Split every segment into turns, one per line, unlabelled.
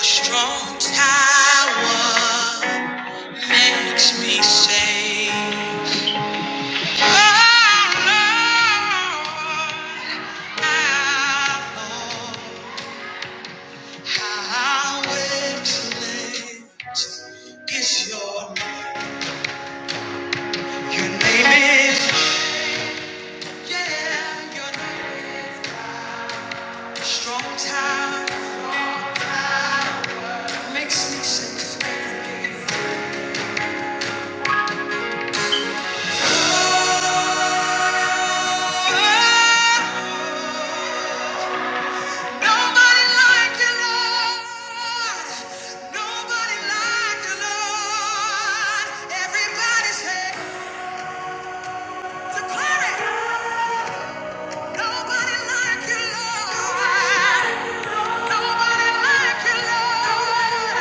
Strong tower makes me safe. Oh, Lord, my Lord. How excellent is your name. Your name is, yeah, your name is strong tower makes me safe. Oh, Nobody like you, Lord. Nobody like you, Lord. Everybody say, declare it. Nobody like you, Lord. Nobody like you, Lord.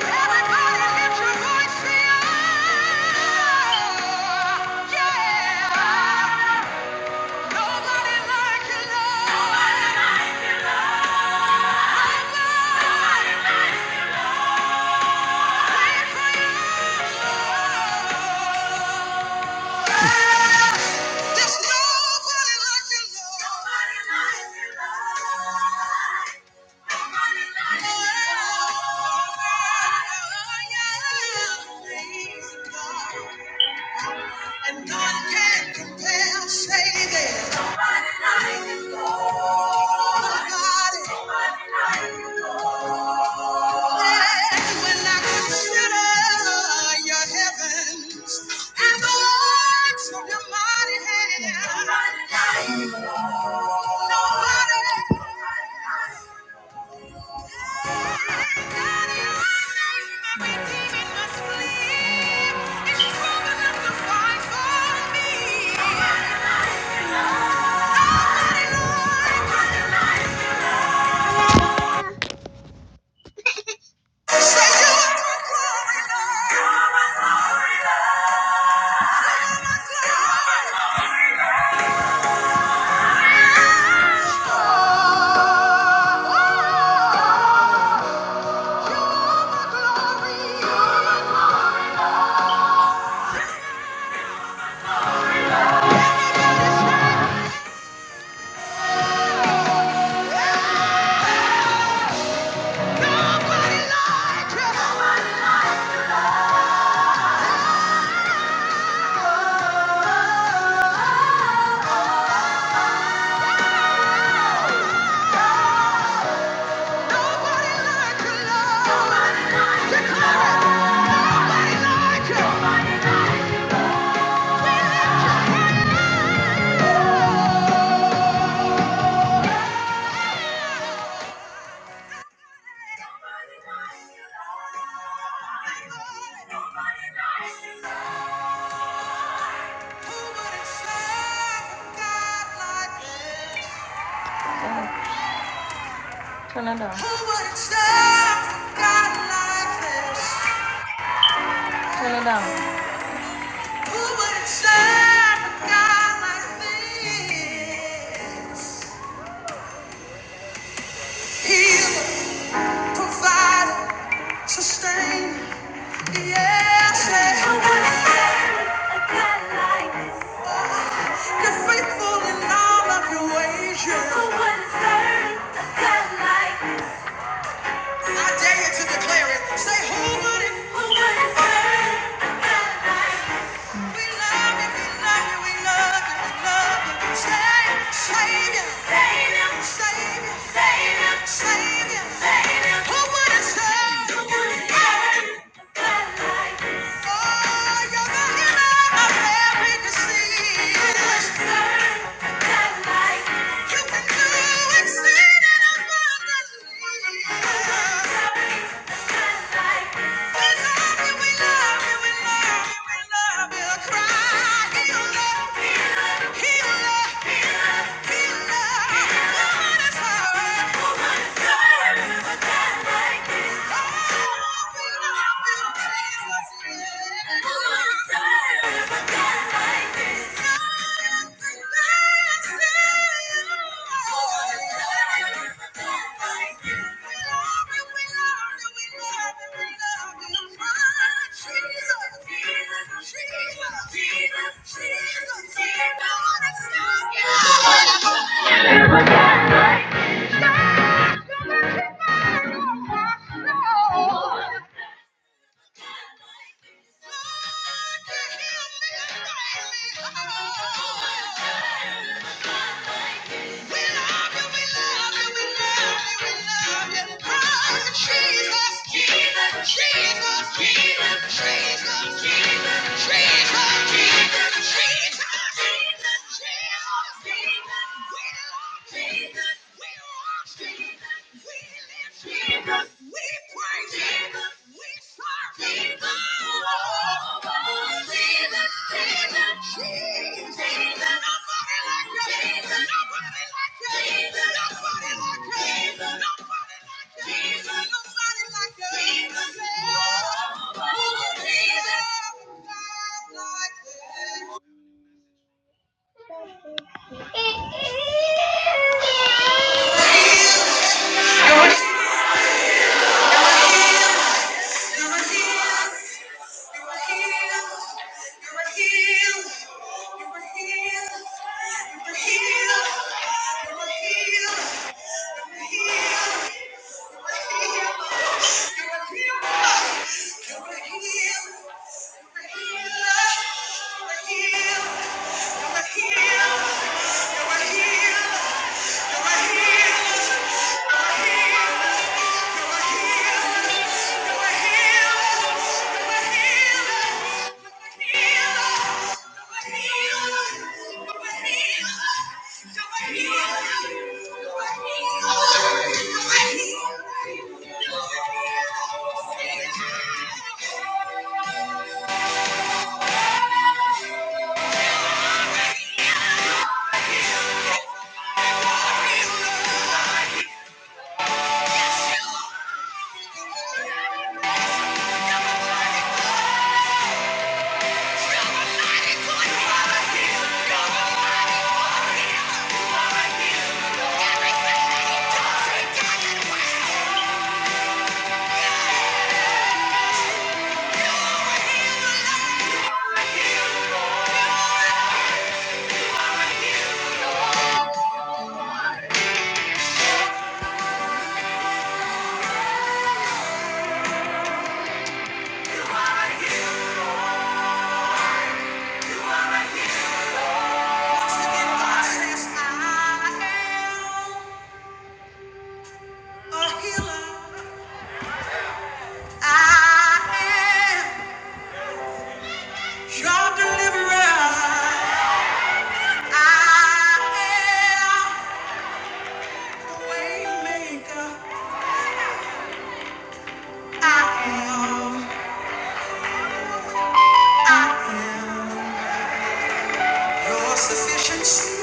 Everybody lift your voice, say, "Oh, yeah." Nobody like you, Lord. There's nobody like you, Lord. And none can compare, say that. Nobody, like you, Lord. nobody, nobody like you, Lord. Hey, When I consider your heavens and the works of your mighty hand, nobody my redeeming must believe is strong enough to fight for me. Nobody, Lord. Oh Turn it down. Who would serve a God like this? Turn it down. Who would serve a God like this? Heal. Provide, sustain, yes. Nobody a God like this. You're faithful in all of your ways, yeah. Who would have serve a God like this? I dare you to declare it. Say, who would have Who would have serve a God like this? We love you, we love you, we love you, we love you. Savior, Savior, Savior, Savior, Savior, Savior, Savior. Who would have said? Who would have said? God like this. Oh, you're the healer of every disease. Who would have said? God like this. You can do exceeding abundantly. Who would have said? like this. Jesus, Jesus, Jesus, Jesus, Jesus, Jesus, Jesus, Jesus, Jesus. Jesus, Jesus, you. were healed. you. were healed. you. Heal. I am a healer. I am. Your deliverer, I am the way maker. I am, I am your sufficiency.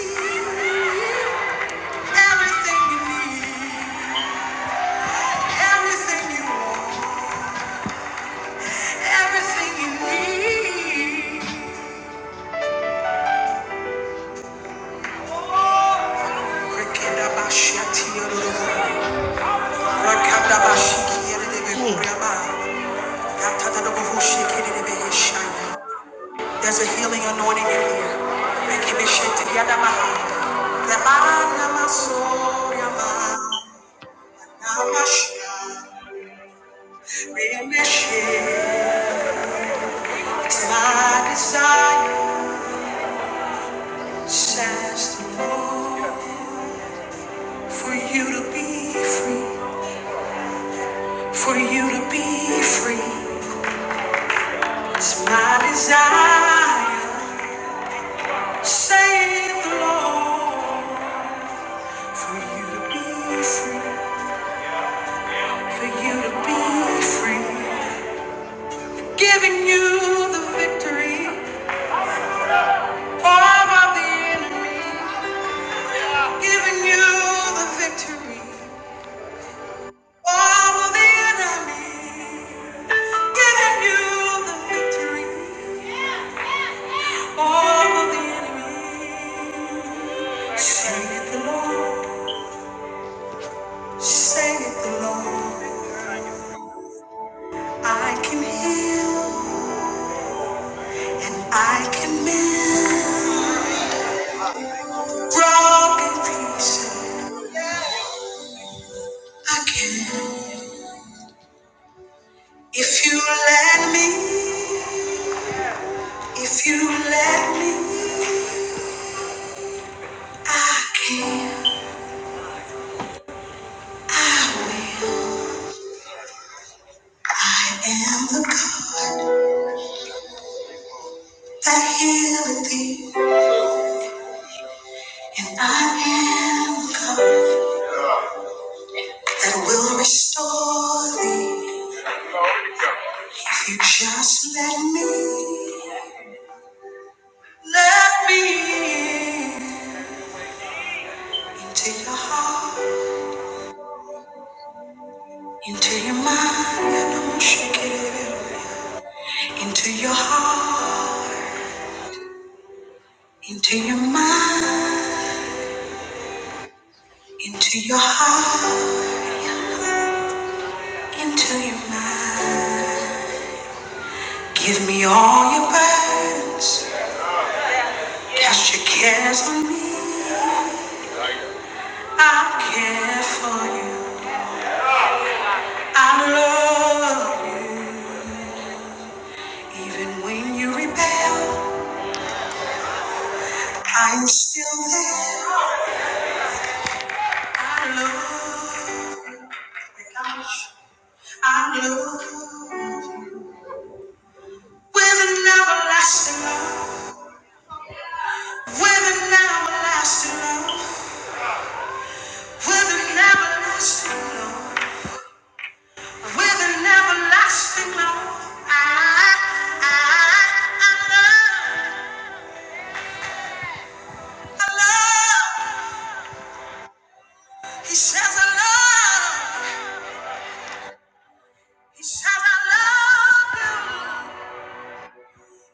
Everything you need, everything you want, everything you need. Rekendabashiatiyadodoro, rakandabashikiyadedebekoreaba, atadadabahoshikidedebeyeshaya. There's a healing anointing in here. Thank you, Bishop. Yadamaha. Rabanamasoriyama. Namasha. It's my desire, says the Lord, for you to be free, for you to be free. It's my desire, saith the Lord, for you to be free, for you to be free. Giving you the victory over the enemy. I'm Giving you the victory over the enemy. Giving you the victory over the enemy. Sing it the Lord. Sing it the Lord. I can heal and I can mend. Broken pieces. I can. If you let me, if you let me, I can, I will. I am the God that healeth thee, and I am the God that will restore thee. If you just let me, let me into your heart, into your mind, and don't shake it, into your heart, into your mind. Into your heart, into your mind. Give me all your burdens. Cast your cares on me. I care for you. I love you. Even when you rebel, I'm still there. I love you. I love you. With an everlasting love. With an everlasting love. With an everlasting love, with an everlasting love, I, I, I love, I love. He says I love, he says I love you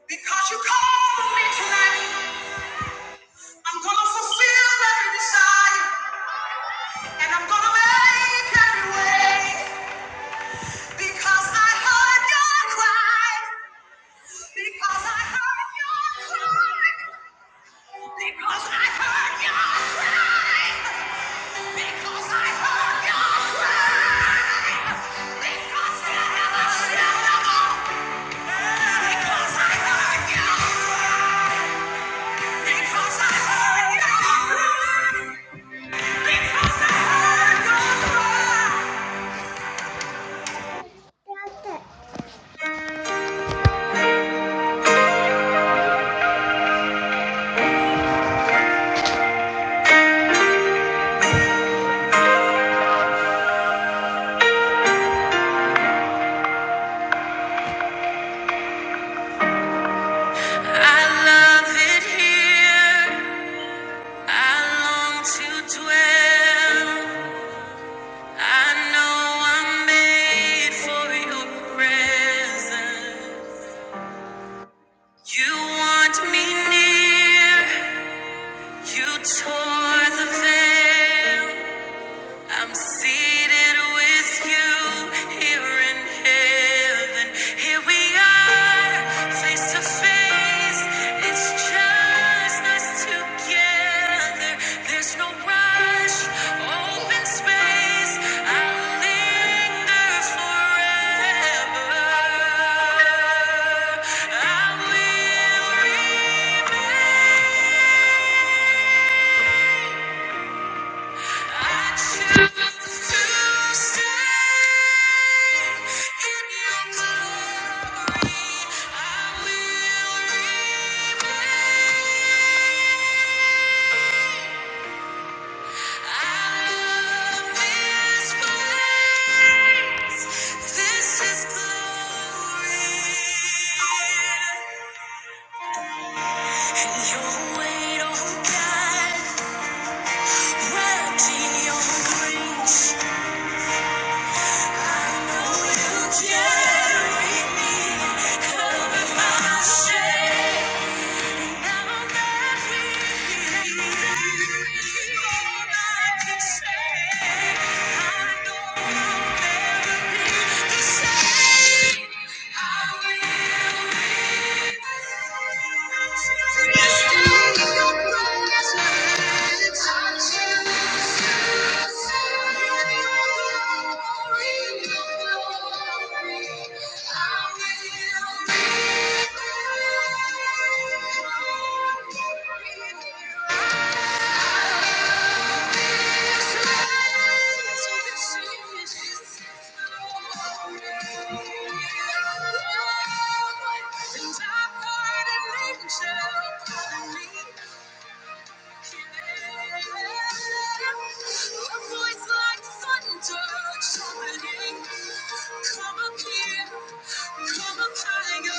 because you called me tonight. I'm gonna fulfill every desire and I'm gonna make every way because I heard your cry, because I heard your cry. Because I heard your cry. in heaven. Here we are, face to face. It's just us together. There's no rush, open space. I'll linger forever. I will share with you all I can say. Say I will. Thank you. Come up here, come up higher.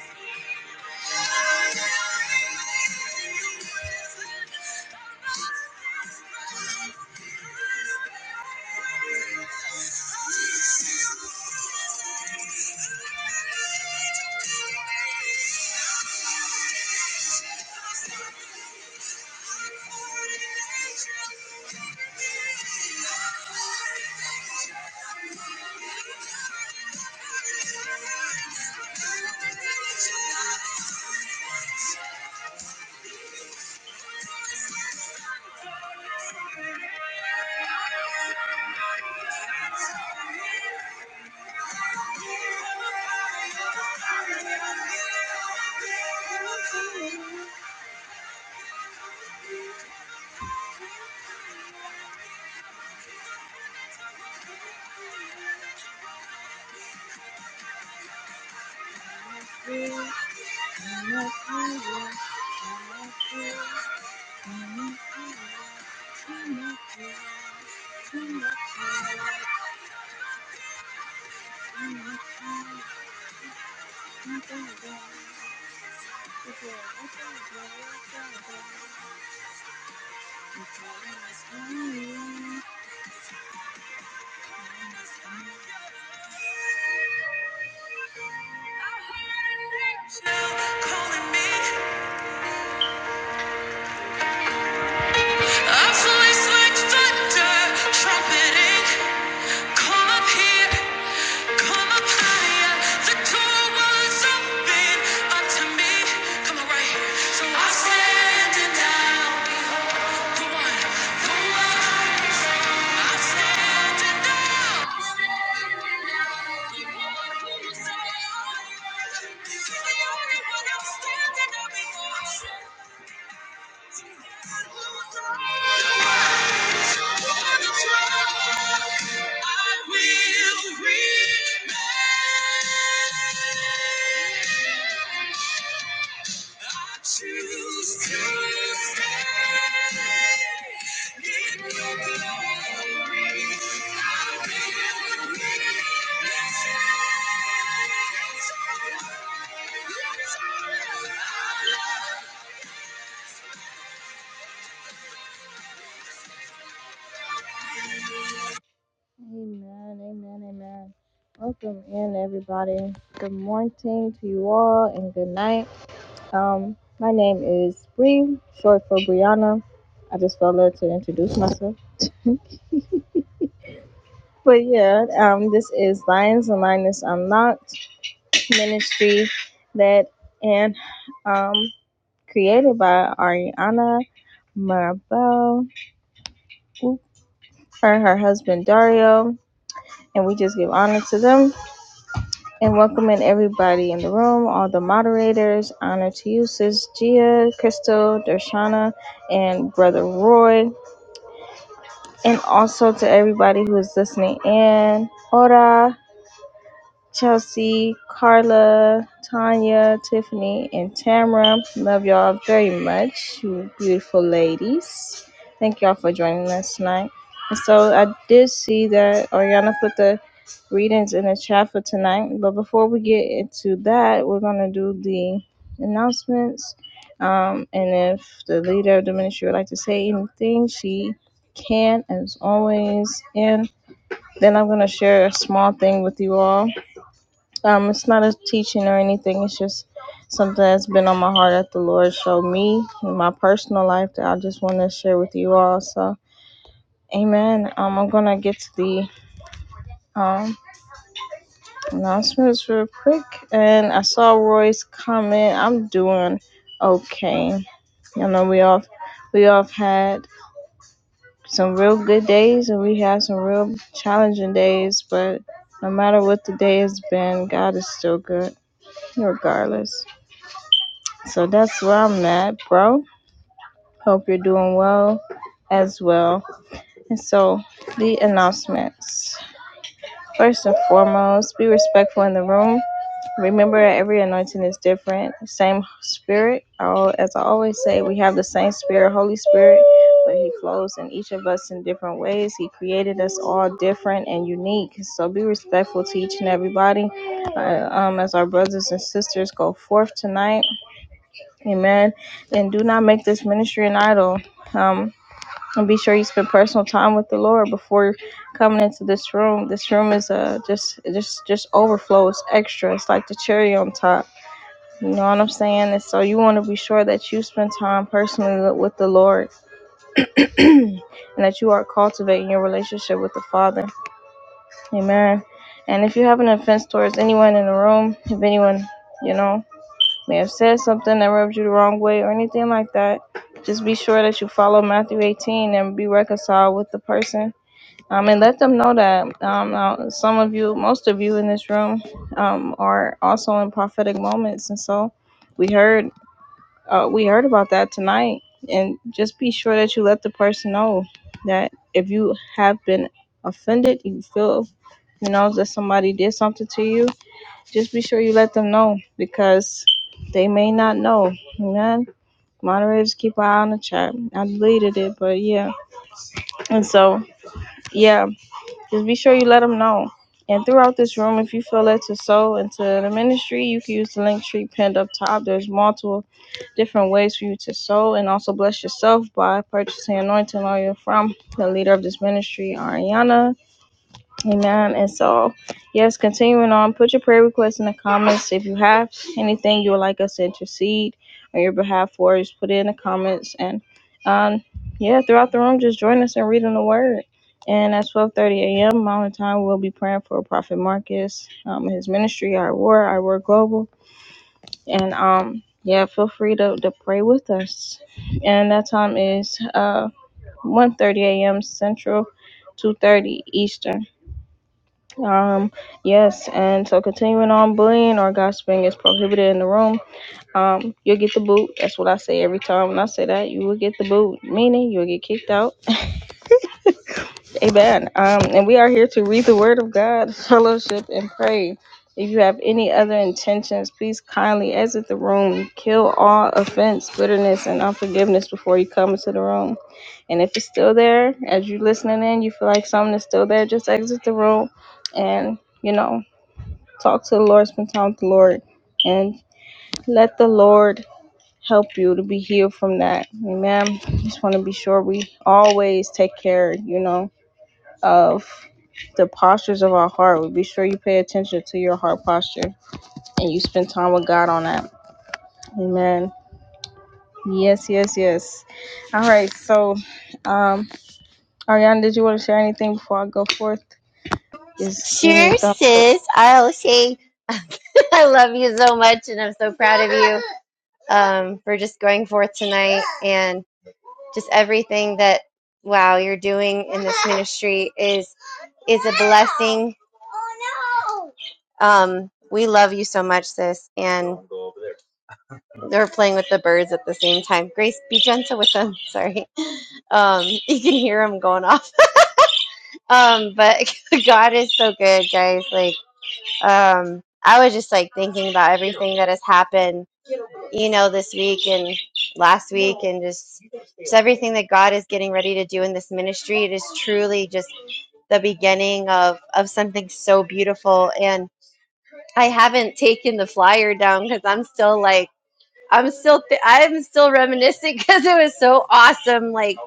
Thank you. Thank you. Calling me. A voice like thunder trumpeting, come up here, come up higher. The door was open unto me. Come right here. So I'm standing now, behold, the one, the one. I'm standing now. Amen, amen, amen. Welcome in, everybody. Good morning to you all, and good night. Um, my name is Bree, short for Brianna. I just felt led to introduce myself. But yeah, um, this is Lions and Lioness Unlocked ministry that and um created by Ariana Marabel and her husband Dario. And we just give honor to them and welcoming everybody in the room, all the moderators. Honor to you, Sis Gia, Crystal, Dershana, and Brother Roy. and also to everybody who is listening in. Ora. Chelsea, Carla, Tanya, Tiffany, and Tamara, Love y'all very much, you beautiful ladies. Thank y'all for joining us tonight. And so I did see that Ariana put the readings in the chat for tonight. But before we get into that, we're going to do the announcements. Um, and if the leader of the ministry would like to say anything, she can, as always. And then I'm going to share a small thing with you all um, it's not a teaching or anything. It's just something that's been on my heart that the Lord showed me in my personal life that I just want to share with you all. So, Amen. Um, I'm gonna get to the um announcements real quick. And I saw Roy's comment. I'm doing okay. You know, we all we all have had some real good days and we had some real challenging days, but no matter what the day has been, God is still good, regardless. So that's where I'm at, bro. Hope you're doing well as well. And so the announcements. First and foremost, be respectful in the room. Remember, that every anointing is different. Same spirit. Oh, As I always say, we have the same spirit, Holy Spirit, but He flows in each of us in different ways. He created us all different and unique. So be respectful to each and everybody. Uh, um, as our brothers and sisters go forth tonight, Amen. And do not make this ministry an idol. Um, and be sure you spend personal time with the Lord before coming into this room. This room is uh just just just overflow. It's extra. It's like the cherry on top. You know what I'm saying? And so you want to be sure that you spend time personally with with the Lord, and that you are cultivating your relationship with the Father. Amen. And if you have an offense towards anyone in the room, if anyone, you know may have said something that rubbed you the wrong way or anything like that, just be sure that you follow Matthew 18 and be reconciled with the person. Um, and let them know that um, now some of you, most of you in this room, um, are also in prophetic moments. And so we heard, uh, we heard about that tonight. And just be sure that you let the person know that if you have been offended, you feel, you know, that somebody did something to you just be sure you let them know because they may not know. Amen. Moderators keep an eye on the chat. I deleted it, but yeah. And so, yeah, just be sure you let them know. And throughout this room, if you feel led to sow into the ministry, you can use the link tree pinned up top. There's multiple different ways for you to sow and also bless yourself by purchasing anointing oil from the leader of this ministry, Ariana. Amen. And so, yes, continuing on, put your prayer requests in the comments. If you have anything you would like us to intercede on your behalf for, just put it in the comments. And um, yeah, throughout the room, just join us in reading the word. And at 12:30 a.m. Mountain Time, we'll be praying for Prophet Marcus, um, his ministry, our war, our war global. And um, yeah, feel free to, to pray with us. And that time is uh one thirty a.m. Central, 2:30 Eastern. Um, yes, and so continuing on, bullying or gossiping is prohibited in the room. Um, you'll get the boot. That's what I say every time when I say that. You will get the boot, meaning you'll get kicked out. Amen. Um, and we are here to read the word of God, fellowship, and pray. If you have any other intentions, please kindly exit the room. Kill all offense, bitterness, and unforgiveness before you come into the room. And if it's still there, as you're listening in, you feel like something is still there, just exit the room and, you know, Talk to the Lord, spend time with the Lord, and let the Lord help you to be healed from that. Amen. Just want to be sure we always take care, you know, of the postures of our heart. We be sure you pay attention to your heart posture and you spend time with God on that. Amen. Yes, yes, yes. All right. So, um, Ariana, did you want to share anything before I go forth? Just give me
Sure,
a thumbs up.
sis. I'll say I love you so much, and I'm so proud um for just going forth tonight and just everything that wow you're doing ministry is is thing. Um, we love you so much, sis. And they're playing with the birds at the same time. Grace, be gentle with them. Sorry, um, you can hear them going off. Um, but God is so good, guys. Like, um, I was just like thinking about everything that has happened you know, this week and last week, and just, just everything that God is getting ready to do in this ministry. It is truly just the beginning of, of something so beautiful. And I haven't taken the flyer down because I'm still like, I'm still, th- I'm still reminiscing because it was so awesome. Like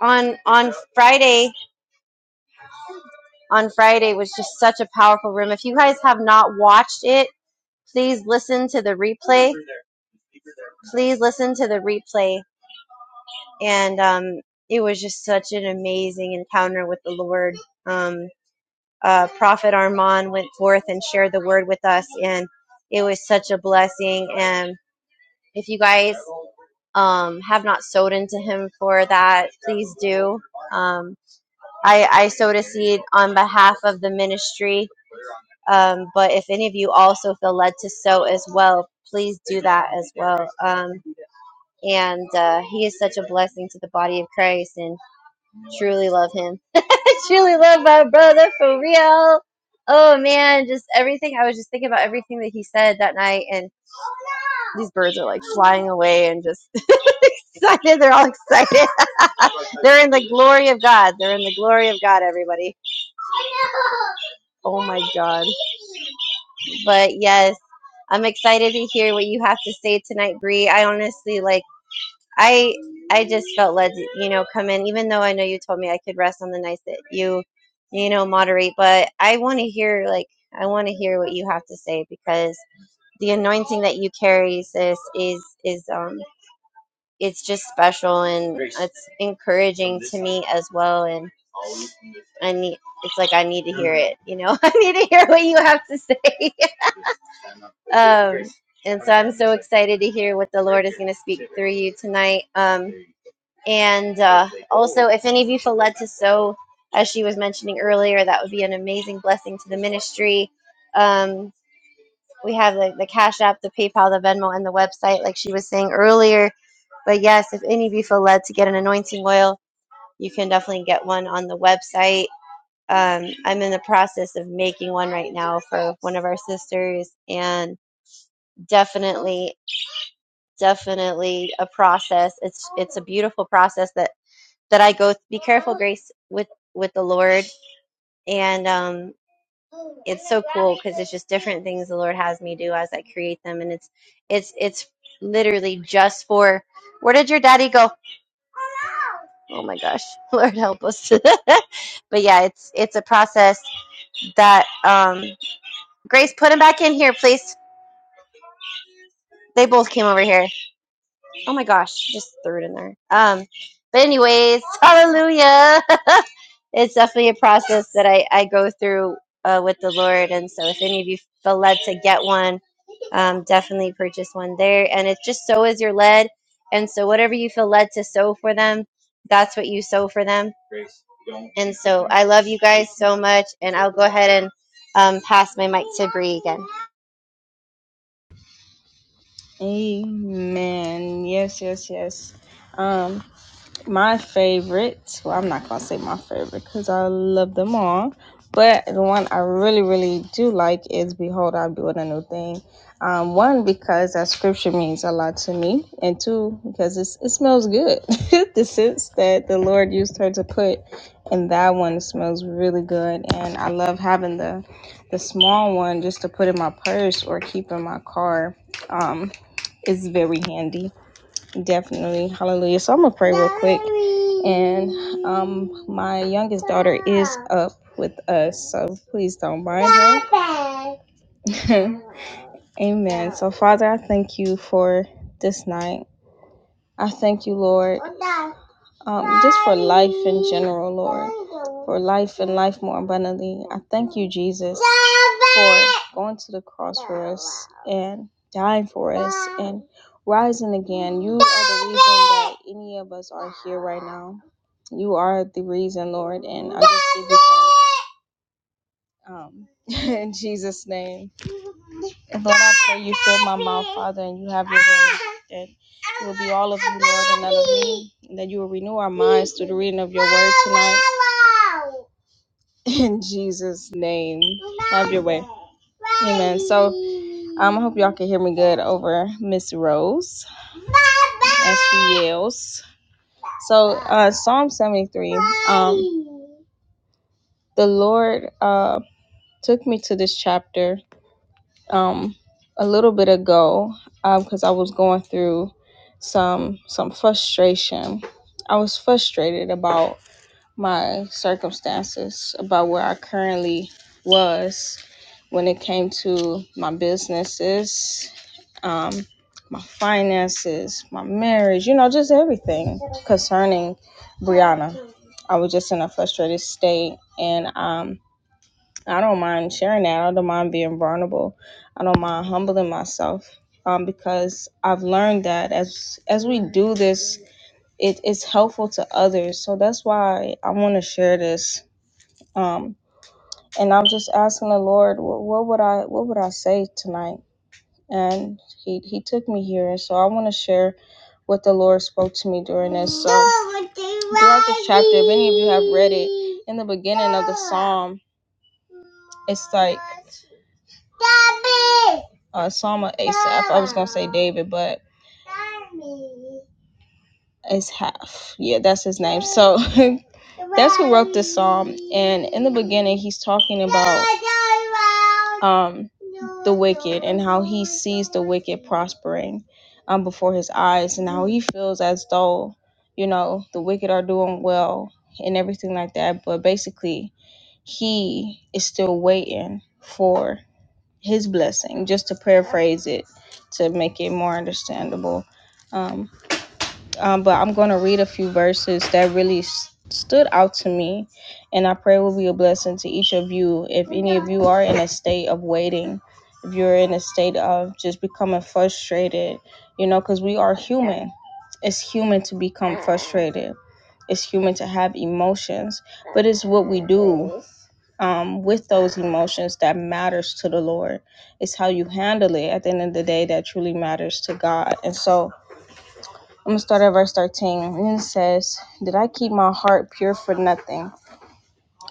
on, on Friday, on Friday was just such a powerful room. If you guys have not watched it, please listen to the replay. Please listen to the replay and um, it was just such an amazing encounter with the Lord. Um, uh, Prophet Armand went forth and shared the word with us, and it was such a blessing. And if you guys um, have not sowed into him for that, please do. Um, I, I sowed a seed on behalf of the ministry, um, but if any of you also feel led to sow as well, please do that as well. Um, and uh, he is such a blessing to the body of Christ, and truly love him. I truly love my brother for real. Oh man, just everything. I was just thinking about everything that he said that night, and these birds are like flying away and just excited. They're all excited. They're in the glory of God. They're in the glory of God, everybody. Oh my God. But yes, I'm excited to hear what you have to say tonight, Bree. I honestly like. I I just felt led to, you know, come in, even though I know you told me I could rest on the nights that you, you know, moderate, but I want to hear like I want to hear what you have to say because the anointing that you carry, sis, is is um it's just special and it's encouraging me as well and I need it's like I need to hear it, you know. I need to hear what you have to say. and I'm so excited to hear what the Lord is going to speak through you tonight. Um And uh, also, if any of you feel led to sow, as she was mentioning earlier, that would be an amazing blessing to the ministry. Um, we have the, the Cash App, the PayPal, the Venmo, and the website, like she was saying earlier. But yes, if any of you feel led to get an anointing oil, you can definitely get one on the website. Um, I'm in the process of making one right now for one of our sisters, and definitely, definitely a process. It's beautiful process that that I go through grace with with the Lord and um just different things the Lord has me do as I create them and it's it's it's literally just for where did your daddy go? Oh my gosh. Lord help us. but yeah, it's it's a process that um Grace put him back in here, please. They both came over here. Oh my gosh, just threw it in there. Um but anyways, hallelujah. it's definitely a process that I, I go through uh, with the Lord. And so, if any of you feel led to get one, um, definitely purchase one there. And it's just sow as you're led. And so, whatever you feel led to sow for them, that's what you sow for them. And so, I love you guys so much. And I'll go ahead and um, pass my mic to Bree again.
Amen. Yes, yes, yes. Um, My favorite, well, I'm not gonna say my favorite because I love them all, but the one I really, really do like is Behold, I'm doing a new thing. Um, one, because that scripture means a lot to me, and two, because it's, it smells good. the sense that the Lord used her to put in that one smells really good, and I love having the the small one just to put in my purse or keep in my car. Um, it's very handy. Definitely. Hallelujah. So I'm going to pray real quick. And um, my youngest daughter is up with us, so please don't mind her. Amen. So, Father, I thank you for this night. I thank you, Lord, um, just for life in general, Lord, for life and life more abundantly. I thank you, Jesus, for going to the cross for us and dying for us and rising again. You are the reason that any of us are here right now. You are the reason, Lord, and I just give you thanks. Um, in Jesus' name. And Lord, I pray you fill my mouth, Father, and you have your way. That it will be all of you, Lord, and none of me. And that you will renew our minds through the reading of your word tonight. In Jesus' name. Have your way. Amen. So um, I hope y'all can hear me good over Miss Rose as she yells. So uh, Psalm 73, um, the Lord uh, took me to this chapter um a little bit ago because I was going through some some frustration. I was frustrated about my circumstances, about where I currently was when it came to my businesses, um, my finances, my marriage, you know, just everything concerning Brianna. I was just in a frustrated state and um I don't mind sharing that. I don't mind being vulnerable. I don't mind humbling myself um, because I've learned that as as we do this, it, it's helpful to others. So that's why I want to share this. Um, and I'm just asking the Lord, what, what would I what would I say tonight? And he, he took me here, and so I want to share what the Lord spoke to me during this. So throughout this chapter, if any of you have read it, in the beginning of the psalm, it's like David. Uh, Psalm of Asaph. I was gonna say David, but it's half. Yeah, that's his name. So that's who wrote this psalm. And in the beginning, he's talking about um the wicked and how he sees the wicked prospering um before his eyes and how he feels as though you know the wicked are doing well and everything like that. But basically, he is still waiting for his blessing, just to paraphrase it to make it more understandable. Um, um, but I'm going to read a few verses that really s- stood out to me, and I pray will be a blessing to each of you. If any of you are in a state of waiting, if you're in a state of just becoming frustrated, you know, because we are human. It's human to become frustrated. It's human to have emotions, but it's what we do um, with those emotions that matters to the Lord. It's how you handle it at the end of the day that truly matters to God. And so I'm gonna start at verse 13. And it says, Did I keep my heart pure for nothing?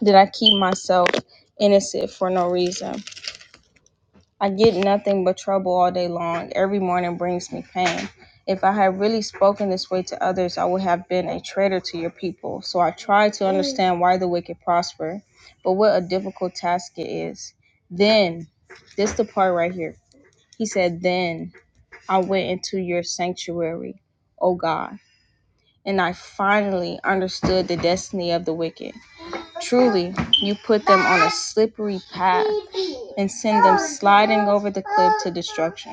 Did I keep myself innocent for no reason? I get nothing but trouble all day long. Every morning brings me pain. If I had really spoken this way to others, I would have been a traitor to your people. So I try to understand why the wicked prosper, but what a difficult task it is. Then, this the part right here. He said, Then I went into your sanctuary, O God, and I finally understood the destiny of the wicked. Truly, you put them on a slippery path and send them sliding over the cliff to destruction.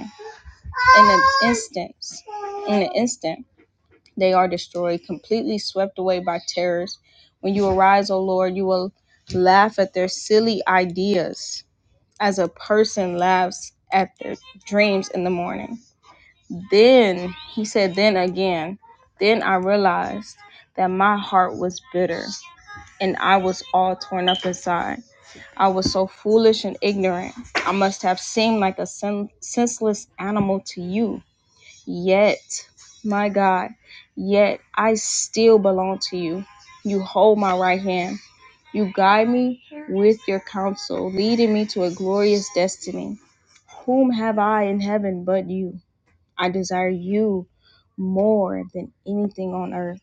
In an instant, in an instant, they are destroyed, completely swept away by terrors. When you arise, O Lord, you will laugh at their silly ideas as a person laughs at their dreams in the morning. Then, he said, then again, then I realized that my heart was bitter and I was all torn up inside. I was so foolish and ignorant. I must have seemed like a sen- senseless animal to you. Yet, my God, yet I still belong to you. You hold my right hand. You guide me with your counsel, leading me to a glorious destiny. Whom have I in heaven but you? I desire you more than anything on earth.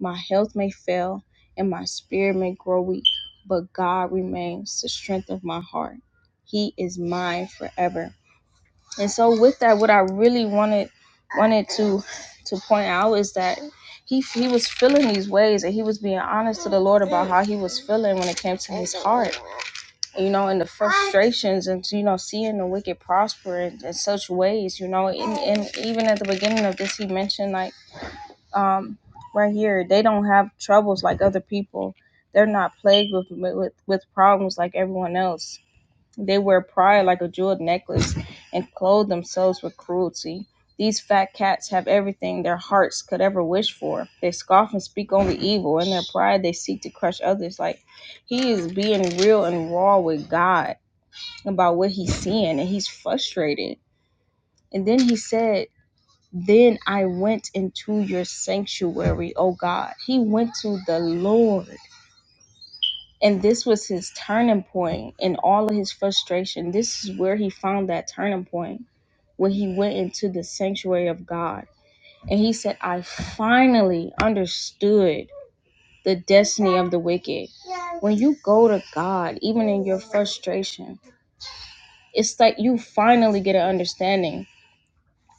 My health may fail and my spirit may grow weak, but God remains the strength of my heart. He is mine forever. And so with that, what I really wanted wanted to to point out is that he he was feeling these ways and he was being honest to the Lord about how he was feeling when it came to his heart you know, and the frustrations and, you know, seeing the wicked prosper in, in such ways, you know, and, and even at the beginning of this, he mentioned, like, um, right here, they don't have troubles like other people. They're not plagued with, with, with problems like everyone else. They wear pride like a jeweled necklace and clothe themselves with cruelty. These fat cats have everything their hearts could ever wish for. They scoff and speak only evil. In their pride, they seek to crush others. Like, he is being real and raw with God about what he's seeing and he's frustrated. And then he said, Then I went into your sanctuary, oh God. He went to the Lord. And this was his turning point in all of his frustration. This is where he found that turning point when he went into the sanctuary of God. And he said, I finally understood the destiny of the wicked. When you go to God, even in your frustration, it's like you finally get an understanding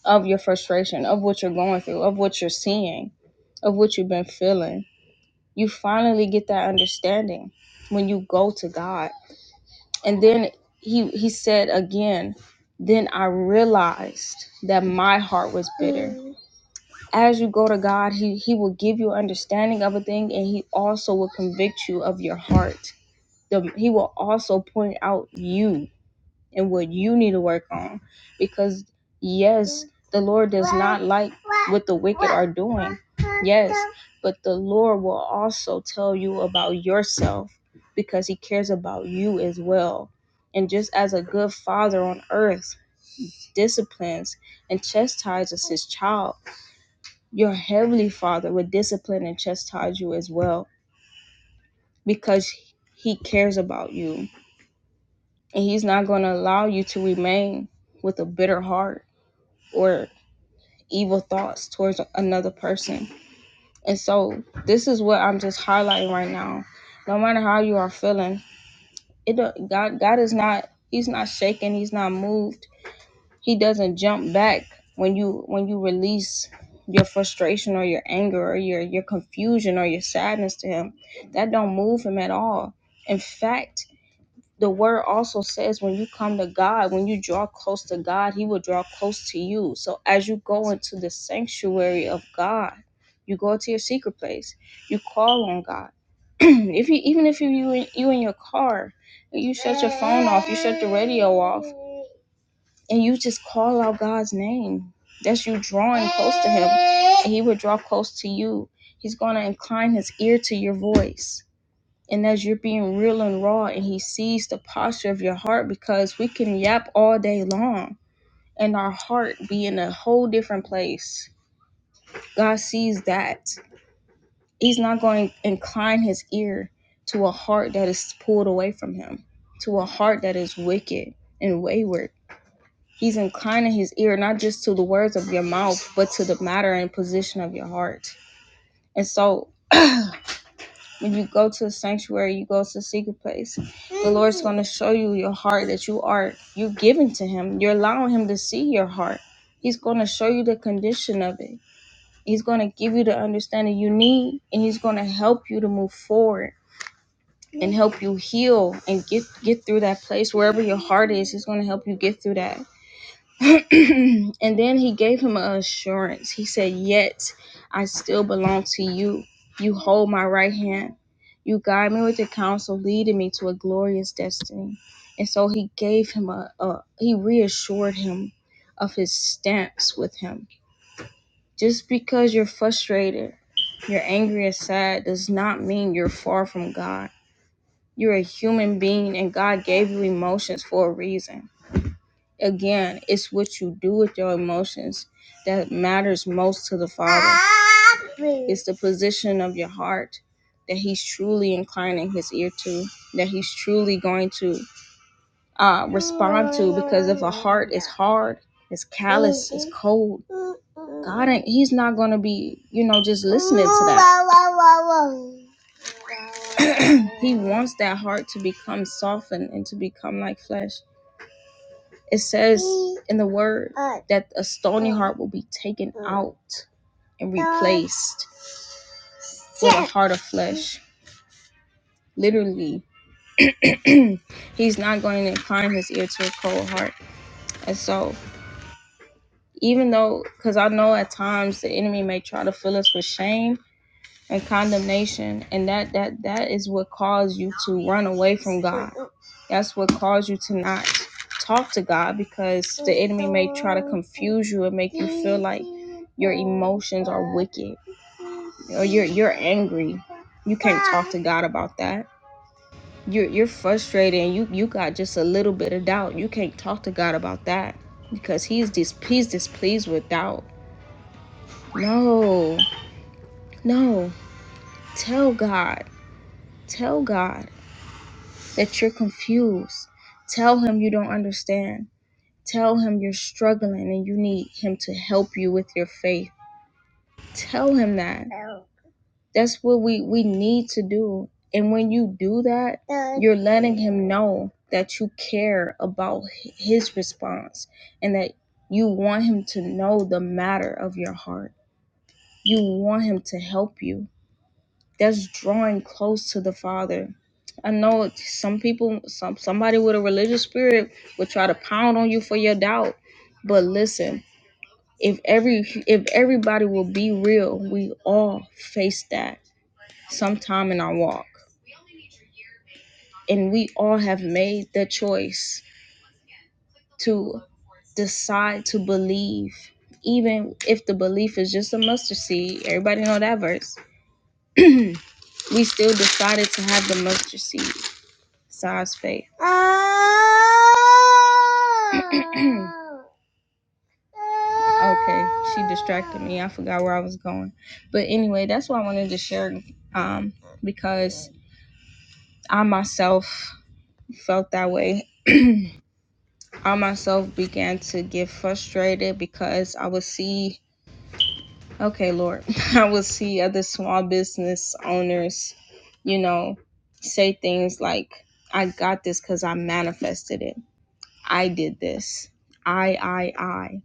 of your frustration, of what you're going through, of what you're seeing, of what you've been feeling. You finally get that understanding when you go to God. And then he he said again, then I realized that my heart was bitter. As you go to God, he he will give you understanding of a thing and he also will convict you of your heart. The, he will also point out you and what you need to work on. Because, yes, the Lord does not like what the wicked are doing. Yes, but the Lord will also tell you about yourself because He cares about you as well. And just as a good father on earth disciplines and chastises his child, your heavenly father would discipline and chastise you as well because He cares about you. And He's not going to allow you to remain with a bitter heart or evil thoughts towards another person. And so this is what I'm just highlighting right now. No matter how you are feeling, it don't- God God is not he's not shaken, he's not moved. He doesn't jump back when you when you release your frustration or your anger or your your confusion or your sadness to him. That don't move him at all. In fact, the word also says when you come to God, when you draw close to God, He will draw close to you. So as you go into the sanctuary of God, you go to your secret place, you call on God. if you even if you you in, you in your car, you shut your phone off, you shut the radio off, and you just call out God's name. That's you drawing close to Him, and He will draw close to you. He's gonna incline His ear to your voice and as you're being real and raw and he sees the posture of your heart because we can yap all day long and our heart be in a whole different place god sees that he's not going to incline his ear to a heart that is pulled away from him to a heart that is wicked and wayward he's inclining his ear not just to the words of your mouth but to the matter and position of your heart and so When you go to the sanctuary, you go to the secret place. The Lord's going to show you your heart that you are you giving to Him. You're allowing Him to see your heart. He's going to show you the condition of it. He's going to give you the understanding you need, and He's going to help you to move forward and help you heal and get get through that place wherever your heart is. He's going to help you get through that. and then he gave him an assurance. He said, Yet I still belong to you. You hold my right hand. You guide me with your counsel, leading me to a glorious destiny. And so he gave him a, a he reassured him of his stance with him. Just because you're frustrated, you're angry and sad does not mean you're far from God. You're a human being and God gave you emotions for a reason. Again, it's what you do with your emotions that matters most to the Father. It's the position of your heart that He's truly inclining His ear to, that He's truly going to uh, respond to. Because if a heart is hard, it's callous, it's cold, God ain't, He's not going to be, you know, just listening to that. he wants that heart to become softened and to become like flesh. It says in the word that a stony heart will be taken out and replaced with a heart of flesh. Literally, he's not going to incline his ear to a cold heart. And so, even though, because I know at times the enemy may try to fill us with shame and condemnation and that that that is what caused you to run away from god that's what caused you to not talk to god because the enemy may try to confuse you and make you feel like your emotions are wicked or you're you're angry you can't talk to god about that you're you're frustrated and you you got just a little bit of doubt you can't talk to god about that because he's dis he's displeased with doubt no no tell god tell god that you're confused. Tell him you don't understand. Tell him you're struggling and you need him to help you with your faith. Tell him that. That's what we, we need to do. And when you do that, you're letting him know that you care about his response and that you want him to know the matter of your heart. You want him to help you that's drawing close to the Father. I know some people, some somebody with a religious spirit would try to pound on you for your doubt, but listen, if every if everybody will be real, we all face that sometime in our walk, and we all have made the choice to decide to believe, even if the belief is just a mustard seed. Everybody know that verse. we still decided to have the mustard seed. Saw's face. Oh. okay, she distracted me. I forgot where I was going. But anyway, that's what I wanted to share um, because I myself felt that way. I myself began to get frustrated because I would see, okay, Lord, I would see other small business owners, you know, say things like, I got this because I manifested it. I did this. I, I, I.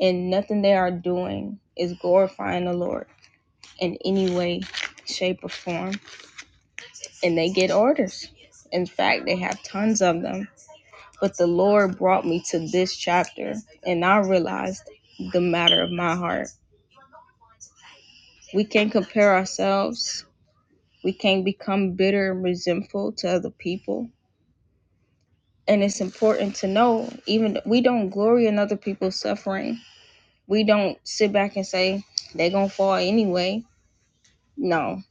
And nothing they are doing is glorifying the Lord in any way, shape, or form. And they get orders. In fact, they have tons of them. But the Lord brought me to this chapter, and I realized the matter of my heart. We can't compare ourselves, we can't become bitter and resentful to other people. And it's important to know, even we don't glory in other people's suffering We don't sit back and say they gonna fall anyway. No,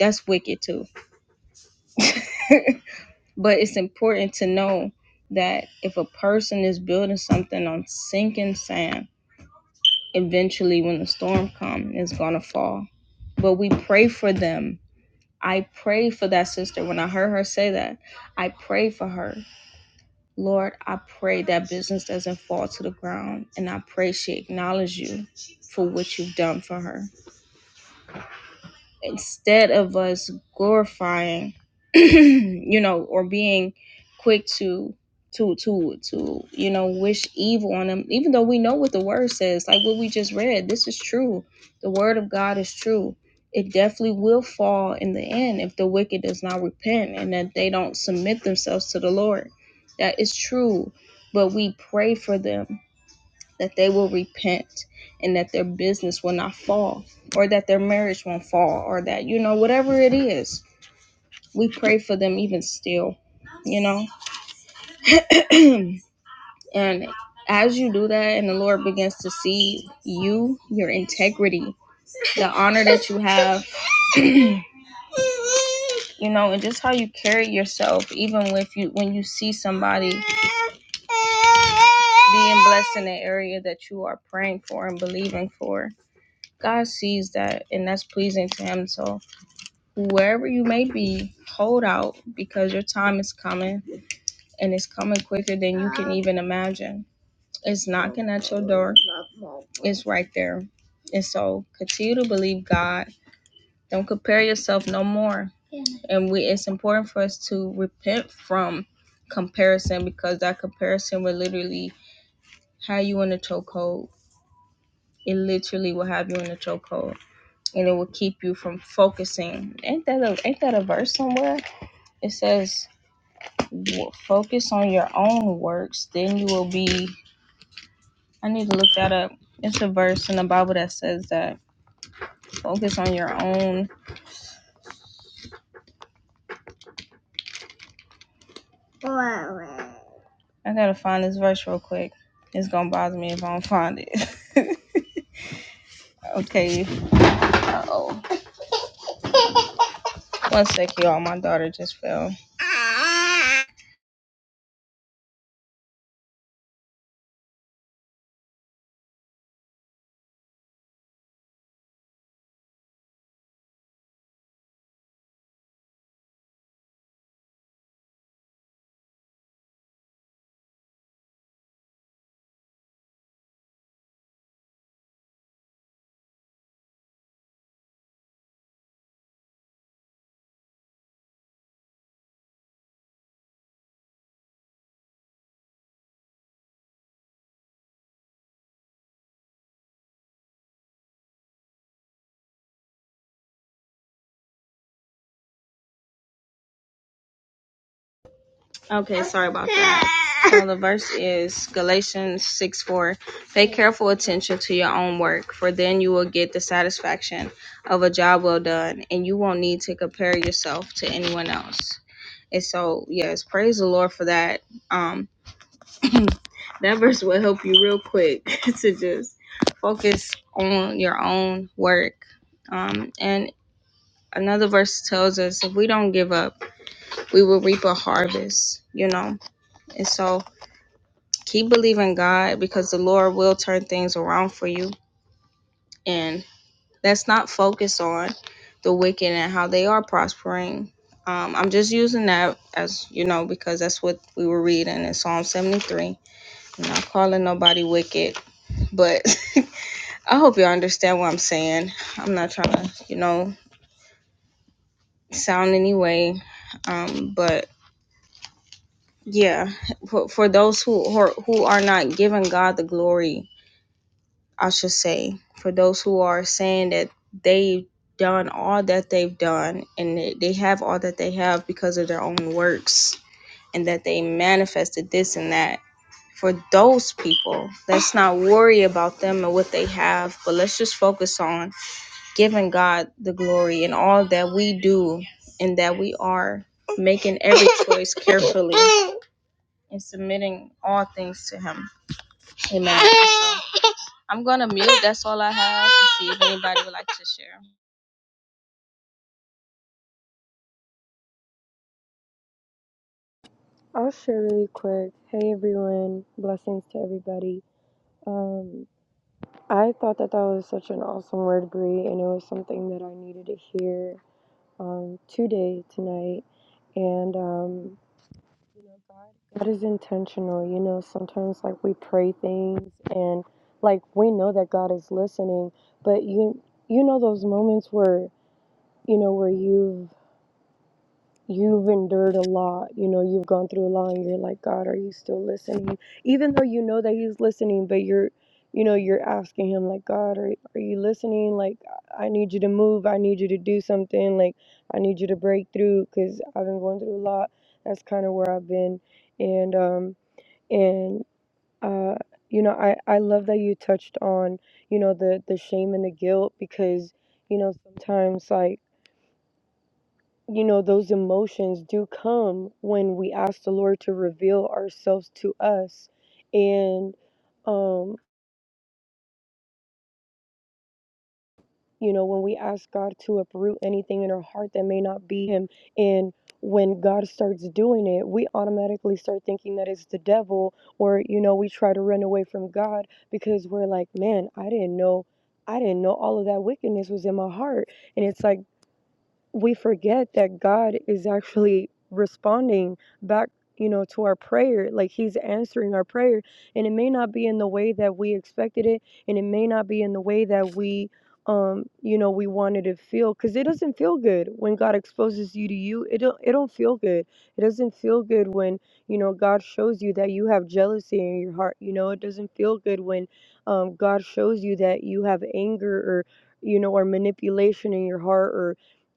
that's wicked too. But it's important to know that if a person is building something on sinking sand, eventually when the storm comes, it's gonna fall. But we pray for them. I pray for that sister. When I heard her say that, I pray for her. Lord, I pray that business doesn't fall to the ground, and I pray she acknowledges you for what you've done for her. instead of us glorifying you know or being quick to to to to you know wish evil on them even though we know what the word says like what we just read this is true the word of god is true it definitely will fall in the end if the wicked does not repent and that they don't submit themselves to the lord that is true but we pray for them that they will repent and that their business will not fall or that their marriage won't fall or that, you know, whatever it is, we pray for them even still, you know. and as you do that and the Lord begins to see you, your integrity, the honor that you have, you know, and just how you carry yourself, even with you when you see somebody being blessed in the area that you are praying for and believing for. God sees that and that's pleasing to him. So wherever you may be, hold out because your time is coming and it's coming quicker than you can even imagine. It's knocking at your door. It's right there. And so continue to believe God. Don't compare yourself no more. And we it's important for us to repent from comparison because that comparison will literally have you in a chokehold. It literally will have you in a chokehold and it will keep you from focusing. Ain't that a ain't that a verse somewhere? It says, "Focus on your own works, then you will be." I need to look that up. It's a verse in the Bible that says that. Focus on your own. I gotta find this verse real quick. It's gonna bother me if I don't find it. okay. Uh oh. One sec, y'all. My daughter just fell. Okay, sorry about that. So the verse is Galatians 6 4. Pay careful attention to your own work, for then you will get the satisfaction of a job well done, and you won't need to compare yourself to anyone else. And so, yes, praise the Lord for that. Um, that verse will help you real quick to just focus on your own work. Um, and another verse tells us if we don't give up, we will reap a harvest, you know. And so, keep believing God because the Lord will turn things around for you. And let's not focus on the wicked and how they are prospering. Um, I'm just using that as you know because that's what we were reading in Psalm 73. I'm not calling nobody wicked, but I hope you all understand what I'm saying. I'm not trying to, you know, sound any way, um, but yeah, for, for those who who are not giving God the glory I should say, for those who are saying that they've done all that they've done and they they have all that they have because of their own works and that they manifested this and that. For those people, let's not worry about them and what they have, but let's just focus on giving God the glory in all that we do and that we are making every choice carefully and submitting all things to Him. Amen. So, I'm gonna mute. That's all I have to see if anybody would like to share.
I'll share really quick. Hey everyone, blessings to everybody. Um, I thought that that was such an awesome word, Bree, and it was something that I needed to hear um, today, tonight. And um, you know, God, God is intentional. You know, sometimes like we pray things, and like we know that God is listening, but you you know those moments where you know where you've you've endured a lot you know you've gone through a lot and you're like god are you still listening even though you know that he's listening but you're you know you're asking him like god are, are you listening like i need you to move i need you to do something like i need you to break through because i've been going through a lot that's kind of where i've been and um and uh you know i i love that you touched on you know the the shame and the guilt because you know sometimes like you know, those emotions do come when we ask the Lord to reveal ourselves to us. And, um, you know, when we ask God to uproot anything in our heart that may not be Him. And when God starts doing it, we automatically start thinking that it's the devil, or, you know, we try to run away from God because we're like, man, I didn't know. I didn't know all of that wickedness was in my heart. And it's like, we forget that God is actually responding back, you know, to our prayer. Like He's answering our prayer. And it may not be in the way that we expected it, and it may not be in the way that we um you know we wanted to feel because it doesn't feel good when god exposes you to you it don't it don't feel good it doesn't feel good when you know god shows you that you have jealousy in your heart you know it doesn't feel good when um god shows you that you have anger or you know or manipulation in your heart or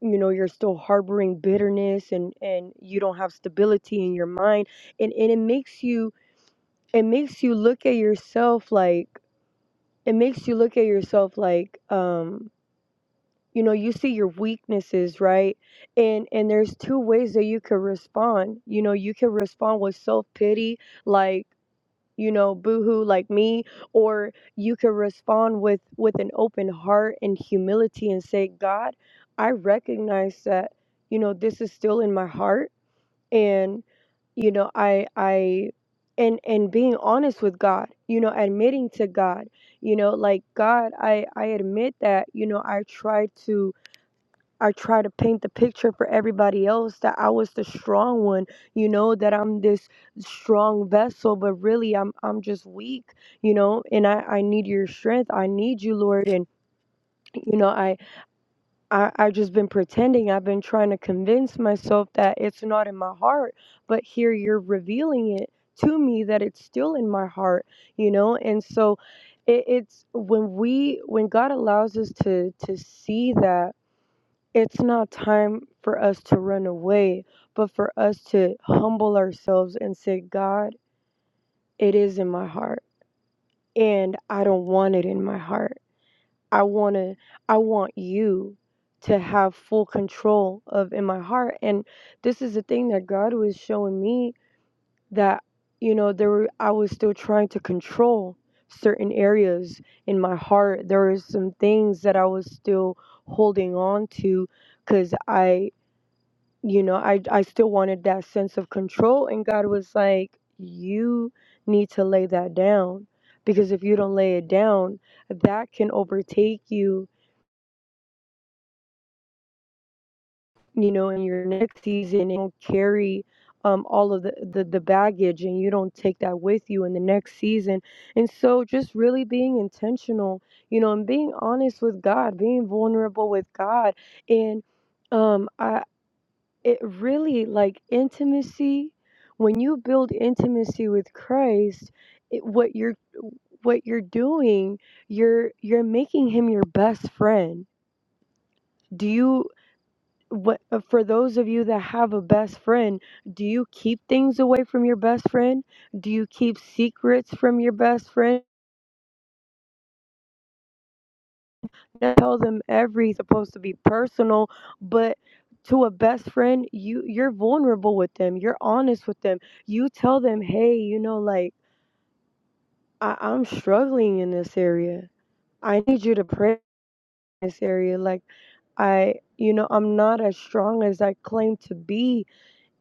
you know you're still harboring bitterness and and you don't have stability in your mind and and it makes you it makes you look at yourself like it makes you look at yourself like um you know you see your weaknesses right and and there's two ways that you could respond you know you can respond with self pity like you know boohoo like me or you can respond with with an open heart and humility and say god i recognize that you know this is still in my heart and you know i i and and being honest with god you know admitting to god you know like god i i admit that you know i tried to I try to paint the picture for everybody else that I was the strong one, you know, that I'm this strong vessel, but really I'm I'm just weak, you know, and I, I need your strength. I need you, Lord. And you know, I, I I just been pretending. I've been trying to convince myself that it's not in my heart, but here you're revealing it to me that it's still in my heart, you know, and so it, it's when we when God allows us to to see that it's not time for us to run away, but for us to humble ourselves and say, God, it is in my heart and I don't want it in my heart. I want to I want you to have full control of in my heart and this is the thing that God was showing me that you know there were I was still trying to control certain areas in my heart. There were some things that I was still holding on to cuz I you know i i still wanted that sense of control and god was like you need to lay that down because if you don't lay it down that can overtake you you know in your next season and you'll carry um, all of the, the the baggage and you don't take that with you in the next season and so just really being intentional you know and being honest with god being vulnerable with god and um I. It really like intimacy, when you build intimacy with Christ, it, what you're what you're doing, you're you're making him your best friend. Do you what uh, for those of you that have a best friend, do you keep things away from your best friend? Do you keep secrets from your best friend? I tell them every supposed to be personal, but to a best friend, you you're vulnerable with them. You're honest with them. You tell them, hey, you know, like I, I'm struggling in this area. I need you to pray in this area. Like I, you know, I'm not as strong as I claim to be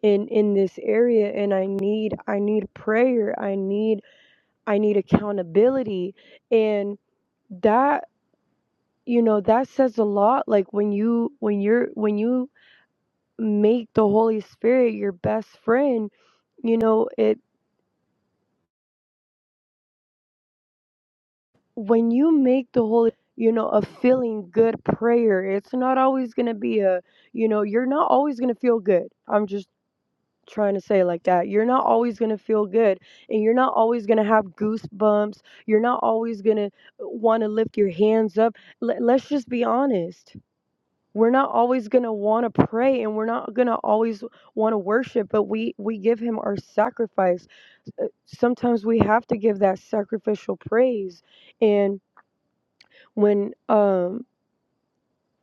in in this area, and I need I need prayer. I need I need accountability, and that you know that says a lot like when you when you're when you make the Holy Spirit your best friend, you know, it when you make the Holy you know, a feeling good prayer. It's not always going to be a, you know, you're not always going to feel good. I'm just trying to say it like that. You're not always going to feel good and you're not always going to have goosebumps. You're not always going to want to lift your hands up. Let, let's just be honest. We're not always going to want to pray and we're not going to always want to worship, but we we give him our sacrifice uh, sometimes we have to give that sacrificial praise and when um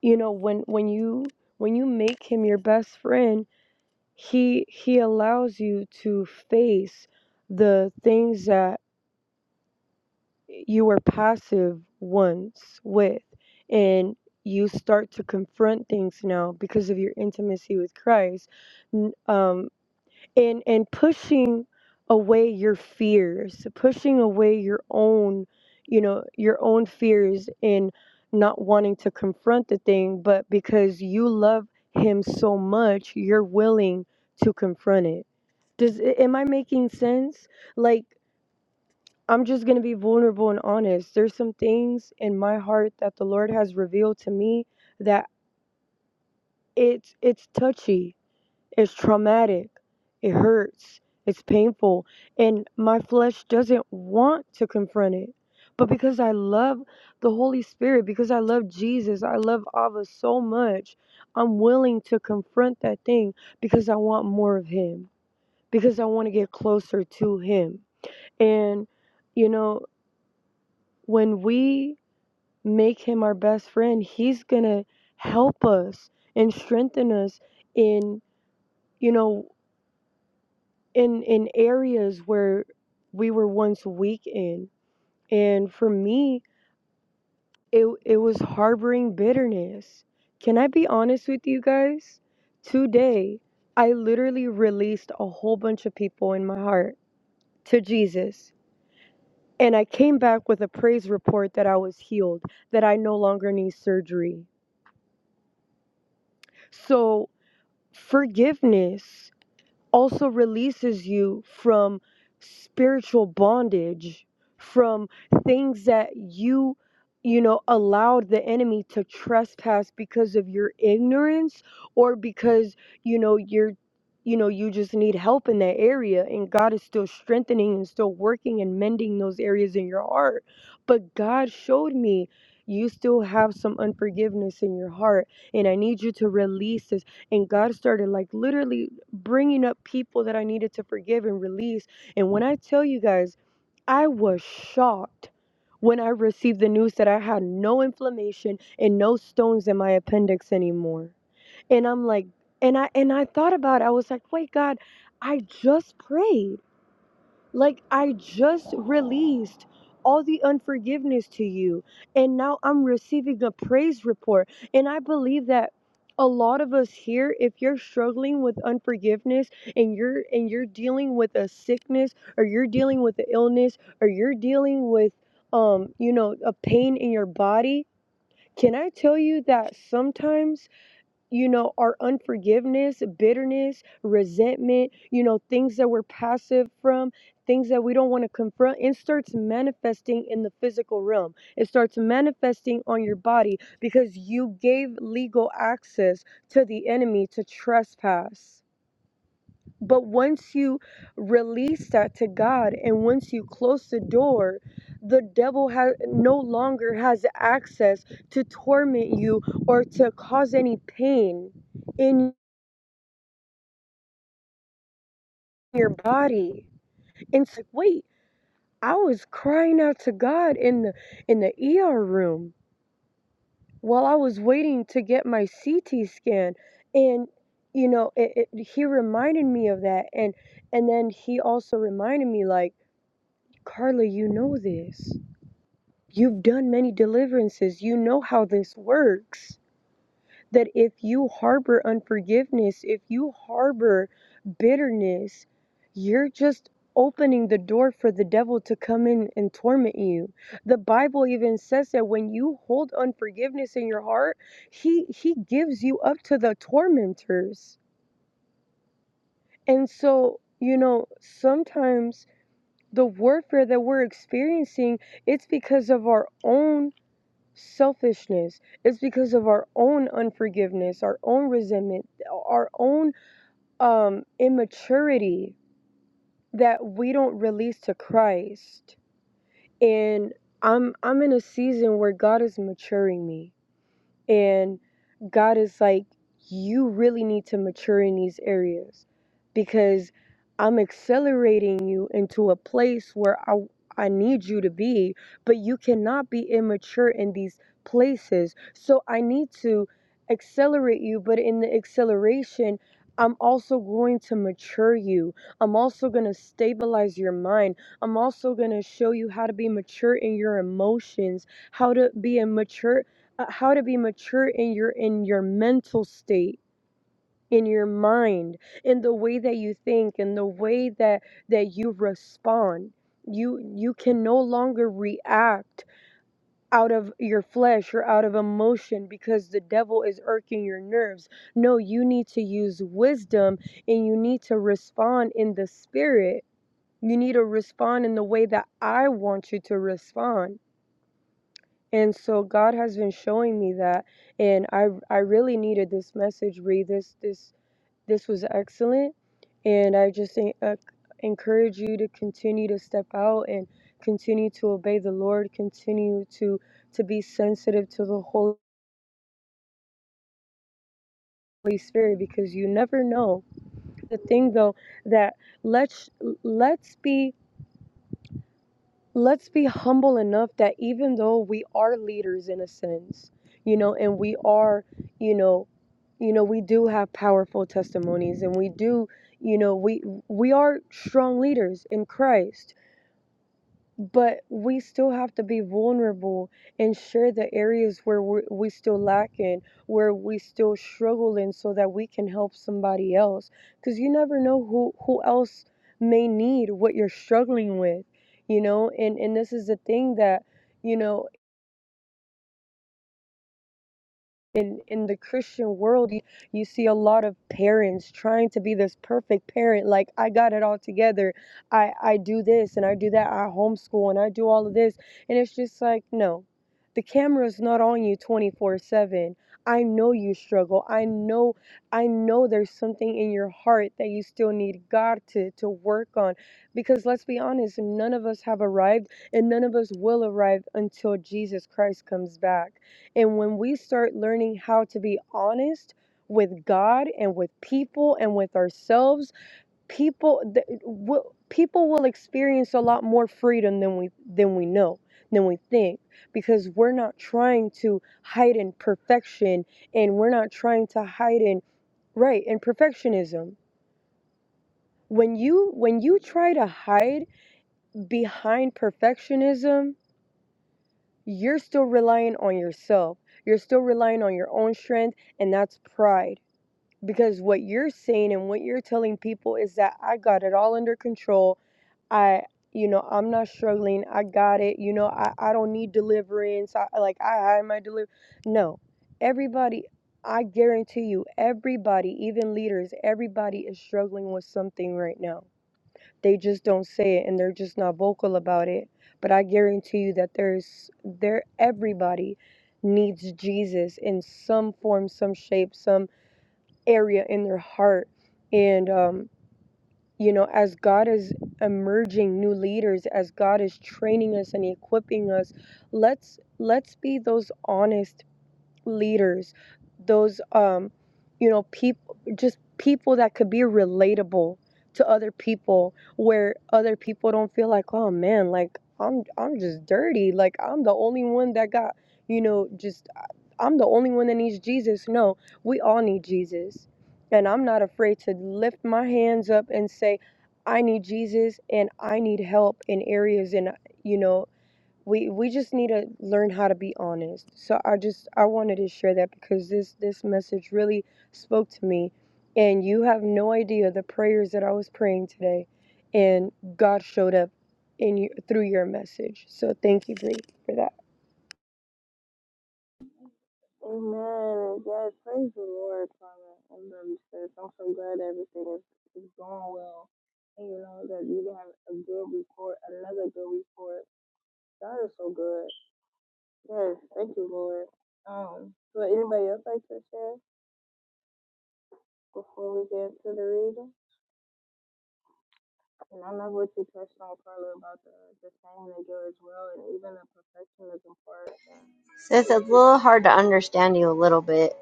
you know when when you when you make him your best friend he he allows you to face the things that you were passive once with and you start to confront things now because of your intimacy with Christ. N- Um, and and pushing away your fears pushing away your own you know your own fears and not wanting to confront the thing but because you love him so much you're willing to confront it does a- am i making sense like i'm just going to be vulnerable and honest there's some things in my heart that the lord has revealed to me that it's it's touchy it's traumatic. It hurts. It's painful. And my flesh doesn't want to confront it. But because I love the Holy Spirit, because I love Jesus, I love Ava so much, I'm willing to confront that thing because I want more of Him, because I want to get closer to Him. And, you know, when we make Him our best friend, He's going to help us and strengthen us in you know in in areas where we were once weak in and for me it it was harboring bitterness can i be honest with you guys today i literally released a whole bunch of people in my heart to jesus and i came back with a praise report that i was healed that i no longer need surgery so forgiveness also releases you from spiritual bondage, from things that you, you know, allowed the enemy to trespass because of your ignorance or because, you know, you're. You know, you just need help in that area, and God is still strengthening and still working and mending those areas in your heart. But God showed me you still have some unforgiveness in your heart, and I need you to release this and God started like literally bringing up people that I needed to forgive and release. And when I tell you guys, I was shocked when I received the news that I had no inflammation and no stones in my appendix anymore. And I'm like, and I and I thought about it. I was like, wait, God, I just prayed. Like, I just released all the unforgiveness to you, and now I'm receiving a praise report. And I believe that a lot of us here if you're struggling with unforgiveness and you're and you're dealing with a sickness or you're dealing with an illness or you're dealing with um you know a pain in your body can i tell you that sometimes you know, our unforgiveness, bitterness, resentment, you know, things that we're passive from, things that we don't want to confront, it starts manifesting in the physical realm. It starts manifesting on your body because you gave legal access to the enemy to trespass. But once you release that to God and once you close the door, the devil has no longer has access to torment you or to cause any pain in your body. And it's like, wait, I was crying out to God in the in the ER room while I was waiting to get my CT scan and you know, it, it, he reminded me of that and and then he also reminded me like, Carla, you know this You've done many deliverances. You know how this works. That if you harbor unforgiveness, if you harbor bitterness, you're just opening the door for the devil to come in and torment you. The Bible even says that when you hold unforgiveness in your heart, he he gives you up to the tormentors. And so, you know, sometimes the warfare that we're experiencing, it's because of our own selfishness it's because of our own unforgiveness our own resentment our own um immaturity that we don't release to christ and i'm i'm in a season where god is maturing me and God is like, you really need to mature in these areas because I'm accelerating you into a place where I, I need you to be, but you cannot be immature in these places. So I need to accelerate you, but in the acceleration, I'm also going to mature you. I'm also going to stabilize your mind. I'm also going to show you how to be mature in your emotions, how to be a mature uh, how to be mature in your in your mental state in your mind in the way that you think in the way that that you respond you you can no longer react out of your flesh or out of emotion because the devil is irking your nerves no you need to use wisdom and you need to respond in the spirit you need to respond in the way that i want you to respond and so God has been showing me that and I I really needed this message read this this this was excellent and I just en- uh, encourage you to continue to step out and continue to obey the Lord continue to to be sensitive to the Holy Spirit because you never know the thing though that let's let's be let's be humble enough that even though we are leaders in a sense you know and we are you know you know we do have powerful testimonies and we do you know we we are strong leaders in christ but we still have to be vulnerable and share the areas where we we still lack in, where we still struggle in, so that we can help somebody else. Because you never know who who else may need what you're struggling with, you know. And and this is the thing that you know in in the christian world you, you see a lot of parents trying to be this perfect parent like i got it all together i i do this and i do that i homeschool and i do all of this and it's just like no the camera's not on you 24 7 i know you struggle i know i know there's something in your heart that you still need god to to work on because let's be honest none of us have arrived and none of us will arrive until jesus christ comes back and when we start learning how to be honest with God and with people and with ourselves, people th- w- people will experience a lot more freedom than we than we know, than we think because we're not trying to hide in perfection and we're not trying to hide in right in perfectionism. When you when you try to hide behind perfectionism, you're still relying on yourself. You're still relying on your own strength and that's pride because what you're saying and what you're telling people is that I got it all under control. I, you know, I'm not struggling. I got it. You know, I, I don't need deliverance. I, like, I had my deliver. No, everybody, I guarantee you, everybody, even leaders, everybody is struggling with something right now. They just don't say it and they're just not vocal about it. But I guarantee you that there's there everybody needs Jesus in some form, some shape, some area in their heart. And, um, you know, as God is emerging new leaders, as God is training us and equipping us, let's let's be those honest leaders, those um, you know, people just people that could be relatable to other people where other people don't feel like, "Oh man, like I'm I'm just dirty. Like I'm the only one that got, you know, just uh, I'm the only one that needs Jesus." No, we all need Jesus. And I'm not afraid to lift my hands up and say, "I need Jesus and I need help in areas and you know we we just need to learn how to be honest so i just i wanted to share that because this this message really spoke to me and you have no idea the prayers that i was praying today and god showed up in you through your message so thank you Bree, for that
So, it's a little hard to understand you a little bit.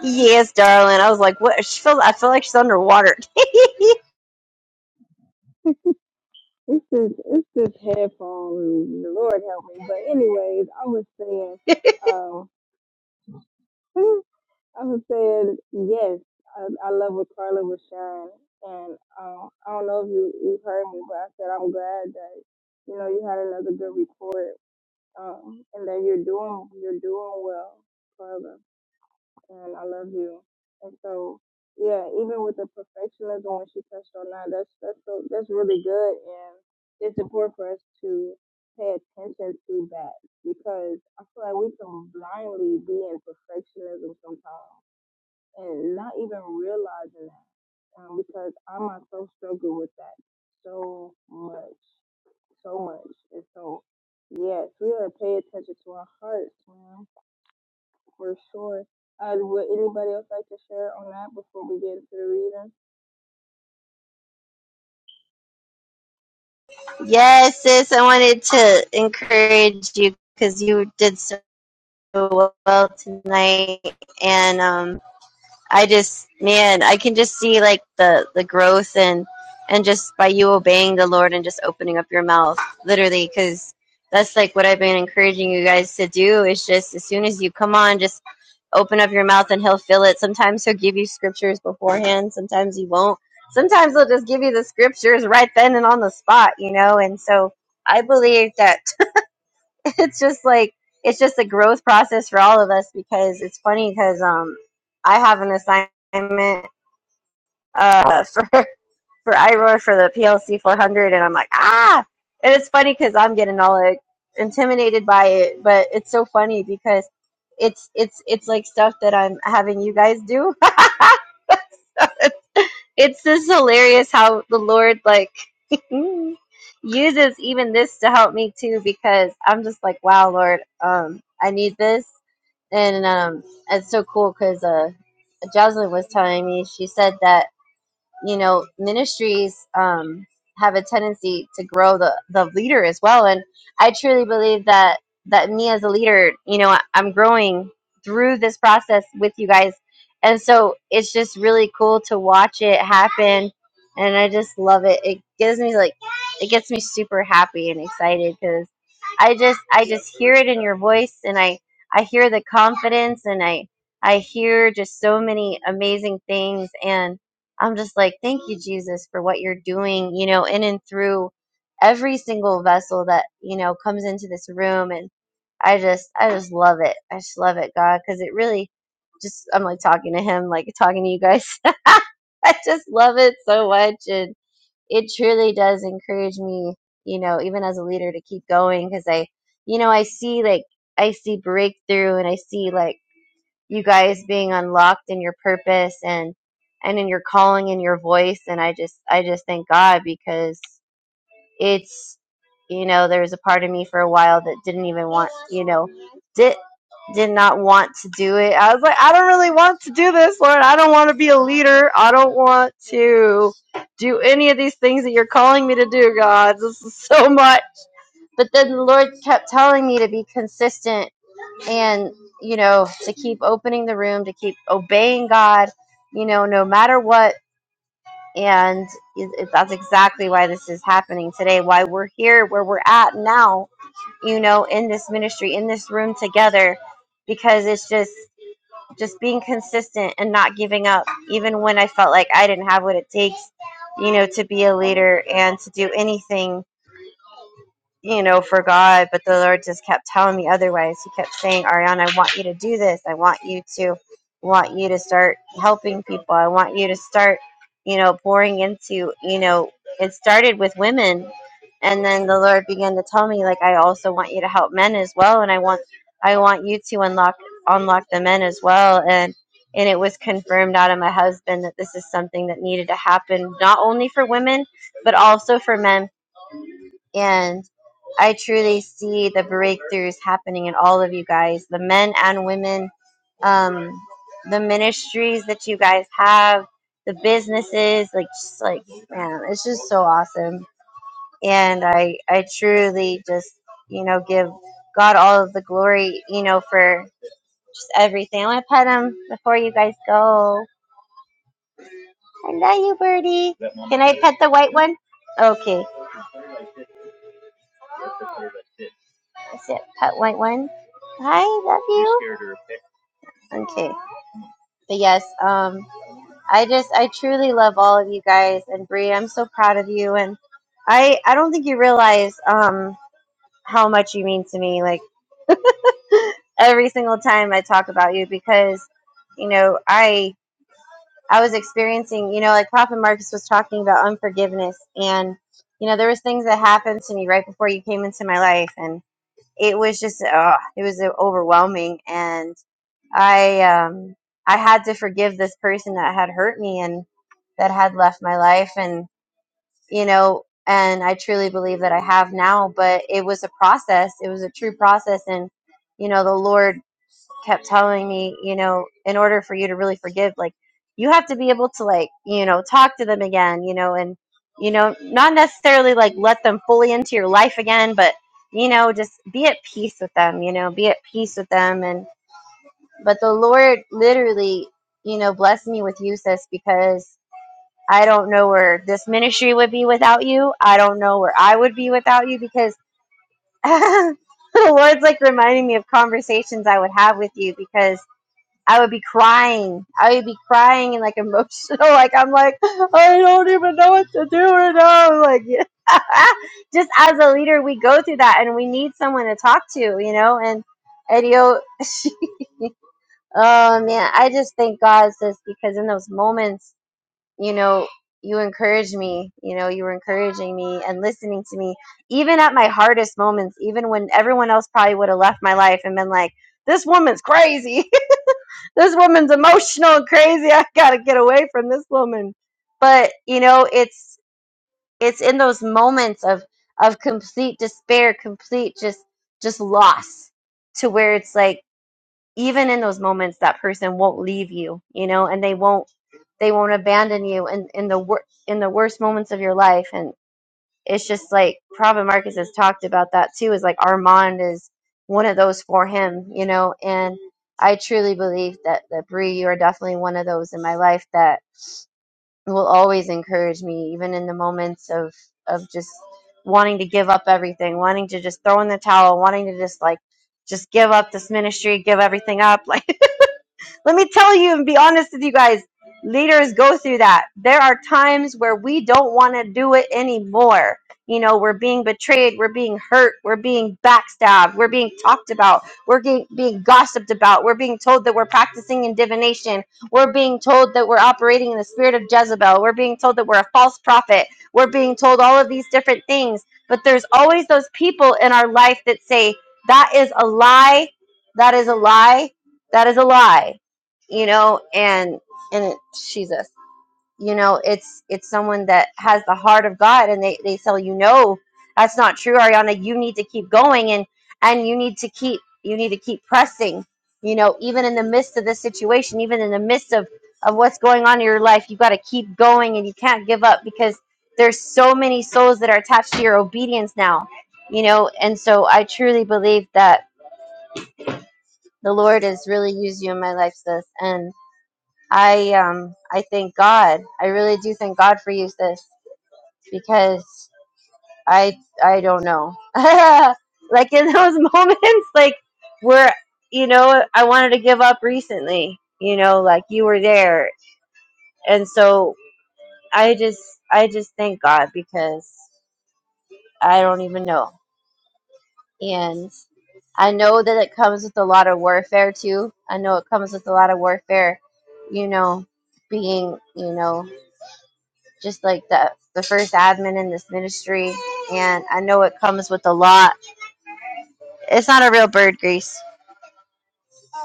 Yes, darling. I was like, what? She feels, I feel like she's underwater. Yes, sis, I wanted to encourage you because you did so well tonight, and um, I just man, I can just see like the the growth and and just by you obeying the Lord and just opening up your mouth literally cuz that's like what I've been encouraging you guys to do is just as soon as you come on just open up your mouth and he'll fill it. Sometimes he'll give you scriptures beforehand, sometimes he won't. Sometimes he'll just give you the scriptures right then and on the spot, you know? And so I believe that it's just like it's just a growth process for all of us because it's funny because um I have an assignment uh for for iRoar for the PLC 400 and I'm like ah and it's funny because I'm getting all like intimidated by it but it's so funny because it's it's it's like stuff that I'm having you guys do it's just hilarious how the Lord like mm, uses even this to help me too because I'm just like, wow, Lord, um, I need this, and um, it's so cool because uh, Jocelyn was telling me she said that you know ministries um have a tendency to grow the the leader as well, and I truly believe that that me as a leader, you know, I- I'm growing through this process with you guys. And so it's just really cool to watch it happen and I just love it. It gives me like it gets me super happy and excited because I just I just hear it in your voice and I I hear the confidence and I I hear just so many amazing things and I'm just like thank you Jesus for what you're doing, you know, in and through every single vessel that, you know, comes into this room and I just I just love it. I just love it, God, cuz it really just I'm like talking to him, like talking to you guys. I just love it so much. And it truly does encourage me, you know, even as a leader to keep going because I, you know, I see like, I see breakthrough and I see like you guys being unlocked in your purpose and, and in your calling and your voice. And I just, I just thank God because it's you know there was a part of me for a while that didn't even want you know did did not want to do it i was like i don't really want to do this lord i don't want to be a leader i don't want to do any of these things that you're calling me to do god this is so much but then the lord kept telling me to be consistent and you know to keep opening the room to keep obeying god you know no matter what and it- it- that's exactly why this is happening today, why we're here, where we're at now, you know, in this ministry, in this room together, because it's just just being consistent and not giving up, even when I felt like I didn't have what it takes, you know, to be a leader and to do anything you know, for God, but the Lord just kept telling me otherwise. He kept saying, Ariana, I want you to do this. I want you to want you to start helping people. I want you to start, you know, pouring into, you know, it started with women. And then the Lord began to tell me, like, I also want you to help men as well. And I want I want you to unlock unlock the men as well. And and it was confirmed out of my husband that this is something that needed to happen not only for women, but also for men and I truly see the breakthroughs happening in all of you guys, the men and women, um, the ministries that you guys have, the businesses, like just like man, it's just so awesome. And I I truly just you know give God all of the glory, you know, for just everything. I want to pet him before you guys go. I love you, Birdie. Can I pet the white one? Okay, that's it. Pet white one. Hi, love. Okay. but yes, um, I just I truly love all of you guys and Bree. I'm so proud of you, and I I don't think you realize um, how much you mean to me. Like every single time I talk about you, because you know I I was experiencing you know like Prophet Marcus was talking about unforgiveness, and you know there was things that happened to me right before you came into my life, and it was just uh, it was overwhelming and. I um I had to forgive this person that had hurt me and that had left my life and you know and I truly believe that I have now but it was a process it was a true process and you know the Lord kept telling me you know in order for you to really forgive like you have to be able to like you know talk to them again you know and you know not necessarily like let them fully into your life again but you know just be at peace with them you know be at peace with them and but the Lord literally, you know, blessed me with you, sis, because I don't know where this ministry would be without you. I don't know where I would be without you because the Lord's like reminding me of conversations I would have with you because I would be crying. I would be crying and like emotional. Like, I'm like, I don't even know what to do right now. I'm Like, yeah. just as a leader, we go through that and we need someone to talk to, you know, and and you know, Oh man, I just thank God, sis, because in those moments, you know, you encourage me. You know, you were encouraging me and listening to me, even at my hardest moments, even when everyone else probably would have left my life and been like, "This woman's crazy. this woman's emotional and crazy. I gotta get away from this woman." But you know, it's it's in those moments of of complete despair, complete just just loss, to where it's like even in those moments that person won't leave you you know and they won't they won't abandon you in in the wor- in the worst moments of your life and it's just like Prophet Marcus has talked about that too is like Armand is one of those for him you know and I truly believe that that Bree you are definitely one of those in my life that will always encourage me even in the moments of of just wanting to give up everything wanting to just throw in the towel wanting to just like just give up this ministry, give everything up. Like let me tell you and be honest with you guys. Leaders go through that. There are times where we don't want to do it anymore. You know, we're being betrayed, we're being hurt, we're being backstabbed, we're being talked about, we're being, being gossiped about, we're being told that we're practicing in divination, we're being told that we're operating in the spirit of Jezebel, we're being told that we're a false prophet, we're being told all of these different things. But there's always those people in our life that say, that is a lie, that is a lie, that is a lie you know and and it, jesus you know it's it's someone that has the heart of god and they they tell you no that's not true ariana you need to keep going and and you need to keep you need to keep pressing you know even in the midst of this situation even in the midst of of what's going on in your life you got to keep going and you can't give up because there's so many souls that are attached to your obedience now you know and so i truly believe that the lord has really used you in my life sis and. I um I thank God. I really do thank God for you, sis, because I I don't know. like in those moments, like where you know I wanted to give up recently. You know, like you were there, and so I just I just thank God because I don't even know. And I know that it comes with a lot of warfare too. I know it comes with a lot of warfare. You know, being you know just like the the first admin in this ministry and I know it comes with a lot. It's not a real bird grease.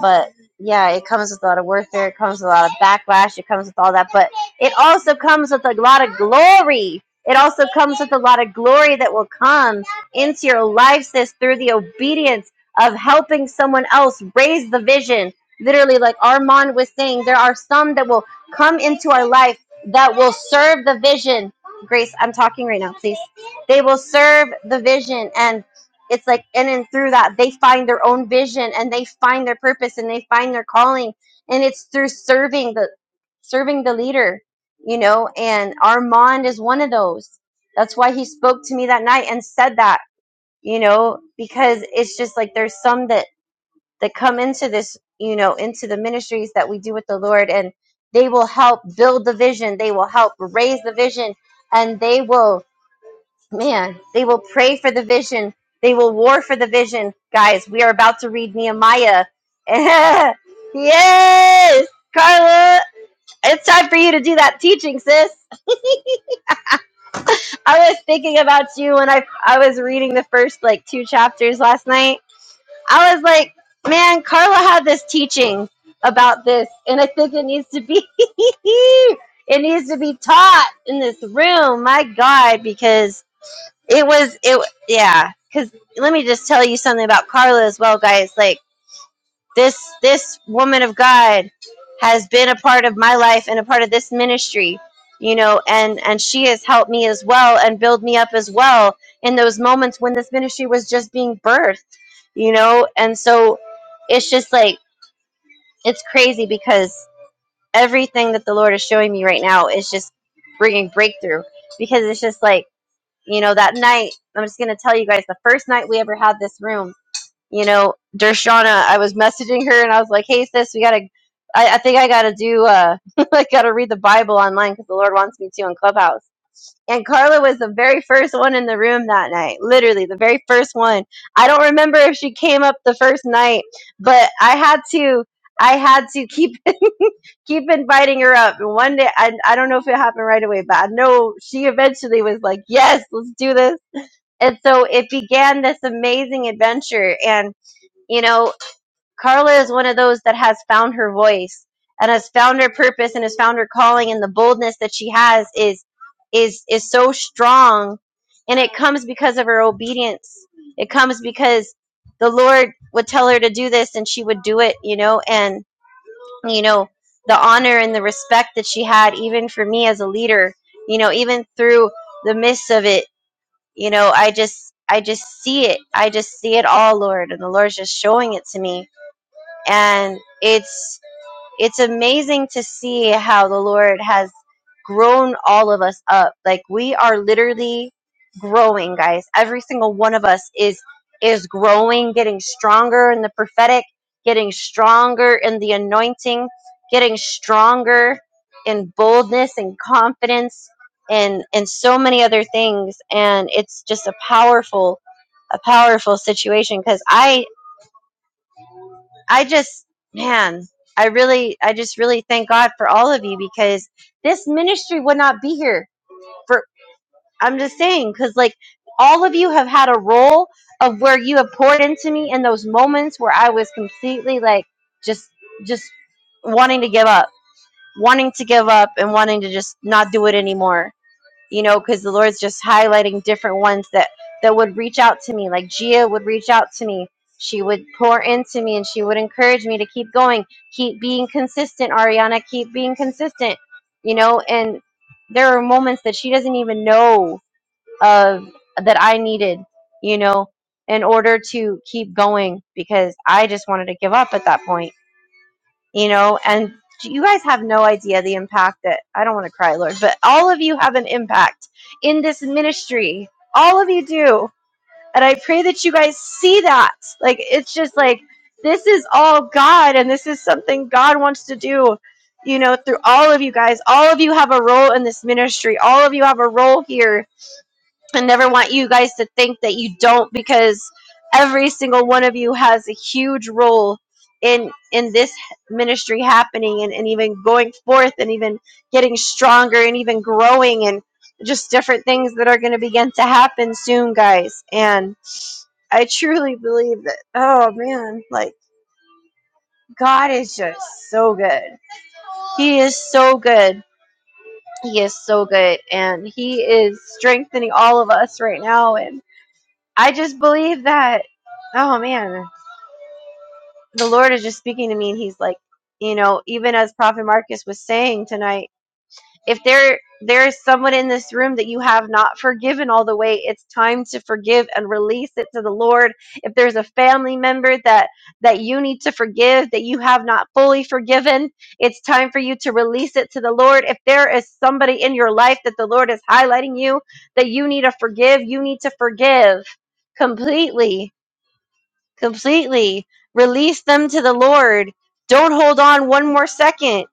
But yeah, it comes with a lot of warfare. It comes with a lot of backlash. It comes with all that. But it also comes with a lot of glory. It also comes with a lot of glory that will come into your life, sis, through the obedience of helping someone else raise the vision. Literally, like Armand was saying, there are some that will come into our life that will serve the vision. Grace, I'm talking right now, please. They will serve the vision. And it's like in and through that they find their own vision and they find their purpose and they find their calling and it's through serving the serving the leader you know and armand is one of those that's why he spoke to me that night and said that you know because it's just like there's some that that come into this you know into the ministries that we do with the lord and they will help build the vision they will help raise the vision and they will Man, they will pray for the vision. They will war for the vision. Guys, we are about to read Nehemiah. yes, Carla, it's time for you to do that teaching, sis. I was thinking about you when I I was reading the first like two chapters last night. I was like, man, Carla had this teaching about this, and I think it needs to be it needs to be taught in this room. My God, because it was it yeah because let me just tell you something about carla as well guys like this this woman of god has been a part of my life and a part of this ministry you know and and she has helped me as well and build me up as well in those moments when this ministry was just being birthed you know and so it's just like it's crazy because everything that the lord is showing me right now is just bringing breakthrough because it's just like you know, that night, I'm just going to tell you guys the first night we ever had this room, you know, Dershana, I was messaging her and I was like, hey, sis, we got to, I, I think I got to do, uh, I got to read the Bible online because the Lord wants me to on Clubhouse. And Carla was the very first one in the room that night, literally the very first one. I don't remember if she came up the first night, but I had to, I had to keep keep inviting her up. And one day, I, I don't know if it happened right away, but I know she eventually was like, yes, let's do this and so it began this amazing adventure. And, you know, Carla is one of those that has found her voice and has found her purpose and has found her calling and the boldness that she has is is is so strong and it comes because of her obedience. It comes because the Lord would tell her to do this and she would do it, you know, and you know, the honor and the respect that she had even for me as a leader, you know, even through the midst of it you know i just i just see it i just see it all lord and the lord's just showing it to me and it's it's amazing to see how the Lord has grown all of us up. Like we are literally growing, guys. Every single one of us is is growing, getting stronger in the prophetic, getting stronger in the anointing, getting stronger in boldness and confidence and and so many other things and it's just a powerful a powerful situation cuz I I just, man, I really, I just really thank God for all of you because this ministry would not be here for, I'm just saying, because like all of you have had a role of where you have poured into me in those moments where I was completely like just, just wanting to give up, wanting to give up and wanting to just not do it anymore you know, because the Lord's just highlighting different ones that that would reach out to me. Like Gia would reach out to me. She would pour into me and she would encourage me to keep going, keep being consistent, Ariana, keep being consistent. You know, and there are moments that she doesn't even know of that I needed, you know, in order to keep going because I just wanted to give up at that point you know and you guys have no idea the impact that i don't want to cry lord but all of you have an impact in this ministry all of you do and i pray that you guys see that like it's just like this is all god and this is something god wants to do you know through all of you guys all of you have a role in this ministry all of you have a role here I never want you guys to think that you don't because every single one of you has a huge role in in this ministry happening and, and even going forth and even getting stronger and even growing and just different things that are going to begin to happen soon guys and i truly believe that oh man like god is just so good he is so good he is so good and he is strengthening all of us right now and I just believe that, oh man, the Lord is just speaking to me, and He's like, you know, even as Prophet Marcus was saying tonight, if there there is someone in this room that you have not forgiven all the way, it's time to forgive and release it to the Lord. If there's a family member that that you need to forgive that you have not fully forgiven, it's time for you to release it to the Lord. If there is somebody in your life that the Lord is highlighting you that you need to forgive, you need to forgive completely completely. Release them to the Lord. Don't hold on one more second.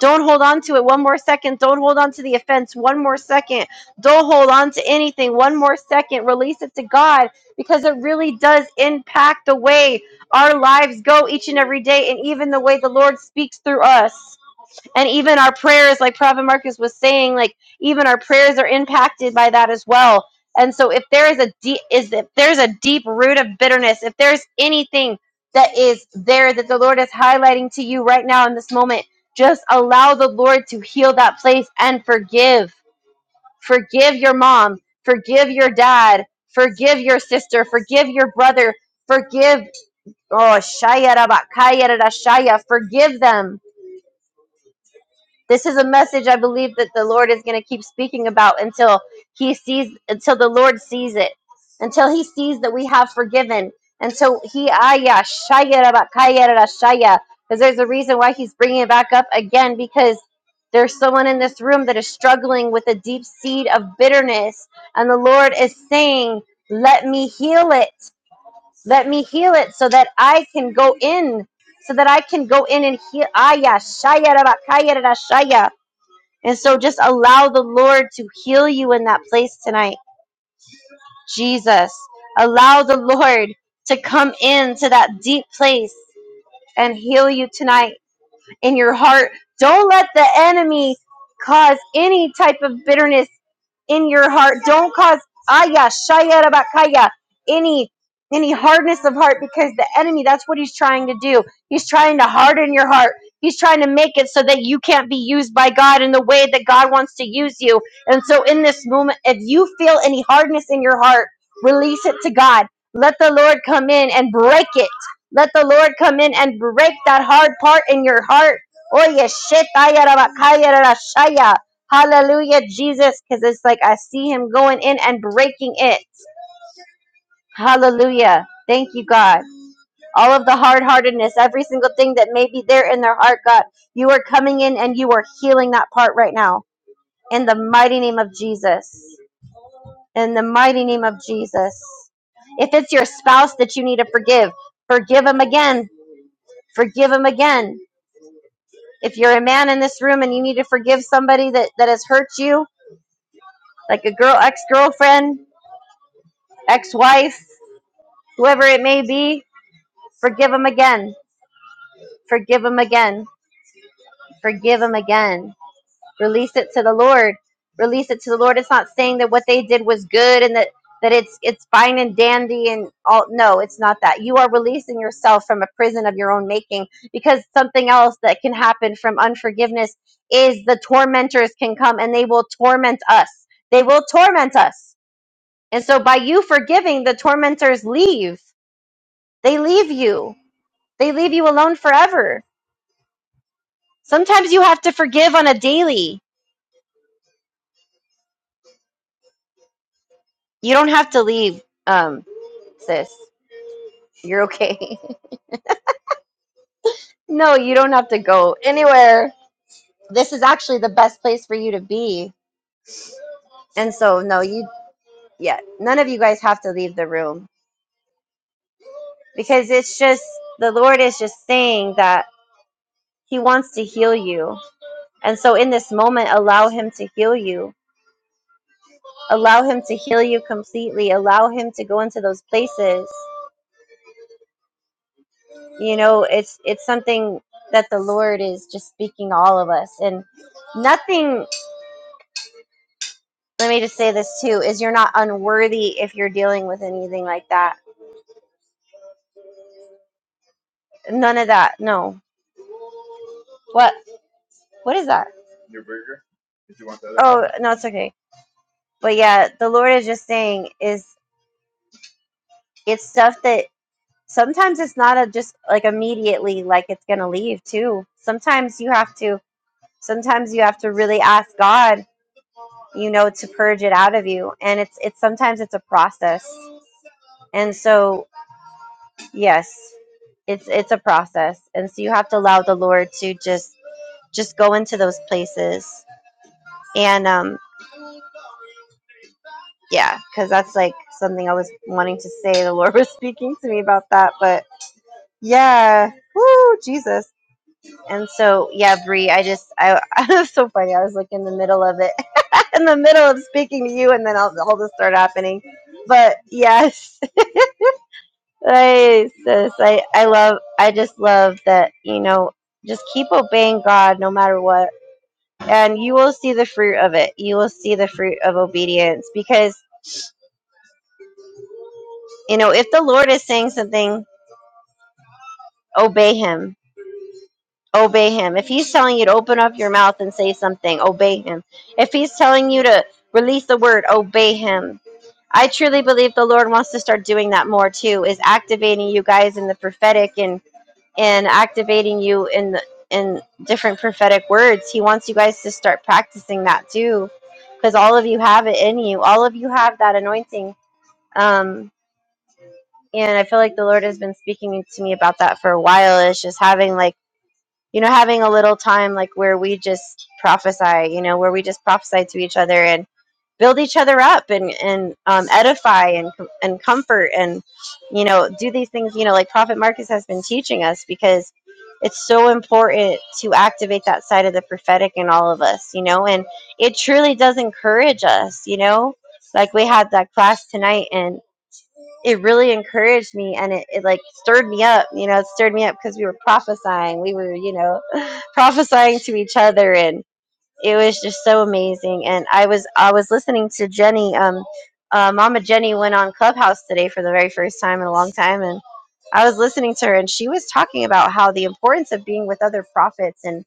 Don't hold on to it one more second. Don't hold on to the offense one more second. Don't hold on to anything one more second. Release it to God because it really does impact the way our lives go each and every day and even the way the Lord speaks through us and even our prayers like prophet marcus was saying like even our prayers are impacted by that as well and so if there is a deep is if there's a deep root of bitterness if there's anything that is there that the lord is highlighting to you right now in this moment just allow the lord to heal that place and forgive forgive your mom forgive your dad forgive your sister forgive your brother forgive oh shaya rabakaya rada forgive them this is a message I believe that the Lord is going to keep speaking about until he sees until the Lord sees it. Until he sees that we have forgiven. Until he aya shaya rabakaya rashaya because there's a reason why he's bringing it back up again because there's someone in this room that is struggling with a deep seed of bitterness and the Lord is saying, "Let me heal it. Let me heal it so that I can go in so that I can go in and heal. Ayah shaya, raba, kaya, rara, shaya. And so just allow the Lord to heal you in that place tonight. Jesus, allow the Lord to come into that deep place and heal you tonight in your heart. Don't let the enemy cause any type of bitterness in your heart. Don't cause aya shaya rabakaya any any hardness of heart because the enemy that's what he's trying to do. He's trying to harden your heart. He's trying to make it so that you can't be used by God in the way that God wants to use you. And so in this moment if you feel any hardness in your heart, release it to God. Let the Lord come in and break it let the Lord come in and break that hard part in your heart. Oye, shetaya rabakaya rarashaya. Hallelujah, Jesus, because it's like I see him going in and breaking it. Hallelujah. Thank you, God. All of the hard heartedness, every single thing that may be there in their heart, God, you are coming in and you are healing that part right now. In the mighty name of Jesus. In the mighty name of Jesus. If it's your spouse that you need to forgive, forgive him again. Forgive him again If you're a man in this room and you need to forgive somebody that, that has hurt you, like a girl, ex girlfriend, ex wife, whoever it may be, forgive them again. Forgive them again. Forgive them again. Release it to the Lord. Release it to the Lord. It's not saying that what they did was good and that that it's it's fine and dandy and all no it's not that you are releasing yourself from a prison of your own making because something else that can happen from unforgiveness is the tormentors can come and they will torment us they will torment us and so by you forgiving the tormentors leave they leave you they leave you alone forever sometimes you have to forgive on a daily you don't have to leave um sis You're okay. no, you don't have to go anywhere. This is actually the best place for you to be. And so, no, you, yeah, none of you guys have to leave the room because it's just the Lord is just saying that He wants to heal you. And so, in this moment, allow Him to heal you. Allow Him to heal you completely. Allow Him to go into those places. You know, it's it's something that the Lord is just speaking to all of us, and nothing let me just say this too is you're not unworthy if you're dealing with anything like that none of that no what what is that no it's okay but yeah the lord is just saying is it's stuff that sometimes it's not a just like immediately like it's gonna leave too sometimes you have to sometimes you have to really ask god you know to purge it out of you and it's it's sometimes it's a process and so yes it's it's a process and so you have to allow the lord to just just go into those places and um yeah because that's like something i was wanting to say the lord was speaking to me about that but yeah woo jesus and so yeah Bree, i just i it was so funny i was like in the middle of it in the middle of speaking to you and then all, all this started happening but yes I, sis, I i love i just love that you know just keep obeying god no matter what and you will see the fruit of it. You will see the fruit of obedience because, you know, if the Lord is saying something, obey him. Obey him. If he's telling you to open up your mouth and say something, obey him. If he's telling you to release the word, obey him. I truly believe the Lord wants to start doing that more too, is activating you guys in the prophetic and and activating you in the in different prophetic words. He wants you guys to start practicing that too. Because all of you have it in you. All of you have that anointing um and i feel like the lord has been speaking to me about that for a while It's just having like you know having a little time like where we just prophesy you know where we just prophesy to each other and build each other up and and um, edify and and comfort and you know do these things you know like prophet marcus has been teaching us because it's so important to activate that side of the prophetic in all of us you know and it truly does encourage us you know like we had that class tonight and it really encouraged me and it, it like stirred me up you know it stirred me up because we were prophesying we were you know prophesying to each other and it was just so amazing and i was i was listening to jenny um uh, mama jenny went on clubhouse today for the very first time in a long time and i was listening to her and she was talking about how the importance of being with other prophets and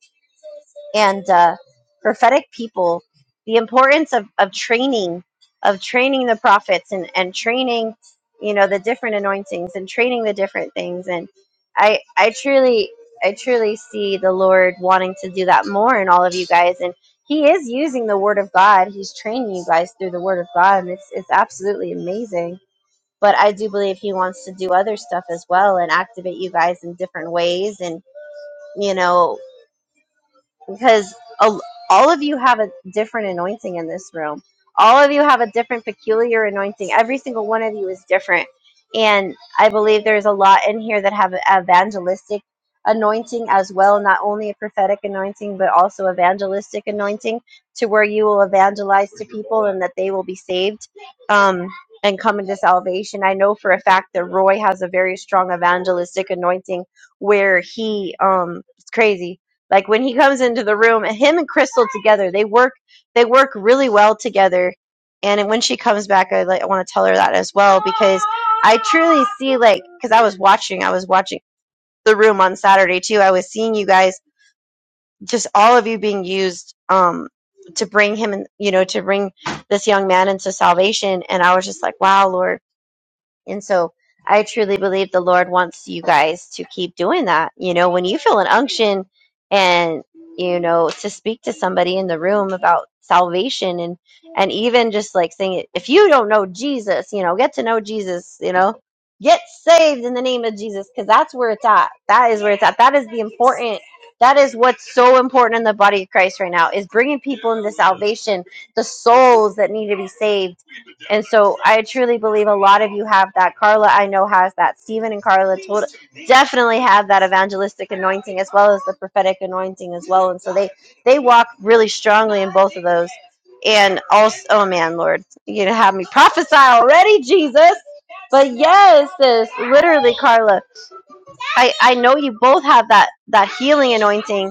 and uh, prophetic people the importance of, of training of training the prophets and, and training you know the different anointings and training the different things and i i truly i truly see the lord wanting to do that more in all of you guys and he is using the word of god he's training you guys through the word of god and it's it's absolutely amazing but i do believe he wants to do other stuff as well and activate you guys in different ways and you know because a- all of you have a different anointing in this room. All of you have a different peculiar anointing. Every single one of you is different. And I believe there's a lot in here that have evangelistic anointing as well, not only a prophetic anointing, but also evangelistic anointing to where you will evangelize to people and that they will be saved um, and come into salvation. I know for a fact that Roy has a very strong evangelistic anointing where he, um, it's crazy like when he comes into the room, and him and Crystal together, they work they work really well together. And when she comes back, I like I want to tell her that as well because I truly see like because I was watching, I was watching the room on Saturday too. I was seeing you guys, just all of you being used um to bring him and you know to bring this young man into salvation. And I was just like, wow, Lord and so I truly believe the Lord wants you guys to keep doing that. You know, when you feel an unction and, you know, to speak to somebody in the room about salvation and, and even just like saying, if you don't know Jesus, you know, get to know Jesus, you know, get saved in the name of Jesus, because that's where it's at. That is where it's at. That is the important. That is what's so important in the body of Christ right now is bringing people into salvation, the souls that need to be saved and so I truly believe a lot of you have that. Carla, I know, has that. Stephen and Carla tot- definitely have that evangelistic anointing as well as the prophetic anointing as well. And so they, they walk really strongly in both of those. And also, oh man, Lord, you gonna have me prophesy already, Jesus. But yes, this literally, Carla, I, I know you both have that, that healing anointing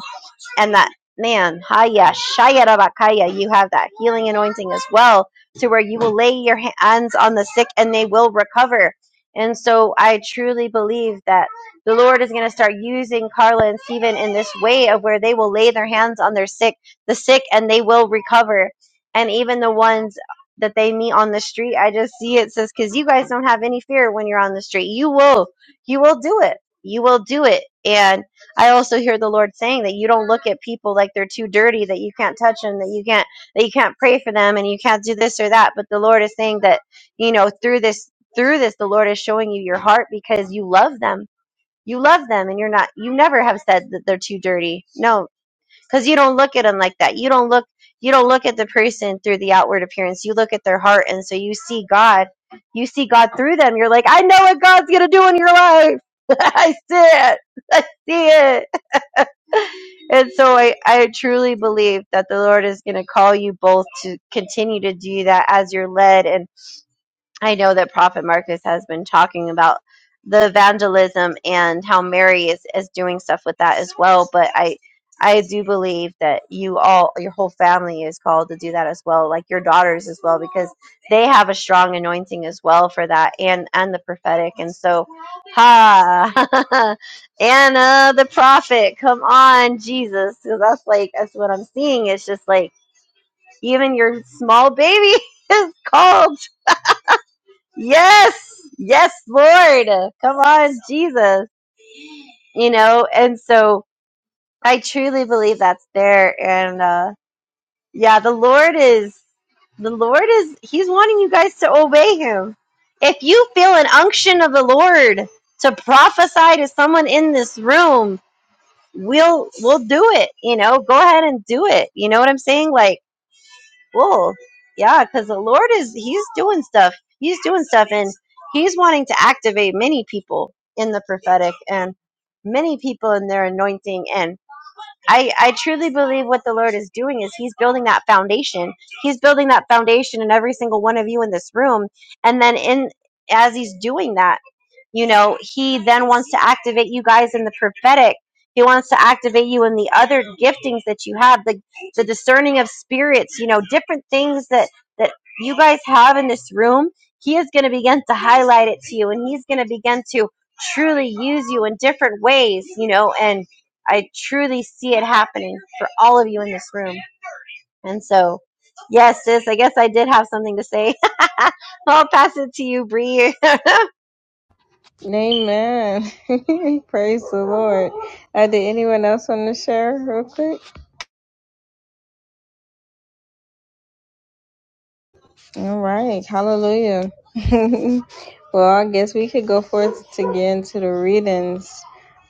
and that man, Haya Shayarabakaya, you have that healing anointing as well, to where you will lay your hands on the sick and they will recover. And so I truly believe that the Lord is going to start using Carla and Stephen in this way of where they will lay their hands on their sick, the sick, and they will recover. And even the ones that they meet on the street, I just see it says, because you guys don't have any fear when you're on the street. You will, you will do it. You will do it. And I also hear the Lord saying that you don't look at people like they're too dirty, that you can't touch them, that you can't that you can't pray for them and you can't do this or that. But the Lord is saying that, you know, through this through this the Lord is showing you your heart because you love them. You love them and you're not you never have said that they're too dirty. No, cuz you don't look at them like that. You don't look you don't look at the person through the outward appearance. You look at their heart and so you see God. You see God through them. You're like, "I know what God's going to do in your life." I see it. I see it and so I, I truly believe that the Lord is going to call you both to continue to do that as you're led. And. I know that Prophet Marcus has been talking about the vandalism and how Mary is, is doing stuff with that as well. But I I do believe that you all your whole family is called to do that as well, like your daughters as well, because they have a strong anointing as well for that and and the prophetic. And so ha Anna the prophet, come on, Jesus. Because that's like that's what I'm seeing. It's just like even your small baby is called Yes, yes, Lord. Come on, Jesus. You know, and so I truly believe that's there. And uh, yeah, the Lord is, the Lord is, He's wanting you guys to obey Him. If you feel an unction of the Lord to prophesy to someone in this room, we'll we'll do it you know go ahead and do it you know what i'm saying like Well, yeah, because the Lord is He's doing stuff. He's doing stuff, and He's wanting to activate many people in the prophetic and many people in their anointing. and. I, I truly believe what the Lord is doing is He's building that foundation. He's building that foundation in every single one of you in this room. And then in as He's doing that, you know, He then wants to activate you guys in the prophetic. He wants to activate you in the other giftings that you have, the the discerning of spirits, you know, different things that that you guys have in this room. He is going to begin to highlight it to you, and He's going to begin to truly use you in different ways, you know, and I truly see it happening for all of you in this room. And so, yes, sis, I guess I did have something to say. I'll pass it to you, Bree.
Amen. Praise the Lord. Uh, did anyone else want to share real quick? All right. Hallelujah. well, I guess we could go forth to get into the readings.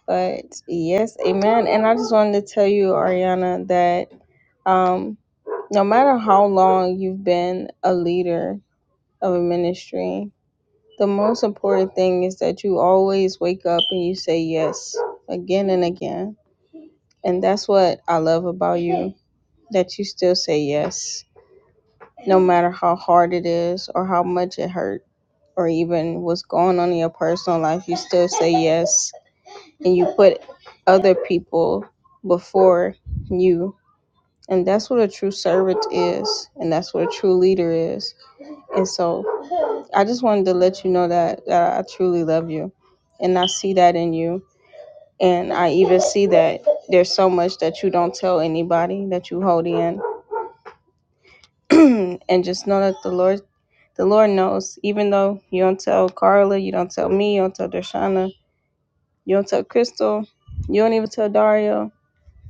But yes, amen. And I just wanted to tell you, Ariana, that um, no matter how long you've been a leader of a ministry, The most important thing is that you always wake up and you say yes again and again. And that's what I love about you that you still say yes, no matter how hard it is or how much it hurt or even what's going on in your personal life, you still say yes and you put other people before you. And that's what a true servant is, and that's what a true leader is. And so I just wanted to let you know that, that I truly love you and I see that in you. And I even see that there's so much that you don't tell anybody that you hold in. and just know that the Lord the Lord knows, even though you don't tell Carla, you don't tell me, you don't tell Dershana, you don't tell Crystal, you don't even tell Dario,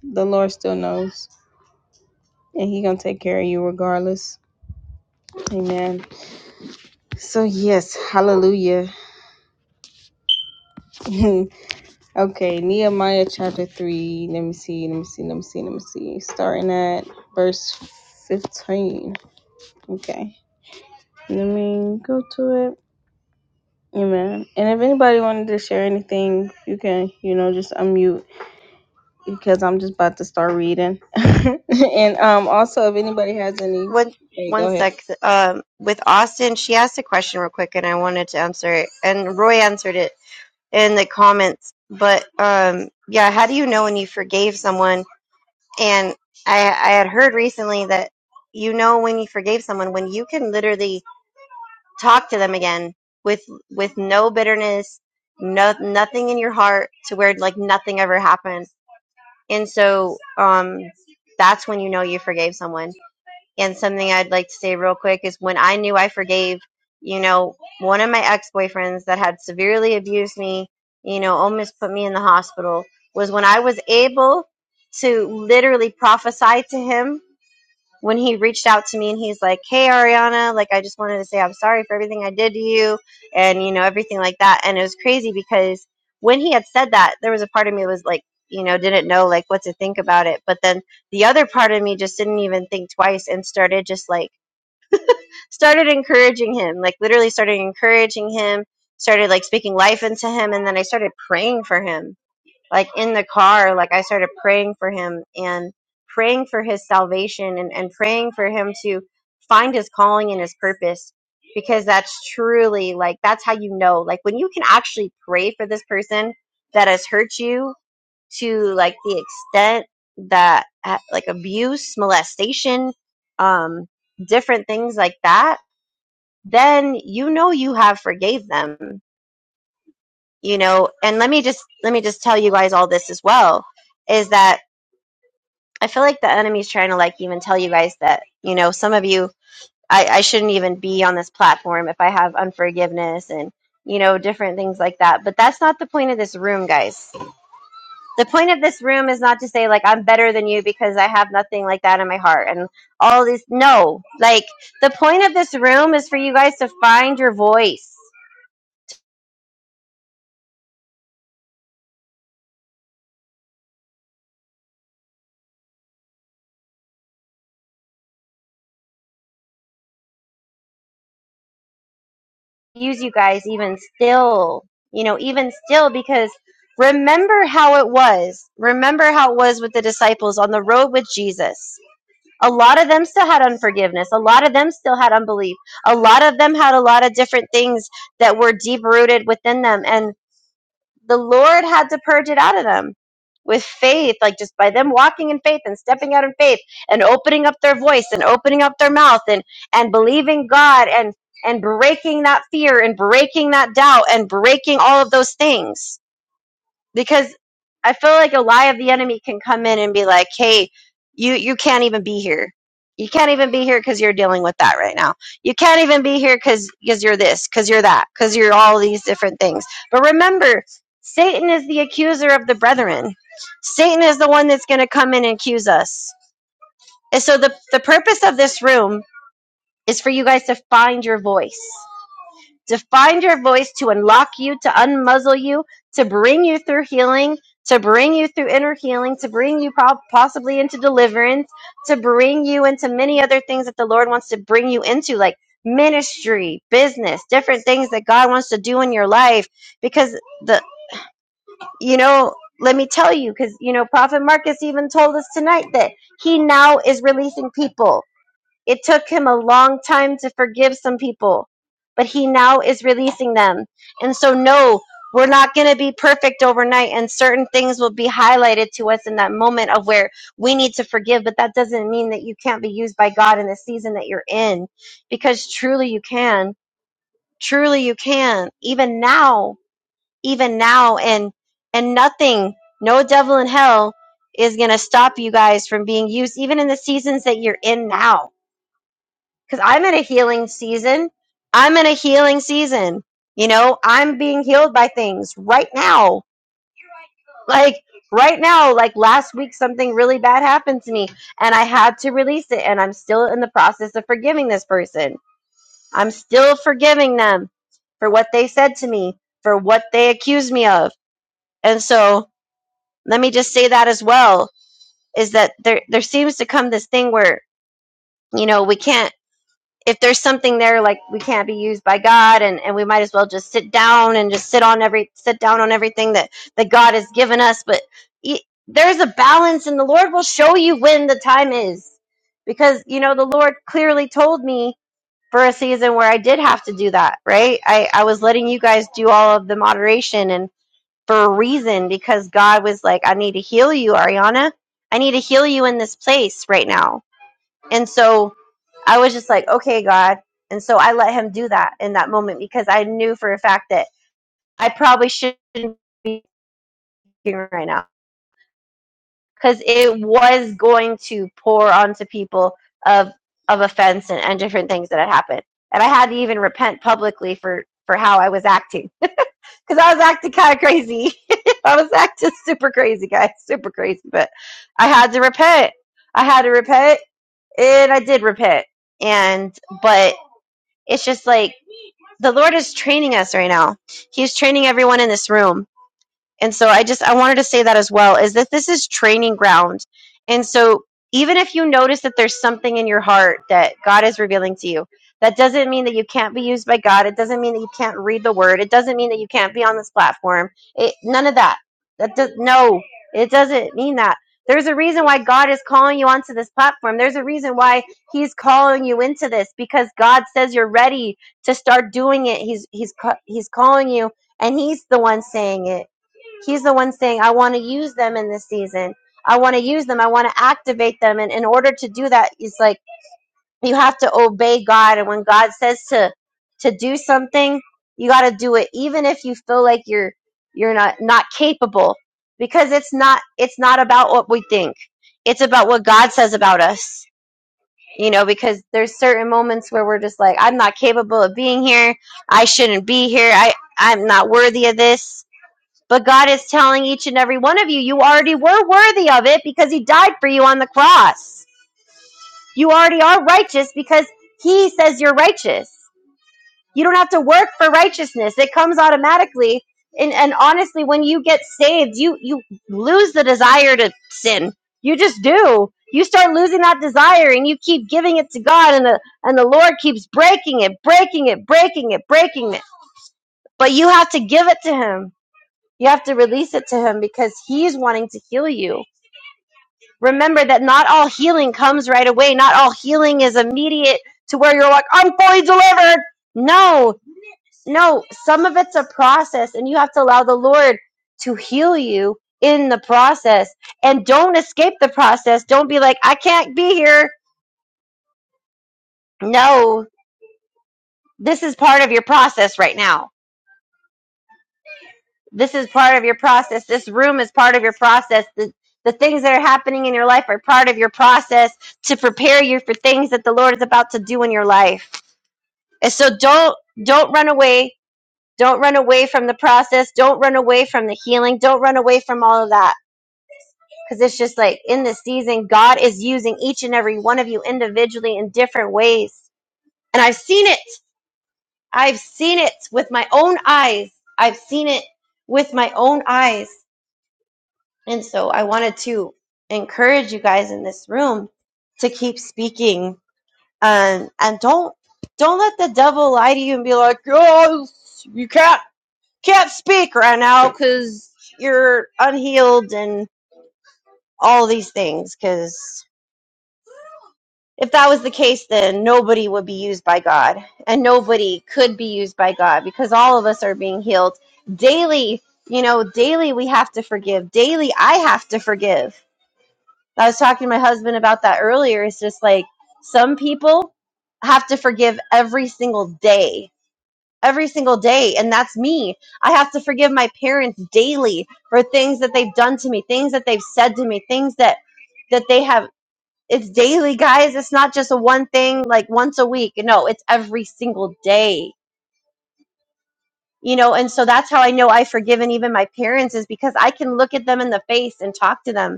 the Lord still knows. And he gonna take care of you regardless. Amen. So yes, hallelujah. Okay, Nehemiah chapter 3. Let me see, let me see, let me see, let me see. Starting at verse 15. Okay, let me go to it. Amen. And if anybody wanted to share anything, you can, you know, just unmute because I'm just about to start reading. and um also if anybody has any
One
hey,
one
go ahead.
sec. Um, with Austin, she asked a question real quick, and I wanted to answer it. And Roy answered it in the comments. But um, yeah, how do you know when you forgave someone? And I I had heard recently that you know when you forgave someone when you can literally talk to them again with with no bitterness no nothing in your heart to where like nothing ever happened and so um that's when you know you forgave someone and something i'd like to say real quick is when i knew i forgave you know one of my ex-boyfriends that had severely abused me you know almost put me in the hospital was when i was able to literally prophesy to him when he reached out to me and he's like, "Hey Ariana, like I just wanted to say I'm sorry for everything I did to you and you know everything like that." And it was crazy because when he had said that, there was a part of me was like, you know, didn't know like what to think about it, but then the other part of me just didn't even think twice and started just like started encouraging him, like literally started encouraging him, started like speaking life into him and then I started praying for him like in the car like i started praying for him and praying for his salvation and, and praying for him to find his calling and his purpose because that's truly like that's how you know like when you can actually pray for this person that has hurt you to like the extent that uh, like abuse molestation um different things like that then you know you have forgave them you know and let me just let me just tell you guys all this as well is that i feel like the enemy's trying to like even tell you guys that you know some of you i, I shouldn't even be on this platform if i have unforgiveness and you know different things like that but that's not the point of this room guys the point of this room is not to say like i'm better than you because i have nothing like that in my heart and all these no like the point of this room is for you guys to find your voice use you guys even still, you know, even still, because remember how it was. Remember how it was with the disciples on the road with Jesus. A lot of them still had unforgiveness. A lot of them still had unbelief. A lot of them had a lot of different things that were deep rooted within them. And the Lord had to purge it out of them with faith, like just by them walking in faith and stepping out in faith and opening up their voice and opening up their mouth and and believing God and and breaking that fear and breaking that doubt and breaking all of those things because I feel like a lie of the enemy can come in and be like, "Hey, you you can't even be here. You can't even be here because you're dealing with that right now. You can't even be here because because you're this, because you're that, because you're all these different things." But remember, Satan is the accuser of the brethren. Satan is the one that's going to come in and accuse us. And so the the purpose of this room is for you guys to find your voice to find your voice, to unlock you, to unmuzzle you, to bring you through healing, to bring you through inner healing, to bring you prob possibly into deliverance, to bring you into many other things that the Lord wants to bring you into, like ministry, business, different things that God wants to do in your life. Because the, you know, let me tell you, because, you know, Prophet Marcus even told us tonight that he now is releasing people it took him a long time to forgive some people, but he now is releasing them. And so, no, we're not going to be perfect overnight, and certain things will be highlighted to us in that moment of where we need to forgive. But that doesn't mean that you can't be used by God in the season that you're in, because truly you can. Truly you can. Even now, even now, and and nothing, no devil in hell is going to stop you guys from being used, even in the seasons that you're in now because I'm in a healing season. I'm in a healing season. You know, I'm being healed by things right now. Like right now, like last week, something really bad happened to me and I had to release it. And I'm still in the process of forgiving this person. I'm still forgiving them for what they said to me, for what they accused me of. And so let me just say that as well is that there, there seems to come this thing where, you know, we can't. if there's something there like we can't be used by God and, and we might as well just sit down and just sit on every sit down on everything that that God has given us but y- there's a balance and the Lord will show you when the time is because you know the Lord clearly told me for a season where I did have to do that right I I was letting you guys do all of the moderation and for a reason because God was like I need to heal you Ariana I need to heal you in this place right now and so I was just like, okay, God. And so I let him do that in that moment because I knew for a fact that I probably shouldn't be speaking right now because it was going to pour onto people of of offense and, and different things that had happened. And I had to even repent publicly for for how I was acting because I was acting kind of crazy. I was acting super crazy, guys, super crazy. But I had to repent. I had to repent, and I did repent. And but It's just like the Lord is training us right now. He's training everyone in this room. And so I just I wanted to say that as well is that this is training ground. And so even if you notice that there's something in your heart that God is revealing to you, that doesn't mean that you can't be used by God. It doesn't mean that you can't read the word. It doesn't mean that you can't be on this platform. It, none of that. That does no. It doesn't mean that. There's a reason why God is calling you onto this platform. There's a reason why he's calling you into this because God says you're ready to start doing it. He's he's ca- he's calling you and he's the one saying it He's the one saying, I want to use them in this season. I want to use them. I want to activate them. And in order to do that, it's like you have to obey God. And when God says to to do something, you got to do it, even if you feel like you're you're not not capable, because it's not it's not about what we think. It's about what God says about us. You know, because there's certain moments where we're just like, I'm not capable of being here. I shouldn't be here. I I'm not worthy of this but God is telling each and every one of you, you already were worthy of it because He died for you on the cross. You already are righteous because He says you're righteous. You don't have to work for righteousness, it comes automatically. And, and honestly, when you get saved, you, you lose the desire to sin. You just do. You start losing that desire and you keep giving it to God, and the, and the Lord keeps breaking it, breaking it, breaking it, breaking it. But you have to give it to Him you have to release it to him because he's wanting to heal you. Remember that not all healing comes right away. Not all healing is immediate to where you're like, I'm fully delivered. No, no. Some of it's a process, and you have to allow the Lord to heal you in the process. And don't escape the process. Don't be like, I can't be here. No, this is part of your process right now This is part of your process. This room is part of your process. The, the things that are happening in your life are part of your process to prepare you for things that the Lord is about to do in your life. And so don't don't run away. Don't run away from the process. Don't run away from the healing. Don't run away from all of that. Because it's just like in this season, God is using each and every one of you individually in different ways. And I've seen it. I've seen it with my own eyes. I've seen it with my own eyes. And so I wanted to encourage you guys in this room to keep speaking and and don't don't let the devil lie to you and be like, "Oh, you can't can't speak right now cuz you're unhealed and all these things cuz if that was the case then nobody would be used by God and nobody could be used by God because all of us are being healed daily. You know, daily we have to forgive. Daily I have to forgive I was talking to my husband about that earlier. It's just like some people have to forgive every single day, every single day. And that's me. I have to forgive my parents daily for things that they've done to me, things that they've said to me, things that, that they have. It's daily, guys. It's not just a one thing like once a week. No, it's every single day. You know, and so that's how I know I've forgiven even my parents is because I can look at them in the face and talk to them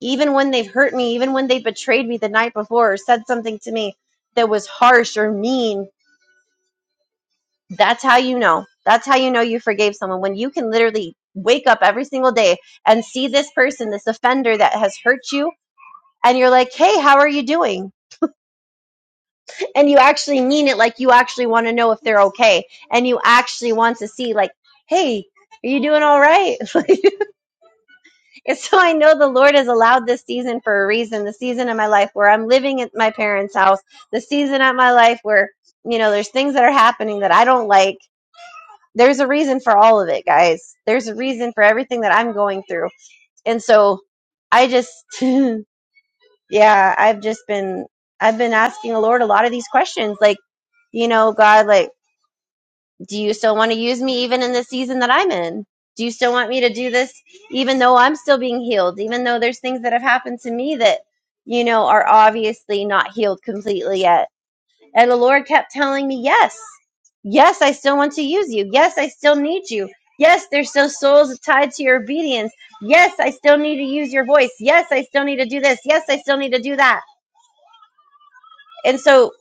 even when they've hurt me, even when they betrayed me the night before or said something to me that was harsh or mean, that's how you know. That's how you know you forgave someone when you can literally wake up every single day and see this person, this offender that has hurt you, and you're like, hey, how are you doing? And you actually mean it like you actually want to know if they're okay. And you actually want to see, like, hey, are you doing all right? Like, And so I know the Lord has allowed this season for a reason. The season of my life where I'm living at my parents' house, the season of my life where, you know, there's things that are happening that I don't like. There's a reason for all of it, guys. There's a reason for everything that I'm going through. And so I just, yeah, I've just been, I've been asking the Lord a lot of these questions. Like, you know, God, like, do you still want to use me even in the season that I'm in? Do you still want me to do this even though I'm still being healed, even though there's things that have happened to me that, you know, are obviously not healed completely yet? And the Lord kept telling me, yes, yes, I still want to use you. Yes, I still need you. Yes, there's still souls tied to your obedience. Yes, I still need to use your voice. Yes, I still need to do this. Yes, I still need to do that. And so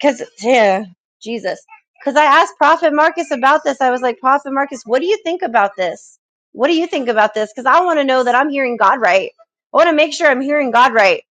because yeah, Jesus. Because I asked Prophet Marcus about this. I was like, Prophet Marcus, what do you think about this? What do you think about this? Because I want to know that I'm hearing God right. I want to make sure I'm hearing God right.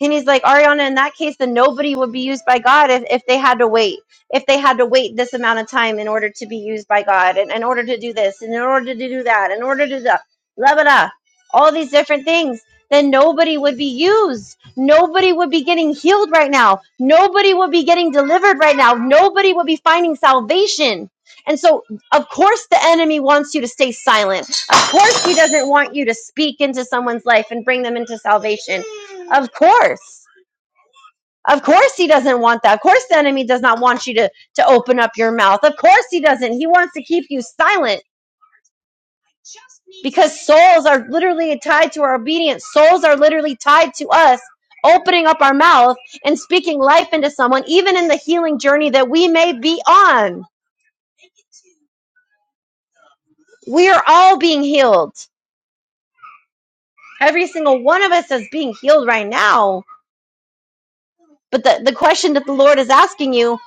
And he's like, Ariana, in that case, then nobody would be used by God if, if they had to wait, if they had to wait this amount of time in order to be used by God, and in order to do this, and in order to do that, in order to do that, blah, blah, blah, all these different things, then nobody would be used Nobody would be getting healed right now. Nobody would be getting delivered right now. Nobody would be finding salvation. And so, of course, the enemy wants you to stay silent. Of course, he doesn't want you to speak into someone's life and bring them into salvation. Of course. Of course, he doesn't want that. Of course, the enemy does not want you to, to open up your mouth. Of course, he doesn't. He wants to keep you silent. because souls are literally tied to our obedience. Souls are literally tied to us opening up our mouth and speaking life into someone, even in the healing journey that we may be on. We are all being healed. Every single one of us is being healed right now. But the, the question that the Lord is asking you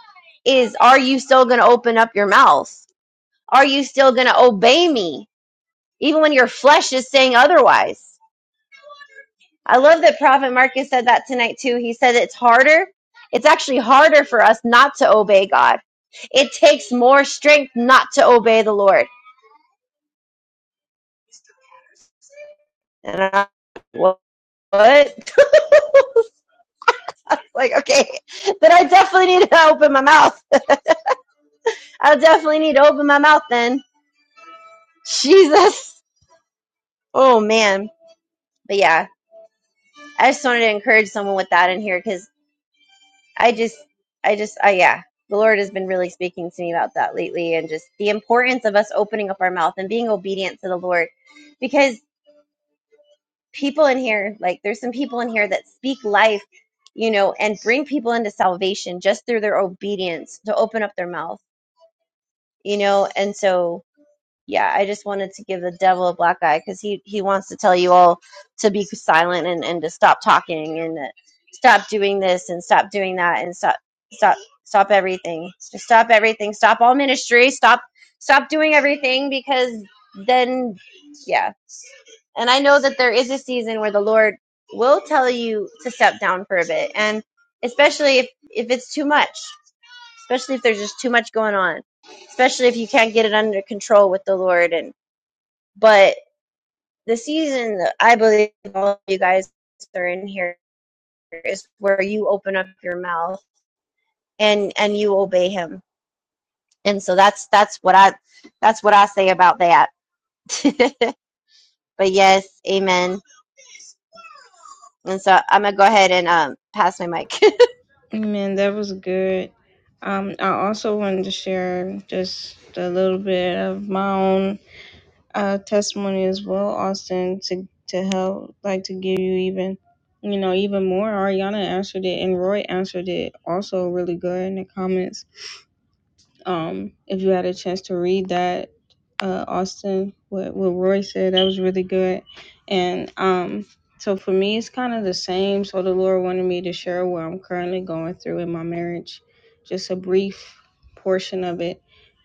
is are you still going to open up your mouth? Are you still going to obey me, even when your flesh is saying otherwise? I love that Prophet Marcus said that tonight too. He said it's harder. It's actually harder for us not to obey God. It takes more strength not to obey the Lord. And I, what? like, okay, then I definitely need to open my mouth. I definitely need to open my mouth then. Jesus. Oh man. But yeah, I just wanted to encourage someone with that in here because. I just, I just, I yeah, the Lord has been really speaking to me about that lately, and just the importance of us opening up our mouth and being obedient to the Lord, because people in here, like there's some people in here that speak life, you know, and bring people into salvation just through their obedience to open up their mouth, you know, and so yeah, I just wanted to give the devil a black eye because he he wants to tell you all to be silent and and to stop talking and that stop doing this and stop doing that and stop stop stop everything. Just stop everything. Stop all ministry. Stop stop doing everything because then yeah. And I know that there is a season where the Lord will tell you to step down for a bit and especially if if it's too much especially if there's just too much going on, especially if you can't get it under control with the Lord. And but the season that I believe all of you guys are in here is where you open up your mouth and and you obey Him. And so that's that's what I that's what I say about that. but yes, Amen. And so I'm gonna go ahead and um pass my mic.
Amen. That was good. Um I also wanted to share just a little bit of my own uh, testimony as well, Austin, to to help, like to give you even, you know, even more. Ariana answered it, and Roy answered it also really good in the comments. Um, if you had a chance to read that, uh, Austin, what what Roy said, that was really good, and um. So for me, it's kind of the same. So the Lord wanted me to share what I'm currently going through in my marriage, just a brief portion of it.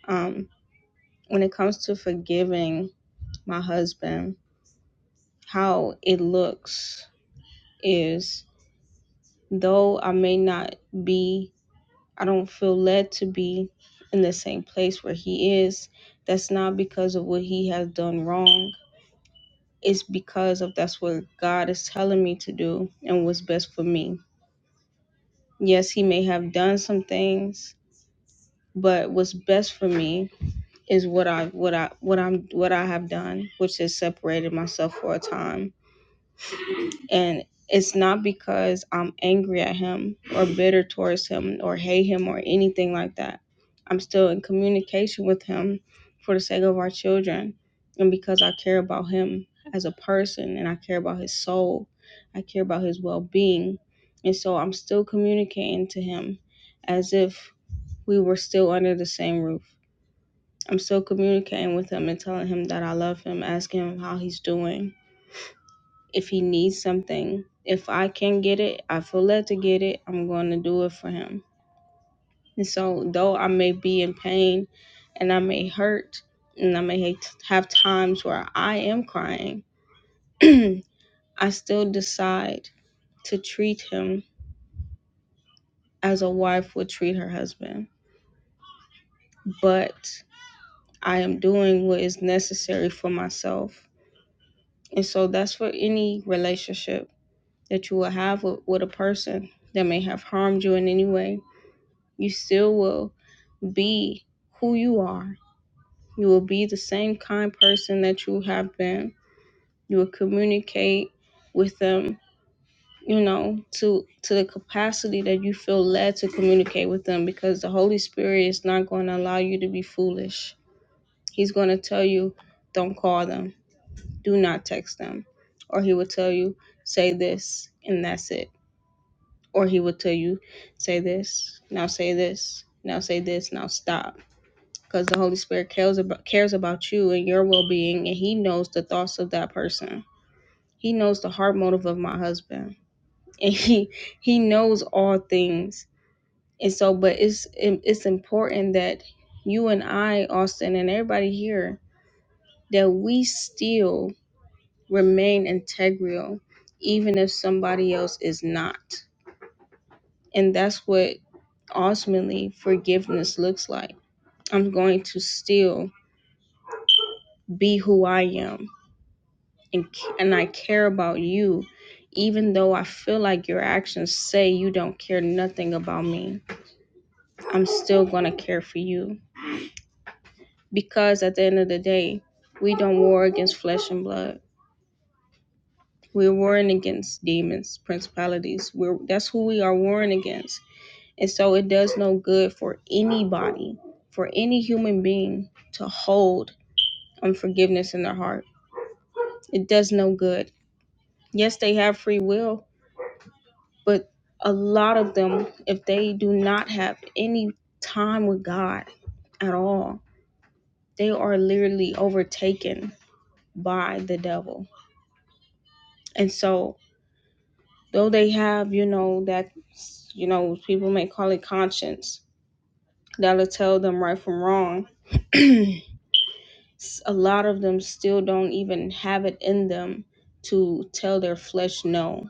Um, when it comes to forgiving my husband, how it looks is though I may not be, I don't feel led to be in the same place where he is, that's not because of what he has done wrong. It's because of that's what God is telling me to do and what's best for me. Yes, he may have done some things, but what's best for me is what I what I what I'm what I have done, which is separated myself for a time And it's not because I'm angry at him or bitter towards him or hate him or anything like that. I'm still in communication with him for the sake of our children and because I care about him as a person and I care about his soul. I care about his well being. And so I'm still communicating to him as if we were still under the same roof. I'm still communicating with him and telling him that I love him, asking him how he's doing if he needs something. If I can get it, I feel led to get it, I'm going to do it for him. And so, though I may be in pain and I may hurt and I may hate- have times where I am crying, I still decide to treat him as a wife would treat her husband. But I am doing what is necessary for myself. And so, that's for any relationship that you will have with, with a person that may have harmed you in any way you still will be who you are. You will be the same kind person that you have been. You will communicate with them, you know, to to the capacity that you feel led to communicate with them because the Holy Spirit is not going to allow you to be foolish. He's going to tell you don't call them, do not text them, or he will tell you say this and that's it. Or he will tell you say this, now say this, now say this, now stop because the Holy Spirit cares about cares about you and your well being, and He knows the thoughts of that person. He knows the heart motive of my husband, and he he knows all things. And so, but it's it's important that you and I, Austin, and everybody here, that we still remain integral, even if somebody else is not. And that's what ultimately forgiveness looks like. I'm going to still be who I am and c- and I care about you even though I feel like your actions say you don't care nothing about me. I'm still going to care for you because at the end of the day, we don't war against flesh and blood. We're warring against demons, principalities. We're that's who we are warring against. And so it does no good for anybody, for any human being to hold unforgiveness in their heart. It does no good. Yes, they have free will, But a lot of them, if they do not have any time with God at all, they are literally overtaken by the devil. And so, though they have, you know, that, you know, people may call it conscience, that'll tell them right from wrong. a lot of them still don't even have it in them to tell their flesh no.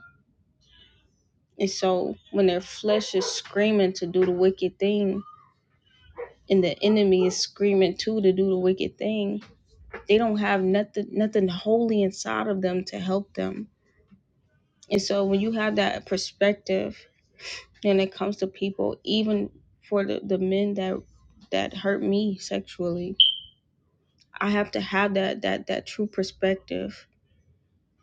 And so when their flesh is screaming to do the wicked thing, and the enemy is screaming too to do the wicked thing, they don't have nothing nothing holy inside of them to help them. And so when you have that perspective when it comes to people, even for the, the men that that hurt me sexually, I have to have that that that true perspective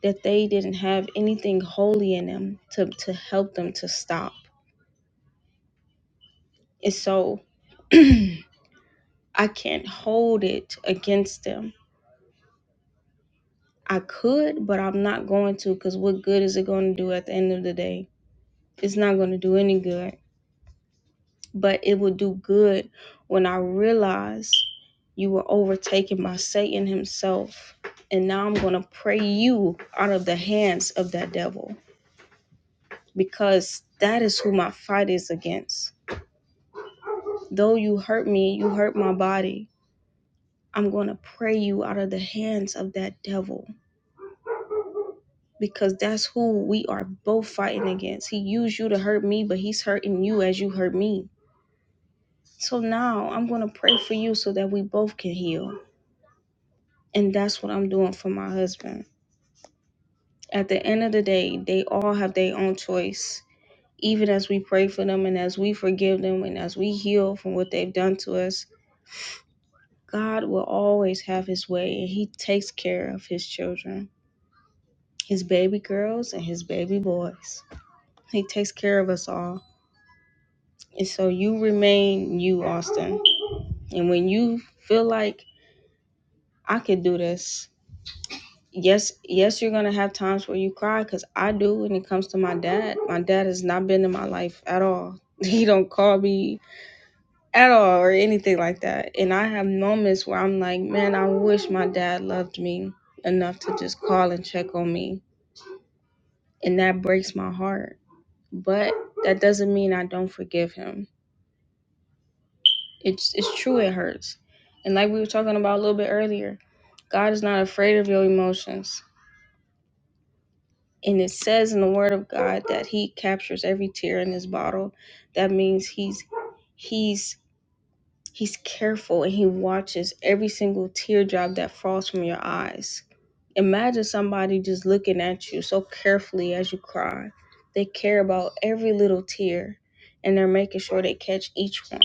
that they didn't have anything holy in them to, to help them to stop. And so I can't hold it against them I could, but I'm not going to because what good is it going to do at the end of the day? It's not going to do any good, but it will do good when I realize you were overtaken by Satan himself. And now I'm going to pray you out of the hands of that devil because that is who my fight is against. Though you hurt me, you hurt my body. I'm going to pray you out of the hands of that devil because that's who we are both fighting against. He used you to hurt me, but he's hurting you as you hurt me. So now I'm going to pray for you so that we both can heal. And that's what I'm doing for my husband. At the end of the day, they all have their own choice. Even as we pray for them and as we forgive them and as we heal from what they've done to us, God will always have his way and he takes care of his children, his baby girls and his baby boys. He takes care of us all. And so you remain you, Austin. And when you feel like I could do this, yes, yes, you're gonna have times where you cry, cause I do when it comes to my dad. My dad has not been in my life at all. He don't call me at all or anything like that. And I have moments where I'm like, man, I wish my dad loved me enough to just call and check on me. And that breaks my heart. But that doesn't mean I don't forgive him It's it's true it hurts. And like we were talking about a little bit earlier, God is not afraid of your emotions. And it says in the word of God that he captures every tear in his bottle. That means he's he's he's careful and he watches every single teardrop that falls from your eyes. Imagine somebody just looking at you so carefully as you cry. They care about every little tear and they're making sure they catch each one.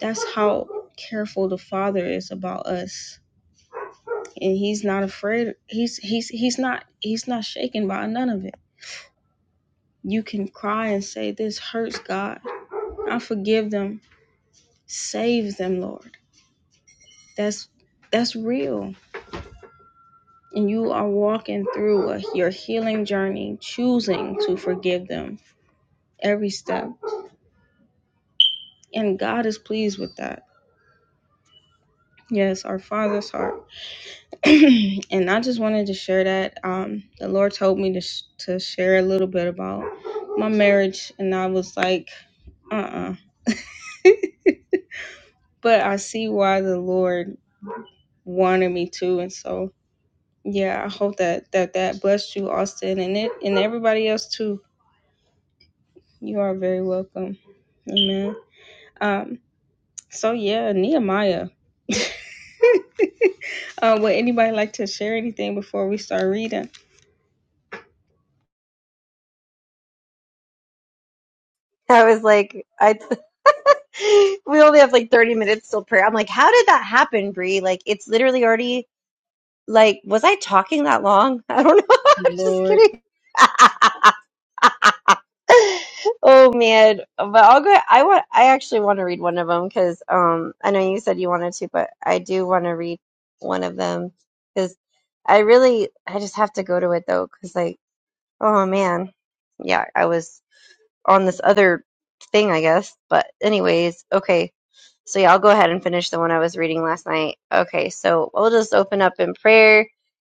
That's how careful the Father is about us. and he's not afraid he's he's he's not he's not shaken by none of it you can cry and say this hurts god i forgive them save them lord that's that's real and you are walking through a, your healing journey choosing to forgive them every step and god is pleased with that yes our father's heart and i just wanted to share that um the lord told me to, sh- to share a little bit about my marriage and i was like uh-uh but I see why the Lord wanted me to, and so yeah, I hope that that that blessed you, Austin, and it and everybody else too. You are very welcome. Amen. Um. So yeah, Nehemiah. uh, would anybody like to share anything before we start reading?
I was like, I we only have like 30 minutes till prayer. I'm like, how did that happen, Bree? Like, it's literally already Like, was I talking that long? I don't know. I'm just
Lord,
kidding. oh man, but I'll go. I want. I actually want to read one of them because um, I know you said you wanted to, but I do want to read one of them because I really, I just have to go to it though because like, oh man, yeah, I was on this other thing, I guess. But anyways, okay. So yeah, I'll go ahead and finish the one I was reading last night. Okay, so we'll just open up in prayer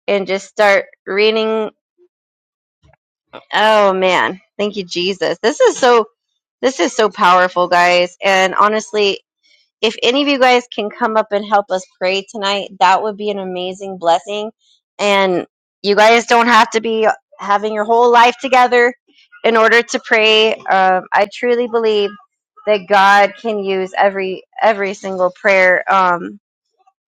and just start reading. Oh man, thank you Jesus. This is so this is so powerful, guys. And honestly, if any of you guys can come up and help us pray tonight, that would be an amazing blessing. And you guys don't have to be having your whole life together in order to pray. Um, I truly believe that God can use every every single prayer. Um,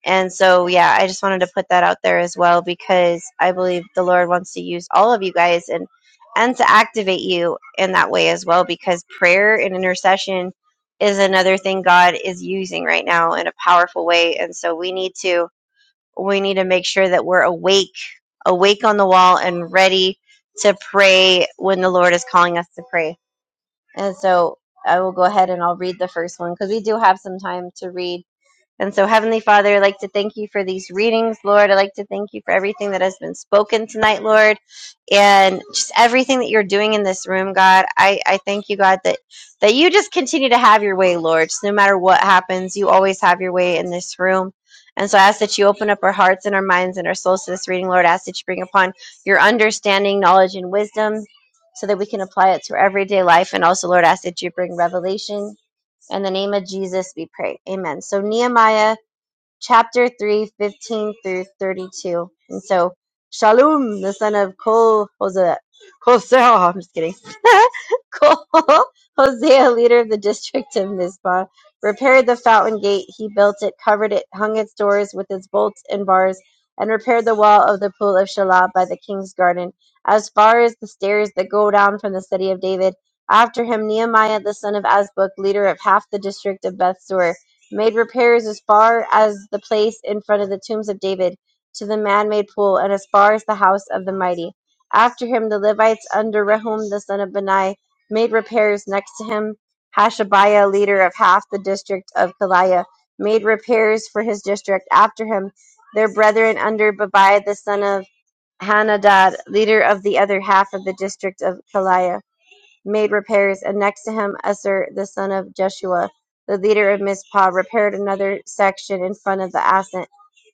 and so, yeah, I just wanted to put that out there as well because I believe the Lord wants to use all of you guys and and to activate you in that way as well because prayer and intercession is another thing God is using right now in a powerful way. And so we need to we need to make sure that we're awake, awake on the wall and ready to pray when the Lord is calling us to pray. And so I will go ahead and I'll read the first one because we do have some time to read and so, Heavenly Father, I'd like to thank you for these readings, Lord. I'd like to thank you for everything that has been spoken tonight, Lord, and just everything that you're doing in this room, God. I, I thank you, God, that, that you just continue to have your way, Lord. Just no matter what happens, you always have your way in this room. And so I ask that you open up our hearts and our minds and our souls to this reading, Lord. I ask that you bring upon your understanding, knowledge, and wisdom so that we can apply it to our everyday life. And also, Lord, I ask that you bring revelation in the name of Jesus, we pray. Amen. So, Nehemiah chapter 3, 15 through 32. And so, Shalom, the son of Kol Hosea, Hosea, I'm just kidding. Kol Hosea, leader of the district of Mizpah, repaired the fountain gate. He built it, covered it, hung its doors with its bolts and bars, and repaired the wall of the pool of Shiloh by the king's garden, as far as the stairs that go down from the city of David. After him, Nehemiah, the son of Azbuk, leader of half the district of Bethsur made repairs as far as the place in front of the tombs of David to the man-made pool, and as far as the house of the mighty. After him, the Levites under Rehum the son of Benai made repairs next to him. Hashabiah, leader of half the district of Kaliah, made repairs for his district. After him, their brethren under Babai the son of Hanadad, leader of the other half of the district of Kaliah made repairs, and next to him Esser the son of Jeshua, the leader of Mizpah, repaired another section in front of the ascent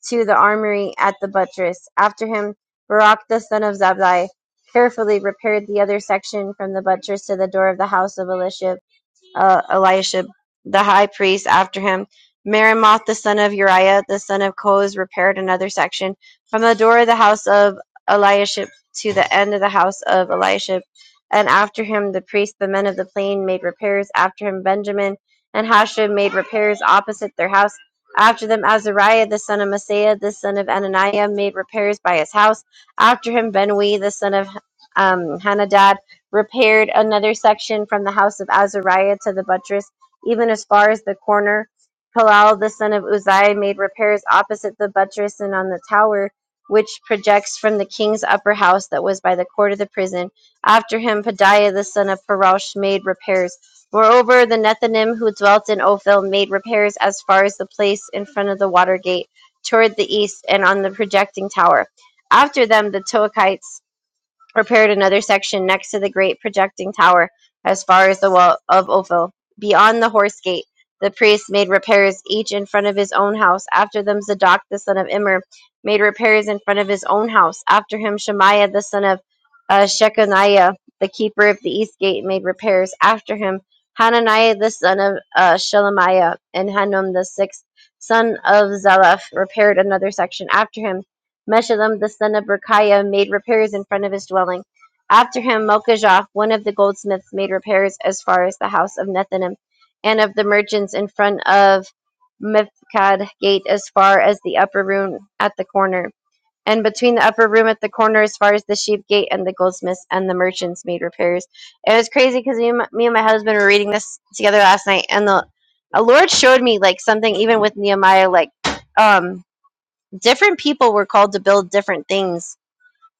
to the armory at the buttress. After him Barak the son of Zabdi carefully repaired the other section from the buttress to the door of the house of Elishib uh, Eliashib the high priest after him. Meremoth the son of Uriah the son of Koz repaired another section from the door of the house of Eliashib to the end of the house of Eliashib. And after him the priests, the men of the plain, made repairs. After him Benjamin and Hashem made repairs opposite their house. After them Azariah the son of Messiah the son of Ananiah made repairs by his house. After him Benui the son of um, Hanadad repaired another section from the house of Azariah to the buttress, even as far as the corner. Palal the son of Uzziah made repairs opposite the buttress and on the tower which projects from the king's upper house that was by the court of the prison. After him, Pedaiah the son of Parosh made repairs. Moreover, the Nethinim who dwelt in Ophel made repairs as far as the place in front of the water gate toward the east and on the projecting tower. After them, the Toachites repaired another section next to the great projecting tower as far as the wall of Ophel. Beyond the horse gate, the priests made repairs each in front of his own house. After them, Zadok the son of Immer made repairs in front of his own house. After him, Shemaiah the son of uh, Shechaniah, the keeper of the east gate, made repairs. After him, Hananiah the son of uh, Shelemiah and Hanun the sixth son of Zaleph repaired another section. After him, Meshullam the son of Berechiah made repairs in front of his dwelling. After him Malchijah, one of the goldsmiths, made repairs as far as the house of Nethinim, and of the merchants in front of Mifkad gate as far as the upper room at the corner. And between the upper room at the corner, as far as the sheep gate, and the goldsmiths and the merchants made repairs. It was crazy because me, and my- me and my husband were reading this together last night, and the, the Lord showed me like something even with Nehemiah, like um different people were called to build different things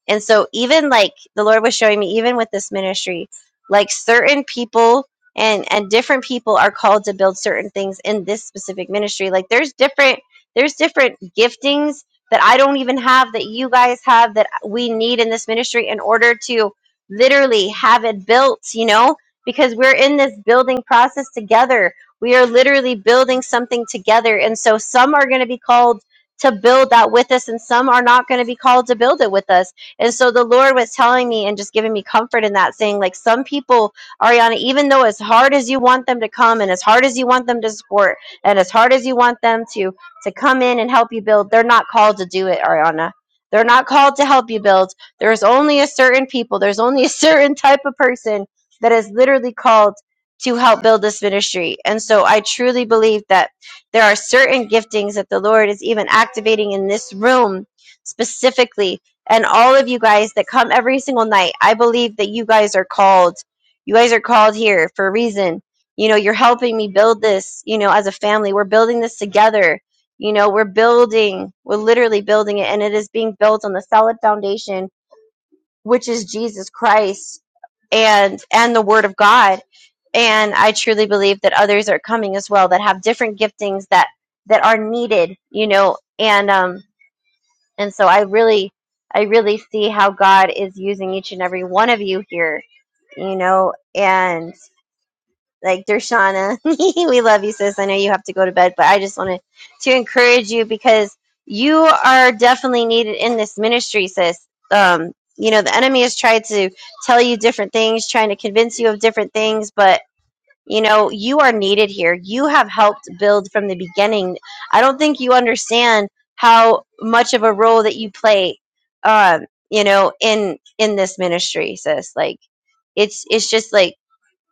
and so, even like the Lord was showing me, even with this ministry, like certain people and and different people are called to build certain things in this specific ministry. Like there's different there's different giftings that I don't even have that you guys have that we need in this ministry in order to literally have it built. You know, because we're in this building process together. We are literally building something together, and so some are going to be called to build that with us, and some are not going to be called to build it with us and so the Lord was telling me and just giving me comfort in that, saying, like, some people, Ariana, even though as hard as you want them to come and as hard as you want them to support and as hard as you want them to to come in and help you build, they're not called to do it, Ariana. They're not called to help you build. There's only a certain people, there's only a certain type of person that is literally called to help build this ministry. And so I truly believe that there are certain giftings that the Lord is even activating in this room specifically and all of you guys that come every single night. I believe that you guys are called. You guys are called here for a reason. You know, you're helping me build this, you know, as a family. We're building this together. You know, we're building, we're literally building it, and it is being built on the solid foundation, which is Jesus Christ and and the Word of God. And I truly believe that others are coming as well that have different giftings that that are needed, you know, and um and so I really, I really see how God is using each and every one of you here, you know, and like Dershana, we love you, sis. I know you have to go to bed, but I just wanted to encourage you because you are definitely needed in this ministry, sis. Um, you know, the enemy has tried to tell you different things, trying to convince you of different things, but you know, you are needed here. You have helped build from the beginning. I don't think you understand how much of a role that you play, um, you know, in in this ministry, sis. Like it's it's just like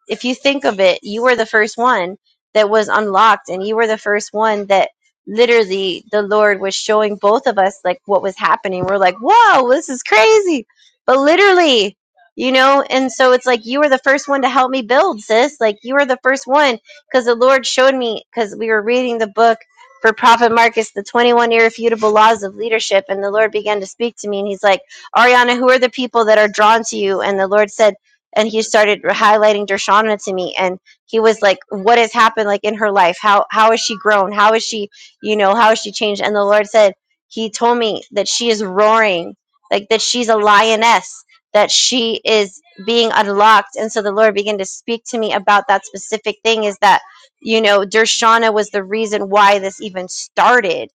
if you think of it, you were the first one that was unlocked, and you were the first one that literally the Lord was showing both of us like what was happening. We're like, whoa, this is crazy. But literally, you know, and so it's like you were the first one to help me build, sis. Like you were the first one because the Lord showed me because we were reading the book for Prophet Marcus, the 21 irrefutable laws of leadership. And the Lord began to speak to me, and He's like, Ariana, who are the people that are drawn to you? And the Lord said, and he started highlighting Dershana to me and he was like what has happened like in her life how how has she grown how is she you know how has she changed and the Lord said he told me that she is roaring like that she's a lioness that she is being unlocked and so the Lord began to speak to me about that specific thing is that you know Dershana was the reason why this even started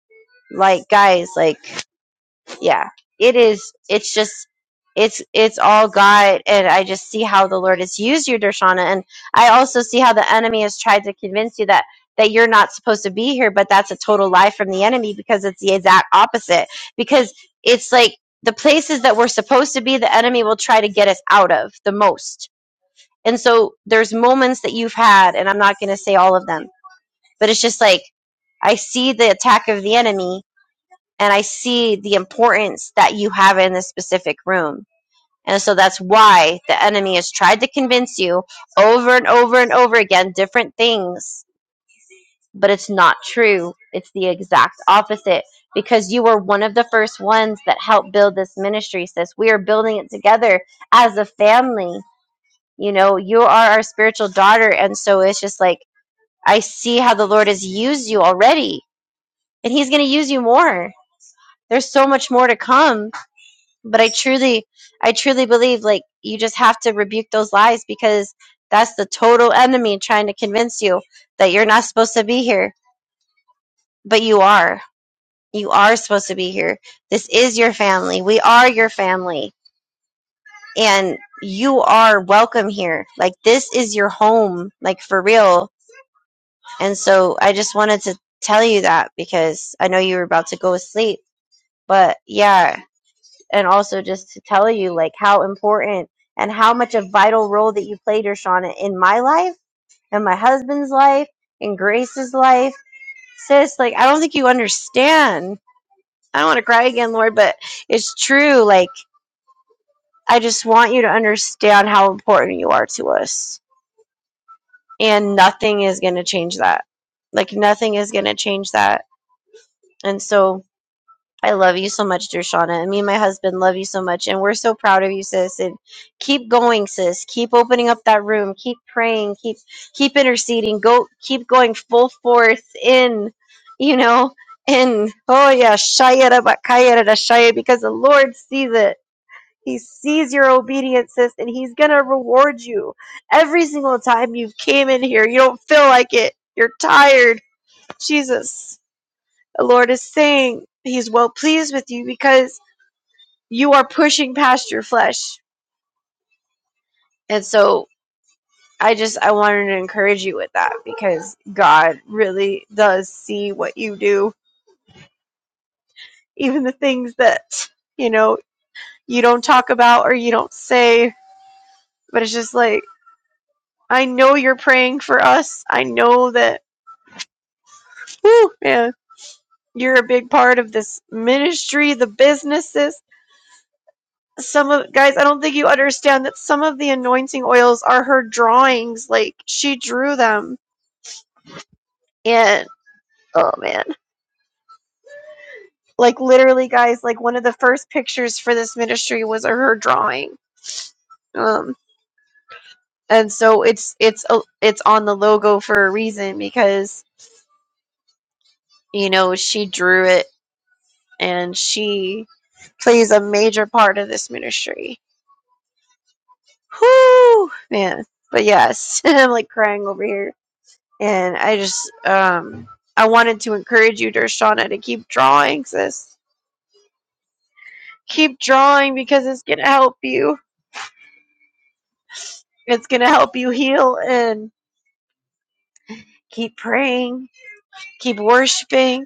like guys like yeah it is it's just it's it's all god and i just see how the lord has used you dershana and i also see how the enemy has tried to convince you that that you're not supposed to be here but that's a total lie from the enemy because it's the exact opposite because it's like the places that we're supposed to be the enemy will try to get us out of the most and so there's moments that you've had and i'm not going to say all of them but it's just like i see the attack of the enemy and I see the importance that you have in this specific room. And so that's why the enemy has tried to convince you over and over and over again different things, but it's not true. It's the exact opposite because you were one of the first ones that helped build this ministry, sis. We are building it together as a family. You know, you are our spiritual daughter. And so it's just like, I see how the Lord has used you already, and He's going to use you more. There's so much more to come but i truly i truly believe like you just have to rebuke those lies because that's the total enemy trying to convince you that you're not supposed to be here but you are you are supposed to be here this is your family we are your family and you are welcome here like this is your home like for real and so i just wanted to tell you that because i know you were about to go to sleep but yeah and also just to tell you like how important and how much a vital role that you played, Shauna, in my life, and my husband's life, and Grace's life. Sis, like I don't think you understand. I don't want to cry again, Lord, but it's true. Like I just want you to understand how important you are to us. And nothing is gonna change that. Like nothing is gonna change that. And so I love you so much, dear Shauna. And me and my husband love you so much. And we're so proud of you, sis. And keep going, sis. Keep opening up that room. Keep praying. Keep keep interceding. Go keep going full force in, you know, in oh yeah, Shaya Rabba Kaya Rada Shaya, because the Lord sees it. He sees your obedience, sis, and he's gonna reward you every single time you've came in here. You don't feel like it. You're tired. Jesus the Lord is saying He's well pleased with you because you are pushing past your flesh. And so I just I wanted to encourage you with that because God really does see what you do, even the things that you know you don't talk about or you don't say. But it's just like I know you're praying for us. I know that whew, man, you're a big part of this ministry, the businesses some of guys i don't think you understand that some of the anointing oils are her drawings like she drew them and oh man like literally guys like one of the first pictures for this ministry was her drawing um and so it's it's a- it's on the logo for a reason because you know she drew it and she plays a major part of this ministry Whoo man but yes i'm like crying over here And I just, um, I wanted to encourage you, Dershana, to keep drawing, sis. Keep drawing because it's going to help you. It's going to help you heal and keep praying, keep worshiping,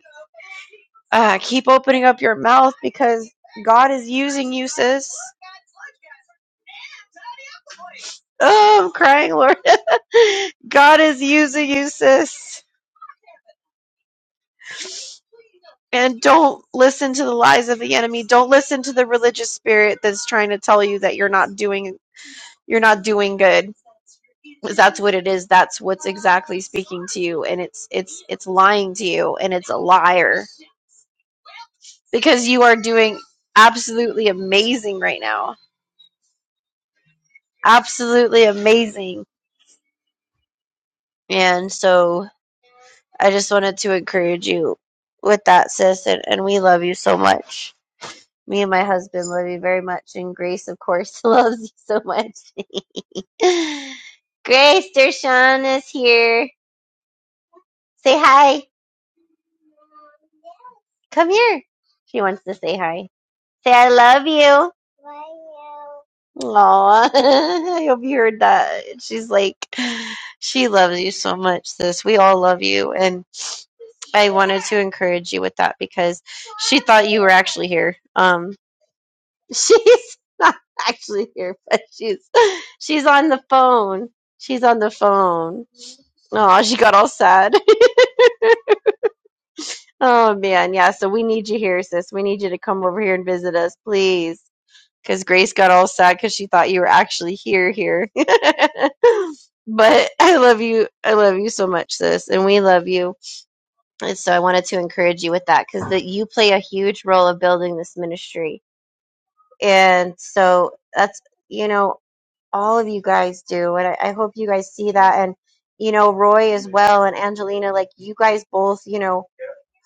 uh, keep opening up your mouth because God is using you, sis. Oh, I'm crying, Lord. God is using you, sis. And don't listen to the lies of the enemy. Don't listen to the religious spirit that's trying to tell you that you're not doing you're not doing good 'Cause that's what it is that's what's exactly speaking to you and it's it's it's lying to you and it's a liar because you are doing absolutely amazing right now absolutely amazing and so i just wanted to encourage you with that sis and, and we love you so much me and my husband love you very much and grace of course loves you so much grace dershawn is here say hi come here she wants to say hi say I love you. Aw, I hope you heard that. She's like, she loves you so much, sis. We all love you, and to encourage you with that because I'm actually here, um, she's not actually here, but she's she's on the phone. She's on the phone. Oh, she got all sad. oh man, yeah. So we need you here, sis. We need you to come over here and visit us, please. because Grace got all sad because she thought you were actually here here. but I love you. I love you so much, sis, and we love you. And so I wanted to encourage you with that because that you play a huge role of building this ministry, and so that's you know all of you guys do, and I, I hope you guys see that. And you know Roy well, and Angelina, like you guys both, you know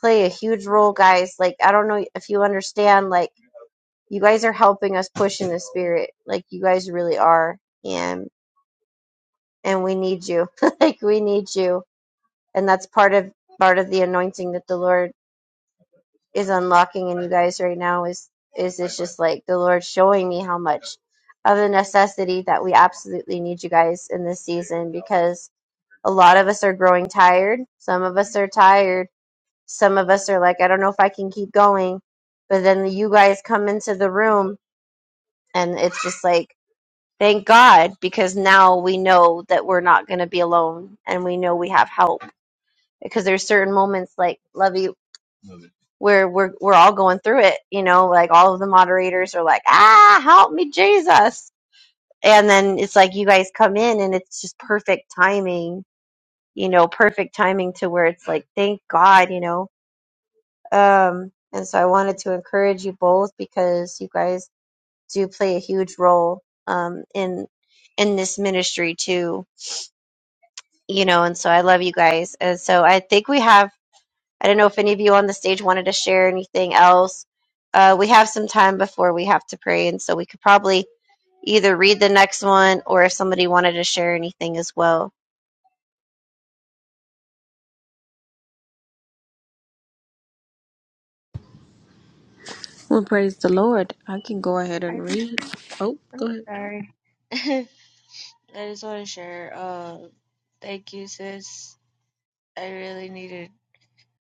play a huge role guys like i don't know if you understand like you guys are helping us push in the spirit like you guys really are and and we need you like we need you and that's part of part of the anointing that the lord is unlocking in you guys right now is is it's just like the lord showing me how much of the necessity that we absolutely need you guys in this season because a lot of us are growing tired some of us are tired some of us are like i don't know if i can keep going but then you guys come into the room and it's just like Thank God, because now we know that we're not going to be alone and we know we have help. Because there's certain moments like Lovey where we're we're all going through it, you know, like all of the moderators are like, "Ah, help me, Jesus." And then it's like you guys come in and it's just perfect timing, you know, perfect timing to where it's like, "Thank God," you know. Um and so I wanted to encourage you both because you guys do play a huge role um in in this ministry too you know, and so I love you guys. And so I think we have, I don't know if any of you on the stage wanted to share anything else. Uh, we have some time before we have to pray, and so we could probably either read the next one or if somebody wanted to share anything as well.
I think, oh, sorry. I just want to share. Uh, thank you, sis. I really needed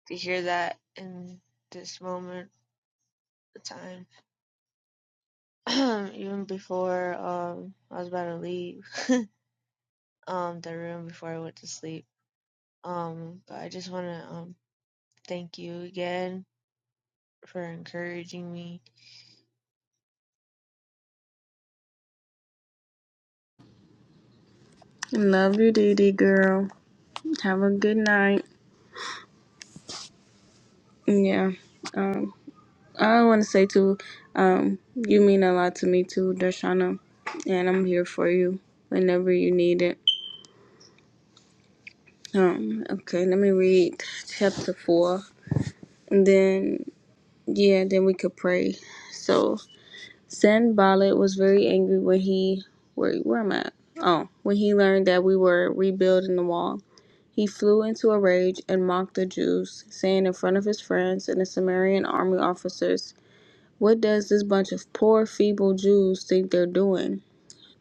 to hear that in this moment of time. Even before um I was about to leave um the room before I went to sleep. Um, but I just want to um thank you again for encouraging me
love you, Dee Dee girl. Have a good night. Yeah. Um. I want to say too, um, you mean a lot to me too, Darshana, and I'm here for you whenever you need it. Um, okay, let me read chapter four, and then yeah, then we could pray. So Sanballat was very angry when he where where am I? Oh, when he learned that we were rebuilding the wall. He flew into a rage and mocked the Jews, saying in front of his friends and the Samaritan army officers What does this bunch of poor, feeble Jews think they're doing?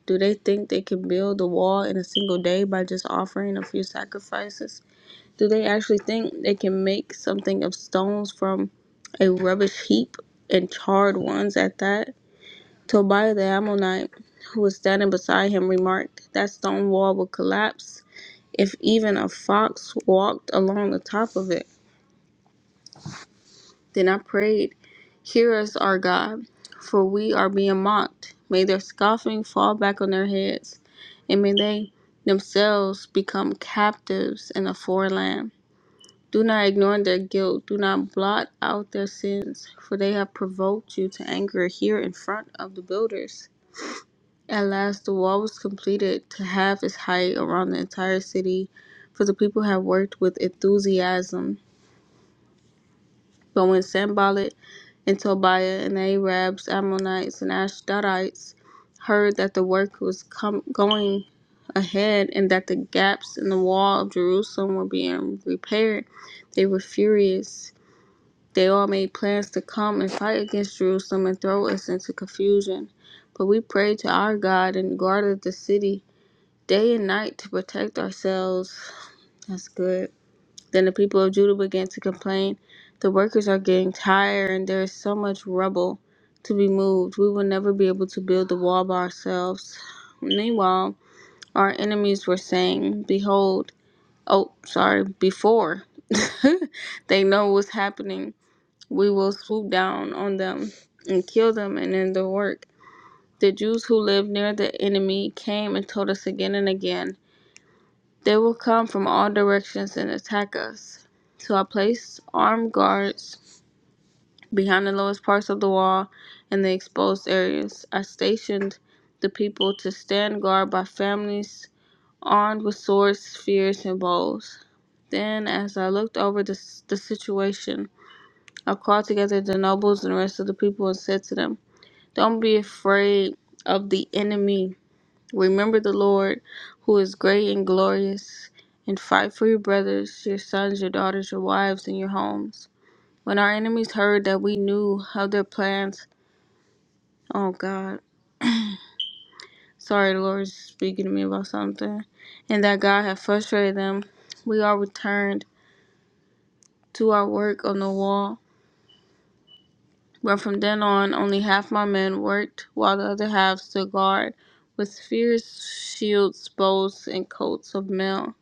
Do they think they can build a wall in a single day by just offering a few sacrifices? Do they actually think they can make something of stones from a rubbish heap and charred ones at that? Tobiah the Ammonite, who was standing beside him, remarked, That stone wall will collapse if even a fox walked along the top of it. Then I prayed, Hear us, our God, for we are being mocked. May their scoffing fall back on their heads, and may they themselves become captives in a foreign land. Do not ignore their guilt. Do not blot out their sins, for they have provoked you to anger here in front of the builders. At last, the wall was completed to half its height around the entire city, for the people had worked with enthusiasm. But when Sanballat And Tobiah and the Arabs, Ammonites, and Ashdodites heard that the work was com- going ahead and that the gaps in the wall of Jerusalem were being repaired, they were furious. They all made plans to come and fight against Jerusalem and throw us into confusion. But we prayed to our God and guarded the city day and night to protect ourselves. That's good. Then the people of Judah began to complain. The workers are getting tired, and there is so much rubble to be moved. We will never be able to build the wall by ourselves. Meanwhile, our enemies were saying, Behold, oh, sorry, before they know what's happening, we will swoop down on them and kill them and end the work. The Jews who lived near the enemy came and told us again and again. They will come from all directions and attack us. So I placed armed guards behind the lowest parts of the wall and the exposed areas. I stationed the people to stand guard by families armed with swords, spears, and bows. Then, as I looked over the, the situation, I called together the nobles and the rest of the people and said to them, Don't be afraid of the enemy Remember the Lord, who is great and glorious, and fight for your brothers, your sons, your daughters, your wives, and your homes. When our enemies heard that we knew of their plans, oh God, sorry, the Lord is speaking to me about something, and that God had frustrated them, we all returned to our work on the wall. But from then on, only half my men worked, while the other half stood guard with fierce shields, bows, and coats of mail.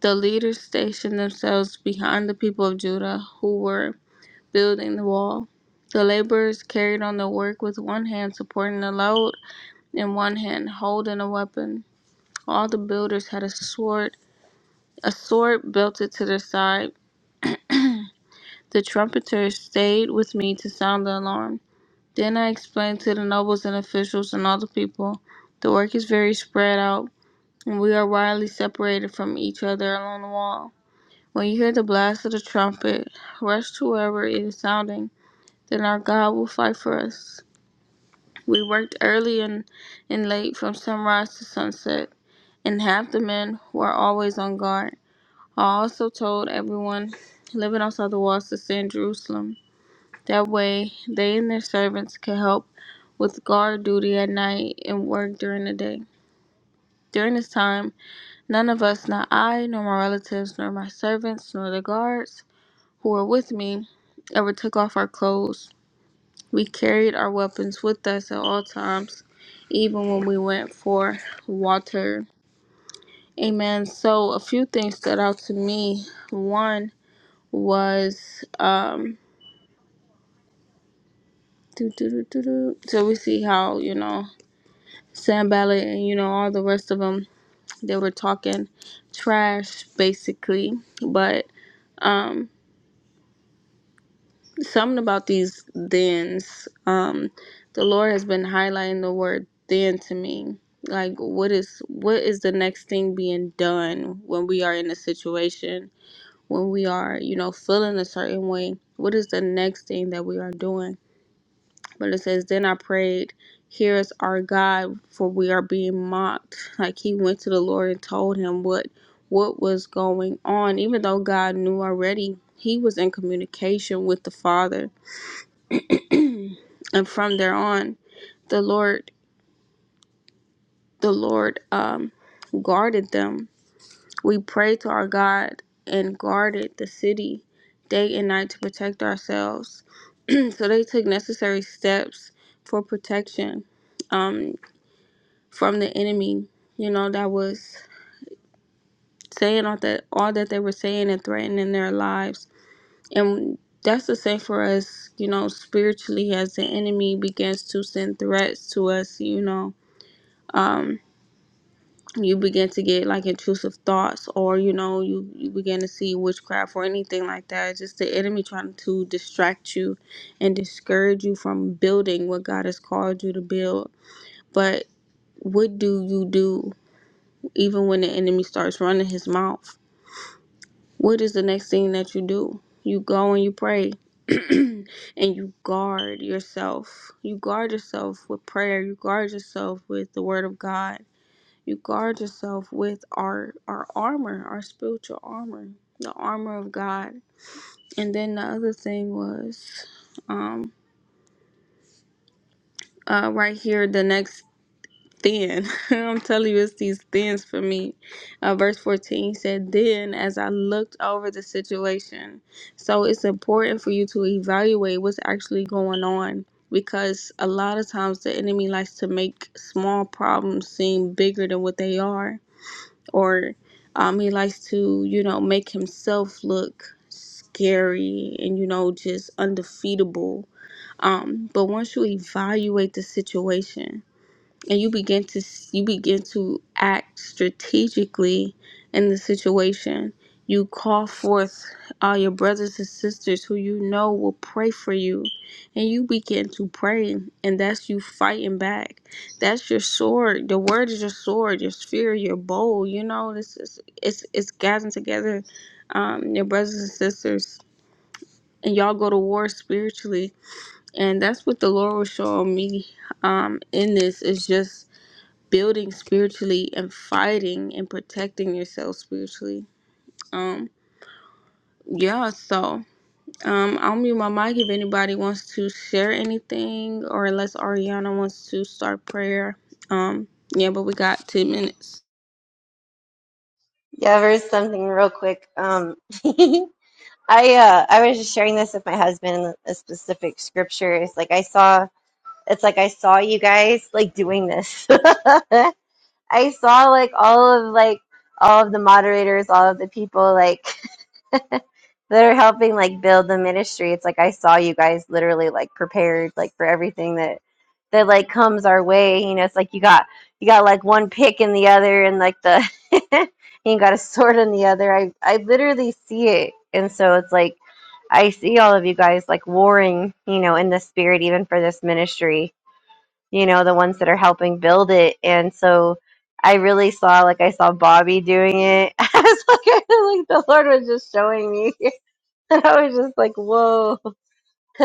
The leaders stationed themselves behind the people of Judah who were building the wall. The laborers carried on their work with one hand supporting a load and one hand holding a weapon. All the builders had a sword, a sword belted to their side. The trumpeters stayed with me to sound the alarm. Then I explained to the nobles and officials and all the people, the work is very spread out, and we are widely separated from each other along the wall. When you hear the blast of the trumpet, rush to wherever it is sounding. Then our God will fight for us. We worked early and, and late from sunrise to sunset, and half the men were always on guard. I also told everyone living outside the walls to stay in Jerusalem. That way, they and their servants could help with guard duty at night and work during the day. During this time, none of us, not I, nor my relatives, nor my servants, nor the guards, who were with me ever took off our clothes. We carried our weapons with us at all times, even when we went for water. Amen. So, a few things stood out to me. One was, um, doo doo doo doo doo. so we see how, you know, Sam Ballard and, you know, all the rest of them, they were talking trash basically. But um, something about these thens. Um, the Lord has been highlighting the word then to me. Like what is what is the next thing being done when we are in a situation, when we are, you know, feeling a certain way? What is the next thing that we are doing? But it says, Then I prayed, Here is our God, for we are being mocked. Like he went to the Lord and told him what what was going on, even though God knew already, he was in communication with the Father and from there on the lord the lord um guarded them we prayed to our god and guarded the city day and night to protect ourselves so they took necessary steps for protection um from the enemy you know that was saying all that all that they were saying and threatening their lives and that's the same for us you know spiritually as the enemy begins to send threats to us you know um, you begin to get like intrusive thoughts or you know you, you begin to see witchcraft or anything like that It's just the enemy trying to distract you and discourage you from building what god has called you to build but what do you do even when the enemy starts running his mouth what is the next thing that you do you go and you pray and you guard yourself you guard yourself with prayer you guard yourself with the word of god You guard yourself with our our armor, our spiritual armor, the armor of God. And then the other thing was um uh right here the next thin. I'm telling you it's these thins for me. Uh, verse 14 said, Then as I looked over the situation. So it's important for you to evaluate what's actually going on because a lot of times the enemy likes to make small problems seem bigger than what they are or um, he likes to, you know, make himself look scary and, you know, just undefeatable. Um, but once you evaluate the situation, and you begin to you begin to act strategically in the situation you call forth all your brothers and sisters who you know will pray for you and you begin to pray and that's you fighting back that's your sword the word is your sword your spear. your bow you know this is it's it's gathering together um your brothers and sisters and y'all go to war spiritually and that's what the lord was showing me um in this is just building spiritually and fighting and protecting yourself spiritually. Um, yeah, so um, I'll mute my mic if anybody wants to share anything or unless Ariana wants to start prayer. Um, yeah, but we got 10 minutes.
Yeah, there's something real quick. Um, I uh, I was just sharing this with my husband in a specific scripture. It's like I saw, it's like I saw you guys like doing this, I saw like all of like all of the moderators, all of the people like that are helping like build the ministry. It's like I saw you guys literally like prepared like for everything that that like comes our way. You know, it's like you got you got like one pick in the other and like the you got a sword in the other. I I literally see it. And so it's like I see all of you guys like warring, you know, in the spirit even for this ministry you know, the ones that are helping build it. And so I really saw, like, I saw Bobby doing it. I was like, I, was like the Lord was just showing me. And I was just like, whoa.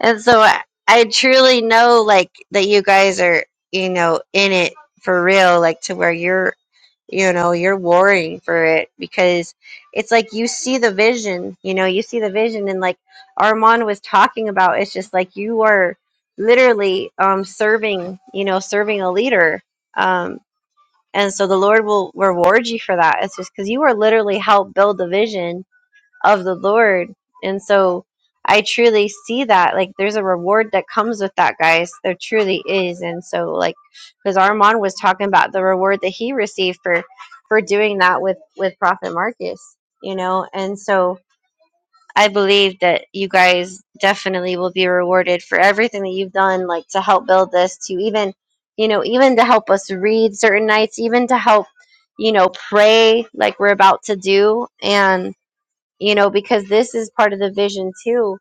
and so I, I truly know, like, that you guys are, you know, in it for real, like, to where you're you know you're warring for it because it's like you see the vision you know you see the vision and like armand was talking about it's just like you are literally um serving you know serving a leader um and so the lord will reward you for that it's just because you are literally helped build the vision of the Lord. And so I truly see that. Like, there's a reward that comes with that, guys. There truly is. And so, like, because Armand was talking about the reward that he received for for doing that with with Prophet Marcus, you know. And so I believe that you guys definitely will be rewarded for everything that you've done, like to help build this, to even, you know, even to help us read certain nights, even to help, you know, pray like we're about to do, and you know because this is part of the vision too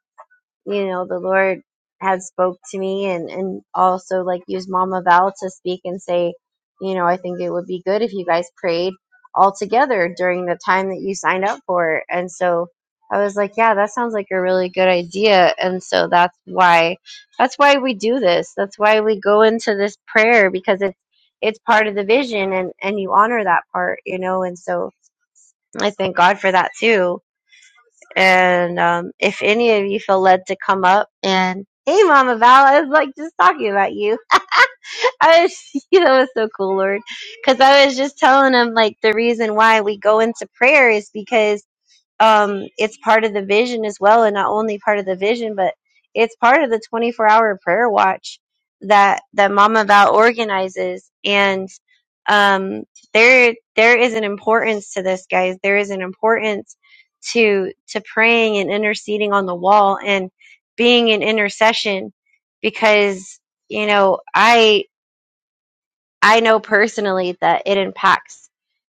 you know the lord had spoke to me and and also like used mama val to speak and say you know i think it would be good if you guys prayed all together during the time that you signed up for it." and so i was like yeah that sounds like a really good idea and so that's why that's why we do this that's why we go into this prayer because it's it's part of the vision and and you honor that part you know and so i thank god for that too and um, if any of you feel led to come up and hey, Mama Val, I was like just talking about you. I was, you know, it was so cool, Lord, because I was just telling them like the reason why we go into prayer is because um it's part of the vision as well and not only part of the vision but it's part of the 24 hour prayer watch that that mama val organizes and um there there is an importance to this guys there is an importance to to praying and interceding on the wall and being in intercession because you know i i know personally that it impacts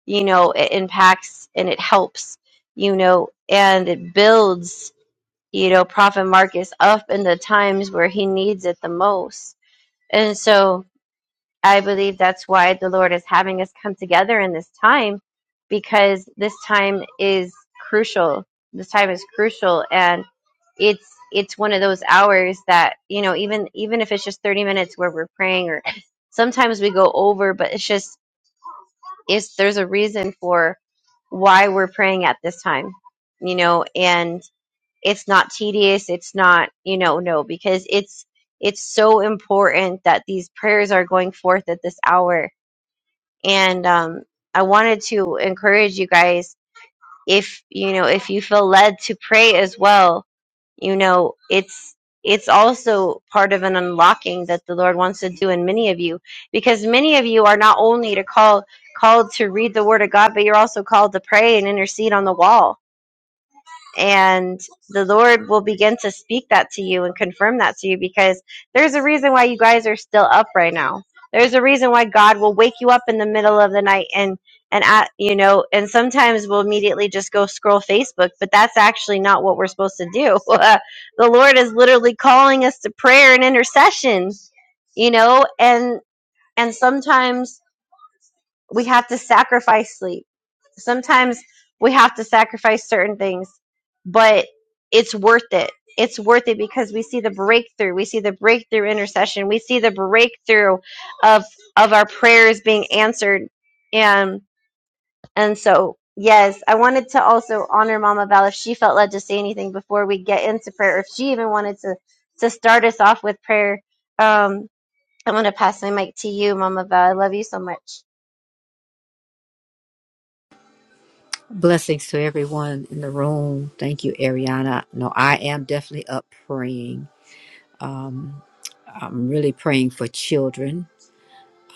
you know it impacts and it helps you know and it builds you know prophet marcus up in the times where he needs it the most and so i believe that's why the lord is having us come together in this time because this time is crucial this time is crucial and it's it's one of those hours that you know even even if it's just 30 minutes where we're praying or sometimes we go over but it's just it's there's a reason for why we're praying at this time, you know, and it's not tedious, it's not, you know, no, because it's it's so important that these prayers are going forth at this hour. And um I wanted to encourage you guys if you know if you feel led to pray as well you know it's it's also part of an unlocking that the lord wants to do in many of you because many of you are not only to call called to read the word of god but you're also called to pray and intercede on the wall and the Lord will begin to speak that to you and confirm that to you because there's a reason why you guys are still up right now. There's a reason why God will wake you up in the middle of the night and and at, you know, and sometimes we'll immediately just go scroll Facebook, but that's actually not what we're supposed to do. the Lord is literally calling us to prayer and intercession, you know, and and sometimes we have to sacrifice sleep. Sometimes we have to sacrifice certain things, but it's worth it. It's worth it because we see the breakthrough. We see the breakthrough intercession. We see the breakthrough of of our prayers being answered. And and so yes, I wanted to also honor Mama Val if she felt led to say anything before we get into prayer, or if she even wanted to to start us off with prayer. Um, I'm gonna pass my mic to you, Mama Val. I love you so much.
Blessings to everyone in the room. Thank you, Ariana. No, I am definitely up praying. Um, I'm really praying for children.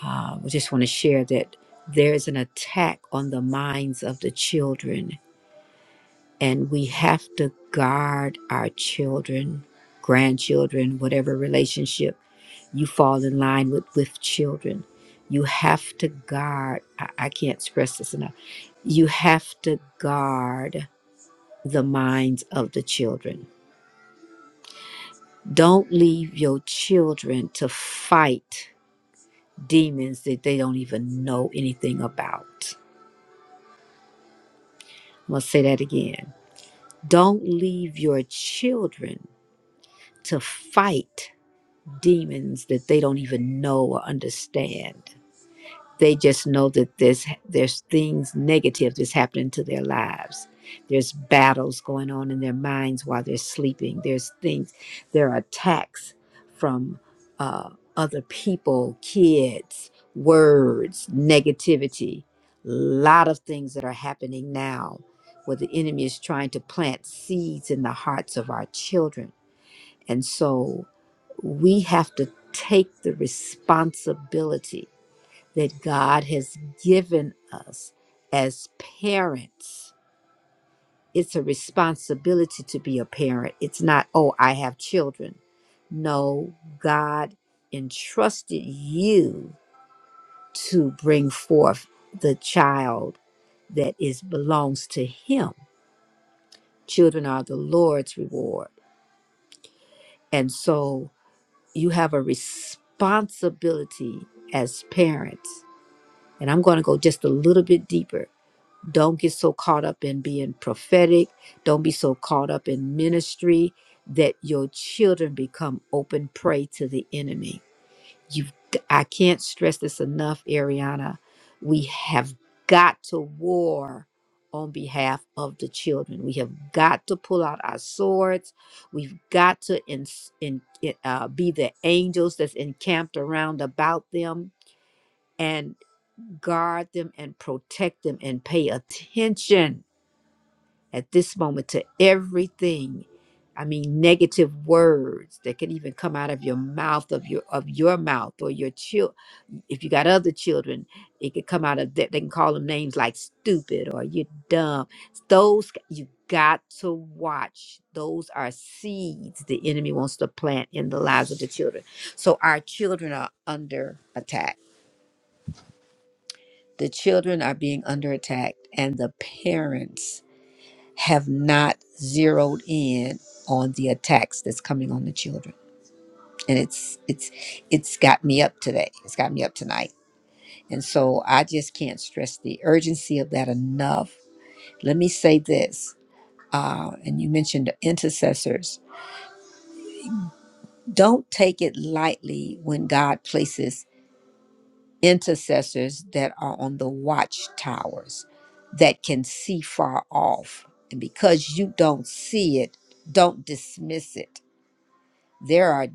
Uh, I just want to share that there is an attack on the minds of the children, and we have to guard our children, grandchildren, whatever relationship you fall in line with with children. You have to guard. I, I can't stress this enough. You have to guard the minds of the children. Don't leave your children to fight demons that they don't even know anything about. I'm going to say that again. Don't leave your children to fight demons that they don't even know or understand. They just know that there's there's things negative that's happening to their lives. There's battles going on in their minds while they're sleeping. There's things, there are attacks from uh, other people, kids, words, negativity. A lot of things that are happening now where the enemy is trying to plant seeds in the hearts of our children. And so we have to take the responsibility that God has given us as parents. It's a responsibility to be a parent. It's not, oh, I have children. No, God entrusted you to bring forth the child that is belongs to him. Children are the Lord's reward. And so you have a responsibility as parents. And I'm going to go just a little bit deeper Don't get so caught up in being prophetic. Don't be so caught up in ministry that your children become open prey to the enemy. You I can't stress this enough, Ariana. We have got to war on behalf of the children. We have got to pull out our swords. We've got to ins- in, in- uh, be the angels that's encamped around about them and guard them and protect them and pay attention at this moment to everything i mean negative words that can even come out of your mouth of your of your mouth or your child if you got other children it could come out of that they can call them names like stupid or you're dumb those you got to watch those are seeds the enemy wants to plant in the lives of the children so our children are under attack the children are being under attack and the parents have not zeroed in on the attacks that's coming on the children and it's it's it's got me up today it's got me up tonight and so i just can't stress the urgency of that enough let me say this uh, and you mentioned intercessors don't take it lightly when god places intercessors that are on the watchtowers that can see far off and because you don't see it don't dismiss it There are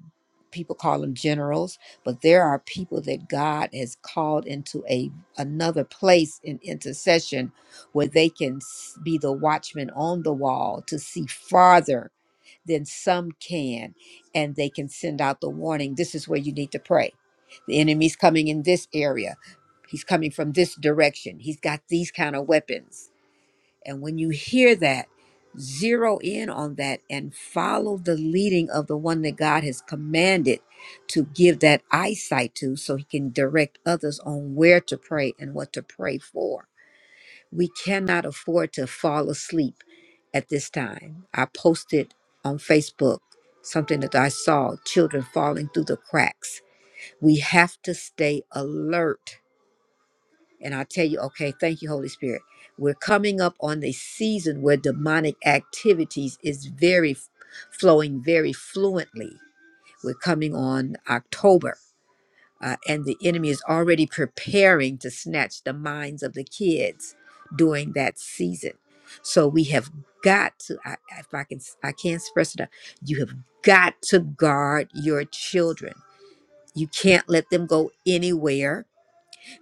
people call them generals, but there are people that God has called into a another place in intercession where they can s- be the watchman on the wall to see farther than some can and they can send out the warning this is where you need to pray. The enemy's coming in this area. He's coming from this direction. He's got these kind of weapons and when you hear that, zero in on that and follow the leading of the one that God has commanded to give that eyesight to so he can direct others on where to pray and what to pray for. We cannot afford to fall asleep at this time. I posted on Facebook something that I saw children falling through the cracks. We have to stay alert and I'll tell you, okay, thank you, Holy Spirit. We're coming up on the season where demonic activities is very f- flowing very fluently. We're coming on October, uh, and the enemy is already preparing to snatch the minds of the kids during that season. So we have got to, I, if I can, I I can't express it enough. You have got to guard your children. You can't let them go anywhere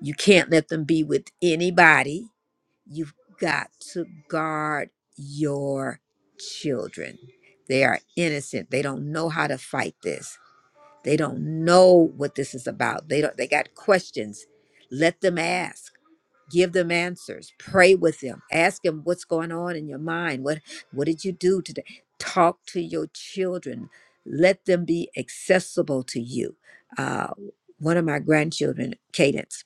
you can't let them be with anybody. You've got to guard your children. They are innocent. They don't know how to fight this. They don't know what this is about. They don't they got questions. Let them ask give them answers pray with them ask them what's going on in your mind what what did you do today talk to your children let them be accessible to you uh, one of my grandchildren cadence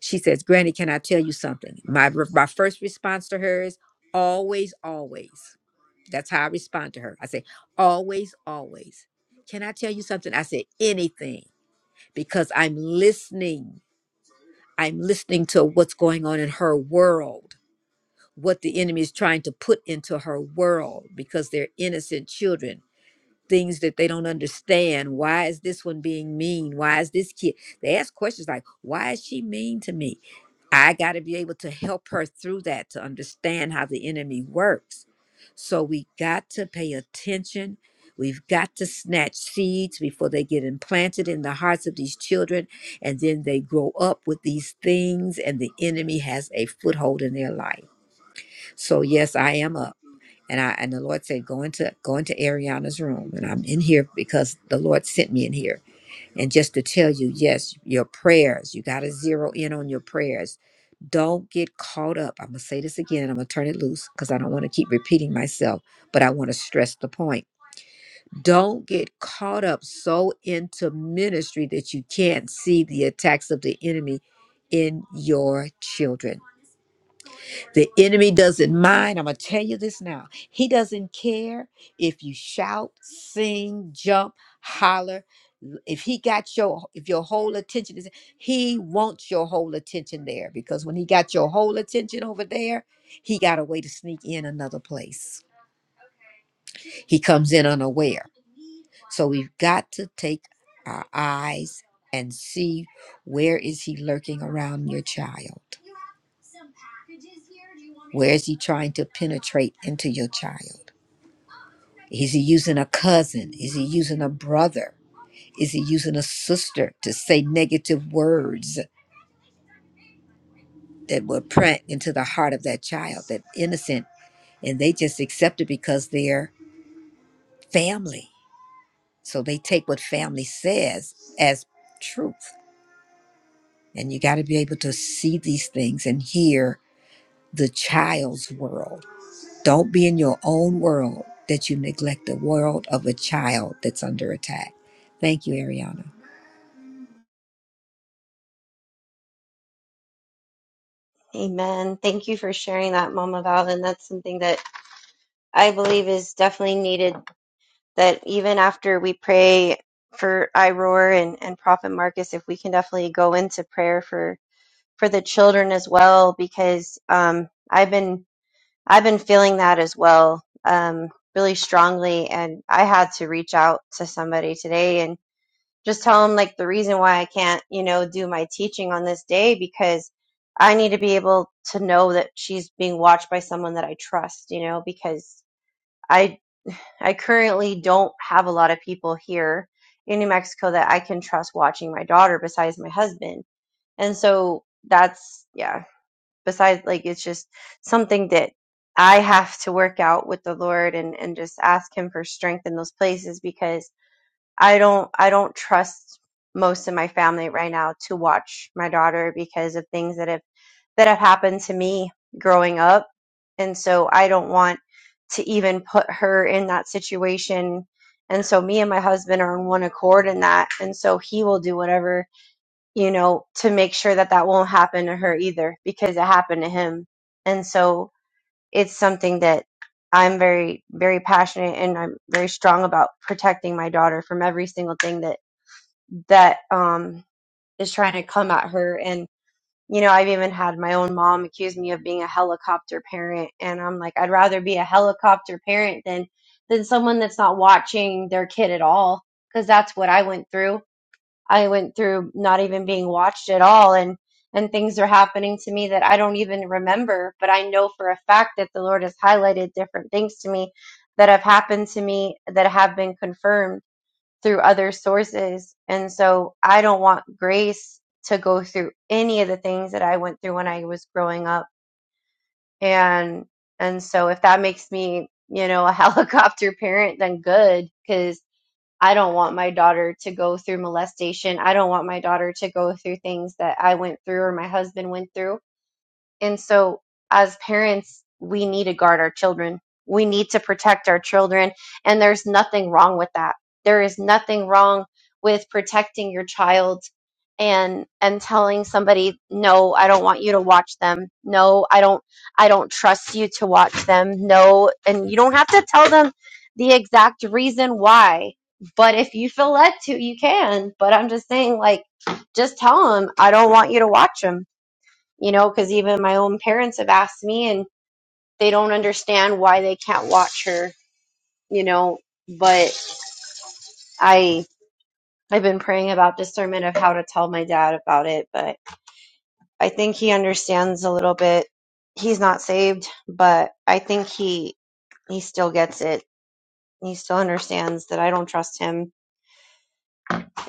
she says, Granny, can I tell you something? My, my first response to her is always, always. That's how I respond to her. I say, always, always. Can I tell you something? I said anything, because I'm listening. I'm listening to what's going on in her world, what the enemy is trying to put into her world, because they're innocent children things that they don't understand. Why is this one being mean? Why is this kid? They ask questions like, why is she mean to me? I got to be able to help her through that to understand how the enemy works. So we got to pay attention. We've got to snatch seeds before they get implanted in the hearts of these children. And then they grow up with these things, and the enemy has a foothold in their life. So, yes, I am up. And I and the Lord said, Go into go into Ariana's room. And I'm in here because the Lord sent me in here. And just to tell you, yes, your prayers, you gotta zero in on your prayers. Don't get caught up. I'm gonna say this again, and I'm gonna turn it loose because I don't want to keep repeating myself, but I want to stress the point. Don't get caught up so into ministry that you can't see the attacks of the enemy in your children the enemy doesn't mind. I'm going to tell you this now. He doesn't care if you shout, sing, jump, holler. If he got your if your whole attention is he wants your whole attention there because when he got your whole attention over there, he got a way to sneak in another place. He comes in unaware. So we've got to take our eyes and see where is he lurking around your child Where is he trying to penetrate into your child? Is he using a cousin? Is he using a brother? Is he using a sister to say negative words that will print into the heart of that child, that innocent, and they just accept it because they're family. So they take what family says as truth. And you got to be able to see these things and hear the child's world Don't be in your own world that you neglect the world of a child that's under attack. Thank you, Ariana.
Amen. Thank you for sharing that, Mama Val. And that's something that I believe is definitely needed. That even after we pray for Iroar and, and Prophet Marcus, if we can definitely go into prayer for for the children as well, because um, I've been I've been feeling that as well, um, really strongly. And I had to reach out to somebody today and just tell them like the reason why I can't, you know, do my teaching on this day because I need to be able to know that she's being watched by someone that I trust, you know, because I I currently don't have a lot of people here in New Mexico that I can trust watching my daughter besides my husband. And so that's yeah, besides like it's just something that I have to work out with the Lord and and just ask him for strength in those places because. I don't I don't trust most of my family right now to watch my daughter because of things that have that have happened to me growing up. And so I don't want to even put her in that situation. And so me and my husband are on one accord in that. And so he will do whatever, you know, to make sure that that won't happen to her either because it happened to him. And so it's something that I'm very, very passionate and I'm very strong about protecting my daughter from every single thing that that um, is trying to come at her. And, you know, I've even had my own mom accuse me of being a helicopter parent. And I'm like, I'd rather be a helicopter parent than, than someone that's not watching their kid at all. Cause that's what I went through. I went through not even being watched at all. And, and things are happening to me that I don't even remember, but I know for a fact that the Lord has highlighted different things to me that have happened to me that have been confirmed through other sources. And so I don't want grace to go through any of the things that I went through when I was growing up. And and so if that makes me, you know, a helicopter parent, then good cuz I don't want my daughter to go through molestation. I don't want my daughter to go through things that I went through or my husband went through. And so, as parents, we need to guard our children. We need to protect our children. And there's nothing wrong with that. There is nothing wrong with protecting your child and and telling somebody no i don't want you to watch them no i don't i don't trust you to watch them no and you don't have to tell them the exact reason why but if you feel led to you can but i'm just saying like just tell them i don't want you to watch them you know, because even my own parents have asked me and they don't understand why they can't watch her, you know, but I I've been praying about discernment of how to tell my dad about it, but I think he understands a little bit. He's not saved, but I think he he still gets it. He still understands that I don't trust him.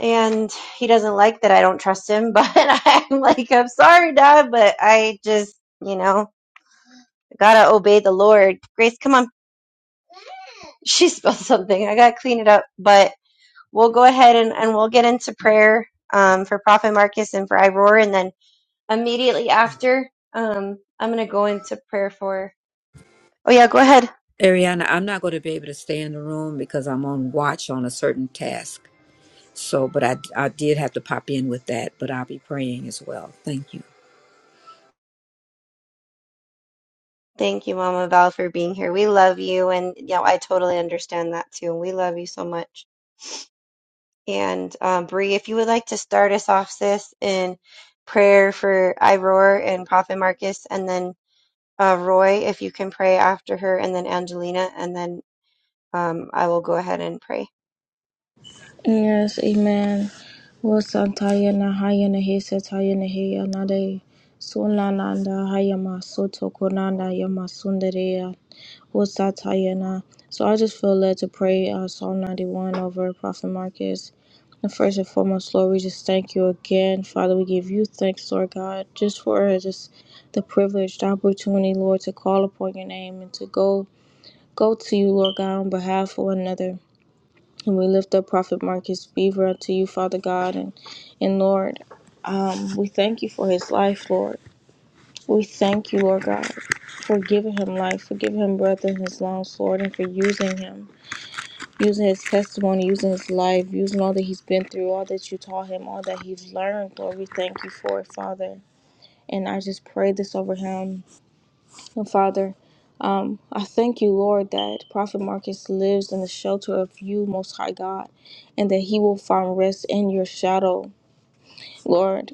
And he doesn't like that I don't trust him, but I'm like, I'm sorry, Dad, but I just, you know, gotta obey the Lord. Grace, come on. she spilled something. I got to clean it up, but we'll go ahead and, and we'll get into prayer um, for Prophet Marcus and for Iroar. And then immediately after, um, I'm going to go into prayer for. Oh, yeah, go ahead.
Ariana, I'm not going to be able to stay in the room because I'm on watch on a certain task. So, but I, I did have to pop in with that, but I'll be praying as well. Thank you.
Thank you, Mama Val, for being here. We love you. And, you know, I totally understand that too. And we love you so much. And, um, Bree, if you would like to start us off, sis, in prayer for Iroar and Prophet Marcus, and then uh, Roy, if you can pray after her, and then Angelina, and then Um, I will go ahead and pray.
Yes, amen. Wo santaya na haya na hesa taya na heya na de sunla na haya ma soto konanda ya sundareya. was Satayana. So I just feel led to pray uh, Psalm 91 over Prophet Marcus. And first and foremost, Lord, we just thank you again. Father, we give you thanks, Lord God, just for uh, just the privilege, the opportunity, Lord, to call upon your name and to go go to you, Lord God, on behalf of one another. And we lift up Prophet Marcus Beaver unto you, Father God, and and Lord, um, we thank you for his life, Lord. We thank you, Lord God, for giving him life, for giving him breath in his lungs, Lord, and for using him, using his testimony, using his life, using all that he's been through, all that you taught him, all that he's learned, Lord. We thank you for it, Father. And I just pray this over him. And Father, um, I thank you, Lord, that Prophet Marcus lives in the shelter of you, Most High God, and that he will find rest in your shadow, Lord.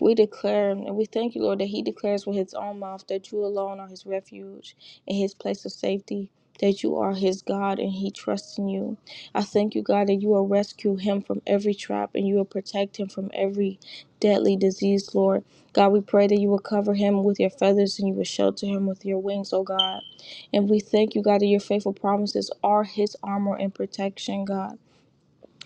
We declare and we thank you, Lord, that he declares with his own mouth that you alone are his refuge and his place of safety, that you are his God and he trusts in you. I thank you, God, that you will rescue him from every trap and you will protect him from every deadly disease, Lord. God, we pray that you will cover him with your feathers and you will shelter him with your wings, oh God. And we thank you, God, that your faithful promises are his armor and protection, God.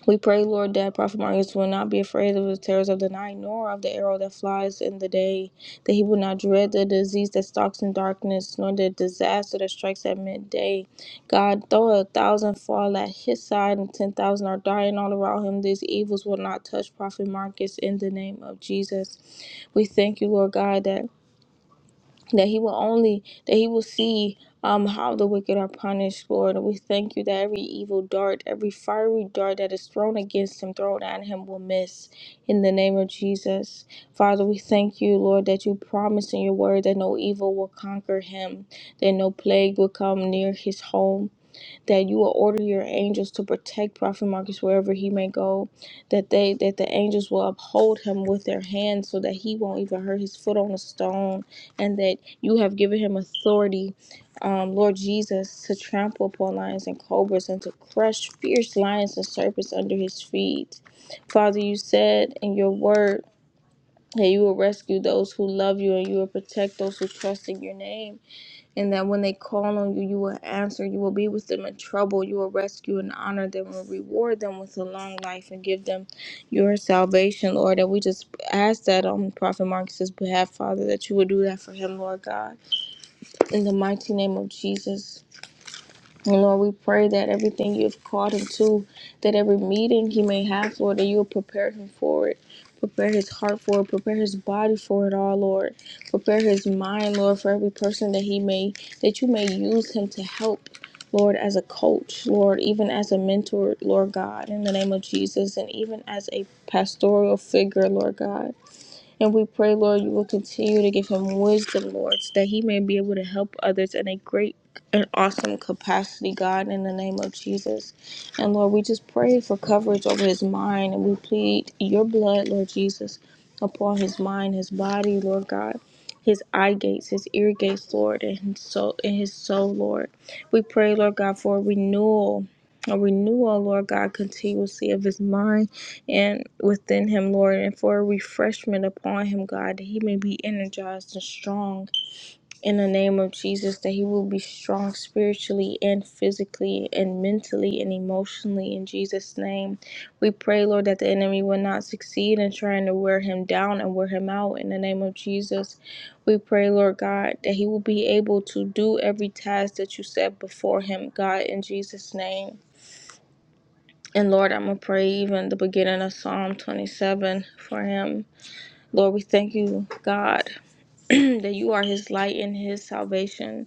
We pray, Lord, that Prophet Marcus will not be afraid of the terrors of the night, nor of the arrow that flies in the day, that he will not dread the disease that stalks in darkness, nor the disaster that strikes at midday. God, though a thousand fall at his side and ten thousand are dying all around him, these evils will not touch Prophet Marcus in the name of Jesus. We thank you, Lord God, that that he will only that he will see um how the wicked are punished lord and we thank you that every evil dart every fiery dart that is thrown against him thrown at him will miss in the name of jesus father we thank you lord that you promise in your word that no evil will conquer him that no plague will come near his home that you will order your angels to protect Prophet Marcus wherever he may go, that they that the angels will uphold him with their hands so that he won't even hurt his foot on a stone, and that you have given him authority, um, Lord Jesus, to trample upon lions and cobras and to crush fierce lions and serpents under his feet. Father, you said in your word that you will rescue those who love you and you will protect those who trust in your name and that when they call on you, you will answer. You will be with them in trouble. You will rescue and honor them and reward them with a long life and give them your salvation, Lord. And we just ask that on Prophet Marcus's behalf, Father, that you would do that for him, Lord God. In the mighty name of Jesus. And Lord, we pray that everything you have called him to, that every meeting he may have, Lord, that you will prepare him for it. Prepare his heart for it. Prepare his body for it all, Lord. Prepare his mind, Lord, for every person that he may, that you may use him to help, Lord, as a coach, Lord, even as a mentor, Lord God, in the name of Jesus, and even as a pastoral figure, Lord God. And we pray, Lord, you will continue to give him wisdom, Lord, so that he may be able to help others in a great and awesome capacity, God, in the name of Jesus. And Lord, we just pray for coverage over his mind and we plead your blood, Lord Jesus, upon his mind, his body, Lord God. His eye gates, his ear gates, Lord, and his soul, and his soul, Lord. We pray, Lord God, for a renewal, a renewal, Lord God, continuously of his mind and within him, Lord, and for refreshment upon him, God, that he may be energized and strong in the name of Jesus, that he will be strong spiritually and physically and mentally and emotionally in Jesus' name. We pray, Lord, that the enemy will not succeed in trying to wear him down and wear him out in the name of Jesus. We pray, Lord God, that he will be able to do every task that you set before him, God, in Jesus' name. And Lord, I'm going to pray even the beginning of Psalm 27 for him. Lord, we thank you, God, that you are his light and his salvation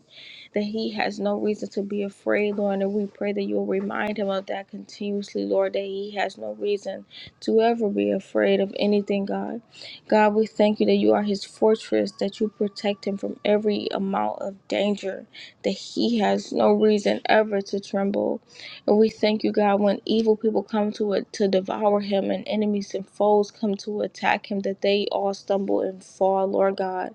that he has no reason to be afraid, Lord. And we pray that you'll remind him of that continuously, Lord, that he has no reason to ever be afraid of anything, God. God, we thank you that you are his fortress, that you protect him from every amount of danger, that he has no reason ever to tremble. And we thank you, God, when evil people come to it to devour him and enemies and foes come to attack him, that they all stumble and fall, Lord God.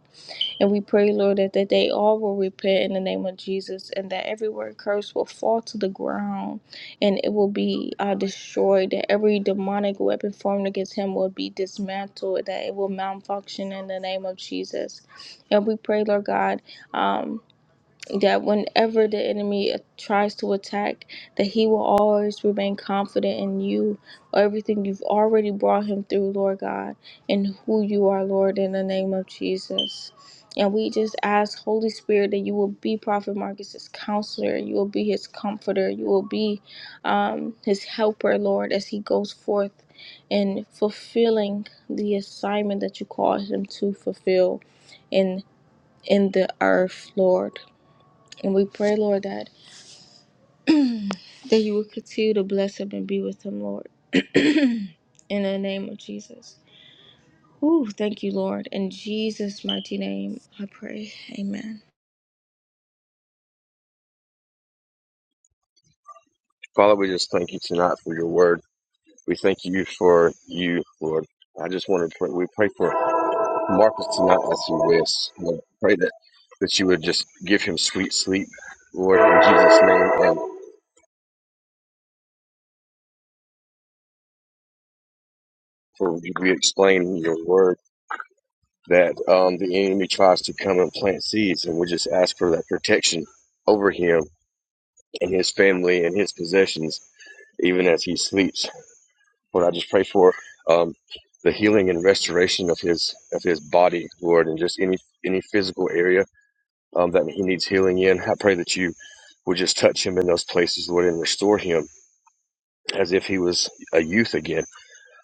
And we pray, Lord, that, that they all will repent in the name of Jesus and that every word curse will fall to the ground and it will be uh, destroyed, that every demonic weapon formed against him will be dismantled, that it will malfunction in the name of Jesus. And we pray, Lord God. Um, that whenever the enemy uh, tries to attack that he will always remain confident in you everything you've already brought him through lord god and who you are lord in the name of jesus and we just ask holy spirit that you will be prophet marcus's counselor you will be his comforter you will be um, his helper lord as he goes forth in fulfilling the assignment that you called him to fulfill in in the earth lord and we pray, Lord, that that you will continue to bless him and be with him, Lord. In the name of Jesus. Ooh, thank you, Lord. In Jesus' mighty name, I pray. Amen.
Father, we just thank you tonight for your word. We thank you for you, Lord. I just want to pray. We pray for Marcus tonight as he rests. Lord, pray that, that you would just give him sweet sleep, Lord, in Jesus' name. And for you to explain your word that um, the enemy tries to come and plant seeds. And we just ask for that protection over him and his family and his possessions, even as he sleeps. Lord, I just pray for um, the healing and restoration of his of his body, Lord, and just any any physical area um, that he needs healing in. I pray that you would just touch him in those places, Lord, and restore him as if he was a youth again.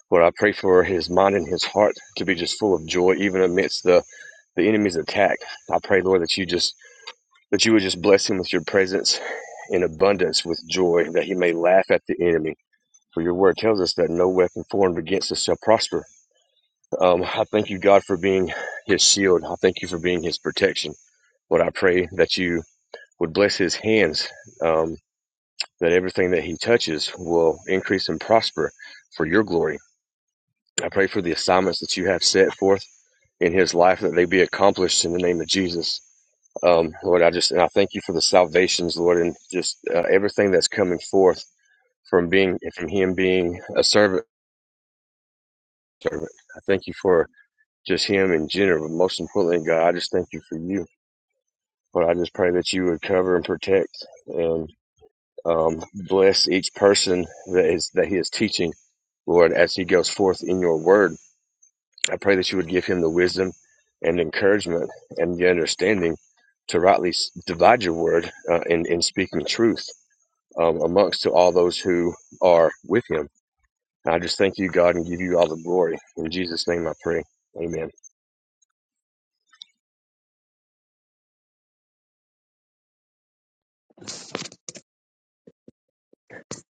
Lord, I pray for his mind and his heart to be just full of joy, even amidst the the enemy's attack. I pray, Lord, that you just that you would just bless him with your presence in abundance with joy, that he may laugh at the enemy. For your word tells us that no weapon formed against us shall prosper. Um, I thank you, God, for being his shield. I thank you for being his protection. Lord, I pray that you would bless his hands, um, that everything that he touches will increase and prosper for your glory. I pray for the assignments that you have set forth in his life, that they be accomplished in the name of Jesus. Um, Lord, I just, and I thank you for the salvations, Lord, and just uh, everything that's coming forth from being, from him being a servant. servant. I thank you for just him in general, but most importantly, God, I just thank you for you But I just pray that you would cover and protect and um, bless each person that is that he is teaching, Lord, as he goes forth in your word. I pray that you would give him the wisdom and encouragement and the understanding to rightly divide your word uh, in, in speaking truth um, amongst to all those who are with him. And I just thank you, God, and give you all the glory. In Jesus' name I pray. Amen.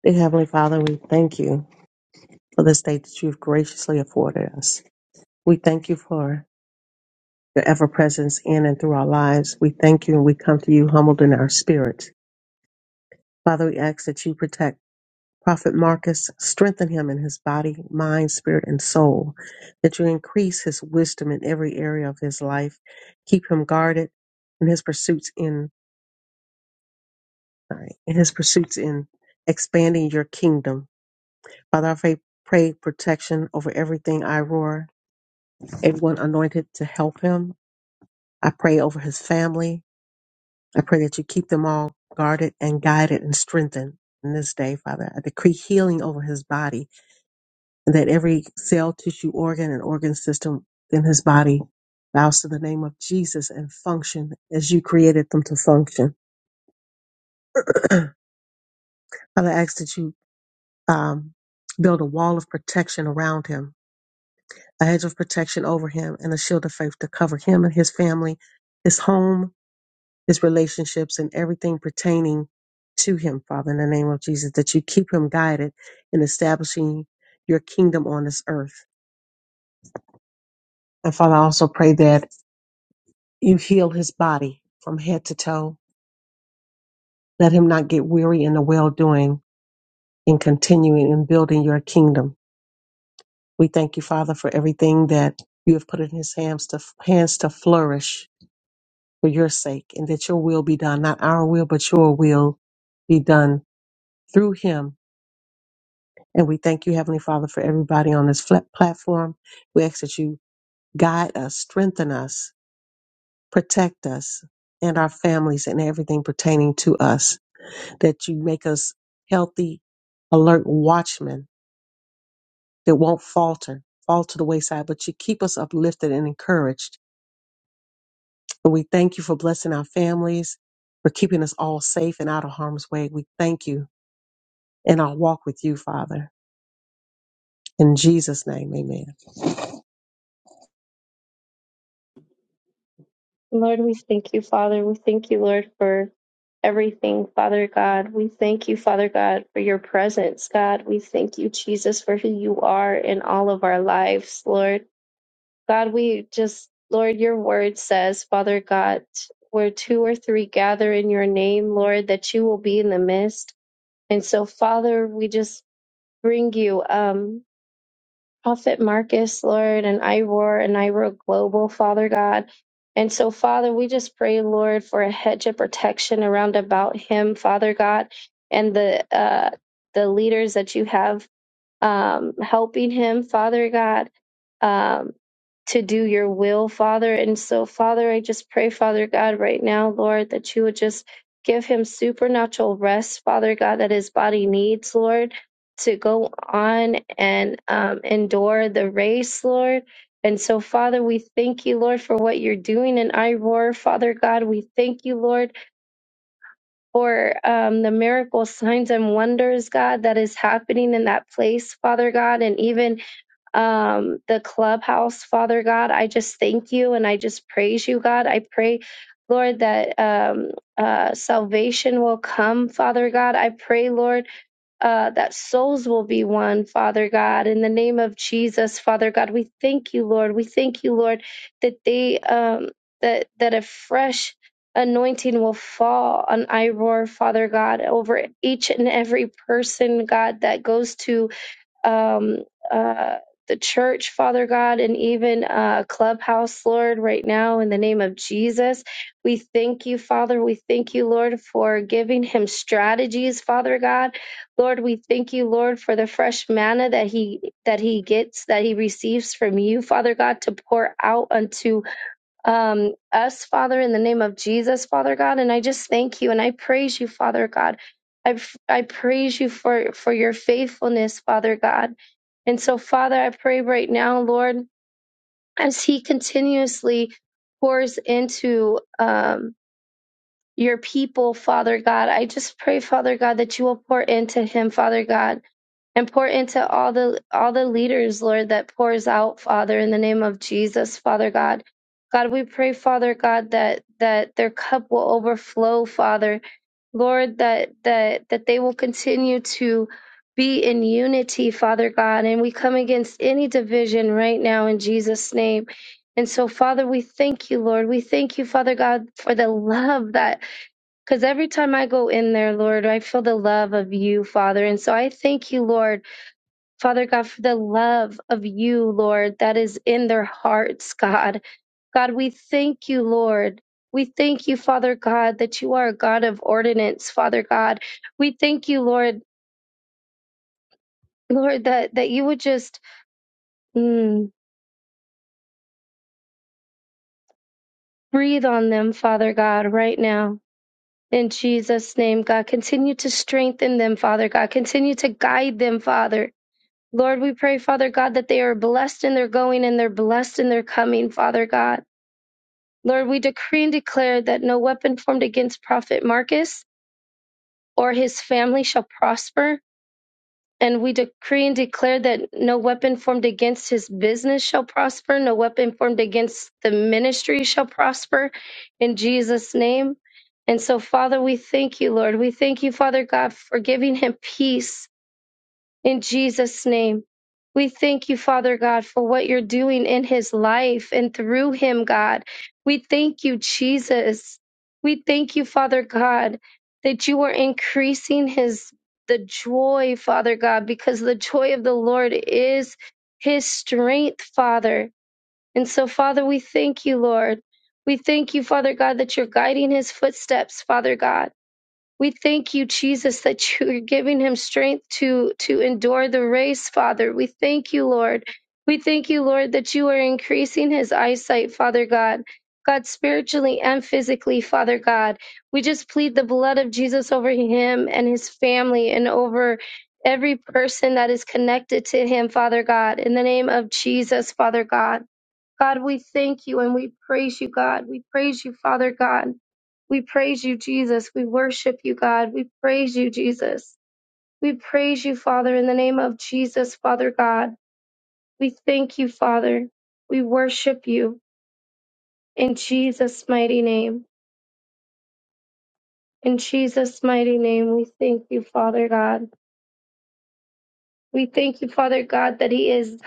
Dear Heavenly Father, we thank you for this day that you've graciously afforded us. We thank you for your ever presence in and through our lives. We thank you and we come to you humbled in our spirit. Father, we ask that you protect Prophet Marcus, strengthen him in his body, mind, spirit, and soul, that you increase his wisdom in every area of his life, keep him guarded in his pursuits in, sorry, in his pursuits in expanding your kingdom. Father, I pray, pray protection over everything I roar. everyone anointed to help him. I pray over his family. I pray that you keep them all guarded and guided and strengthened in this day, Father. I decree healing over his body and that every cell, tissue, organ, and organ system in his body bows to the name of Jesus and function as you created them to function. Father, I ask that you um, build a wall of protection around him, a hedge of protection over him, and a shield of faith to cover him and his family, his home, his relationships and everything pertaining to him, Father, in the name of Jesus, that you keep him guided in establishing your kingdom on this earth. And Father, I also pray that you heal his body from head to toe. Let him not get weary in the well doing in continuing and building your kingdom. We thank you, Father, for everything that you have put in his hands to hands to flourish for your sake, and that your will be done, not our will, but your will be done through him And we thank you, Heavenly Father, for everybody on this flat platform. We ask that you guide us, strengthen us, protect us, and our families and everything pertaining to us, that you make us healthy, alert watchmen that won't falter, fall to the wayside, but you keep us uplifted and encouraged. And we thank you for blessing our families, for keeping us all safe and out of harm's way. We thank you in our walk with you, Father. In Jesus' name, amen.
Lord, we thank you, Father. We thank you, Lord, for everything, Father God. We thank you, Father God, for your presence, God. We thank you, Jesus, for who you are in all of our lives, Lord. God, we just, Lord, your word says, Father God, where two or three gather in your name, Lord, that you will be in the midst. And so, Father, we just bring you. Um, Prophet Marcus, Lord, and Ivor and Ivor Global, Father God. And so, Father, we just pray, Lord, for a hedge of protection around about him, Father God, and the uh, the leaders that you have um, helping him, Father God, um, to do your will, Father. And so, Father, I just pray, Father God, right now, Lord, that you would just give him supernatural rest, Father God, that his body needs, Lord, to go on and um, endure the race, Lord. And so, Father, we thank you, Lord, for what you're doing in I roar, Father God, we thank you, Lord, for um, the miracle signs and wonders, God, that is happening in that place, Father God, and even um, the clubhouse, Father God. I just thank you and I just praise you, God. I pray, Lord, that um, uh, salvation will come, Father God. I pray, Lord uh, that souls will be one, Father God, in the name of Jesus, Father God. We thank you, Lord. We thank you, Lord, that they um, that that a fresh anointing will fall on Iroar, Father God, over each and every person, God, that goes to um, uh, the church, Father God, and even uh, Clubhouse, Lord, right now in the name of Jesus. We thank you, Father. We thank you, Lord, for giving him strategies, Father God. Lord, we thank you, Lord, for the fresh manna that he that he gets, that he receives from you, Father God, to pour out unto um, us, Father, in the name of Jesus, Father God. And I just thank you and I praise you, Father God. I, I praise you for, for your faithfulness, Father God. And so, Father, I pray right now, Lord, as He continuously pours into um, your people, Father God, I just pray, Father God, that you will pour into Him, Father God important to all the all the leaders lord that pours out father in the name of jesus father god god we pray father god that that their cup will overflow father lord that that that they will continue to be in unity father god and we come against any division right now in jesus name and so father we thank you lord we thank you father god for the love that because every time i go in there lord i feel the love of you father and so i thank you lord Father God, for the love of you, Lord, that is in their hearts, God. God, we thank you, Lord. We thank you, Father God, that you are a God of ordinance, Father God. We thank you, Lord, Lord, that, that you would just mm, breathe on them, Father God, right now. In Jesus' name, God, continue to strengthen them, Father God. Continue to guide them, Father. Lord, we pray, Father God, that they are blessed in their going and they're blessed in their coming, Father God. Lord, we decree and declare that no weapon formed against Prophet Marcus or his family shall prosper. And we decree and declare that no weapon formed against his business shall prosper. No weapon formed against the ministry shall prosper in Jesus' name. And so, Father, we thank you, Lord. We thank you, Father God, for giving him peace in Jesus' name. We thank you, Father God, for what you're doing in his life and through him, God. We thank you, Jesus. We thank you, Father God, that you are increasing his the joy, Father God, because the joy of the Lord is his strength, Father. And so, Father, we thank you, Lord. We thank you, Father God, that you're guiding his footsteps, Father God. We thank you, Jesus, that you are giving him strength to, to endure the race, Father. We thank you, Lord. We thank you, Lord, that you are increasing his eyesight, Father God. God, spiritually and physically, Father God. We just plead the blood of Jesus over him and his family and over every person that is connected to him, Father God. In the name of Jesus, Father God. God, we thank you and we praise you, God. We praise you, Father God. We praise you, Jesus. We worship you, God. We praise you, Jesus. We praise you, Father, in the name of Jesus, Father God. We thank you, Father. We worship you in Jesus' mighty name. In Jesus' mighty name, we thank you, Father God. We thank you, Father God, that He is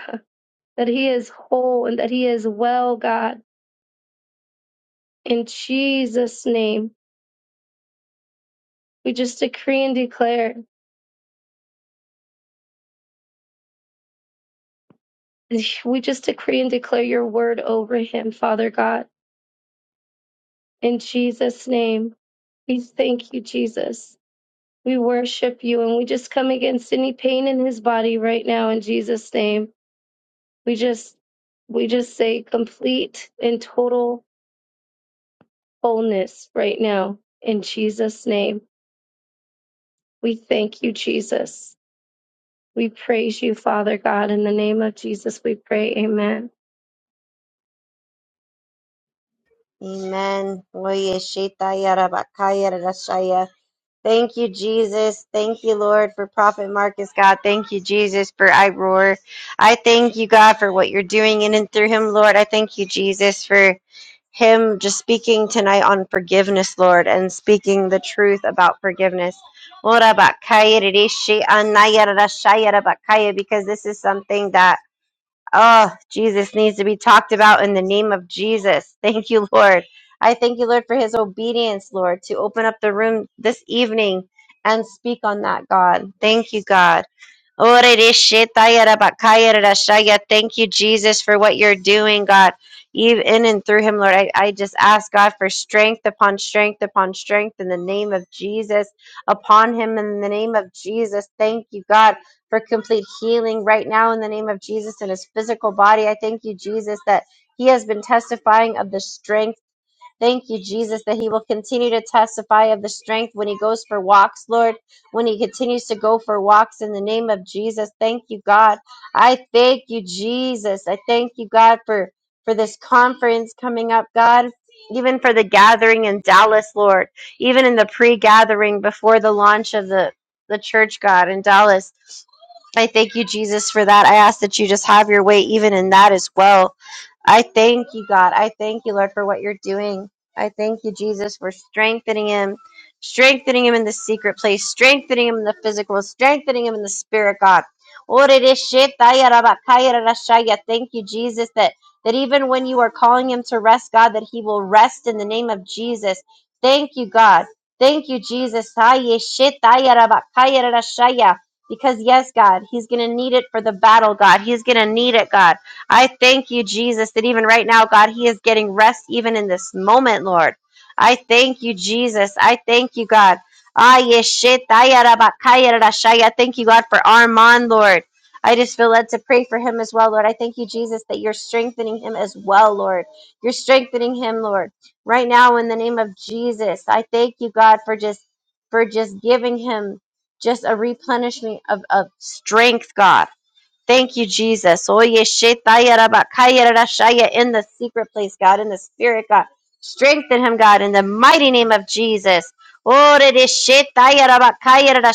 that He is whole and that He is well, God. In Jesus' name, we just decree and declare. We just decree and declare your word over him, Father God. In Jesus' name, we thank you, Jesus. We worship you and we just come against any pain in his body right now in Jesus' name. We just we just say complete and total wholeness right now in Jesus' name. We thank you, Jesus. We praise you, Father God. In the name of Jesus, we pray. Amen.
Amen. Oye, shaitaya, rabakaya, rarashaya. Thank you, Jesus. Thank you, Lord, for Prophet Marcus, God. Thank you, Jesus, for I Roar. I thank you, God, for what you're doing in and through him, Lord. I thank you, Jesus, for him just speaking tonight on forgiveness, Lord, and speaking the truth about forgiveness. Ora bakaya, rarashi, anaya, rarashaya, rabakaya, Because this is something that Oh, Jesus needs to be talked about in the name of Jesus. Thank you, Lord. I thank you, Lord, for his obedience, Lord, to open up the room this evening and speak on that, God. Thank you, God. Orereshitayarabakayarashaya. Thank you, Jesus, for what you're doing, God, even in and through him, Lord. I, I just ask God for strength upon strength upon strength in the name of Jesus, upon him in the name of Jesus. Thank you, God, for complete healing right now in the name of Jesus in his physical body. I thank you, Jesus, that he has been testifying of the strength. Thank you, Jesus, that he will continue to testify of the strength when he goes for walks, Lord, when he continues to go for walks in the name of Jesus. Thank you, God. I thank you, Jesus. I thank you, God, for, for this conference coming up, God, even for the gathering in Dallas, Lord, even in the pre gathering before the launch of the, the church, God, in Dallas. I thank you, Jesus, for that. I ask that you just have your way even in that as well. I thank you, God. I thank you, Lord, for what you're doing. I thank you, Jesus, for strengthening him, strengthening him in the secret place, strengthening him in the physical, strengthening him in the spirit, God. Orereshitayarabakayarashaya. Thank you, Jesus, that, that even when you are calling him to rest, God, that he will rest in the name of Jesus. Thank you, God. Thank you, Jesus. Because, yes, God, he's going to need it for the battle, God. He's going to need it, God. I thank you, Jesus, that even right now, God, He is getting rest even in this moment, Lord. I thank you, Jesus. I thank you, God. Ah, I thank you, God, for Armand, Lord. I just feel led to pray for him as well, Lord. I thank you, Jesus, that you're strengthening him as well, Lord. You're strengthening him, Lord. Right now, in the name of Jesus, I thank you, God, for just for just giving him just a replenishment of, of strength, God. Thank you, Jesus. Oye, shetaya raba, kaya rara In the secret place, God, in the spirit, God. Strengthen him, God, in the mighty name of Jesus. Ore de shetaya raba, kaya rara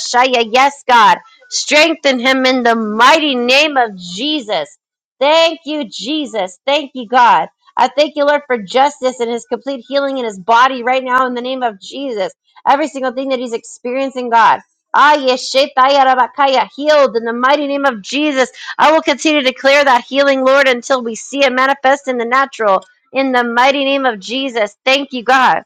Yes, God. Strengthen him in the mighty name of Jesus. Thank you, Jesus. Thank you, God. I thank you, Lord, for justice and his complete healing in his body right now in the name of Jesus. Every single thing that he's experiencing, God. Ah, yes, shetaya rabakaya Healed in the mighty name of Jesus I will continue to declare that healing, Lord, until we see it manifest in the natural. In the mighty name of Jesus. Thank you, God.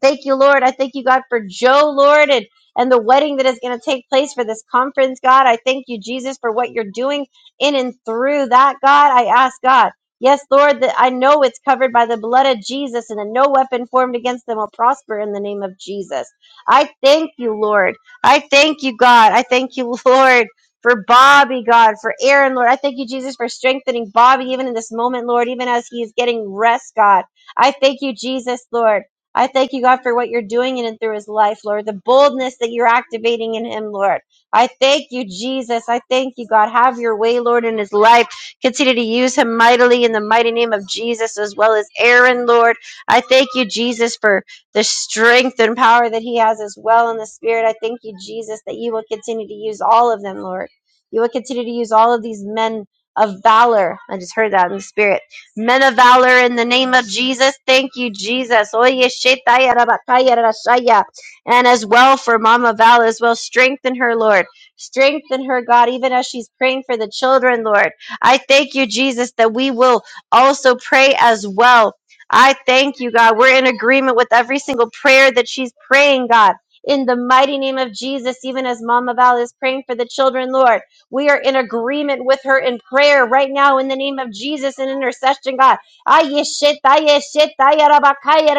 Thank you, Lord. I thank you, God, for Joe, Lord, and and the wedding that is going to take place for this conference, God. I thank you, Jesus, for what you're doing in and through that, God. I ask, God, yes, Lord, that I know it's covered by the blood of Jesus and that no weapon formed against them will prosper in the name of Jesus. I thank you, Lord. I thank you, God. I thank you, Lord. For Bobby, God, for Aaron, Lord. I thank you, Jesus, for strengthening Bobby even in this moment, Lord, even as he is getting rest, God. I thank you, Jesus, Lord. I thank you, God, for what you're doing in and through his life, Lord, the boldness that you're activating in him, Lord. I thank you, Jesus. I thank you, God. Have your way, Lord, in his life. Continue to use him mightily in the mighty name of Jesus, as well as Aaron, Lord. I thank you, Jesus, for the strength and power that he has as well in the spirit. I thank you, Jesus, that you will continue to use all of them, Lord. You will continue to use all of these men of valor. I just heard that in the spirit Men of valor in the name of Jesus. Thank you, Jesus. Oye, shetaya rabakaya rashaya. And as well for Mama Val as well. Strengthen her, Lord. Strengthen her, God, even as she's praying for the children, Lord. I thank you, Jesus, that we will also pray as well. I thank you, God. We're in agreement with every single prayer that she's praying, God. In the mighty name of Jesus, even as Mama Val is praying for the children, Lord. We are in agreement with her in prayer right now in the name of Jesus in intercession, God. Aye, shit, aye, shit, aye, rabakaya,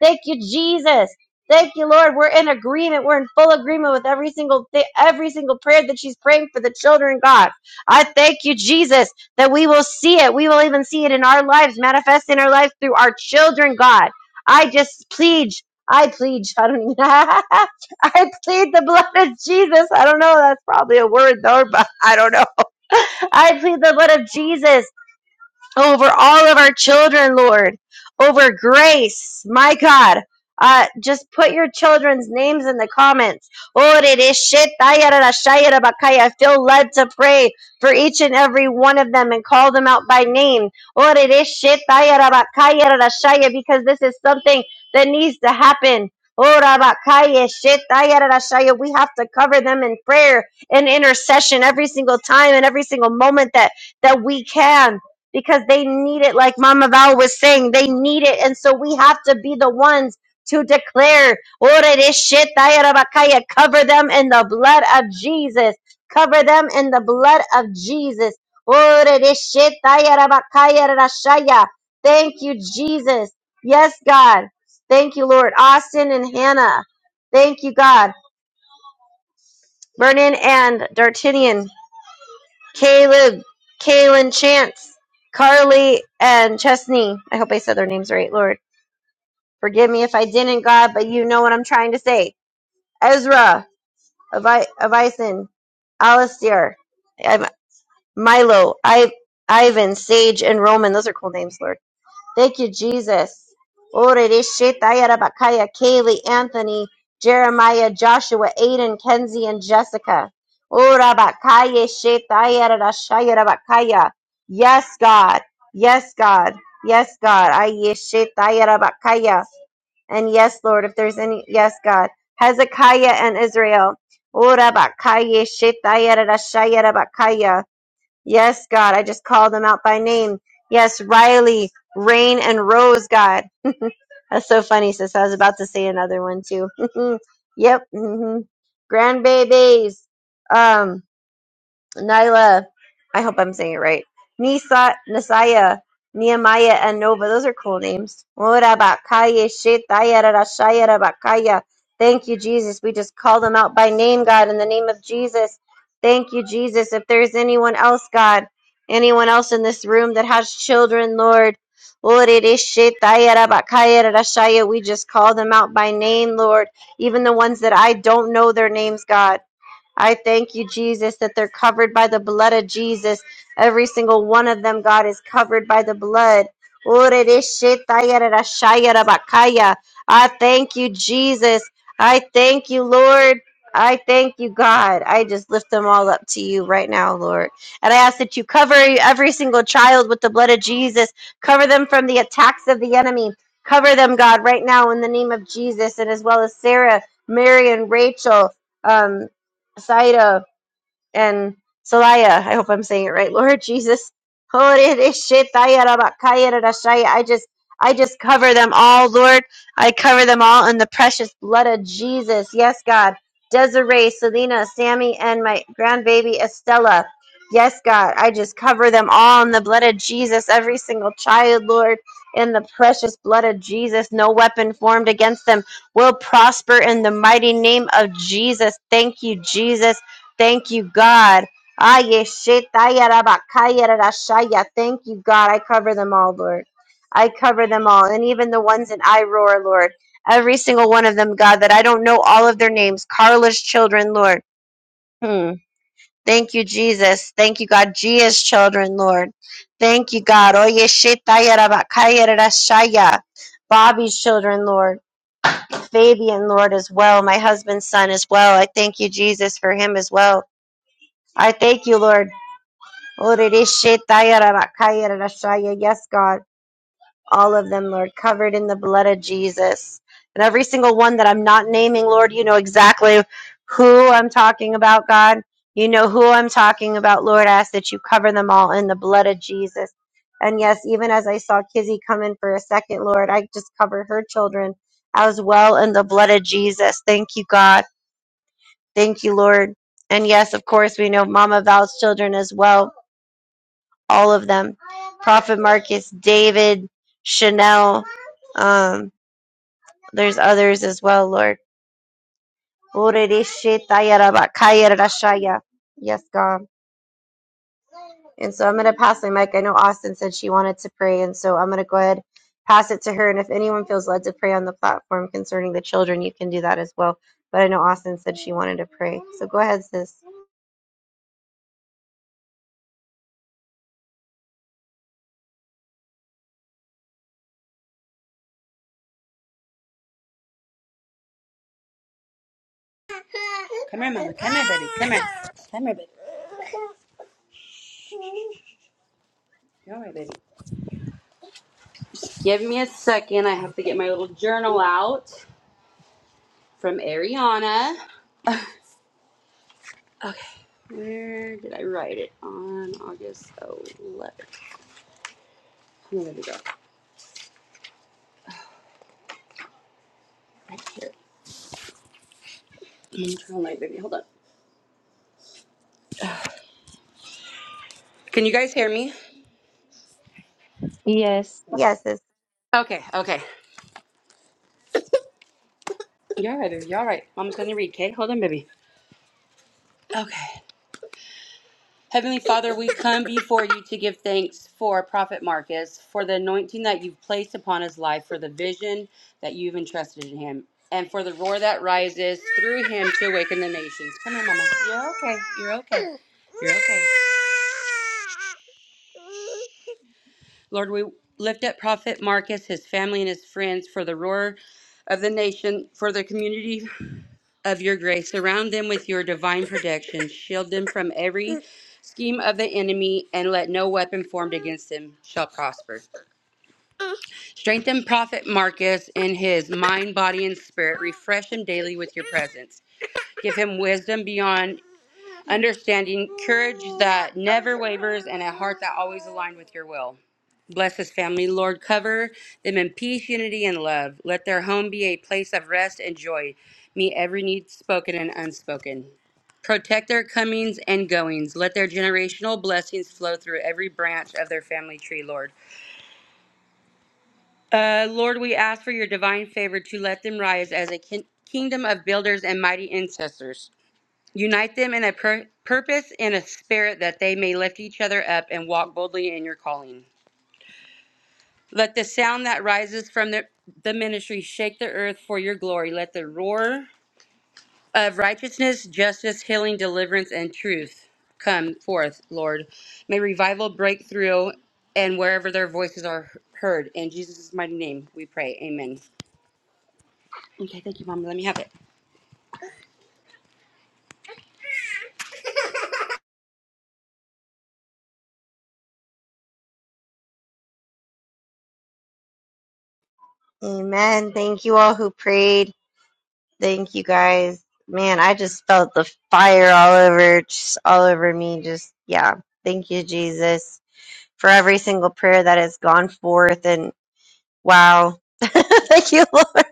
Thank you, Jesus. Thank you, Lord. We're in agreement. We're in full agreement with every single thi- every single prayer that she's praying for the children, God. I thank you, Jesus, that we will see it. We will even see it in our lives, manifest in our lives through our children, God. I just plead. I plead. I don't even. I plead the blood of Jesus. I don't know. That's probably a word, though, but I don't know. I plead the blood of Jesus over all of our children, Lord, over grace, my God. Uh, just put your children's names in the comments. Oh, it is shit, ayarara, shayara, I feel led to pray for each and every one of them and call them out by name. Oh, it is shit, ayara, shaya, because this is something that needs to happen. Oh, rabakaya, shit, ayarara, shaya. We have to cover them in prayer and intercession every single time and every single moment that, that we can because they need it. Like Mama Val was saying, they need it. And so we have to be the ones to declare, "Ora de shetaya rabakaya," cover them in the blood of Jesus. Cover them in the blood of Jesus. Ora de shetaya rabakaya rashaya. Thank you, Jesus. Yes, God. Thank you, Lord. Austin and Hannah. Thank you, God. Vernon and Dartinian. Caleb, Kaylin Chance, Carly, and Chesney. I hope I said their names right, Lord. Forgive me if I didn't, God, but you know what I'm trying to say. Ezra, Avi- Avison, Alistair, Im- Milo, I- Ivan, Sage, and Roman. Those are cool names, Lord. Thank you, Jesus. Orere Shetaya Rabakaya, Kaylee, Anthony, Jeremiah, Joshua, Aiden, Kenzie, and Jessica. Orabakaya Shetaya Rarashaya Rabakaya. Yes, God. Yes, God. Yes, God. Aye Shetaya Rabakaya. And yes, Lord, if there's any, yes, God. Hezekiah and Israel. Orabakaya Shetaya Rarashaya Rabakaya. Yes, God. I just called them out by name. Yes, Riley, Rain, and Rose, God. That's so funny, sis. I was about to say another one too. yep. hmm Grandbabies. Um, Nyla, I hope I'm saying it right. Nisa, Nisaya, Nehemiah, and Nova. Those are cool names. Ora bakaya, shetaya, rara, shaya, Thank you, Jesus. We just call them out by name, God, in the name of Jesus. Thank you, Jesus. If there's anyone else, God, anyone else in this room that has children, Lord, ore re shetaya, rara, bakaya, we just call them out by name, Lord. Even the ones that I don't know their names, God. I thank you, Jesus, that they're covered by the blood of Jesus. Every single one of them, God, is covered by the blood. I thank you, Jesus. I thank you, Lord. I thank you, God. I just lift them all up to you right now, Lord. And I ask that you cover every single child with the blood of Jesus. Cover them from the attacks of the enemy. Cover them, God, right now in the name of Jesus, and as well as Sarah, Mary, and Rachel. Um, Saira and Salaya. I hope I'm saying it right, Lord Jesus. I just I just cover them all, Lord. I cover them all in the precious blood of Jesus. Yes, God. Desiree, Selena, Sammy, and my grandbaby Estella. Yes, God. I just cover them all in the blood of Jesus. Every single child, Lord, in the precious blood of Jesus. No weapon formed against them will prosper in the mighty name of Jesus. Thank you, Jesus. Thank you, God. Aye, shetaya rabakaya rarashaya. Thank you, God. I cover them all, Lord. I cover them all. And even the ones in I roar, Lord. Every single one of them, God, that I don't know all of their names. Carla's children, Lord. Hmm. Thank you, Jesus. Thank you, God. Gia's children, Lord. Thank you, God. Oye, shetaya rabakaya rarashaya. Bobby's children, Lord. Fabian, Lord, as well. My husband's son as well. I thank you, Jesus, for him as well. I thank you, Lord. Orereshitayarabakayarashaya. Yes, God, all of them, Lord, covered in the blood of Jesus. And every single one that I'm not naming, Lord, you know exactly who I'm talking about, God. You know who I'm talking about, Lord. I ask that you cover them all in the blood of Jesus. And yes, even as I saw Kizzy come in for a second, Lord, I just cover her children as well in the blood of Jesus. Thank you, God. Thank you, Lord. And yes, of course, we know Mama Val's children as well, all of them. Prophet Marcus, David, Chanel. Um, there's others as well, Lord. Yes, God. And so I'm going to pass my mic. I know Austin said she wanted to pray, and so I'm going to go ahead pass it to her. And if anyone feels led to pray on the platform concerning the children, you can do that as well. But I know Austin said she wanted to pray. So go ahead, sis.
Come here, mother. Come here, baby. Come here. All right, baby. Give me a second. I have to get my little journal out from Ariana. Where did I write it? On August 11th. Oh, there we go. Right here. I'm baby. Hold on. Can you guys hear me?
Yes,
Yes, sis.
Okay, okay. Y'all right, baby. Y'all are right. Mom's gonna read, okay? Hold on, baby. Okay. Heavenly Father, we come before you to give thanks for Prophet Marcus, for the anointing that you've placed upon his life, for the vision that you've entrusted in him, and for the roar that rises through him to awaken the nations. Come here, Mama. You're okay. You're okay. You're okay. Lord, we lift up Prophet Marcus, his family, and his friends for the roar of the nation, for the community of your grace. Surround them with your divine protection. Shield them from every scheme of the enemy, and let no weapon formed against them shall prosper. Strengthen Prophet Marcus in his mind, body, and spirit. Refresh him daily with your presence. Give him wisdom beyond understanding, courage that never wavers, and a heart that always aligned with your will. Bless his family, Lord. Cover them in peace, unity, and love. Let their home be a place of rest and joy. Meet every need spoken and unspoken. Protect their comings and goings. Let their generational blessings flow through every branch of their family tree, Lord. Uh, Lord, we ask for your divine favor to let them rise as a kin- kingdom of builders and mighty ancestors. Unite them in a pur- purpose and a spirit that they may lift each other up and walk boldly in your calling. Let the sound that rises from the, the ministry shake the earth for your glory. Let the roar of righteousness, justice, healing, deliverance, and truth come forth, Lord. May revival break through and wherever their voices are heard. In Jesus' mighty name we pray. Amen. Okay, thank you, Mama. Let me have it.
Amen. Thank you all who prayed. Thank you guys. Man, I just felt the fire all over just all over me. Just yeah. Thank you, Jesus, for every single prayer that has gone forth and wow. Thank you, Lord.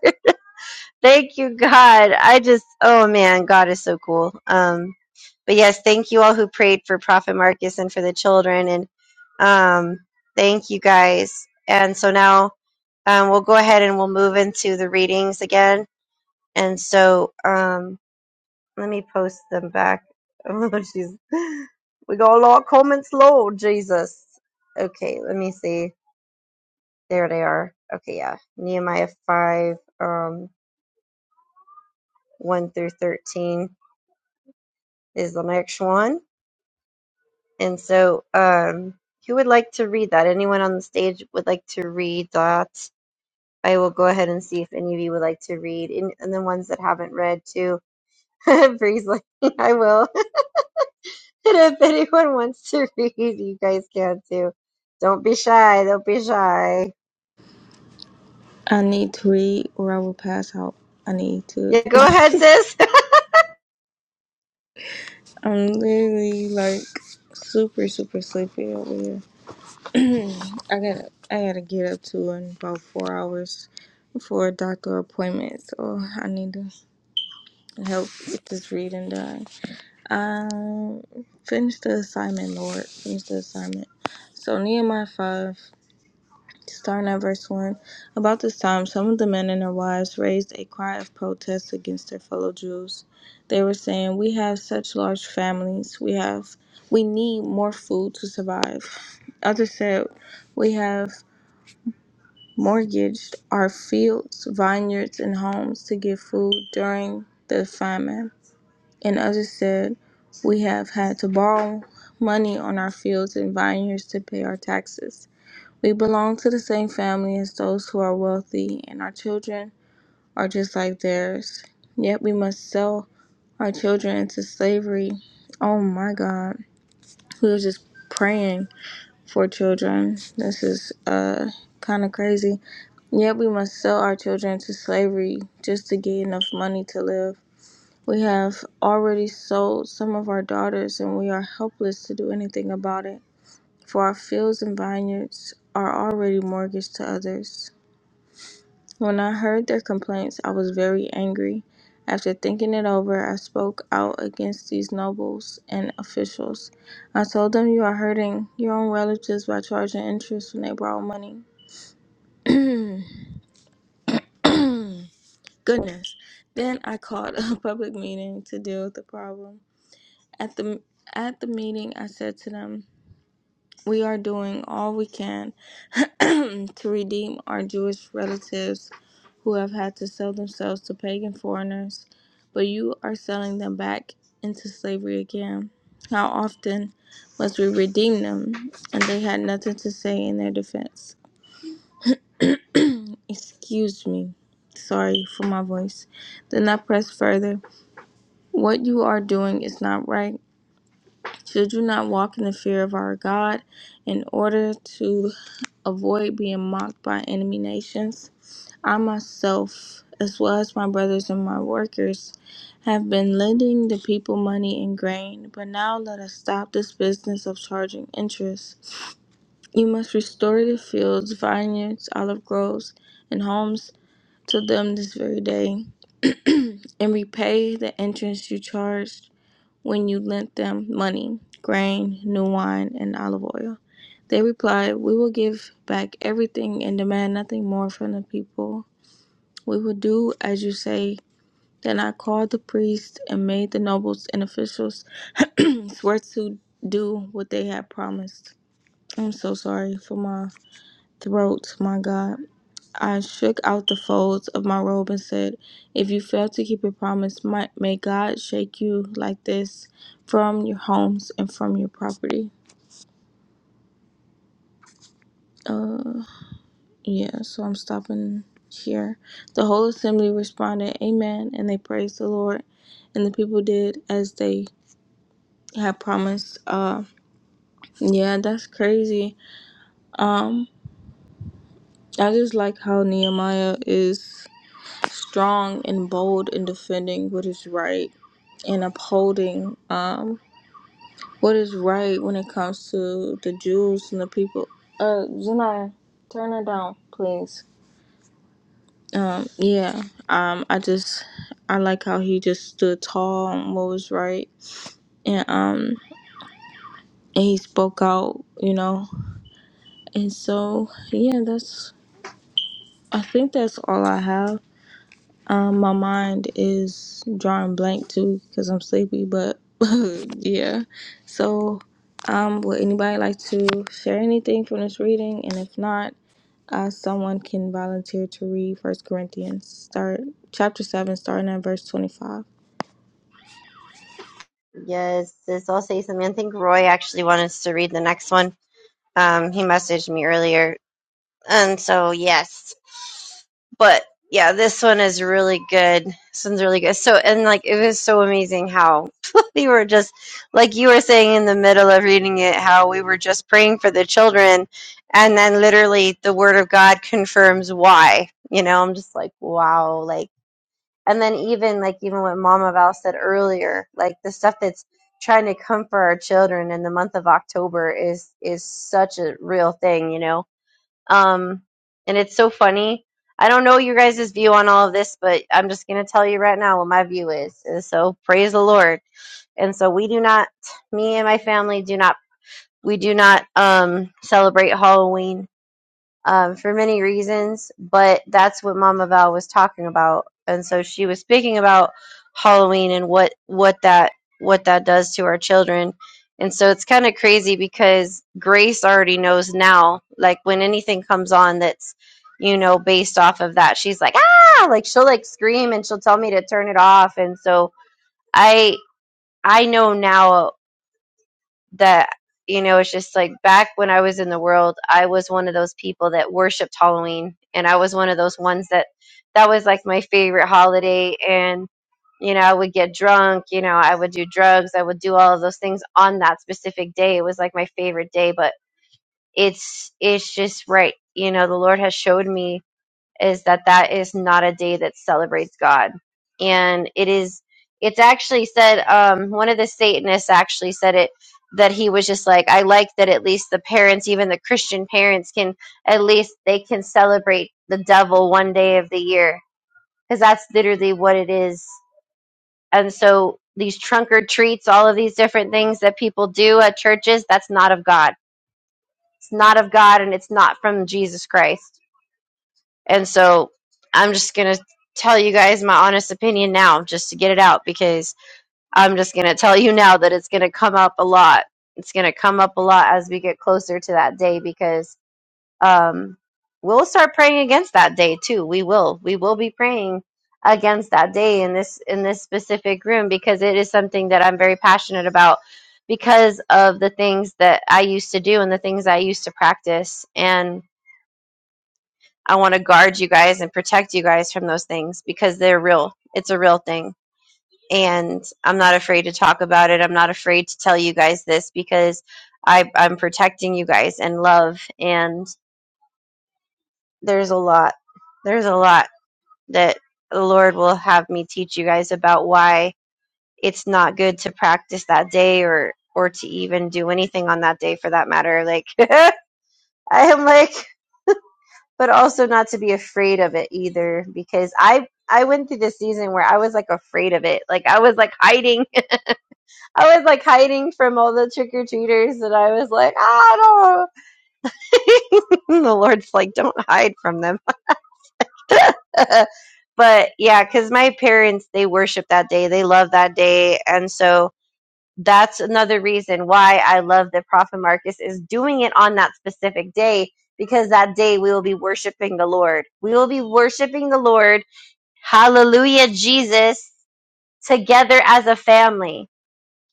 Thank you, God. I just oh man, God is so cool. Um but yes, thank you all who prayed for Prophet Marcus and for the children and um thank you guys. And so now um, we'll go ahead and we'll move into the readings again. And so, um, let me post them back. Oh, she's. We got a lot of comments, Lord Jesus. Okay, let me see. There they are. Okay, yeah. Nehemiah 5, um, 1 through 13 is the next one. And so, um, who would like to read that? Anyone on the stage would like to read that? I will go ahead and see if any of you would like to read. And, and the ones that haven't read, too. Bree's like, I will. And if anyone wants to read, you guys can too. Don't be shy. Don't be shy.
I need to read or I will pass out. I need to.
Yeah, go ahead, sis.
I'm literally like super, super sleepy over here. I gotta, I gotta get up to in about four hours for a doctor appointment. So I need to help get this reading done. Um, finish the assignment, Lord. Finish the assignment. So Nehemiah five, starting at verse one. About this time, some of the men and their wives raised a cry of protest against their fellow Jews. They were saying, "We have such large families. We have, we need more food to survive." Others said, "We have mortgaged our fields, vineyards, and homes to give food during the famine." And others said, We have had to borrow money on our fields and vineyards to pay our taxes. We belong to the same family as those who are wealthy, and our children are just like theirs. Yet we must sell our children into slavery. Oh my God. We were just praying for children. This is uh kind of crazy. Yet we must sell our children to slavery just to get enough money to live. We have already sold some of our daughters, and we are helpless to do anything about it, for our fields and vineyards are already mortgaged to others. When I heard their complaints, I was very angry. After thinking it over, I spoke out against these nobles and officials. I told them you are hurting your own relatives by charging interest when they borrow money. Goodness. Then I called a public meeting to deal with the problem. At the at the meeting, I said to them, "We are doing all we can to redeem our Jewish relatives who have had to sell themselves to pagan foreigners, but you are selling them back into slavery again. How often must we redeem them?" And they had nothing to say in their defense. Excuse me. Sorry for my voice. Then I pressed further. What you are doing is not right. So do not walk in the fear of our God in order to avoid being mocked by enemy nations. I myself, as well as my brothers and my workers, have been lending the people money and grain, but now let us stop this business of charging interest. You must restore the fields, vineyards, olive groves, and homes to them this very day, and repay the interest you charged when you lent them money, grain, new wine, and olive oil. They replied, We will give back everything and demand nothing more from the people. We will do as you say. Then I called the priests and made the nobles and officials swear to do what they had promised. I'm so sorry for my throat, my God. I shook out the folds of my robe and said, If you fail to keep your promise, my, may God shake you like this from your homes and from your property. Uh, yeah, so I'm stopping here. The whole assembly responded, Amen, and they praised the Lord. And the people did as they had promised. Uh, yeah, that's crazy. Um, I just like how Nehemiah is. strong and bold in defending what is right and upholding um, what is right when it comes to the Jews and the people. Uh, Zenai, turn her down, please. Um, yeah, um, I just, I like how he just stood tall on what was right. And, um, and he spoke out, you know. And so, yeah, that's, I think that's all I have. Um, my mind is drawing blank too because I'm sleepy, but yeah. So, um, would anybody like to share anything from this reading? And if not, uh, someone can volunteer to read First Corinthians, start chapter seven, starting at verse twenty-five.
yes, sis. I'll say something. I think Roy actually wanted us to read the next one. Um, he messaged me earlier. And so, yes. But yeah, this one is really good. This one's really good. So, and like, it was so amazing how we were just, like you were saying in the middle of reading it, how we were just praying for the children. And then literally the word of God confirms why. You know, I'm just like, wow. Like, and then even like, even what Mama Val said earlier, like the stuff that's trying to come for our children in the month of October is, is such a real thing, you know? Um, and it's so funny. I don't know your guys' view on all of this, but I'm just going to tell you right now what my view is. And so praise the Lord. And so we do not, me and my family do not, we do not um, celebrate Halloween um, for many reasons, but that's what Mama Val was talking about, and so she was speaking about Halloween and what what that what that does to our children, and so it's kind of crazy because Grace already knows now, like when anything comes on that's you know based off of that, she's like ah, like she'll like scream and she'll tell me to turn it off, and so I I know now that you know it's just like back when i was in the world i was one of those people that worshiped halloween and i was one of those ones that that was like my favorite holiday and you know i would get drunk you know i would do drugs i would do all of those things on that specific day it was like my favorite day but it's it's just right you know the lord has showed me is that that is not a day that celebrates God. And it is, it's actually said, um, one of the Satanists actually said it, that he was just like, I like that at least the parents, even the Christian parents can, at least they can celebrate the devil one day of the year. Cause that's literally what it is. And so these trunk or treats, all of these different things that people do at churches, that's not of God. It's not of God and it's not from Jesus Christ. And so I'm just going to tell you guys my honest opinion now, just to get it out, because I'm just going to tell you now that it's going to come up a lot. It's going to come up a lot as we get closer to that day because um, we'll start praying against that day too. We will. We will be praying against that day in this in this specific room because it is something that I'm very passionate about because of the things that I used to do and the things I used to practice and I want to guard you guys and protect you guys from those things because they're real. It's a real thing. And I'm not afraid to talk about it. I'm not afraid to tell you guys this because I, I'm protecting you guys in love. And there's a lot, there's a lot that the Lord will have me teach you guys about why it's not good to practice that day or, or to even do anything on that day for that matter. Like, I am like, but also not to be afraid of it either because i i went through this season where i was like afraid of it like i was like hiding i was like hiding from all the trick-or-treaters and i was like i don't know. the lord's like don't hide from them but yeah because my parents they worship that day they love that day and so that's another reason why i love that prophet marcus is doing it on that specific day because that day we will be worshiping the lord we will be worshiping the lord Hallelujah, Jesus, together as a family.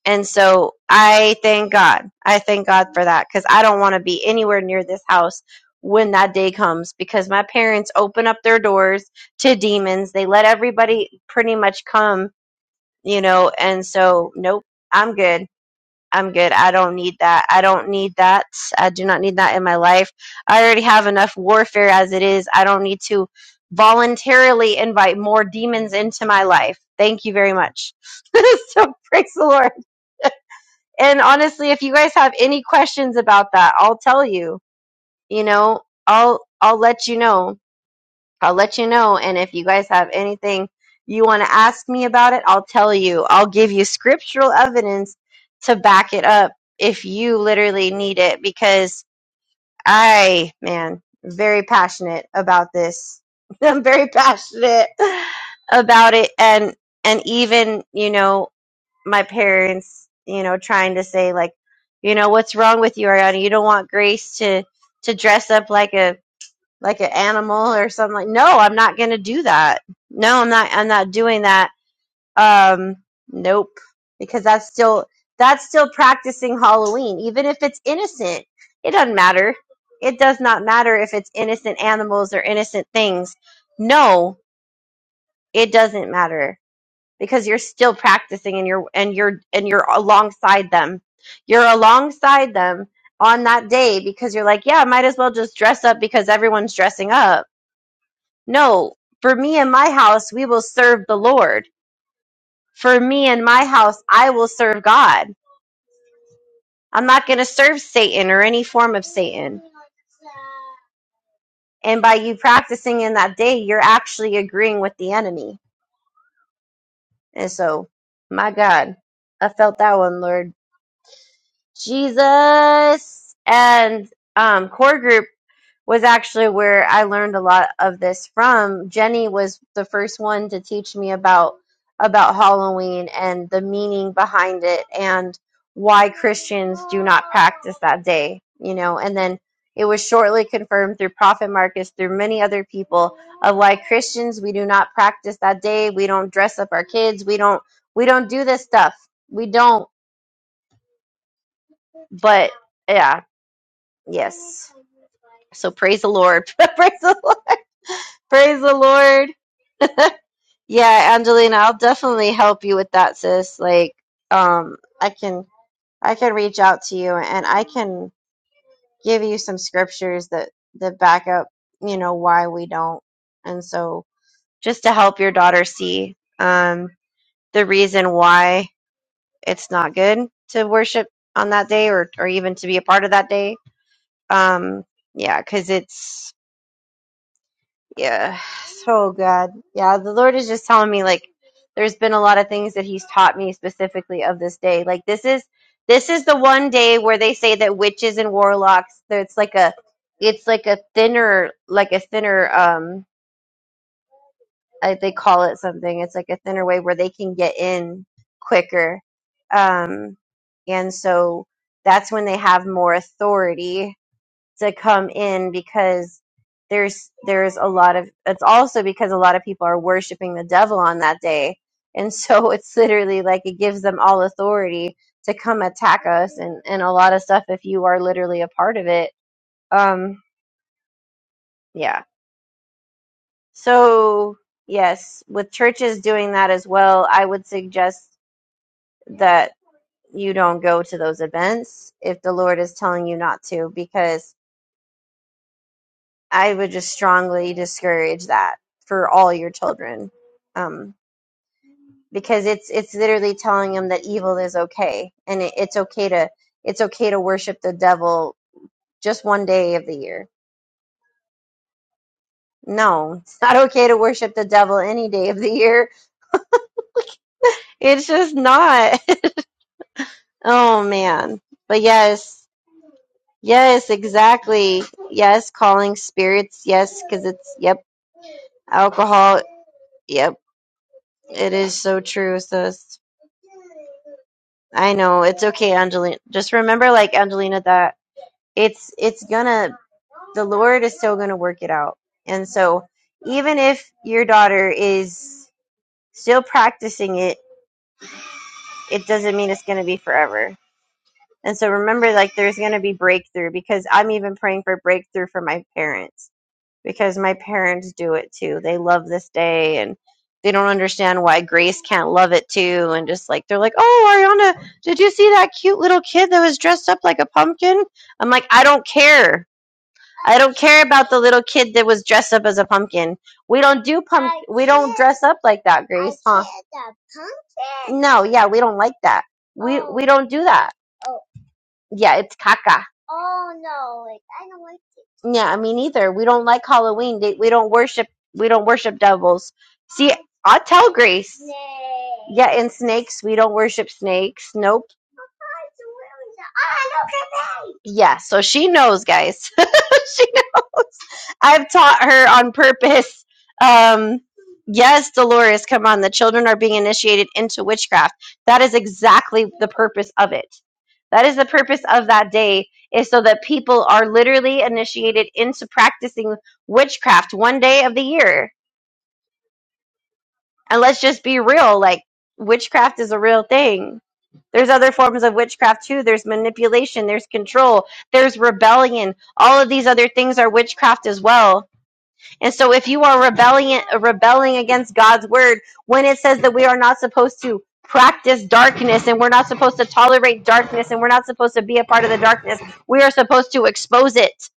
And so I thank God. I thank God for that because I don't want to be anywhere near this house when that day comes because my parents open up their doors to demons. They let everybody pretty much come, you know, and so nope, I'm good. I'm good. I don't need that. I don't need that. I do not need that in my life. I already have enough warfare as it is. I don't need to voluntarily invite more demons into my life. Thank you very much. so praise the Lord. And honestly, if you guys have any questions about that, I'll tell you. You know, I'll I'll let you know. I'll let you know. And if you guys have anything you want to ask me about it, I'll tell you. I'll give you scriptural evidence to back it up if you literally need it because I, man, very passionate about this. I'm very passionate about it and and even, you know, my parents, you know, trying to say like, you know, what's wrong with you, Ariana? You don't want Grace to to dress up like a like an animal or something like no i'm not going to do that no i'm not i'm not doing that um nope because that's still that's still practicing halloween even if it's innocent it doesn't matter it does not matter if it's innocent animals or innocent things no it doesn't matter because you're still practicing and you're and you're and you're alongside them you're alongside them on that day because you're like yeah I might as well just dress up because everyone's dressing up no, for me and my house, we will serve the Lord. For me and my house, I will serve God. I'm not going to serve Satan or any form of Satan. And by you practicing in that day, you're actually agreeing with the enemy. And so, my God, I felt that one, Lord Jesus. And um, core group was actually where I learned a lot of this from. Jenny was the first one to teach me about about Halloween and the meaning behind it and why Christians do not practice that day, you know. And then it was shortly confirmed through Prophet Marcus, through many other people, of why Christians we do not practice that day. We don't dress up our kids. We don't we don't do this stuff. We don't. But yeah, yes. So praise the Lord. praise the Lord. Praise the Lord. Yeah, Angelina, I'll definitely help you with that, sis. Like, um, I can I can reach out to you and I can give you some scriptures that that back up, you know, why we don't. And so just to help your daughter see um the reason why it's not good to worship on that day or or even to be a part of that day. Um yeah, cuz it's Yeah. So God. Yeah, the Lord is just telling me like there's been a lot of things that he's taught me specifically of this day. Like this is this is the one day where they say that witches and warlocks that it's like a it's like a thinner like a thinner um I, they call it something. It's like a thinner way where they can get in quicker. Um and so that's when they have more authority to come in because there's there's a lot of it's also because a lot of people are worshiping the devil on that day and so it's literally like it gives them all authority to come attack us and and a lot of stuff if you are literally a part of it um yeah so yes with churches doing that as well i would suggest that you don't go to those events if the lord is telling you not to because I would just strongly discourage that for all your children, um, because it's it's literally telling them that evil is okay, and it, it's okay to it's okay to worship the devil just one day of the year. No, it's not okay to worship the devil any day of the year. It's just not. oh man, but yes, yes, exactly. Yes, calling spirits. Yes, because it's yep, alcohol. Yep, it is so true, sis. I know it's okay, Angelina. Just remember, like Angelina, that it's it's gonna the Lord is still gonna work it out. And so, even if your daughter is still practicing it, it doesn't mean it's gonna be forever. And so, remember, like there's gonna be breakthrough because I'm even praying for breakthrough for my parents because my parents do it too. They love this day and they don't understand why Grace can't love it too. And just like, they're like, oh, Ariana, did you see that cute little kid that was dressed up like a pumpkin? I'm like, I don't care. care about the little kid that was dressed up as a pumpkin. We don't do dress up like that, Grace. No, yeah, we don't like that. We don't do that. Yeah, it's caca. Yeah, I mean, either. We don't like Halloween. They, we don't worship. We don't worship devils. See, I tell Grace. Yeah, and snakes. We don't worship snakes. Nope. Yeah, so she knows, guys. she knows. I've taught her on purpose. Um, yes, Dolores, come on. The children are being initiated into witchcraft. That is exactly the purpose of it. That is the purpose of that day, is so that people are literally initiated into practicing witchcraft one day of the year And let's just be real, like witchcraft is a real thing. There's other forms of witchcraft too. There's manipulation, there's control, there's rebellion. All of these other things are witchcraft as well. And so if you are rebelling rebelling against God's word when it says that we are not supposed to practice darkness and we're not supposed to tolerate darkness and we're not supposed to be a part of the darkness, we are supposed to expose it.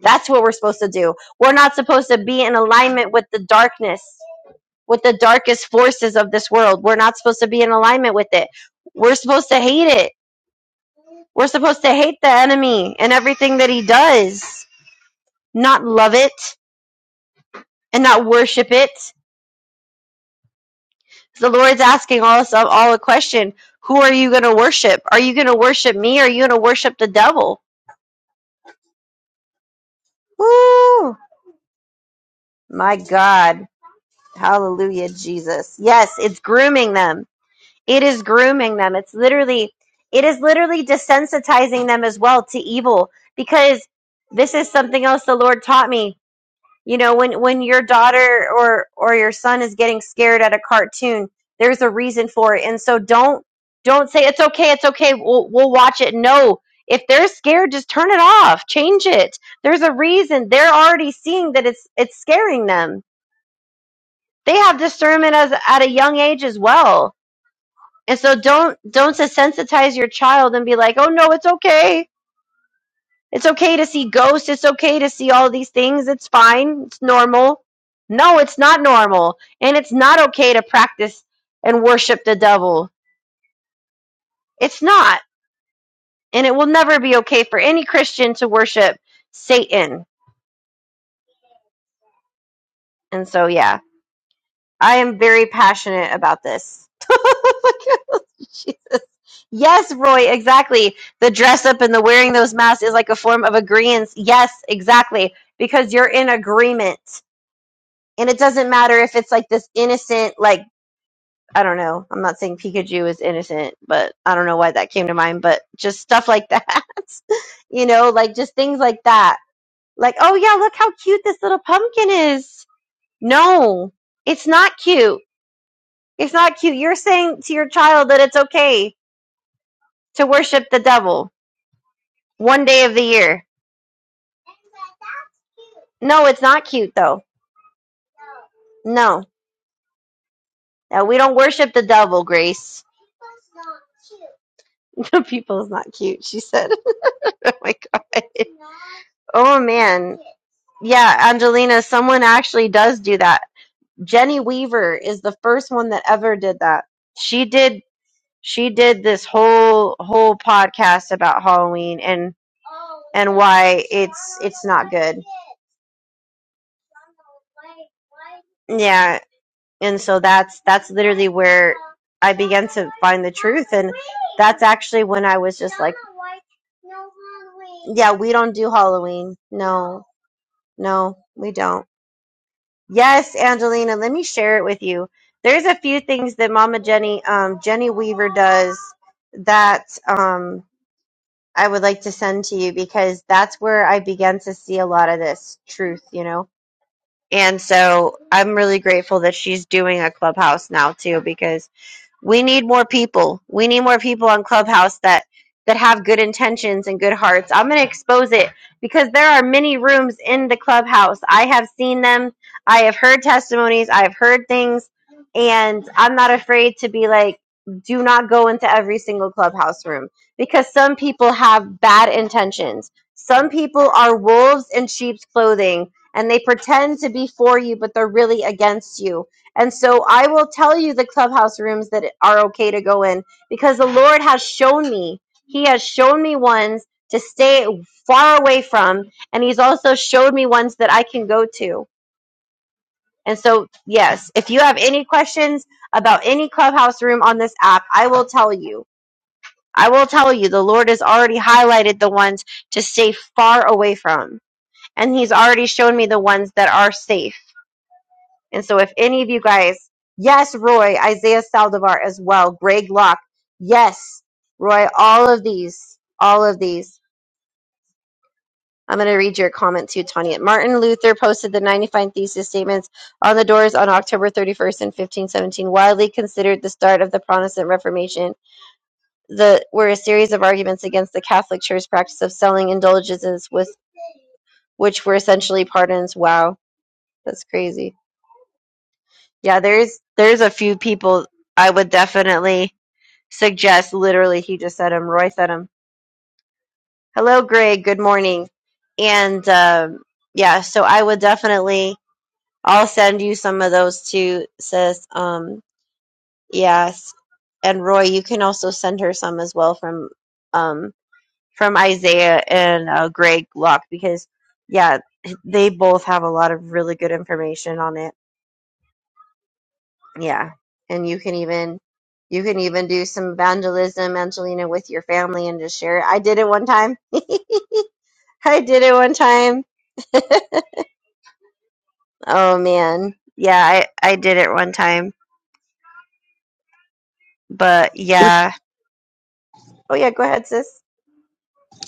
That's what we're supposed to do. We're not supposed to be in alignment with the darkness with the darkest forces of this world. We're not supposed to be in alignment with it. We're supposed to hate it. We're supposed to hate the enemy and everything that he does, not love it and not worship it. The Lord's asking all us all a question. Who are you going to worship? Are you going to worship me or are you going to worship the devil? Woo! My God. Hallelujah, Jesus. Yes, it's grooming them It is grooming them. It's literally it is literally desensitizing them as well to evil because this is something else the Lord taught me. You know, when when your daughter or or your son is getting scared at a cartoon, there's a reason for it. And so don't don't say it's okay, it's okay. We'll we'll watch it. No. If they're scared, just turn it off. Change it. There's a reason. They're already seeing that it's it's scaring them. They have discernment as at a young age as well and so don't don't desensitize your child and be like, "Oh no, it's okay. It's okay to see ghosts. It's okay to see all these things. It's fine. It's normal." No, it's not normal. And it's not okay to practice and worship the devil. It's not. And it will never be okay for any Christian to worship Satan. And so yeah. I am very passionate about this. Jesus. Yes, Roy, exactly. The dress up and the wearing those masks is like a form of agreement. Yes, exactly. Because you're in agreement. And it doesn't matter if it's like this innocent, like, I don't know. I'm not saying Pikachu is innocent, but I don't know why that came to mind, but just stuff like that. you know, like just things like that. Like, oh yeah, look how cute this little pumpkin is. No, it's not cute it's not cute. You're saying to your child that it's okay to worship the devil one day of the year. No, it's not cute though. No. No, we don't worship the devil, Grace. The people is not cute, she said. oh my god. Oh man. Yeah, Angelina, someone actually does do that. Jenny Weaver is the first one that ever did that. She did she did this whole whole podcast about Halloween and yeah, and so that's that's literally where I that's actually when I was just Yeah, we don't do Halloween. No, no, we don't. Yes, Angelina, let me share it with you. There's a few things that Mama Jenny, um, Jenny, that um, I would like to send to you because that's where I began to see a lot of this truth, you know. And so I'm really grateful that she's doing a clubhouse now too because We need more people. We need more people on Clubhouse that that have good intentions and good hearts. I'm going to expose it because there are many rooms in the Clubhouse. I have seen them. I have heard testimonies. I have heard things and I'm not afraid to be like do not go into every single Clubhouse room because some people have bad intentions. Some people are wolves in sheep's clothing and they pretend to be for you but they're really against you and so I will tell you the clubhouse rooms that are okay to go in because the Lord has shown me. He has shown me ones to stay far away from, and He's also showed me ones that I can go to. And so, yes, if you have any questions about any clubhouse room on this app, I will tell you. I will tell you the Lord has already highlighted the ones to stay far away from, and He's already shown me the ones that are safe And so, if any of you guys, yes, Roy, Isaiah Saldivar as well, Greg Locke, yes, Roy, all of these, all of these. I'm going to read your comment too, Tanya. Martin Luther posted the 95 Thesis Statements on the doors on October 31st in 1517, widely considered the start of the Protestant Reformation. The were a series of arguments against the Catholic Church's practice of selling indulgences, with which were essentially pardons. Wow, that's crazy. Yeah, there's there's a few people I would definitely suggest literally he just said him roy said him hello greg good morning and um, yeah so i would definitely i'll send you some of those too sis um, yes and roy you can also send her some as well from um, from isaiah and uh, greg Locke because yeah they both have a lot of really good information on it yeah and you can even you can even do some evangelism angelina with your family and just share it i did it one time I did it one time. Oh man. Yeah, I I did it one time. But
What
yeah. Oh yeah, go ahead, sis.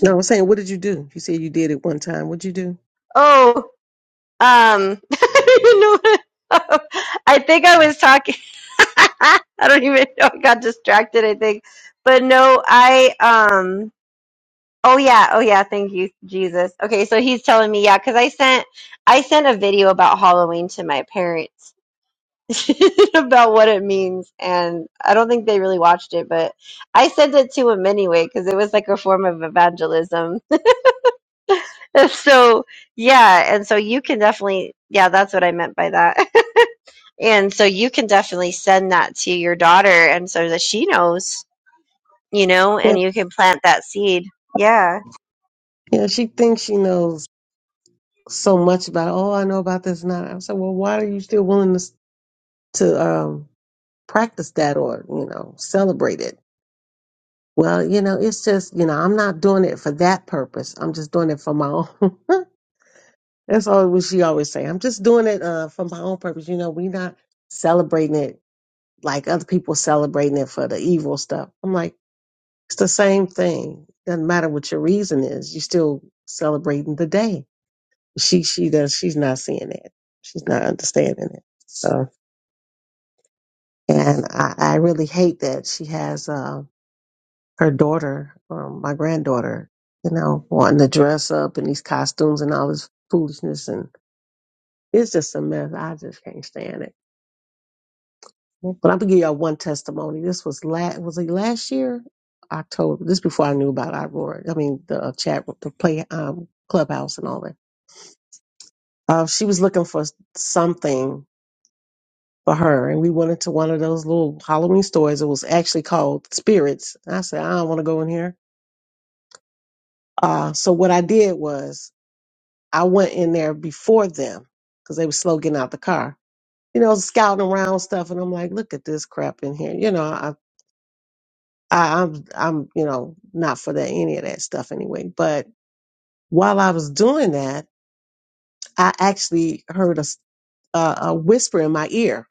no, I'm saying, what did you do? You said you did it one time. What'd you do?
Oh, um I don't even know what I think I was talking I don't even know. I got distracted, I think. But no, I um oh yeah, oh yeah, thank you, Jesus. Okay, so he's telling me, yeah, because I sent I sent a video about Halloween to my parents about what it means. And I don't think they really watched it, but I sent it to him anyway because it was like a form of evangelism. so, yeah. And so you can definitely, yeah, that's what I meant by that. and so you can definitely send that to your daughter and so that she knows, you know,
Yeah,
and you can plant that seed. Yeah.
yeah. She thinks she knows so much about. Oh, I know about this and that. I said, well, why are you still willing to s- to um, practice that or you know celebrate it? Well, you know, it's just, you know, I'm not doing it for that purpose. I'm just doing it for my own. That's all what she always say. I'm just doing it uh, for my own purpose. You know, we not celebrating it like other people celebrating it for the evil stuff. I'm like, it's the same thing. Doesn't matter what your reason is. You still celebrating the day. She she does. She's not seeing it. She's not understanding it. So, and I, I really hate that she has. Uh, her daughter, um, my granddaughter, you know, wanting to dress up in these costumes and all this foolishness. And it's just a mess. I just can't stand it. But I'm going to give y'all one testimony. This was last, was it last year? October. This before I knew about Iroar. I mean, the uh, chat, the play, um, clubhouse and all that. Uh, she was looking for something for her. And we went into one of those little Halloween stores. It was actually called Spirits. And I said, I don't want to go in here. Uh, so what I did was I went in there before them because they were slow getting out the car. You know, scouting around stuff, and I'm like, look at this crap in here. You know, I, I I'm I'm you know not for that any of that stuff anyway. But while I was doing that, I actually heard a s- a, a whisper in my ear.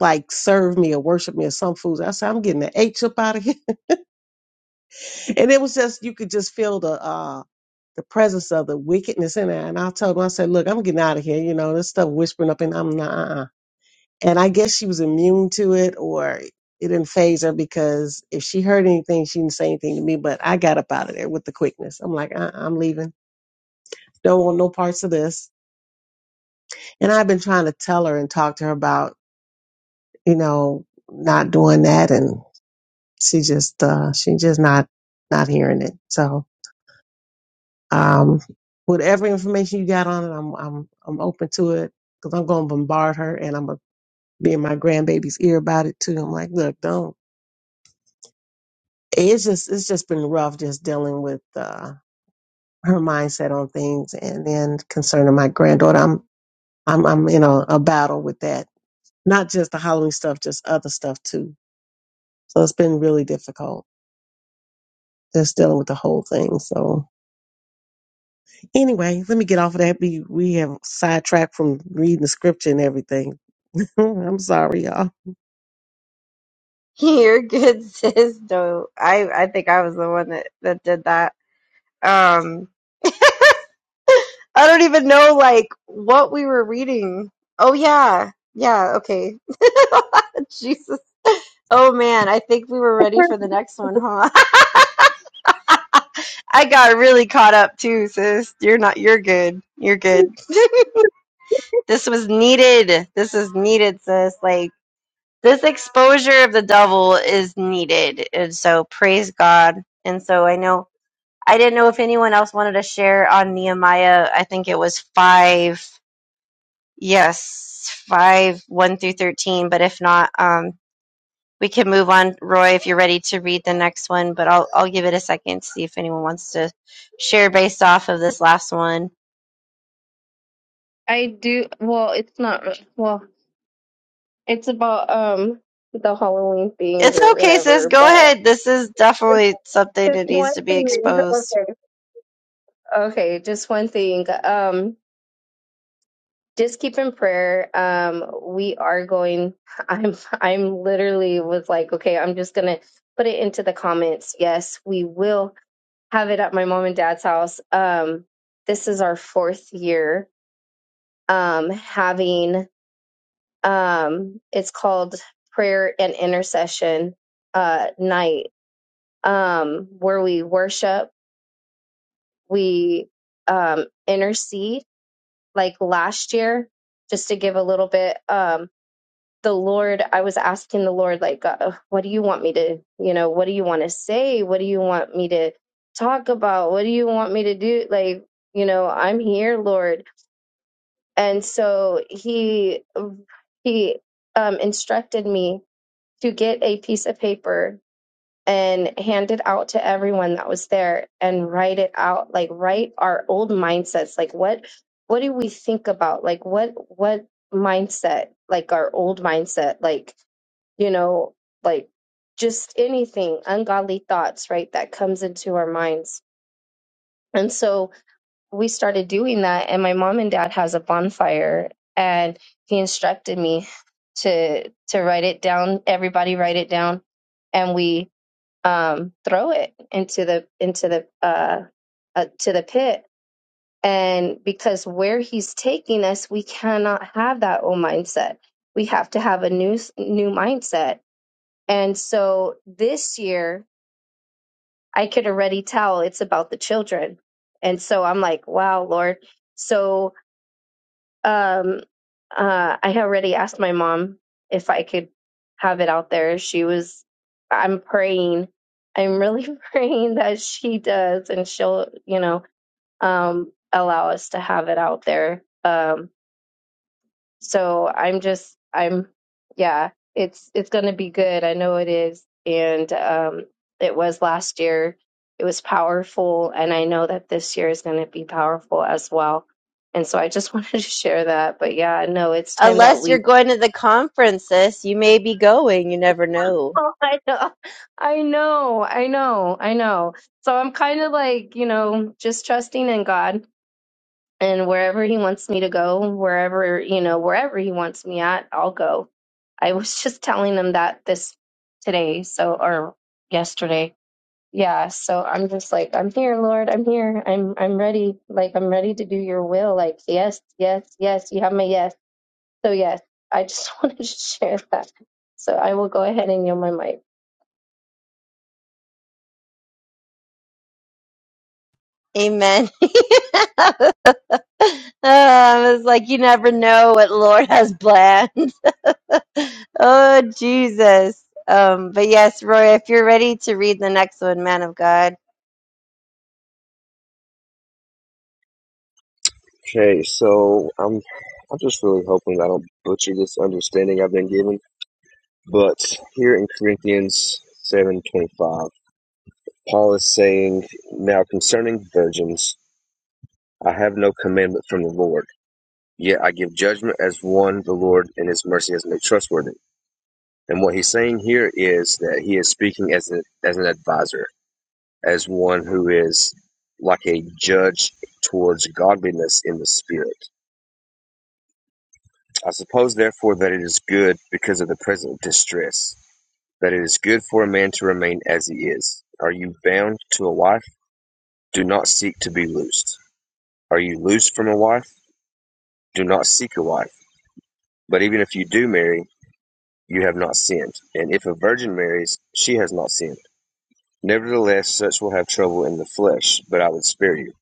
Like serve me or worship me or some foods. I said I'm getting the H up out of here, and it was just you could just feel the uh the presence of the wickedness in there. And I told him I said, look, I'm getting out of here. You know this stuff whispering up, and I'm not. uh, uh, And I guess she was immune to it or it didn't phase her because if she heard anything, she didn't say anything to me, but I got up out of there with the quickness. I'm like, uh I'm leaving. Don't want no parts of this. And I've been trying to tell her and talk to her about, you know, not doing that. And she just, uh, she just not, not hearing it. So, um, whatever information you got on it, I'm, I'm, I'm open to it because I'm going to bombard her and I'm going to be in my grandbaby's ear about it too. I'm like, look, don't. it's just it's just been rough just dealing with uh, her mindset on things and then concerning my granddaughter i'm i'm i'm in a, a battle with that not just the halloween stuff just other stuff too so it's been really difficult just dealing with the whole thing so anyway let me get off of that we we have sidetracked from reading the scripture and everything i'm sorry y'all
You're good, sis. No, I, I think I was the one that, that did that. Um, I don't even know like what we were reading. Oh yeah. Yeah, okay. Jesus. Oh man, I think we were ready for the next one, huh? I got really caught up too, sis. You're not you're good. You're good. this was needed. This is needed, sis. Like this exposure of the devil is needed. And so praise God. And so I know I didn't know if anyone else wanted to share on Nehemiah. I think it was 5 Yes, 5, 1 through 13. But if not, um, we can move on. Roy, if you're ready to read the next one, but I'll, I'll give it a second to see if anyone wants to share based off of this last one.
I do. Well, it's not. Well, It's about um the Halloween thing
It's
or
okay, sis.
whatever,
Go
but
ahead. This is definitely something
just
that
one
needs to be
thing.
exposed.
Okay. Okay, just one thing. Um just keep in prayer. Um we are going I'm I'm literally was like, okay, I'm just gonna put it into the comments. Yes, we will have it at my mom and dad's house. Um this is our fourth year um having um it's called prayer and intercession uh night um, where we worship, we um, intercede. Like last year, just to give a little bit, um, the Lord, I was asking the Lord, like, uh, what do you want me to, you know, what do you want to say? What do you want me to talk about? What do you want me to do? Like, you know, I'm here, Lord. And so he, he, um, to get a, that was there and write it out like write our old mindsets like what what do we think about like what what mindset like our old mindset like you know like just anything ungodly thoughts right that comes into our minds and so we started doing that and my mom and dad has a bonfire and he instructed me to to write it down everybody write it down and we um, throw it into the into the uh, uh, to the pit. And because where he's taking us, we cannot have that old mindset. We have to have a new new mindset. And so this year, I could already tell it's about the children. And so I'm like, wow, Lord. So um, uh, I had already asked my mom if I could have it out there. She was, I'm praying. I'm really praying that she does and she'll, you know, um, allow us to have it out there. Um, so I'm just I'm yeah, it's it's going to be good. I know it is. And um it was last year. It was powerful and I know that this year is going to be powerful as well. And so I just wanted to share that. But yeah, no, it's time that
Unless you're
we
going to the conference, sis, you may be going. You never know.
Oh, I know. I know. I know. I know. So I'm kind of like, you know, just trusting in God and wherever he wants me to go, wherever, you know, wherever he wants me at, I'll go. I was just telling him that this today, so or yesterday. Yeah, so I'm just like, I'm here, Lord, I'm here. I'm I'm ready. Like I'm ready to do your will. Like, yes, yes, yes, you have my yes. So yes, I just wanted to share that. So I will go ahead and yield my mic.
Amen. Uh, it's like you never know what Lord has planned. Oh, Jesus. Um, but yes, Roy, if you're ready to read the next one, man of God.
Okay, so I'm I'm just really hoping I don't butcher this understanding I've been given But here in Corinthians 7:25, Paul is saying, "Now concerning virgins, I have no commandment from the Lord, yet I give judgment as one the Lord and his mercy has made trustworthy." And what he's saying here is that he is speaking as an as an advisor, as one who is like a judge towards godliness in the spirit. I suppose therefore that it is good because of the present distress, that it is good for a man to remain as he is. Are you bound to a wife? Do not seek to be loosed. Are you loosed from a wife? Do not seek a wife. But even if you do marry, you have not sinned. And if a virgin marries, she has not sinned. Nevertheless, such will have trouble in the flesh, but I would spare you.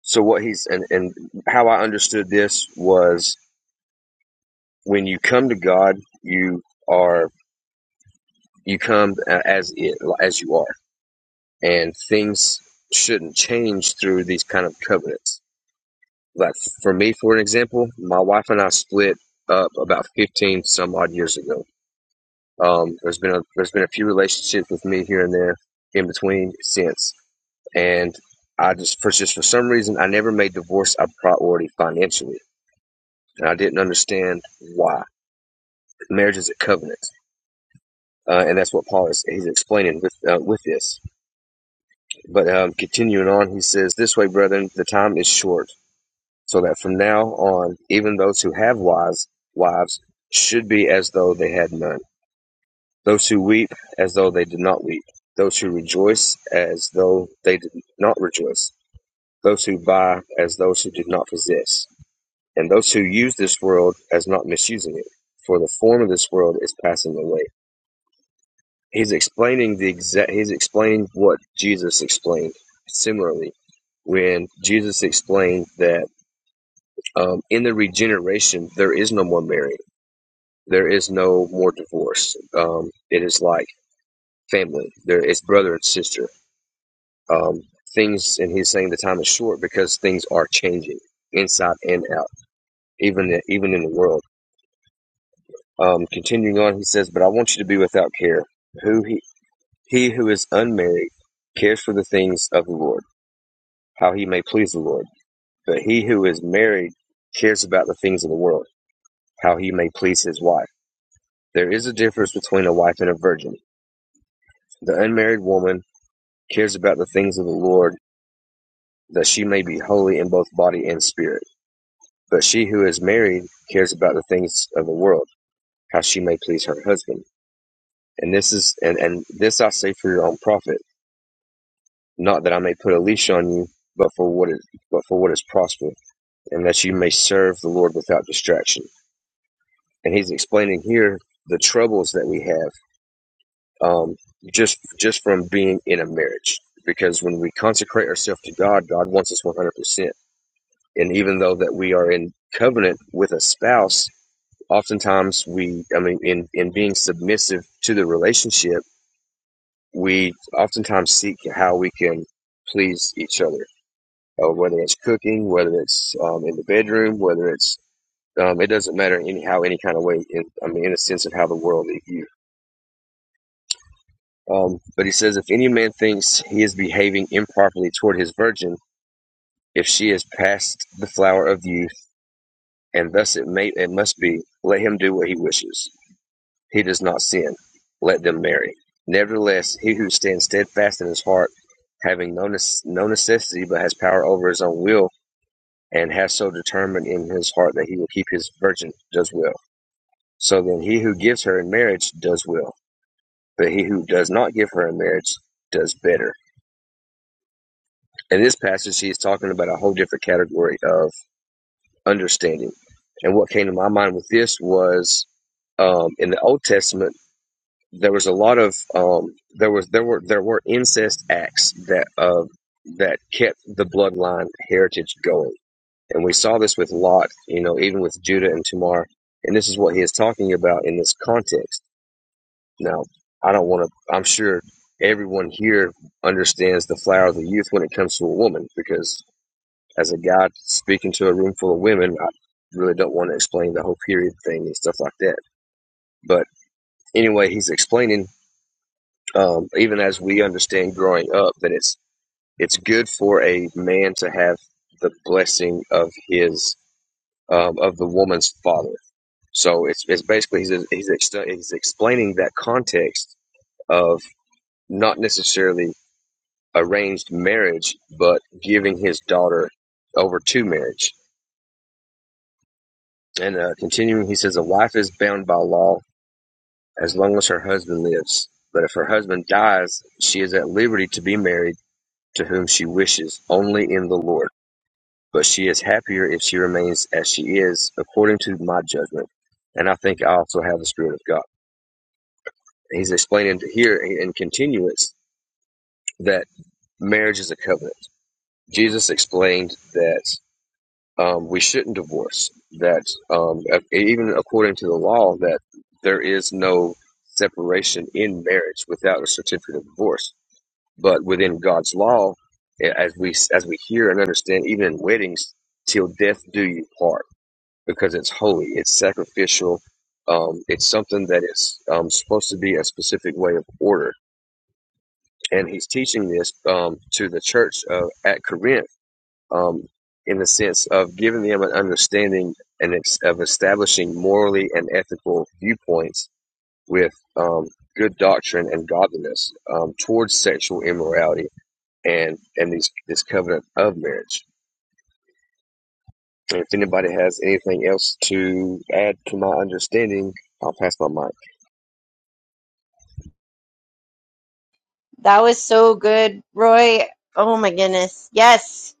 So what he's and, and how I understood this was when you come to God, you are you come as it as you are, and things shouldn't change through these kind of covenants Like for me, for an example, my wife and I split up about fifteen some odd years ago. Um, there's been a there's been a few relationships with me here and there in between since, and I just for just for some reason I never made divorce a priority financially, and I didn't understand why. Marriage is a covenant, uh, and that's what Paul is he's explaining with uh, with this. But um, continuing on, he says, "This way, brethren, the time is short." so that from now on, even those who have wives, wives should be as though they had none. Those who weep as though they did not weep. Those who rejoice as though they did not rejoice. Those who buy as those who did not possess. And those who use this world as not misusing it. For the form of this world is passing away. He's explaining the exact, he's explaining what Jesus explained similarly when Jesus explained that um, in the regeneration, there is no more marriage There is no more divorce. Um, it is like family. There is brother and sister. Um, things, and he's saying the time is short because things are changing inside and out, even even in the world. Um, continuing on, he says, "But I want you to be without care. Who he he who is unmarried cares for the things of the Lord, how he may please the Lord. But he who is married cares about the things of the world, how he may please his wife. There is a difference between a wife and a virgin. The unmarried woman." cares about the things of the Lord, that she may be holy in both body and spirit. But she who is married cares about the things of the world, how she may please her husband. And this is and, and this I say for your own profit, not that I may put a leash on you, but for what is but for what is prosper, and that you may serve the Lord without distraction. And he's explaining here the troubles that we have um, just just from being in a marriage. Because when we consecrate ourselves to God, God wants us one hundred percent and even though that we are in covenant with a spouse oftentimes we i mean in in being submissive to the relationship we oftentimes seek how we can please each other uh, whether it's cooking whether it's um, in the bedroom whether it's um, it doesn't matter anyhow any kind of way in, i mean in a sense of how the world views. um, but he says if any man thinks he is behaving improperly toward his virgin if she is past the flower of youth and thus it may it must be let him do what he wishes he does not sin. Let them marry. Nevertheless, he who stands steadfast in his heart, having no, nece- no necessity but has power over his own will, and has so determined in his heart that he will keep his virgin, does well. So then he who gives her in marriage does well, but he who does not give her in marriage does better. In this passage, he is talking about a whole different category of understanding. And what came to my mind with this was um, in the Old Testament, there was a lot of um, there was there were there were incest acts that uh, that kept the bloodline heritage going, and we saw this with Lot, you know, even with Judah and Tamar, and this is what he is talking about in this context. Now, I don't want to. I'm sure everyone here understands the flower of the youth when it comes to a woman, because as a guy speaking to a room full of women, I really don't want to explain the whole period thing and stuff like that. But anyway, he's explaining um, even as we understand growing up that it's it's good for a man to have the blessing of his um, of the woman's father. So it's, it's basically he's he's, ex- he's explaining that context of not necessarily arranged marriage, but giving his daughter over to marriage. And uh, continuing, he says a wife is bound by law as long as her husband lives, but if her husband dies, she is at liberty to be married to whom she wishes, only in the Lord. But she is happier if she remains as she is, according to my judgment. And I think I also have the Spirit of God. He's explaining here in continuance that marriage is a covenant. Jesus explained that um, we shouldn't divorce, that um, even according to the law, that there is no separation in marriage without a certificate of divorce But within God's law, as we as we hear and understand, even in weddings, till death do you part, because it's holy, it's sacrificial, um, it's something that is um, supposed to be a specific way of order. And he's teaching this um, to the church uh, at Corinth um, in the sense of giving them an understanding and ex- of establishing morally and ethical viewpoints with um, good doctrine and godliness um, towards sexual immorality and and these this covenant of marriage. And if anybody has anything else to add to my understanding, I'll pass my mic.
That was so good, Roy. Oh my goodness. Yes.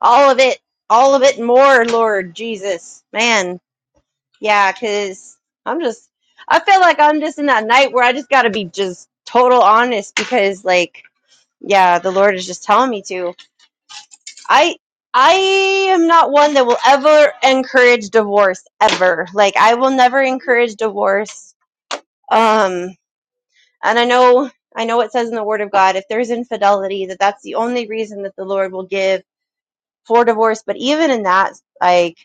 All of it. All of it and more, Lord Jesus. Man. Yeah, because I'm just, I feel like I'm just in that night where I just got to be just total honest because, like, yeah, the Lord is just telling me to. I I am not one that will ever encourage divorce ever. Like I will never encourage divorce. Um and I know I know it says in the word of God if there's infidelity that that's the only reason that the Lord will give for divorce, but even in that like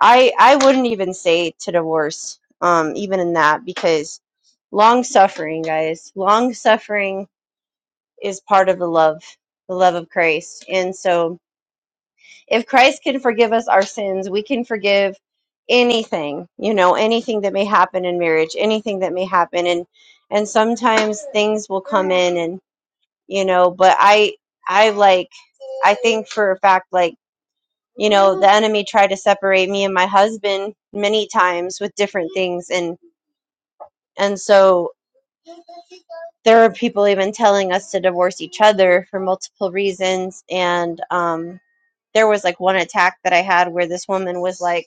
I I wouldn't even say to divorce um even in that because long suffering guys, long suffering is part of the love, the love of Christ. And so If Christ can forgive us our sins, we can forgive anything, you know, anything that may happen in marriage, anything that may happen and and sometimes things will in and you know, but I I like I think for a fact like you the enemy tried to separate me and my husband many times with different things and and so there are people even telling us to divorce each other for multiple reasons and um there was like one attack that I had where this woman was like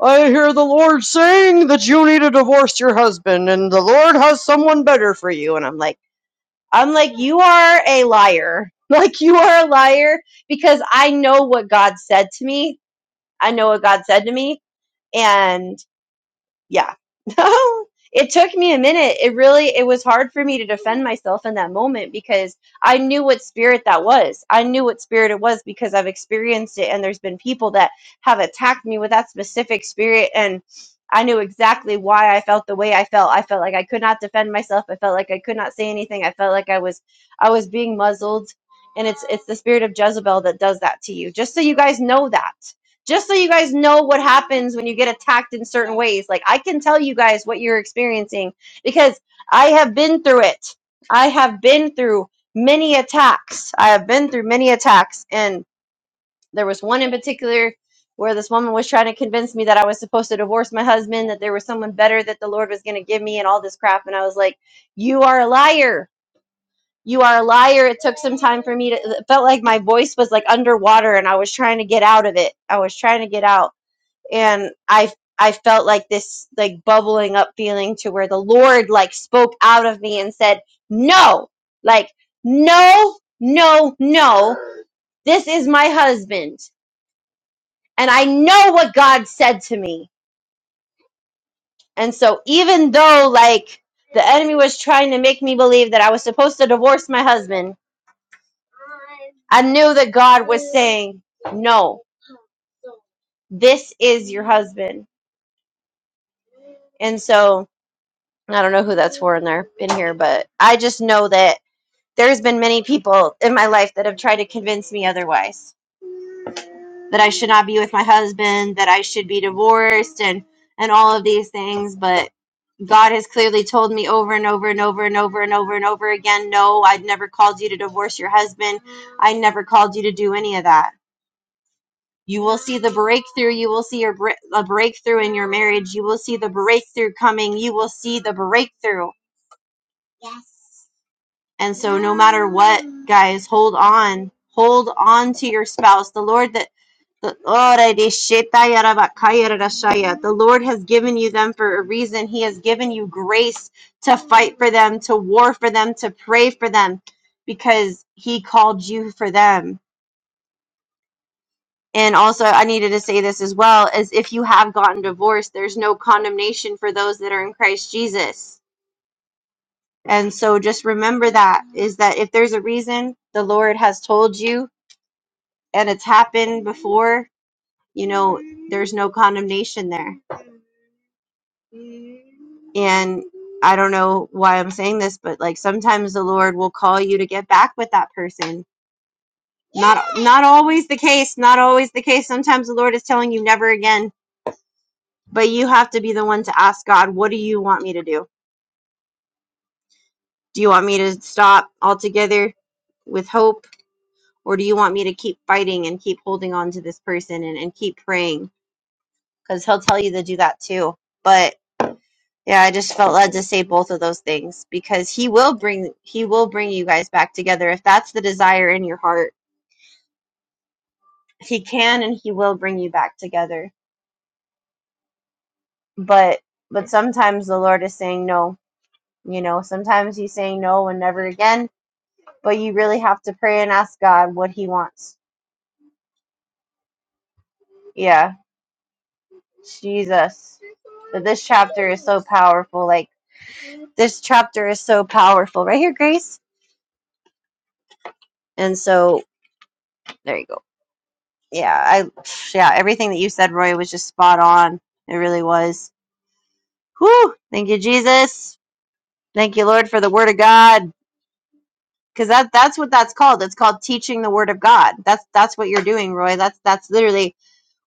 I hear the Lord saying that you need to divorce your husband and the Lord has someone better for you. And I'm like, I'm like, you are a liar. Like, you are a liar because I know what God said to me. I know what God said to me. And yeah it took me a minute it really it was hard for me to defend myself in that moment because i knew what spirit that was i knew what spirit it was because i've experienced it and there's been people that have attacked me with that specific spirit and i knew exactly why i felt the way i felt i felt like i could not defend myself i felt like i could not say anything i felt like i was i was being muzzled and it's it's the spirit of jezebel that does that to you just so you guys know that just so you guys know what happens when you get attacked in certain ways. Like I can tell you guys what you're experiencing because I have been through it. I have been through many attacks. I have been through many attacks and there was one in particular where this woman was trying to convince me that I was supposed to divorce my husband, that there was someone better that the Lord was going to give me and all this crap and I was like, "You are a liar." You are a liar. It took some time for me to it felt like my voice was like underwater and I was trying to get out of it. I was trying to get out and I I felt like this like bubbling up feeling to where the Lord like spoke out of me and said, "No. Like no, no, no. This is my husband, and I know what God said to me." And so even though like the enemy was trying to make me believe that I was supposed to divorce my husband, I knew that God saying, "No. This is your husband." And so I don't know who that's for in there in here, but I just know that there's been many people in my life that have tried to convince me otherwise that I should not be with my husband, that I should be divorced and and all of these things, but God has clearly told me over and over and over and over and over and over again, no, I'd never called you to divorce your husband. I never called you to do any of that. You will see the breakthrough. You will see your a breakthrough in your marriage. You will see the breakthrough coming. You will see the breakthrough. Yes. And so no matter what, guys, hold on. Hold on to your spouse. The Lord that the The Lord has given you them for a reason. He has given you grace to fight for them, to war for them, to pray for them, because He called you for them. And also, I needed to say this as well: as if you have gotten divorced, there's no condemnation for those that are in Christ Jesus. And so, just remember that is that if there's a reason, the Lord has told you and it's happened before, you know, there's no condemnation there. And I don't know why I'm saying this, but like sometimes the Lord will call you to get back with that person. Not not always the case, not always the case. Sometimes the Lord is telling you never again, but you have to be the one to ask God, what do you want me to do? Do you want me to stop altogether with hope or do you want me to keep fighting and keep holding on to this person and, and keep praying? Cuz he'll tell you to do that too. But Yeah, I just felt led to say both of those things because he will bring he will bring you guys back together if that's the desire in your heart. He can and he will bring you back together. But but sometimes the Lord is saying no. You know, sometimes he's saying no and never again, but you really have to pray and ask God what he wants. Yeah. Jesus. But this chapter is so powerful. Like this chapter is so powerful. Right here, Grace. And so there you go yeah, I yeah, everything that you said, Roy, was just spot on. It really was. Whew. Thank you, Jesus. Thank you, Lord, for the word of God. Because that that's what that's called. It's called teaching the word of God. That's that's what you're doing, Roy. That's that's literally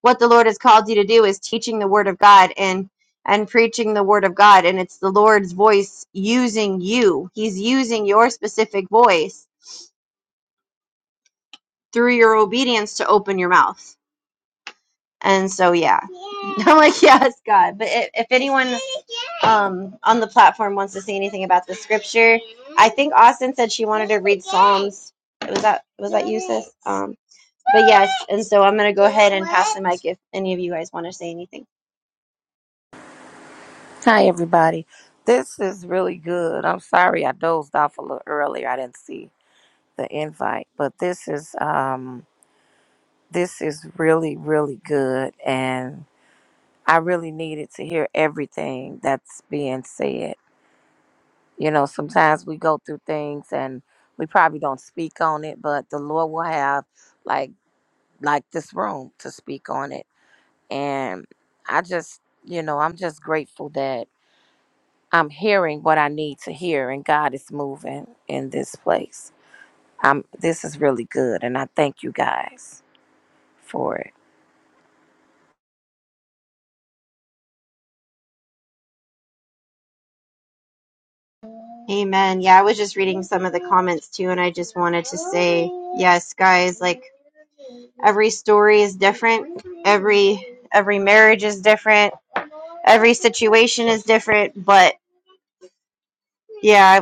what the Lord has called you to do is teaching the word of God and and preaching the word of God. And it's the Lord's voice using you. He's using your specific voice through your obedience to open your mouth. And so yeah. I'm like, yes, God. But i- if anyone um, on the platform wants to say anything about the scripture. I think Austin said she wants. It was that was um, and so I'm gonna go like, if any of you guys want to say anything.
Hi, everybody. This is really good. I'm sorry I dozed off a little earlier. I didn't see the invite, but this is um this is really really good, and I really needed to hear everything that's being said. You know, sometimes we go through things and we probably don't speak on it, but the Lord will have like like this room to speak on it, and I just you know I'm just grateful that. I'm hearing what I need to hear, and God is moving in this place. I'm, this is really good, and I thank you guys for it.
Amen. Yeah, I was just reading some of the comments too, and I just wanted to say yes, guys. Like every story is different. Every every marriage is different. Every situation is different. But yeah,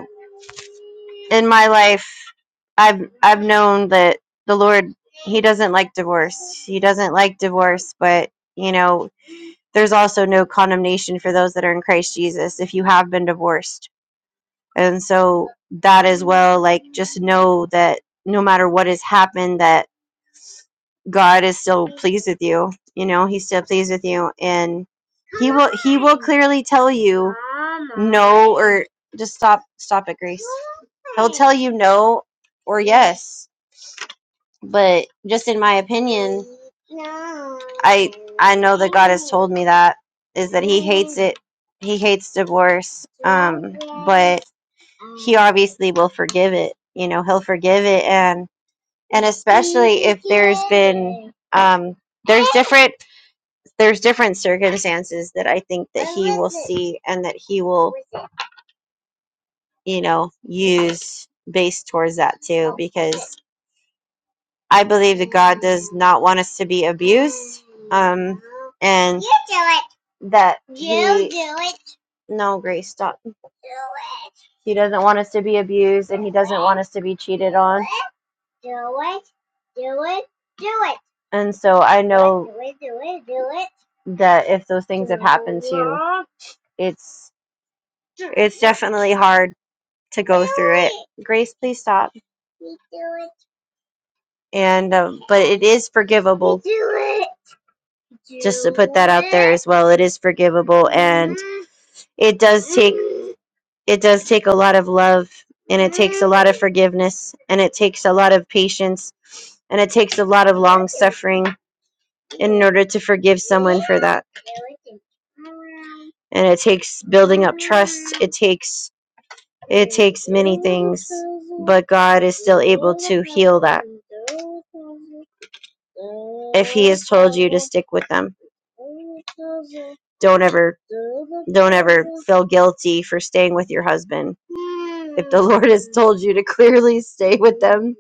in my life, I've I've known that the Lord he doesn't like divorce. He doesn't like divorce, but you know, there's also no condemnation for those that are in Christ Jesus if you have been divorced. And so that as well, like just know that no matter what has happened that God is still pleased with you. You know, he's still pleased with you and he will clearly tell you no or just stop stop it, Grace. Tell you no or yes. But just in my opinion, told me that is it. He hates divorce. Obviously, will forgive it. You know, he'll forgive it, and and it's, um different. There's different circumstances that I think he and that he will, you know, use based towards that too. Because I believe not want us to be abused, and that no, Grace, stop. He doesn't want us to be abused. doesn't want us to be cheated on, and so I know that if those things, it's it's definitely hard to go. Grace, please stop. and um, but it is forgivable as well it is forgivable it does it does take a lot of love and lot of forgiveness and it takes a lot of patience and it takes a lot of long suffering in order to forgive that and it takes it takes it takes but god is stick with them don't ever feel guilty for staying with your husband told you to clearly stay with them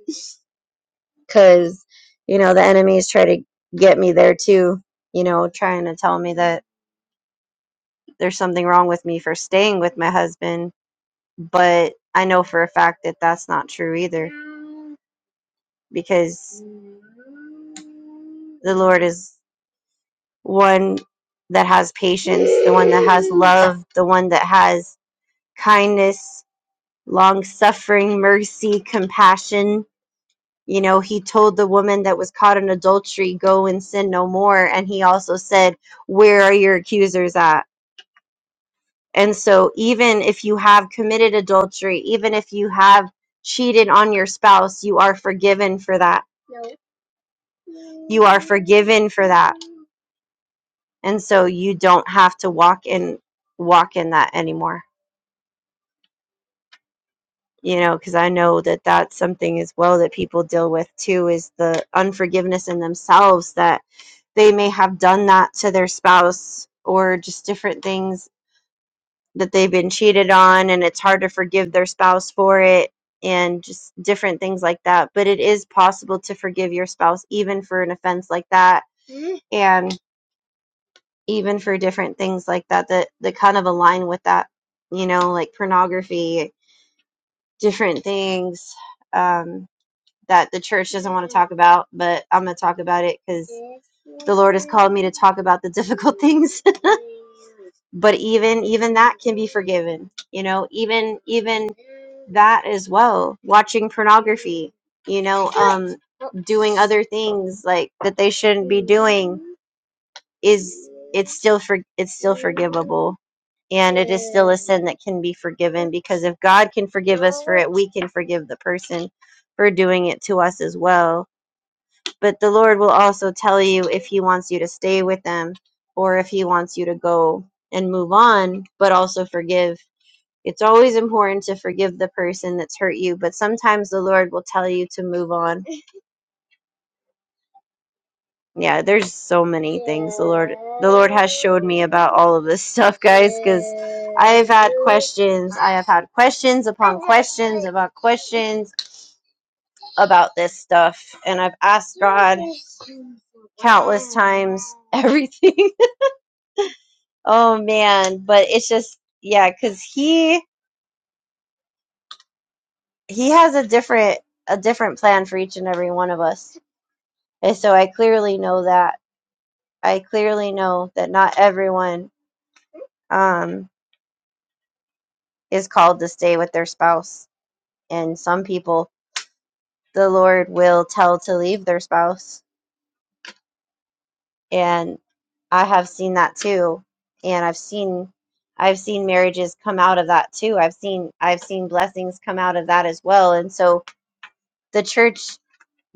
because you know the enemies try to get me there too you know trying to tell me that there's something wrong with me for staying with my husband, but I know for a fact that that's not true either because the Lord is one that has patience, the one that has love, the one that has kindness, long suffering, mercy, compassion. You know, he told the woman that was caught in adultery, Go and sin no more. And he also said, Where are your accusers at? And so, even if you have committed adultery, even if you have cheated on your spouse, you are forgiven for that. Forgiven for that. And so, you don't have to walk in walk in that anymore. You know, because I know that that's something as well that people deal with too is the unforgiveness in themselves that they may have done that to their spouse or just different things that they've been cheated on and it's hard to forgive their spouse for it and just different things like that. But it is possible to forgive your spouse even for an offense like that and even for different things like that that, that kind of align with that, you know, like pornography, different things um, that the church doesn't want to talk about, but I'm going to talk about it because called me to talk about the difficult things but even even that can be forgiven you know even even that as well watching pornography you know um doing other things like that they shouldn't be doing is it's still for it's forgivable and, and that can be forgiven because if god can forgive it we can forgive the person for doing it to us as well but the lord will also tell you if he wants you to stay with them or if he wants you to go and move on but also forgive it's always important to forgive the person that's hurt you but sometimes the lord will tell you to move on Yeah, there's so many about all of this stuff. Questions. I have had questions upon about questions about this stuff, and I've asked everything. oh man, but it's just yeah, because he he has a different a different plan for each and every one of us, and so I clearly know that. I clearly know that not everyone um is called to stay with their spouse, and some people the Lord will tell to leave their spouse and I have seen that too. And I've seen I've seen marriages come out of that too. I've seen I've seen blessings come out of that as well. And so the church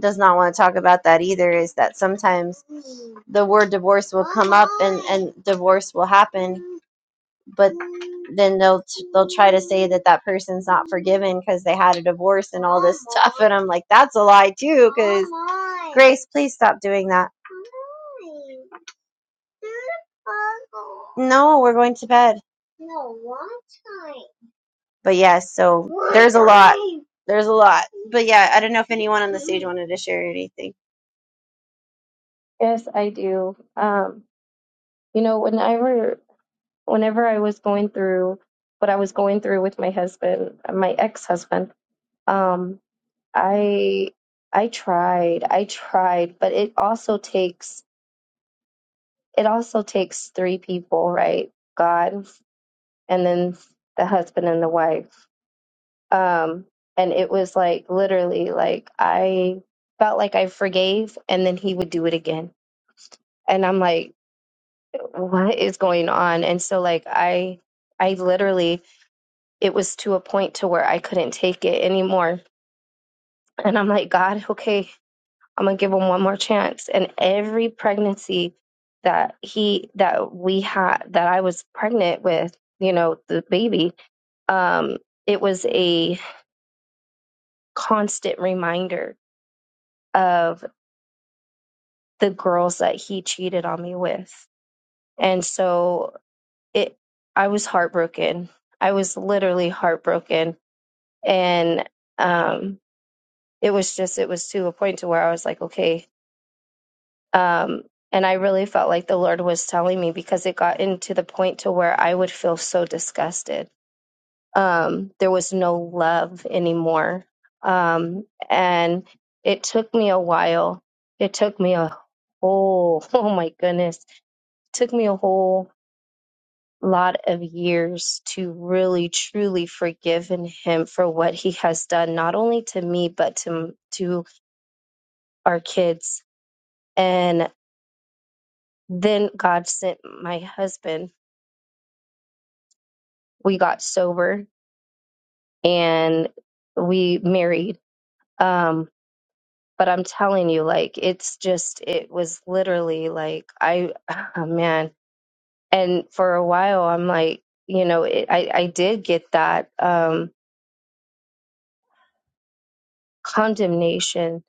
does not want to talk about that either is that sometimes the word divorce will divorce will happen, but then they'll say that that person's not forgiven because they had a divorce and stuff. And I'm like, that's a lie too. Please, please stop doing that. No, we're going to bed. But yes, yeah, so there's a lot. But yeah, I don't know if anyone wanted to share anything.
Yes, I do. Um, you know, whenever whenever I was going through what I was going through with my husband, my ex-husband, um, I I tried, I tried, but it also takes it also takes three people, right? God and then the husband and the wife. Um, and it was like literally like I felt like I forgave and then he would do it again. And I'm like, what is going on? And so like I I literally it was to a point to where I couldn't take it anymore. And I'm like, God, okay, I'm gonna give him one more chance. And every pregnancy that he that we had that I was pregnant with, you know, the baby, um, it was a constant reminder of the girls that he cheated on me with. And so it I was heartbroken. I was literally heartbroken. And um it was just it was to a point to where I was like, okay. Um, and I really felt like the Lord was telling me because it got into the point to where I would feel so disgusted. Um, there was no love anymore. Um, and it took me a while. It took me a whole, oh my goodness, it took me a whole lot of years to really truly forgive in him for what he has done, not only to me, but to, to our kids and. then God sent my husband. We got sober and we married. Um, but I'm telling you, like, it's just, it was literally like, I, oh man. And for a while, I'm like, you know, it, I, I did get that um, condemnation.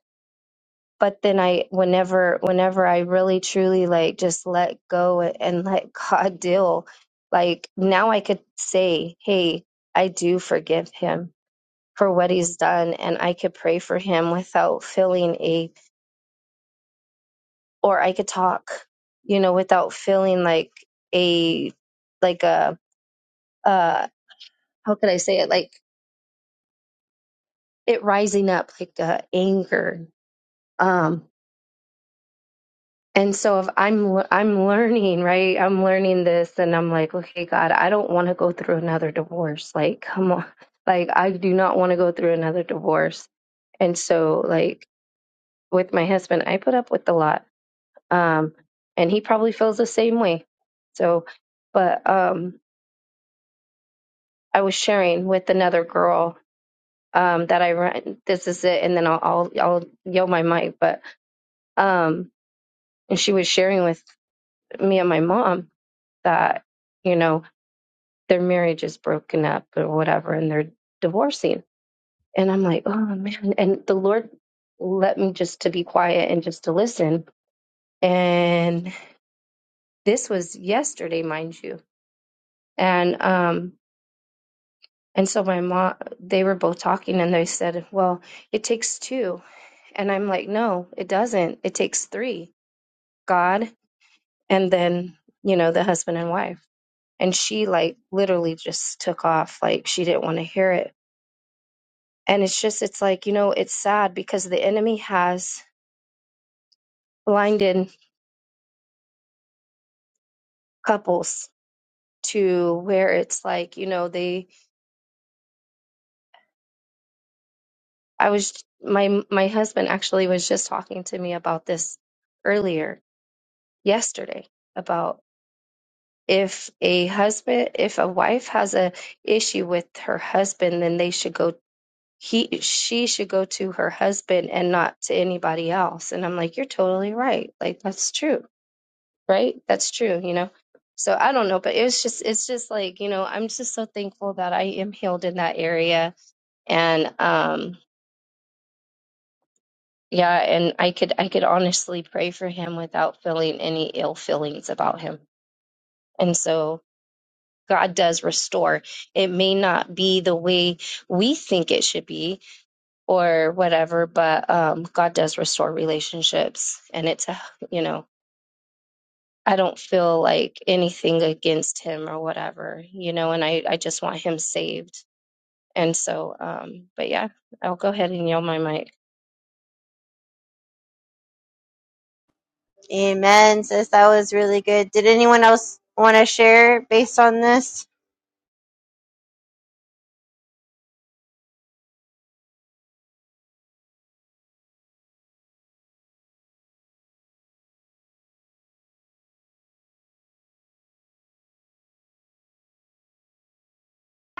But then I, whenever, whenever I really truly like just let go and let God deal, like now I could say, hey, I do forgive him for what he's done and I could pray for him without feeling a or I could talk, you know, without feeling like a like a uh how could I say it like it rising up like uh, anger. Um and so if I'm I'm learning, right? I'm learning this and I'm like, okay, God, I don't want to go through another divorce. Like, come on. Like I do not want to go through another divorce. And so like with my husband, I put up with a lot um, and he probably feels the same way. So, but um, I was sharing with another girl um, that I ran. This is it, and then I'll I'll, I'll yell my mic. But um, and she was sharing with me and my mom that you know their marriage is broken up or whatever, and they're divorcing. And I'm like, oh man! And the Lord let me just to be quiet and just to listen. And this was yesterday, mind you. And um, And so my mom, they were both talking and they said, Well, it takes two. And I'm like, No, it doesn't. It takes three God and then, you know, the husband and wife. And she like literally just took off. Like she didn't want to hear it. And it's just, it's like, you know, it's sad because the enemy has blinded couples to where it's like, you know, they, I was, my, my husband actually was just talking to me about this earlier yesterday about if a husband if a wife has a issue with her husband then they should go he she should go to her husband and not to anybody else and i'm like you're totally right like that's true right that's true you know so i don't know but it was just it's just like you know i'm just so thankful that i am healed in that area and um yeah and i could i could honestly pray for him without feeling any ill feelings about him and so God does restore. It may not be the way we think it should be or whatever, but um, God does restore relationships. And it's, a you know, I don't feel like anything against him or whatever, you know, and I, I just want him saved. And so, um, but yeah, I'll go ahead and yell my mic.
Amen, sis. That was really good. Did anyone else want to share based on this?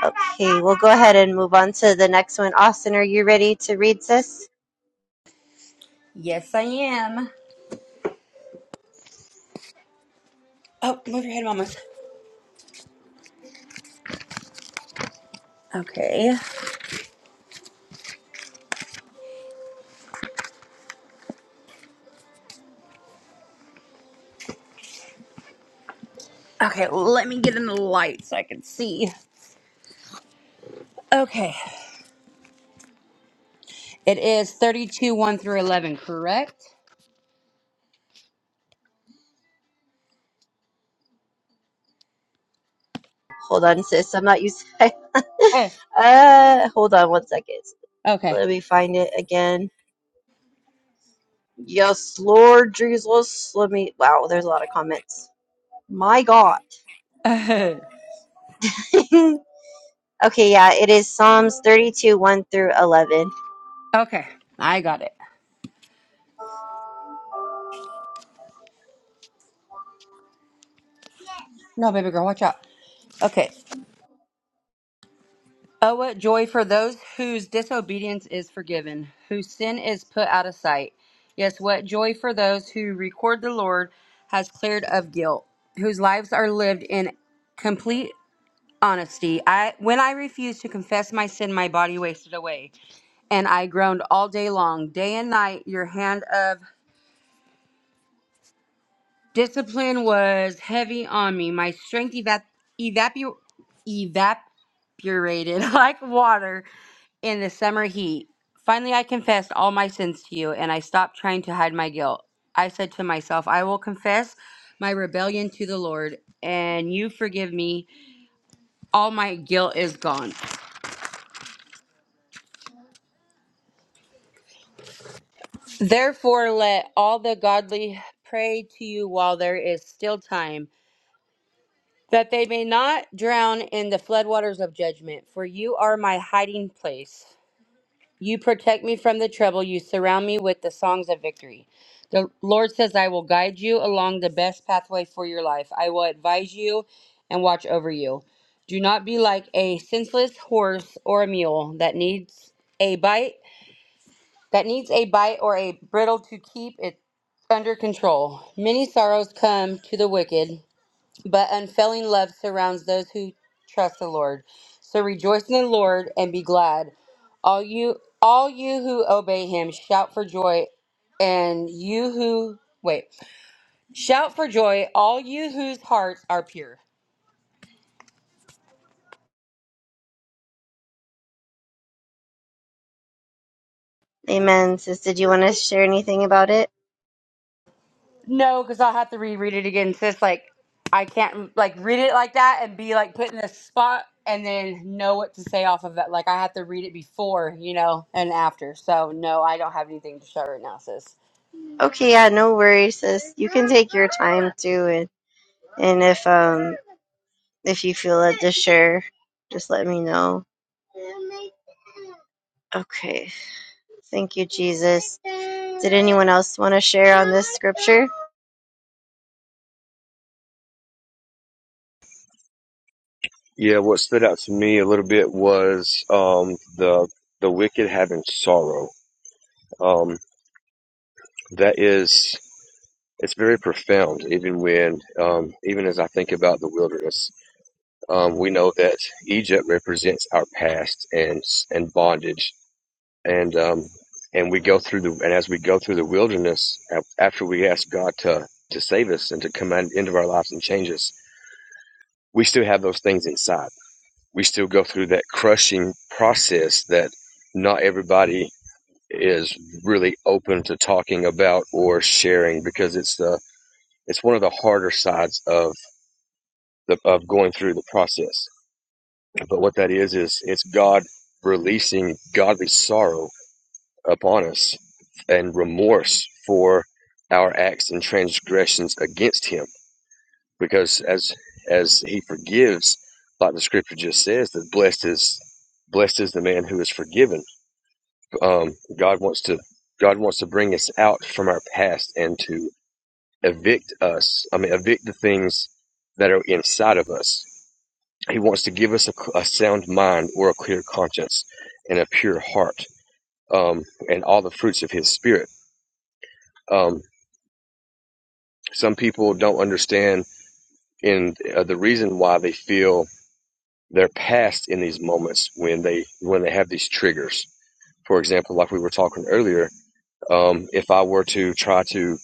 Okay, we'll go ahead and move on to the next one. Austin, are you ready to read, sis?
Yes, I am. Oh, move your head, Mama. Okay. Okay, let me get in the light so I can see. Okay. It is 32 1 through 11, correct?
Hold on, sis. I'm not used. to
Eh,
uh, hold on one second.
Okay.
Let me find it again. Yes, Lord Jesus. Let me. Wow, there's a lot of comments. My God.
okay,
okay, yeah, it is Psalms 32, 1 through 11.
I got it. No, baby girl, watch out. Okay. Oh, what joy for those whose disobedience is forgiven, whose sin is put out of sight. Yes, what joy for those who record the Lord has cleared of guilt, whose lives are lived in complete honesty. I when I refused to confess my sin, my body wasted away, and I groaned all day long, day and night. Your hand of Discipline was heavy on me. My strength evap- evapu- evaporated like water in the summer heat. Finally, I confessed all my sins to you, and I stopped trying to hide my guilt. I said to myself, I will confess my rebellion to the Lord, and you forgive me. All my guilt is gone. Therefore, let all the godly pray to you while there is still time. that they may not drown in the floodwaters of judgment, for you are my hiding place. You protect me from the trouble, you surround me with the songs of victory. The Lord says, I will guide you along the best pathway for your life. I will advise you and watch over you. Do not be like a senseless horse or a mule that needs a bite, that needs a bite or a bridle to keep it under control. Many sorrows come to the wicked, but unfailing love surrounds those who trust the Lord. So rejoice in the Lord and be glad. All you all you who obey him shout for joy and you who wait. Shout for joy, all you whose hearts are pure.
Amen, sis. Did you want to share anything about it?
No, because I'll have to reread it again. Sis like I can't like read it like that and be like put in a spot and then know what to say off of it. Like I have to read it before, you know, and after. So no, I don't have anything to show right now, sis.
Okay, yeah, no worries, sis. I'm doing. And if um if you feel led to share, just let me know. Okay. Thank you, Jesus. Anyone else want to share?
Yeah, what stood out to me a little bit was um, the the wicked having sorrow. Um, that is, it's very profound. Even when, um, even as I think about the wilderness, um, we know that Egypt represents our past and and bondage and um, and we go through the and as we go through the wilderness after we ask God to to save us and to come out into our lives and change us, we still have those things inside. We still go through that crushing process that not everybody is really open to talking about or sharing because it's the it's one of the harder sides of the of going through the process. But what that is is it's God releasing godly sorrow upon us and remorse for our acts and transgressions against him because as as he forgives like the scripture just says that blessed is blessed is the man who is forgiven um, god wants to god wants to bring us out from our past and to evict us i mean evict the things that are inside of us he wants to give us a, a sound mind or a clear conscience and a pure heart um, and all the fruits of his spirit Um, Some people don't understand in uh, the reason why they feel their past in these moments when they when they have these triggers. For example, like we were talking earlier, um, if I were to try to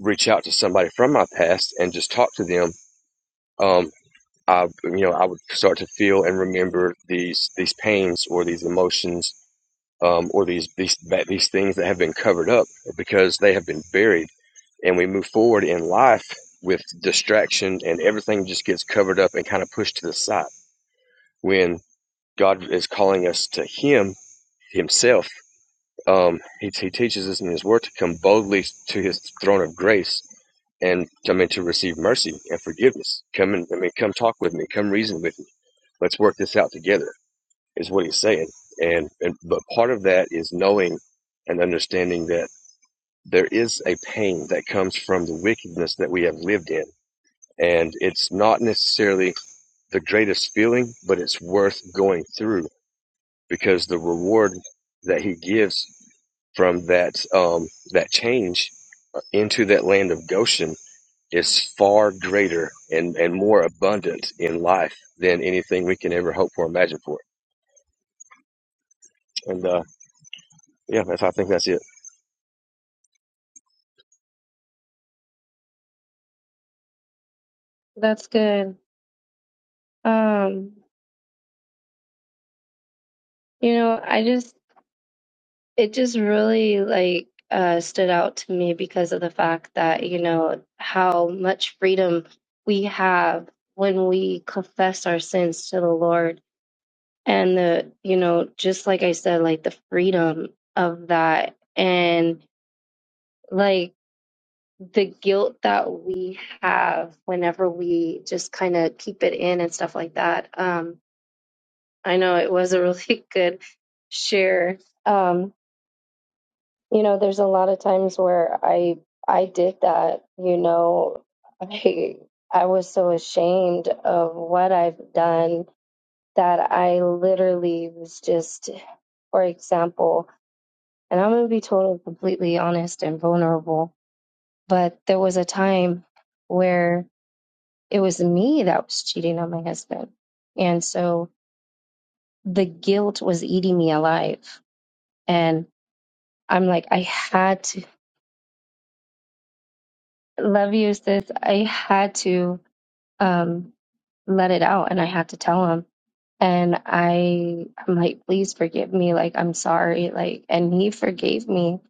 reach out to somebody from my past and just talk to them, um, I you know I would start to feel and remember these these pains or these emotions um, or these these these things that have been covered up because they have been buried, and we move forward in life with distraction, and everything just gets covered up and kind of pushed to the side. When God is calling us to Him Himself, um, he, he teaches us in His Word to come boldly to His throne of grace and come in to receive mercy and forgiveness. Come and I mean, come talk with me. Come reason with me. Let's work this out together is what he's saying. And, and but part of that is knowing and understanding that there is a pain that comes from the wickedness that we have lived in, and it's not necessarily the greatest feeling, but it's worth going through because the reward that he gives from that um, that change into that land of Goshen is far greater and, and more abundant in life than anything we can ever hope for, imagine for. And uh, Yeah, that's, I think that's it.
That's good. Um, you know, I just, it just really like uh, stood out to me because of the fact that you know how much freedom we have when we confess our sins to the lord and the you know just like i said like the freedom of that and like the guilt that we have whenever we just kind of keep it in and stuff like that um i know it was a really good share um You know, there's a lot of times where I I did that, you know, I I was so ashamed of what I've done that I literally was just for example, and I'm going to be totally completely honest and vulnerable, but there was a time where it was me that was cheating on my husband. And so the guilt was eating me alive. And I'm like, I had to love you, sis. I had to um, let it out and I had to tell him. And I, I'm like, please forgive me. Like, I'm sorry. Like, and he forgave me.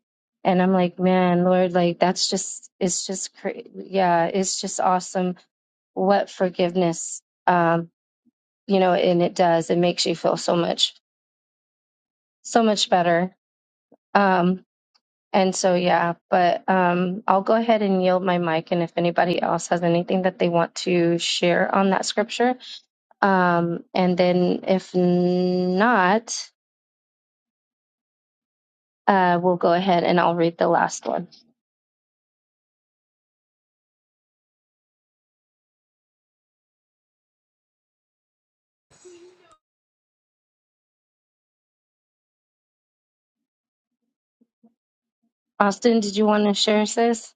And I'm like, man, Lord, like, that's just, it's just, cra- yeah, it's just awesome what forgiveness, um, you know, and it does. It makes you feel so much, so much better. Um, and so, yeah, but um, I'll go ahead and yield my mic. And if anybody else has anything that they want to share on that scripture, Um, and then if not, uh, we'll go ahead and I'll read the last one. Austin, did you want to share, sis?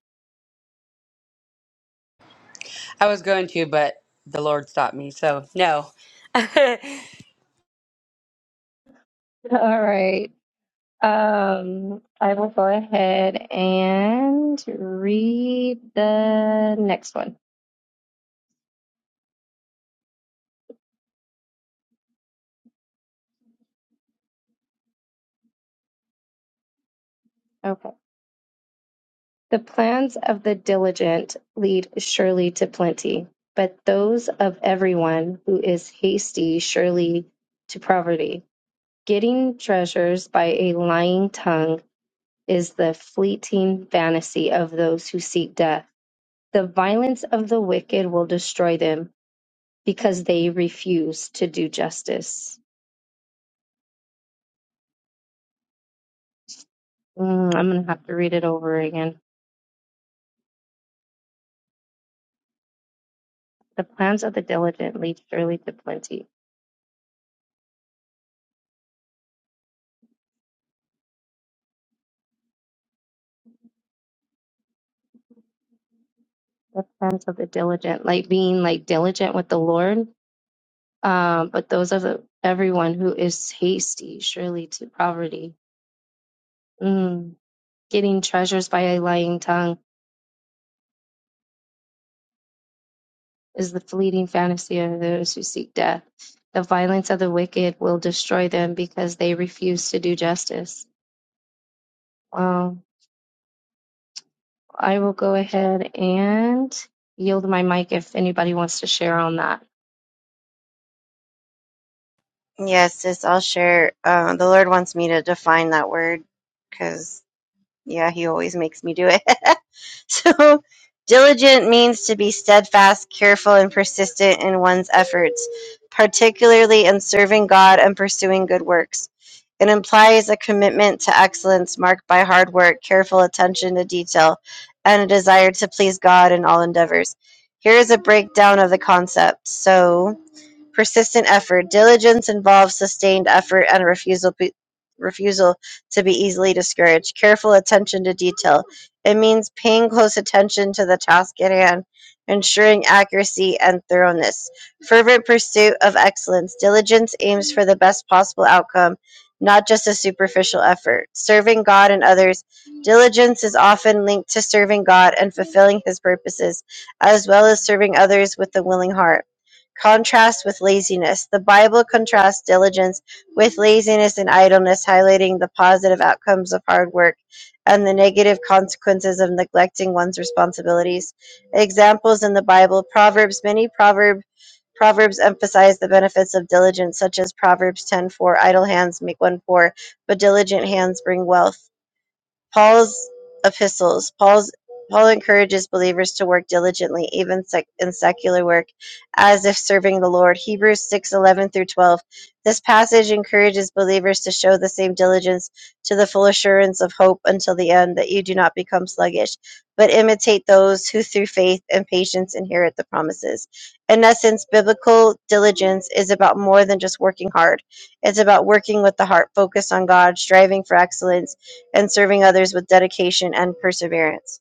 I was going to, but the Lord stopped me. So, no.
All right. Um, I will go ahead and read the next one. Okay. The plans of the diligent lead surely to plenty, but those of everyone who is hasty surely to poverty. Getting treasures by a lying tongue is the fleeting vanity of those who seek death. The violence of the wicked will destroy them because they refuse to do justice. Mm, I'm going to have to read it over again. The plans of the diligent lead surely to plenty. The plans of the diligent, like being like diligent with the Lord, um, but those of the, everyone who is hasty surely to poverty. Mm, getting treasures by a lying tongue is the fleeting fantasy of those who seek death. The violence of the wicked will destroy them because they refuse to do justice. Well, I will go ahead and yield my mic if anybody wants to share on that.
Yes, sis, I'll share. Uh, the Lord wants me to define that word, cause. Yeah, he always makes me do it. so, diligent means to be steadfast, careful, and persistent in one's efforts, particularly in serving God and pursuing good works. It implies a commitment to excellence marked by hard work, careful attention to detail, and a desire to please God in all endeavors. Here is a breakdown of the concept. So, persistent effort. Diligence involves sustained effort and refusal refusal to be easily discouraged. Careful attention to detail. It means paying close attention to the task at hand, ensuring accuracy and thoroughness. Fervent pursuit of excellence. Diligence aims for the best possible outcome, not just a superficial effort. Serving God and others. Diligence is often linked to serving God and fulfilling his purposes, as well as serving others with a willing heart. Contrast with laziness: The Bible contrasts diligence with laziness and idleness, highlighting the positive outcomes of hard work and the negative consequences of neglecting one's responsibilities. Examples in the Bible: Proverbs. Many proverb Proverbs emphasize the benefits of diligence, such as Proverbs 10:4, idle hands make one poor, but diligent hands bring wealth. Paul's epistles. Paul's Paul encourages believers to work diligently, even sec- in secular work, as if serving the Lord. Hebrews six eleven through 12. This passage encourages believers to show the same diligence to the full assurance of hope until the end, that you do not become sluggish, but imitate those who through faith and patience inherit the promises. In essence, biblical diligence is about more than just working hard. It's about working with the heart focused on God, striving for excellence, and serving others with dedication and perseverance.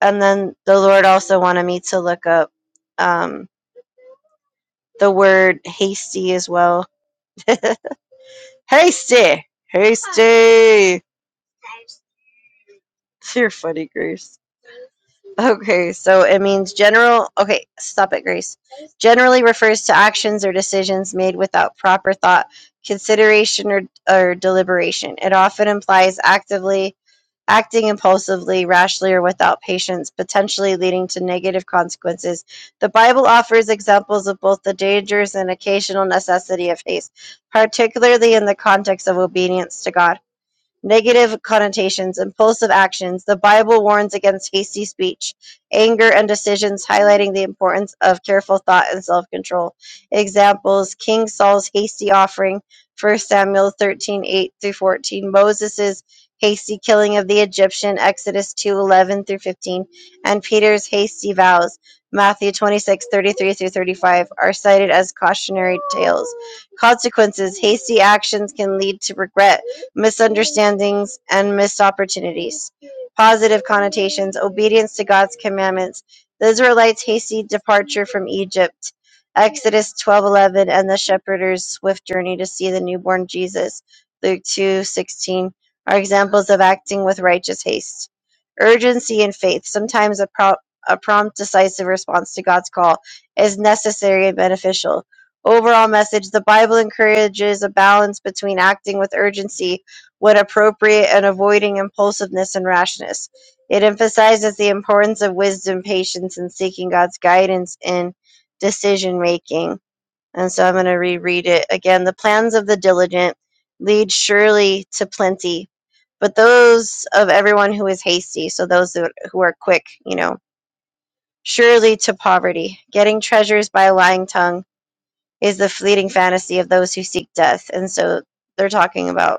And then the Lord also wanted me to look up um, the word hasty as well. hasty! Hasty! You're funny, Grace. Okay, so it means general. Okay, stop it, Grace. Generally refers to actions or decisions made without proper thought, consideration, or, or deliberation. It often implies actively acting impulsively, rashly, or without patience, potentially leading to negative consequences. The Bible offers examples of both the dangers and occasional necessity of haste, particularly in the context of obedience to God negative connotations, impulsive actions. The Bible warns against hasty speech, anger, and decisions, highlighting the importance of careful thought and self control. Examples King Saul's hasty offering, First Samuel 13 8 through 14, Moses' hasty killing of the Egyptian, Exodus 2 11 through 15, and Peter's hasty vows. Matthew 26 33 through 35 are cited as cautionary tales. Consequences Hasty actions can lead to regret misunderstandings and missed opportunities. Positive connotations, obedience to God's commandments, the Israelites' hasty departure from Egypt, Exodus 12:11 and the shepherd's swift journey to see the newborn Jesus, Luke 2:16 are examples of acting with righteous haste. Urgency and faith, sometimes a, pro- a prompt decisive response to God's call is necessary and beneficial overall message, the Bible encourages a balance between acting with urgency when appropriate and avoiding impulsiveness and rashness. It emphasizes the importance of wisdom, patience, and seeking God's guidance in decision making. And so I'm going to reread it again. The plans of the diligent lead surely to plenty, but those of everyone who is hasty, so those who are quick, you know, surely to poverty. Getting treasures by a lying tongue is the fleeting fantasy of those who seek death. And so they're talking about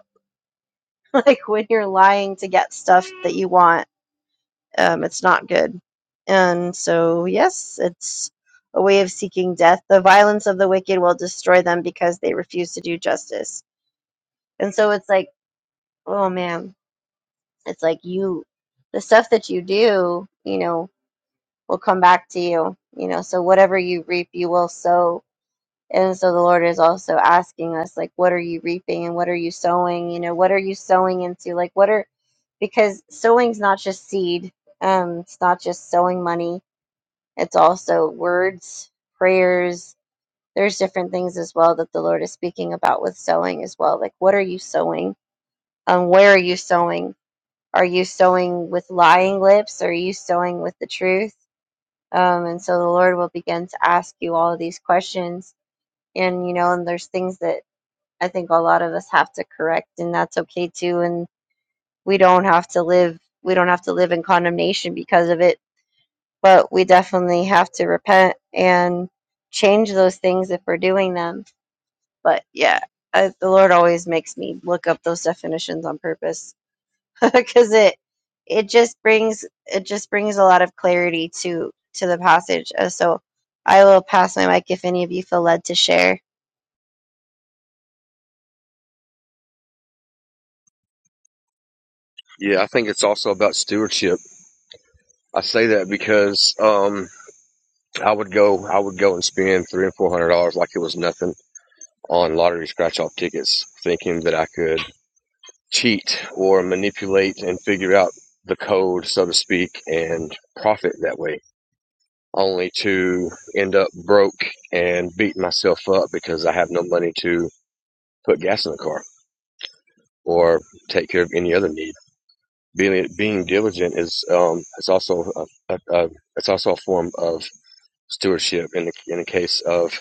like when you're lying to get stuff that you want, um, it's not good. And so, yes, it's a way of seeking death. The violence of the wicked will destroy them because they refuse to do justice. And so it's like, oh man, it's like you, the stuff that you do, you know, will come back to you. You know, so whatever you reap, you will sow And so the Lord is also asking us, like, what are you reaping and what are you sowing? You know, what are you sowing into? Like, what are, because sowing's not just seed, um, it's not just sowing money, it's also words, prayers. There's different things as well that the Lord is speaking about with sowing as well. Like, what are you sowing? Um, where are you sowing? Are you sowing with lying lips? Are you sowing with the truth? Um, and so the Lord will begin to ask you all of these questions and you know and there's things that I think a lot of us have to correct, and that's okay too. And we don't have to live we don't have to live in condemnation because of it, but we definitely have to repent and change those things if we're doing them. But yeah, I, the Lord always makes me look up those definitions on purpose because it it just brings it just brings a lot of clarity to to the passage. Uh, So I will pass my mic if any of you feel led to share.
Yeah, I think it's also about stewardship. I say that because um, I would go, I would go and spend three and four hundred dollars like it was nothing on lottery scratch-off tickets, thinking that I could cheat or manipulate and figure out the code, so to speak, and profit that way. Only to end up broke and beat myself up because I have no money to put gas in the car. or take care of any other need. Being being diligent is um, it's also a, a, a, it's also a form of stewardship in the, in the case of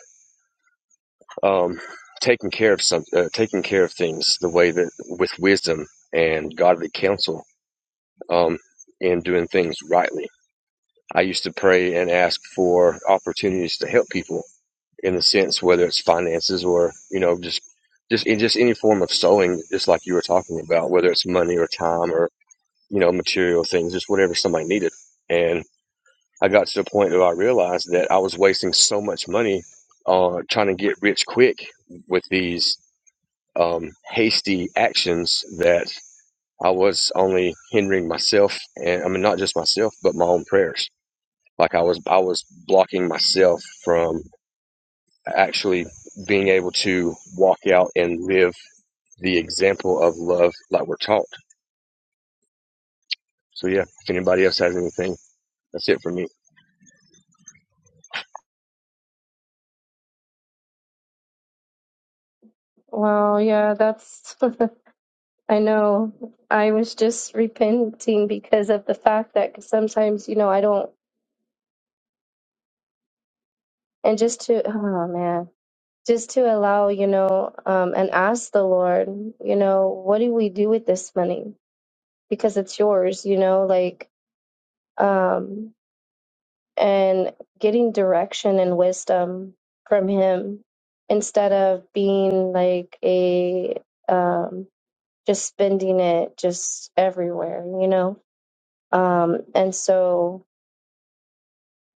um, taking care of some uh, taking care of things the way that with wisdom and godly counsel um, and doing things rightly. I used to pray and ask for opportunities to help people in the sense whether it's finances or you know just just in just any form of sowing, just like you were talking about, whether it's money or time or. you know, material things, just whatever somebody needed. And I got to the point where I realized that I was wasting so much money on uh, trying to get rich quick with these um, hasty actions that I was only hindering myself, and I mean not just myself, but my own prayers. Like I was, I was blocking myself from actually being able to walk out and live the example of love like we're taught. So yeah, if anybody else has anything, that's it for me.
Well, yeah, that's, I know. I was just repenting because of the fact that sometimes, you know, I don't, and just to, oh man, just to allow, you know, um, and ask the Lord, you know, what do we do with this money? because it's yours, you know, like um and getting direction and wisdom from him instead of being like a um just spending it just everywhere, you know. Um and so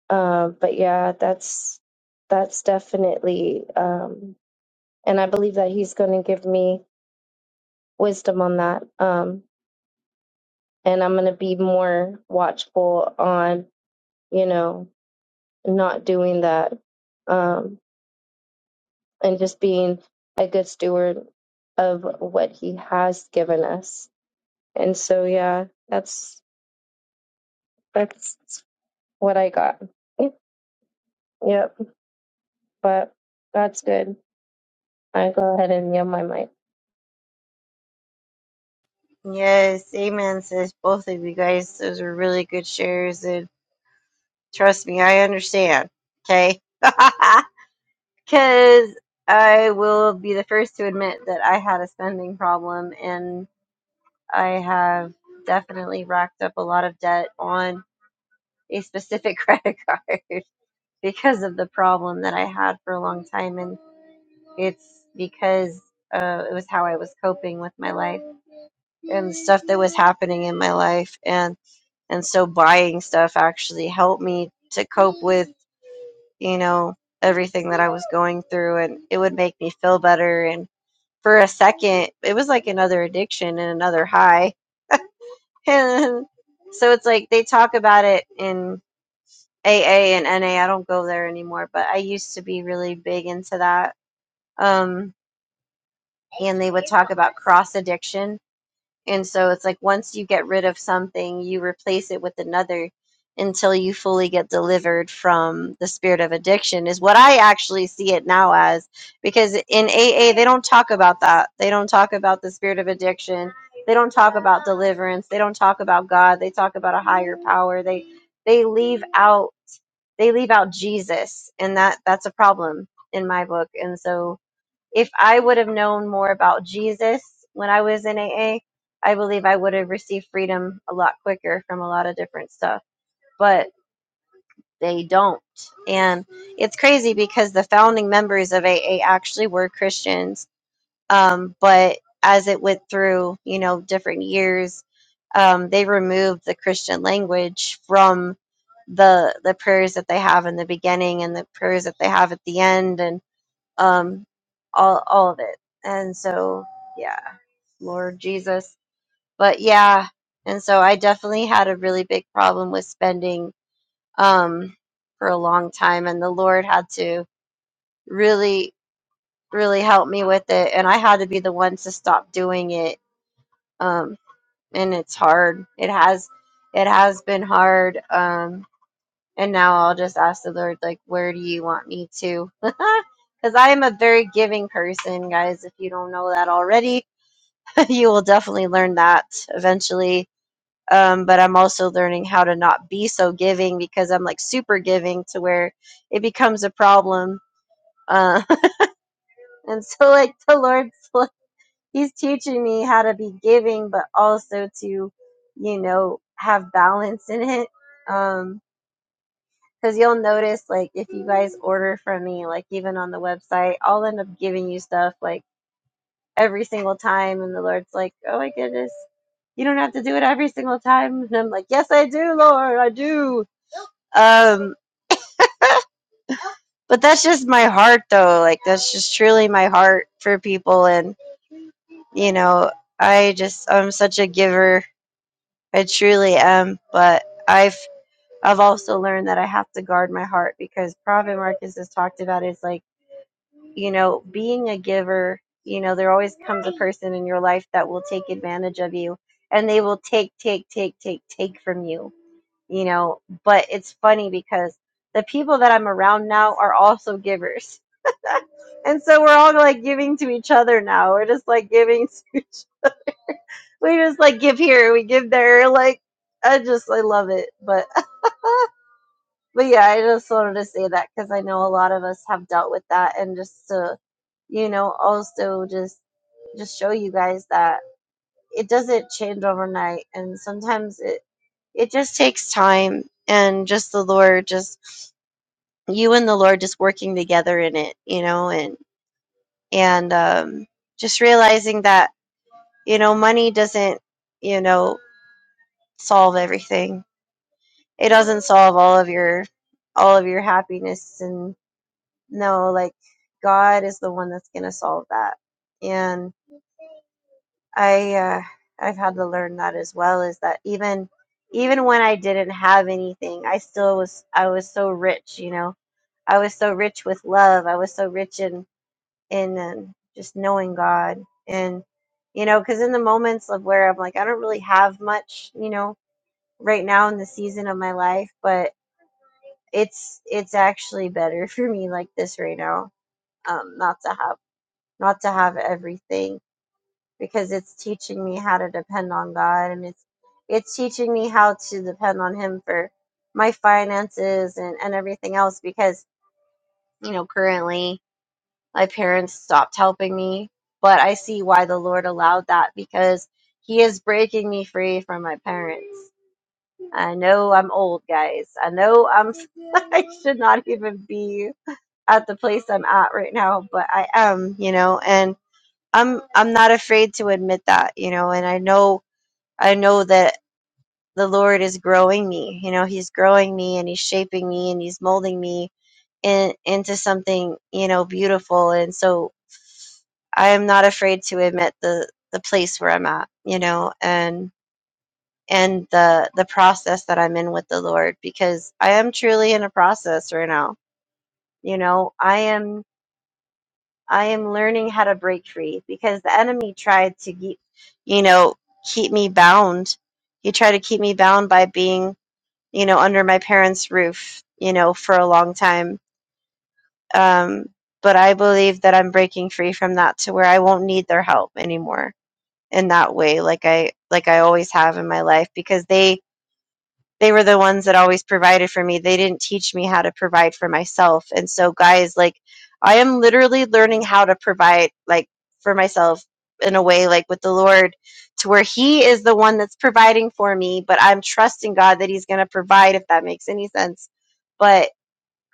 um but yeah, that's that's definitely um and I believe that he's going to give me wisdom on that. Um and I'm going to be more watchful on, you know, not doing that um, and just being a good steward of what he has given us. And so, yeah, that's that's what I got. Yep, yep, but that's good. I go ahead and yell my mic.
Yes, amen, sis. Both of you guys, those were really good shares. And trust me, I understand. Okay? Because I will be the first to admit that I had a spending problem and I have definitely racked up a lot of debt on a specific credit card because of the problem that I had for a long time. And it's because uh, it was how I was coping with my life and stuff that was happening in my life. And and so buying stuff actually helped me to cope with you know everything that i was going through and it would make me feel better and for a second it was like another addiction and another high and so it's like they talk about it in aa and na i don't go there anymore but i used to be really big into that um and they cross addiction And so it's like once you get rid of something, you replace it with another until you fully get delivered from the spirit of addiction, is what I actually see it now as. Because in AA, they don't talk about that. They don't talk about the spirit of addiction. They don't talk about deliverance. They don't talk about God. They talk about a higher power. They they leave out they leave out Jesus, and that that's a problem in my book. And so if I would have known more about Jesus when I was in AA, I believe I would have received freedom a lot quicker from a lot of different stuff. But they don't. And it's crazy because the founding members of AA actually were Christians. Um, but as it went through, you know, different years, um, they removed the Christian language from the the prayers that they have in the beginning and the prayers that they have at the end. and um all all of it and so yeah lord jesus but yeah and so i definitely had a really big problem with spending um for a long time and the lord had to really really help me with it and i had to be the one to stop doing it um and it's hard it has it has been hard um And now I'll just ask the Lord, like, where do you want me to? Because I am a very giving person, guys. If you don't know that already, you will definitely learn that eventually. Um, but I'm also learning how to not be so giving because I'm like super giving to where it becomes a problem. Uh, and so, like, the Lord's, like, He's teaching me how to be giving, but also to, you know, have balance in it. Um, Because you'll notice, like, if you guys order from me, like, even on the website, I'll end up giving you stuff, like, every single time. And the Lord's like, oh my goodness, you don't have to do it every single time. And I'm like, yes, I do, Lord, I do. Um, but that's just my heart, though. Like, that's just truly my heart for people. And, you know, I just, I'm such a giver. I truly am. But I've, I've also learned that I have to guard my heart because Prophet Marcus has talked about it. It's like, you know, being a giver, you know, there always comes a person in your life that will take advantage of you and they will take, take, take, take, take from you, you know. But it's funny because the people that I'm around now are also givers. And so we're all like giving to each other now. We're just like giving to each, we just like give here, we give there. Like, I just, I love it. But but yeah, I just wanted to say that because I know a lot of us have dealt with that, and just to you know also just just show you guys that it doesn't change overnight, and sometimes it it just takes time and just the Lord, just you and the Lord, just working together in it, you know, and and um, just realizing that you know money doesn't you know solve everything. It doesn't solve all of your all of your happiness and. no like god is the one that's going to solve that and i uh, i've had to learn that as well is that even even when i didn't have anything i still was i was so rich you know i was so rich with love i was so rich in in um, just knowing god and you know because in the moments of where i'm like i don't really have much you know right now in the season of my life but it's it's actually better for me like this right now um not to have not to have everything because it's teaching me how to depend on God and it's it's teaching me how to depend on him for my finances and, and everything else because you know currently my parents stopped helping me but I see why the Lord allowed that because he is breaking me free from my parents. I know I'm old guys. I know I'm I should not even be at the place I'm at right now, but I am, you know, and I'm I'm not afraid to admit that, you know, and I know I know that the Lord is growing me. You know, he's growing me and he's shaping me and he's molding me in, into something, you know, beautiful. And so I am not afraid to admit the the place where I'm at, you know, and and the the process that I'm in with the Lord because I am truly in a process right now. You know, I am I am learning how to break free because the enemy tried to keep, you know, keep me bound. He tried to keep me bound by being, you know, under my parents' roof, you know, for a long time. Um, but I believe that I'm breaking free from that to where I won't need their help anymore in that way, like I like I always have in my life, because they they were the ones that always provided for me. They didn't teach me how to provide for myself. And so, guys, like, I am literally learning how to provide, like, for myself in a way, like, with the Lord, to where He is the one that's providing for me, but I'm trusting God that He's going to provide, if that makes any sense. But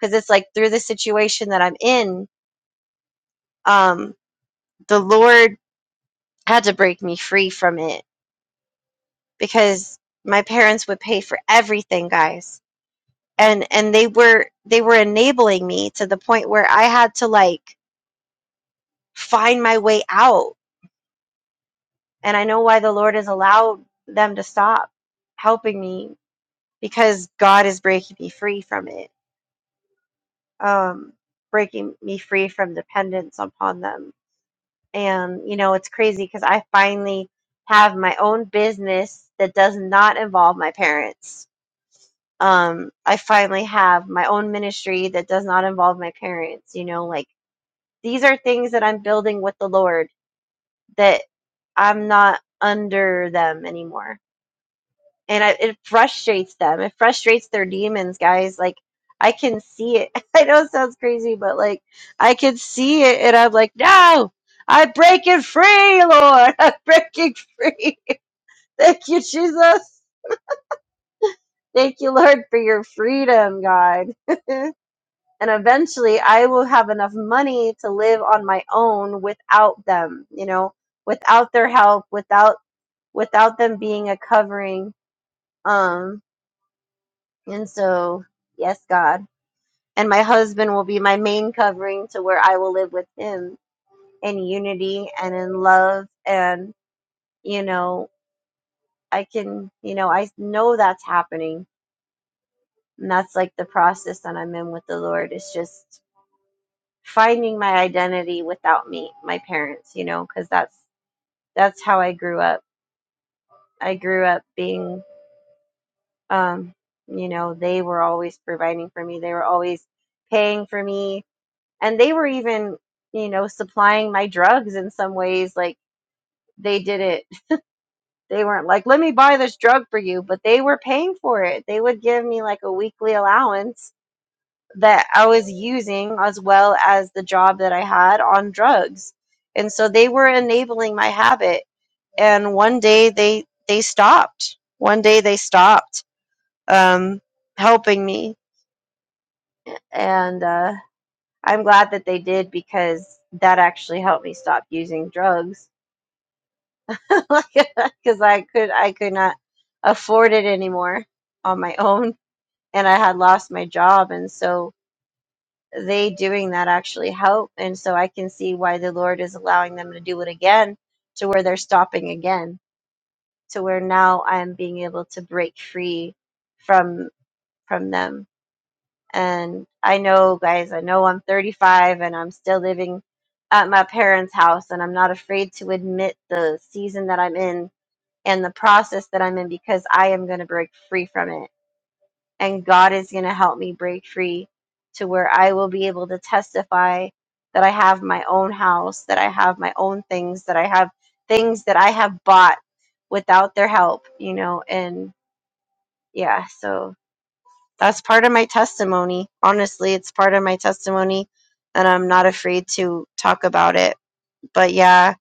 because it's like through the situation that I'm in, um, the Lord had to break me free from it because my parents would pay for everything, guys and and they were they were enabling me to the point where I had to like find my way out. And I know why the Lord has allowed them to stop helping me because God is breaking me free from it. Um breaking me free from dependence upon them. And you know, it's crazy cuz I finally have my own business that does not involve my parents. Um I finally have my own ministry that does not involve my parents, you know, like These are things that I'm building with the Lord that I'm not under them anymore. And I, it frustrates them. It frustrates their demons, guys. Like, I can see it. I know it sounds crazy, but like, I can see it. And I'm like, no, I'm breaking free, Lord. I'm breaking free. Thank you, Jesus. Thank you, Lord, for your freedom, God. and eventually I will have enough money to live on my own without them, you know, without their help, without without them being a covering. Um, and so, yes, God, and my husband will be my main covering to where I will live with him in unity and in love, and you know, I can, you know, I know that's happening, and that's like the process that I'm in with the Lord. It's just finding my identity without me, my parents, you know, because that's that's how I grew up. I grew up being, um, you know, they were always providing for me. They were always paying for me, and they were even, you know, supplying my drugs in some ways. Like they did it. They weren't like, "Let me buy this drug for you," but they were paying for it. They would give me like a weekly allowance that I was using as well as the job that I had on drugs. And so they were enabling my habit. And one day they they stopped. One day they stopped um, helping me. And uh, I'm glad that they did because that actually helped me stop using drugs because I could I could not afford it anymore on my own and I had lost my job and so they doing that actually help. And so I can see why the Lord is allowing them to do it again to where they're stopping again, to where now I'm being able to break free from from them. And I know guys, I know I'm 35 and I'm still living at my parents' house and I'm not afraid to admit the season that I'm in and the process that I'm in because I am going to break free from it and God is going to help me break free to where I will be able to testify that I have my own house, that I have my own things, that I have things that I have bought without their help, you know, and yeah, so that's part of my testimony. Honestly, it's part of my testimony and I'm not afraid to talk about it. But yeah.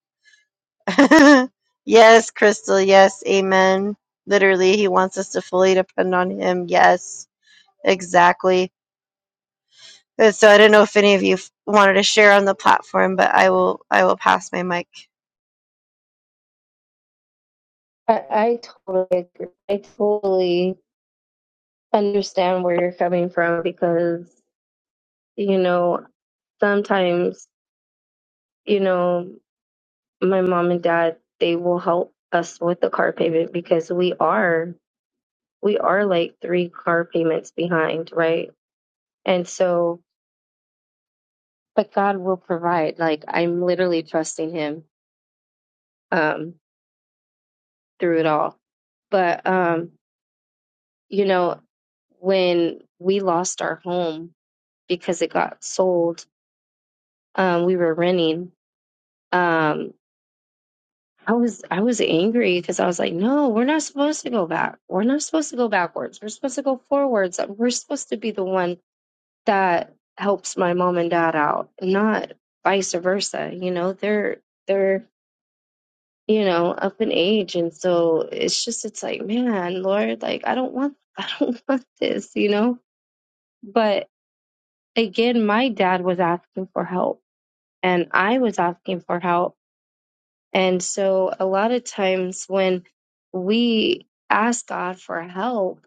yes, Crystal, yes, amen. Literally, he wants us to fully depend on him. Yes, exactly But so I don't know if any of you f- wanted to share on the platform, but I will I will pass my mic.
I, I totally agree. I totally understand where you're coming from because you know sometimes you know my mom and dad they will help us with the car payment because we are we are like three car payments behind, right? And so, but God will provide. Like I'm literally trusting Him um, through it all. But um, you know, when we lost our home because it got sold, um, we were renting. Um, I was I was angry because I was like, no, we're not supposed to go back. We're not supposed to go backwards. We're supposed to go forwards. We're supposed to be the one that helps my mom and dad out, not vice versa. You know, they're they're you know up in age, and so it's just it's like, man, Lord, like I don't want I don't want this, you know. But again, my dad was asking for help, and I was asking for help, and so a lot of times when we ask God for help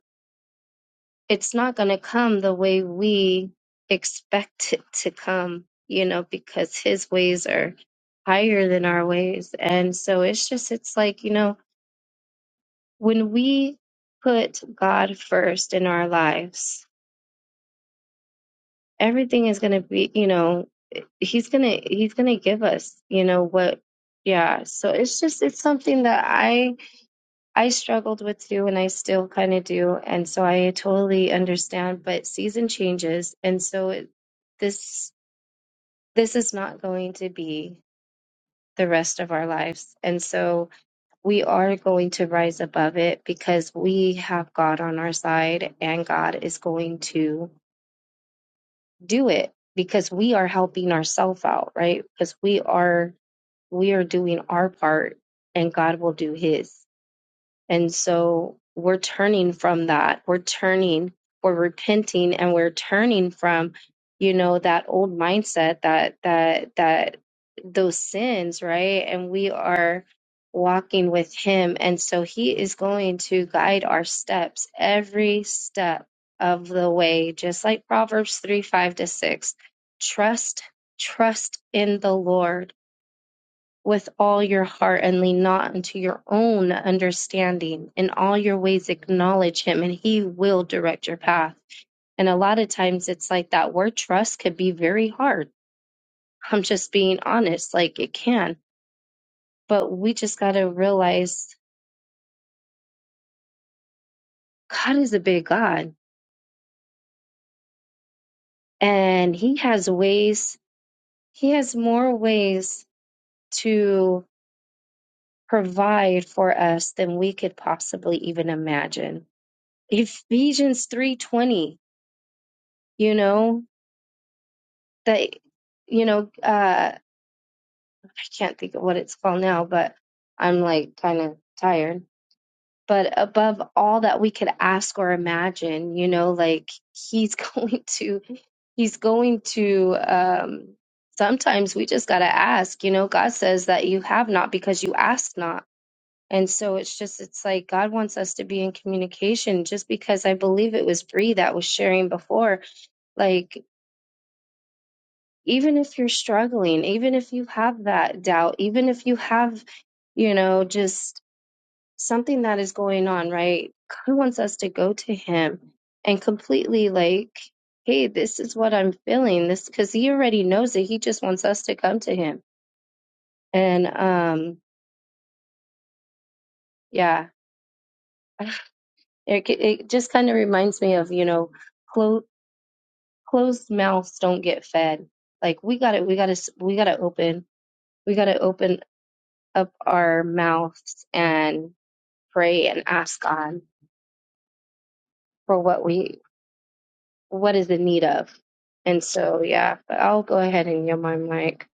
it's not going to come the way we expect it to come, you know, because his ways are higher than our ways. And so it's just, it's like, you know, when we put God first in our lives, everything is going to be, you know, he's going to, he's going to give us, you know, what, yeah. So it's just, it's something that I, I struggled with too, and I still kind of do. And so I totally understand, but season changes. And so it, this, this is not going to be the rest of our lives. And so we are going to rise above it because we have God on our side and God is going to do it because we are helping ourselves out, right? Because we are, we are doing our part and God will do his. And so we're turning from that. We're turning, we're repenting and we're turning from, you know, that old mindset that that that those sins, right? And we are walking with him. And so he is going to guide our steps every step of the way, just like Proverbs 3, 5 to 6. Trust, trust in the Lord with all your heart and lean not unto your own understanding. In all your ways, acknowledge Him, and He will direct your path. And a lot of times, it's like that word trust could be very hard. I'm just being honest, like it can. But we just got to realize God is a big God, and He has ways, He has more ways to provide for us than we could possibly even imagine. Ephesians 3:20 you know they you know uh i can't think of what it's called now but i'm like kind of tired but above all that we could ask or imagine you know like he's going to he's going to um sometimes we just got to ask you know god says that you have not because you ask not and so it's just it's like god wants us to be in communication just because i believe it was Bree that was sharing before like even if you're struggling, even if you have that doubt, even if you have, you know, just something that is going on, right? God wants us to go to Him and completely like, hey, this is what I'm feeling. This, because He already knows it. He just wants us to come to Him. And um, yeah, it, it just kind of reminds me of, you know, clo- closed mouths don't get fed. Like we got to, we got to, we got to open. We got to open up our mouths and pray and ask God for what we what is in need of. And so yeah, but I'll go ahead and yield my mic.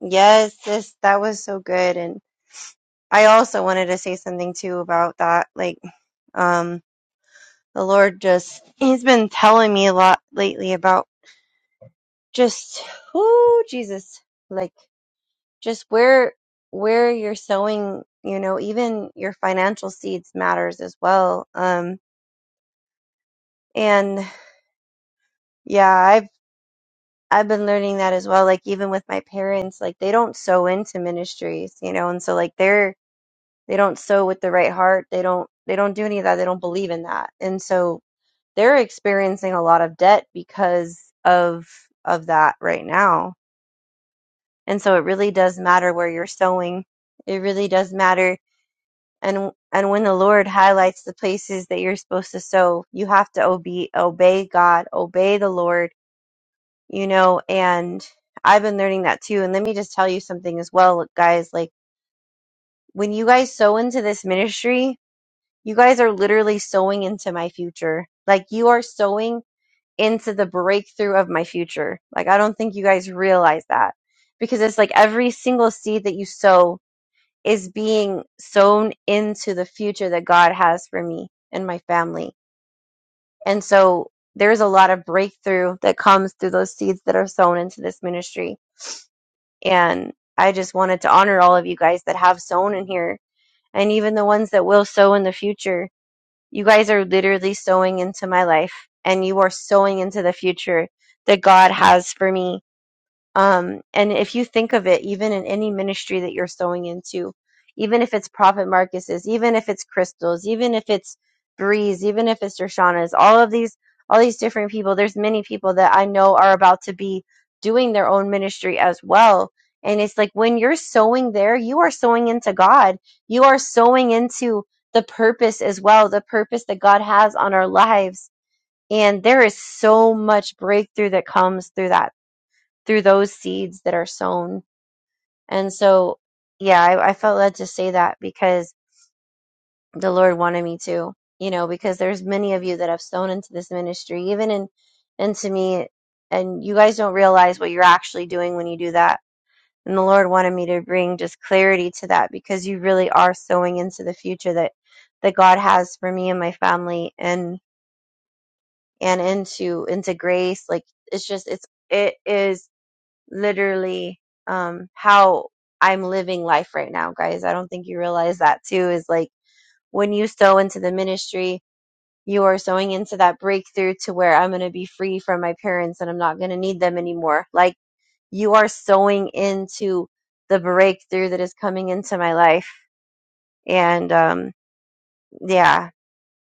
Yes, this that was so good, and I also wanted to say something too about that. Like, um, the Lord just He's been telling me a lot lately about just oh Jesus, like just where where you're sowing. You know, even your financial seeds matters as well. Um, and yeah, I've been learning that as well. Like even with my parents, like they don't sow into ministries, you know, and so like they're they don't sow with the right heart. They don't they don't do any of that. They don't believe in that. And so they're experiencing a lot of debt because of of that right now. And so it really does matter where you're sowing. It really does matter. And and when the Lord highlights the places that you're supposed to sow, you have to obey obey God, obey the Lord you know, and I've been learning that too. And let me just tell you something as well, guys. Like, when you guys sow into this ministry, you guys are literally sowing into my future. Like, you are sowing into the breakthrough of my future. Like, I don't think you guys realize that because it's like every single seed that you sow is being sown into the future that God has for me and my family. And so, there's a lot of breakthrough that comes through those seeds that are sown into this ministry And I just wanted to honor all of you guys that have sown in here and even the ones that will sow in the future. You guys are literally sowing into my life and you are sowing into the future that God has for me um, and if you think of it, even in any ministry that you're sowing into, even if it's Prophet Marcus's, even if it's Crystal's, even if it's Breeze, even if it's Dershana's, all of these, all these different people, there's many people that I know are about to be doing their own ministry as well. And it's like when you're sowing there, you are sowing into God. You are sowing into the purpose as well, the purpose that God has on our lives. And there is so much breakthrough that comes through that through those seeds that are sown. And so, yeah, I, I felt led to say that because the Lord wanted me to, you know, because there's many of you that have sown into this ministry, even in into me, and you guys don't realize what you're actually doing when you do that. And the Lord wanted me to bring just clarity to that because you really are sowing into the future that that God has for me and my family and and into into grace. Like it's just it's it is literally um, how I'm living life right now, guys. I don't think you realize that too. Is like when you sow into the ministry, you are sowing into that breakthrough to where I'm going to be free from my parents and I'm not going to need them anymore. Like you are sowing into the breakthrough that is coming into my life, and um, yeah,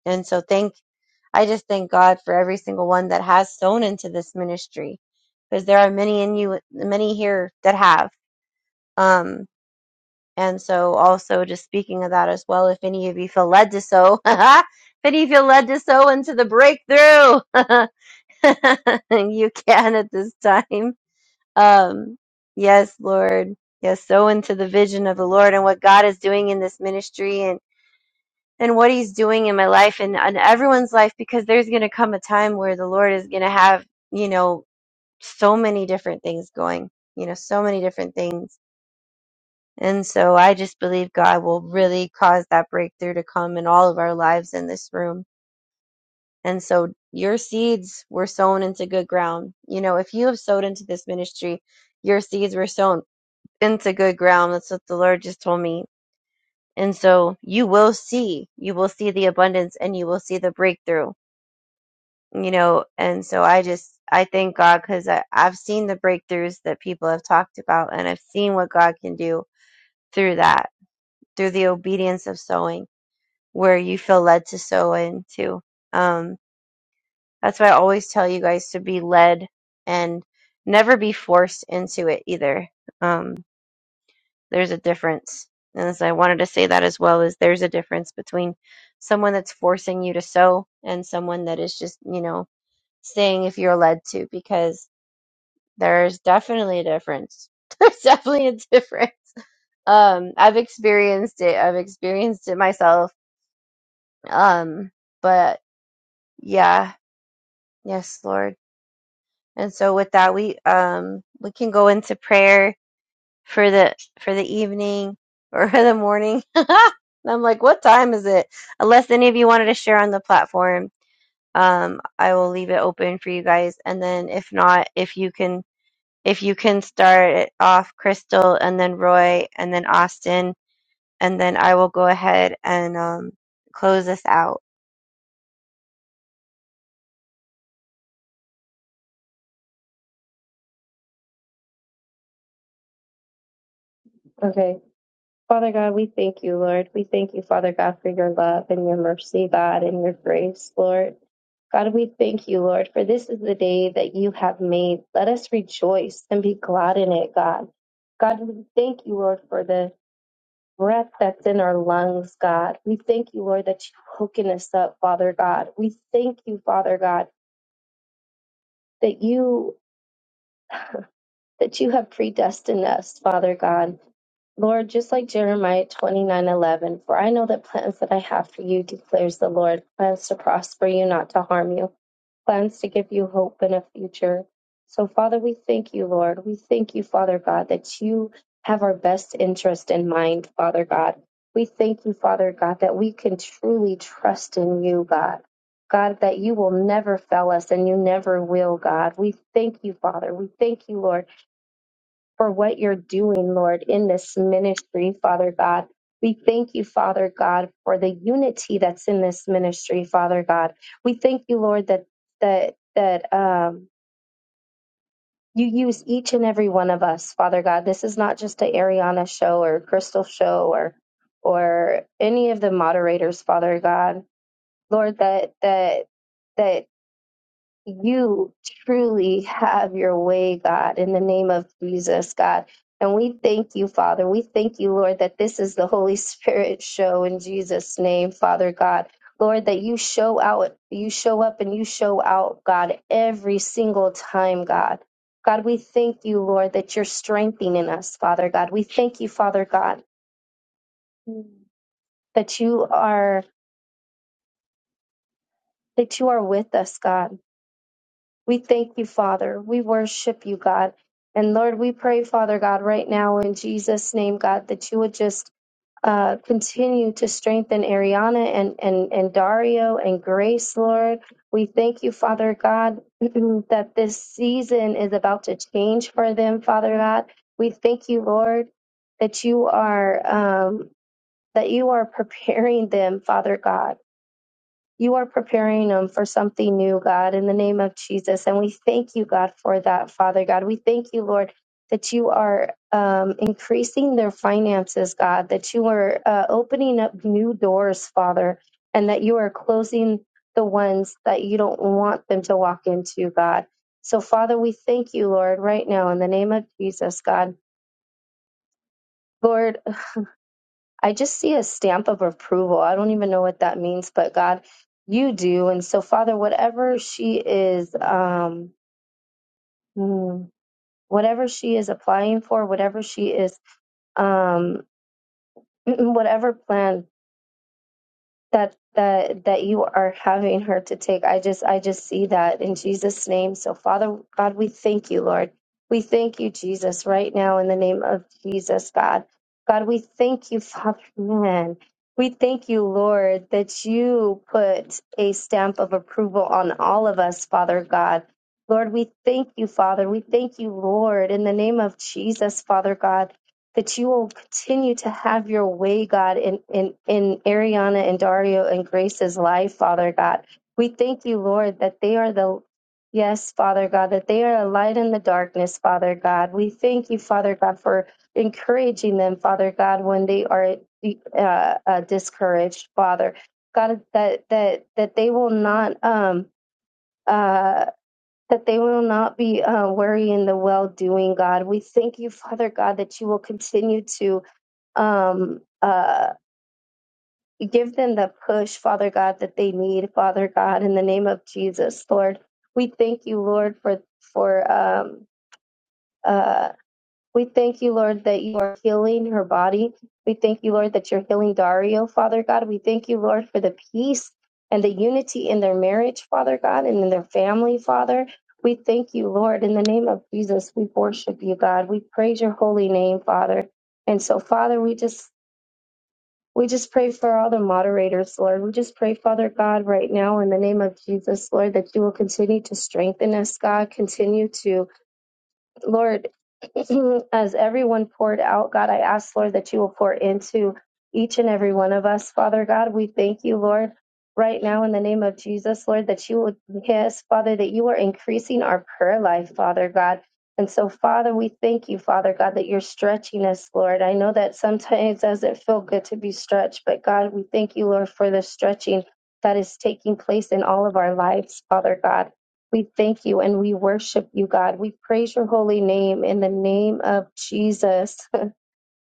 and so thank. I just thank God for every single one that has sown into this ministry, because there are many in you, many here that have. Um, And so, also, just speaking of that as well, if any of you feel led to sow, if any of you feel led to sow into the breakthrough, you can at this time. Um, yes, Lord. Yes, sow into the vision of the Lord and what God is doing in this ministry and, and what He's doing in my life and, and everyone's life, because there's going to come a time where the Lord is going to have, you know, so many different things going, you know, so many different things and so I just believe God will really cause that breakthrough to come in all of our lives in this room. And so your seeds were sown into good ground. You know, if you have sowed into this ministry, your seeds were sown into good ground. That's what the Lord just told me. And so you will see, you will see the abundance and you will see the breakthrough, you know. And so I just, I thank God because I've seen the breakthroughs that people have talked about and I've seen what God can do through that, through the obedience of sowing where you feel led to sow into. Um, that's why I always tell you guys to be led and never be forced into it either. Um, there's a difference. And so I wanted to say that as well is there's a difference between someone that's forcing you to sow and someone that is just, you know, saying if you're led to, because there's definitely a difference. There's definitely a difference. Um, I've experienced it. I've experienced it myself. Um, but yeah, Yes, Lord. And so with that, we um we can go into prayer for the for the evening or the morning. And I'm like, what time is it? Unless any of you wanted to share on the platform, um, I will leave it open for you guys. And then if not, if you can if you can start it off Crystal and then Roy and then Austin, and then I will go ahead and um close us out.
Okay. Father God, we thank you, Lord. We thank you, Father God, for your love and your mercy, God, and your grace, Lord. God, we thank you, Lord, for this is the day that you have made. Let us rejoice and be glad in it, God. God, we thank you, Lord, for this. breath that's in our lungs, God. We thank you, Lord, that you've woken us up, Father God. We thank you, Father God, that you that you have predestined us, Father God. Lord, just like Jeremiah twenty nine eleven, for I know the plans that I have for you, declares the Lord plans to prosper you, not to harm you, plans to give you hope and a future. So, Father, we thank you, Lord. We thank you, Father God, that you have our best interest in mind, Father God. We thank you, Father God, that we can truly trust in you, God. God, that you will never fail us and you never will, God. We thank you, Father. We thank you, Lord for what you're doing, Lord, in this ministry, Father God. We thank you, Father God, for the unity that's in this ministry, Father God. We thank you, Lord, that that that um you use each and every one of us, Father God. This is not just a Ariana show or Crystal show or or any of the moderators, Father God. Lord, that that that you truly have your way, God, in the name of Jesus, God. And we thank you, Father. We thank you, Lord, that this is the Holy Spirit show in Jesus' name, Father God. Lord, that you show out, you show up and you show out, God, every single time, God. God, we thank you, Lord, that you're strengthening us, Father God. We thank you, Father God, that you are that you are with us, God We thank you, Father. We worship you, God. And Lord, we pray, Father God, right now in Jesus' name, God, that you would just uh, continue to strengthen Ariana and, and, and Dario and Grace, Lord. We thank you, Father God, that this season is about to change for them, Father God. We thank you, Lord, that you are um, that you are preparing them, Father God you are preparing them for something new, God, in the name of Jesus. And we thank you, God, for that, Father God. We thank you, Lord, that you are um, increasing their finances, God, that you are uh, opening up new doors, Father, and that you are closing the ones that you don't want them to walk into, God. So, Father, we thank you, Lord, right now in the name of Jesus, God. Lord, I just see a stamp of approval. I don't even know what that means, but God, you do. And so, Father, whatever she is, um, mm, whatever she is applying for, whatever she is, um, whatever plan that that that you are having her to take. I just I just see that in Jesus name. So Father God, we thank you, Lord. We thank you Jesus right now in the name of Jesus, God. God, we thank you, Father man. We thank you, Lord, that you put a stamp of approval on all of us, Father God. Lord, we thank you, Father. We thank you, Lord, in the name of Jesus, Father God that you will continue to have your way, God, in, in, in Ariana and Dario and Grace's life, Father God. We thank you, Lord, that they are the, yes, Father God, that they are a light in the darkness, Father God. We thank you, Father God, for encouraging them, Father God, when they are uh, uh, discouraged, Father. God, that, that, that they will not, um, uh, that they will not be uh, worrying the well doing, God. We thank you, Father God, that you will continue to um, uh, give them the push, Father God, that they need, Father God, in the name of Jesus, Lord. We thank you, Lord, for for um, uh, we thank you, Lord, that you are healing her body. We thank you, Lord, that you're healing Dario, Father God. We thank you, Lord, for the peace and the unity in their marriage, Father God, and in their family, Father. We thank you, Lord, in the name of Jesus. We worship you, God. We praise your holy name, Father. And so, Father, we just We just pray for all the moderators, Lord. We just pray, Father God, right now in the name of Jesus, Lord, that you will continue to strengthen us, God. Continue to Lord, as everyone poured out, God, I ask, Lord, that you will pour into each and every one of us. Father God, we thank you, Lord, right now in the name of Jesus, Lord, that you will, yes, Father, that you are increasing our prayer life, Father God. And so, Father, we thank you, Father God, that you're stretching us, Lord. I know that sometimes doesn't feel good to be stretched, but God, we thank you, Lord, for the stretching that is taking place in all of our lives, Father God. We thank you and we worship you, God. We praise your holy name in the name of Jesus.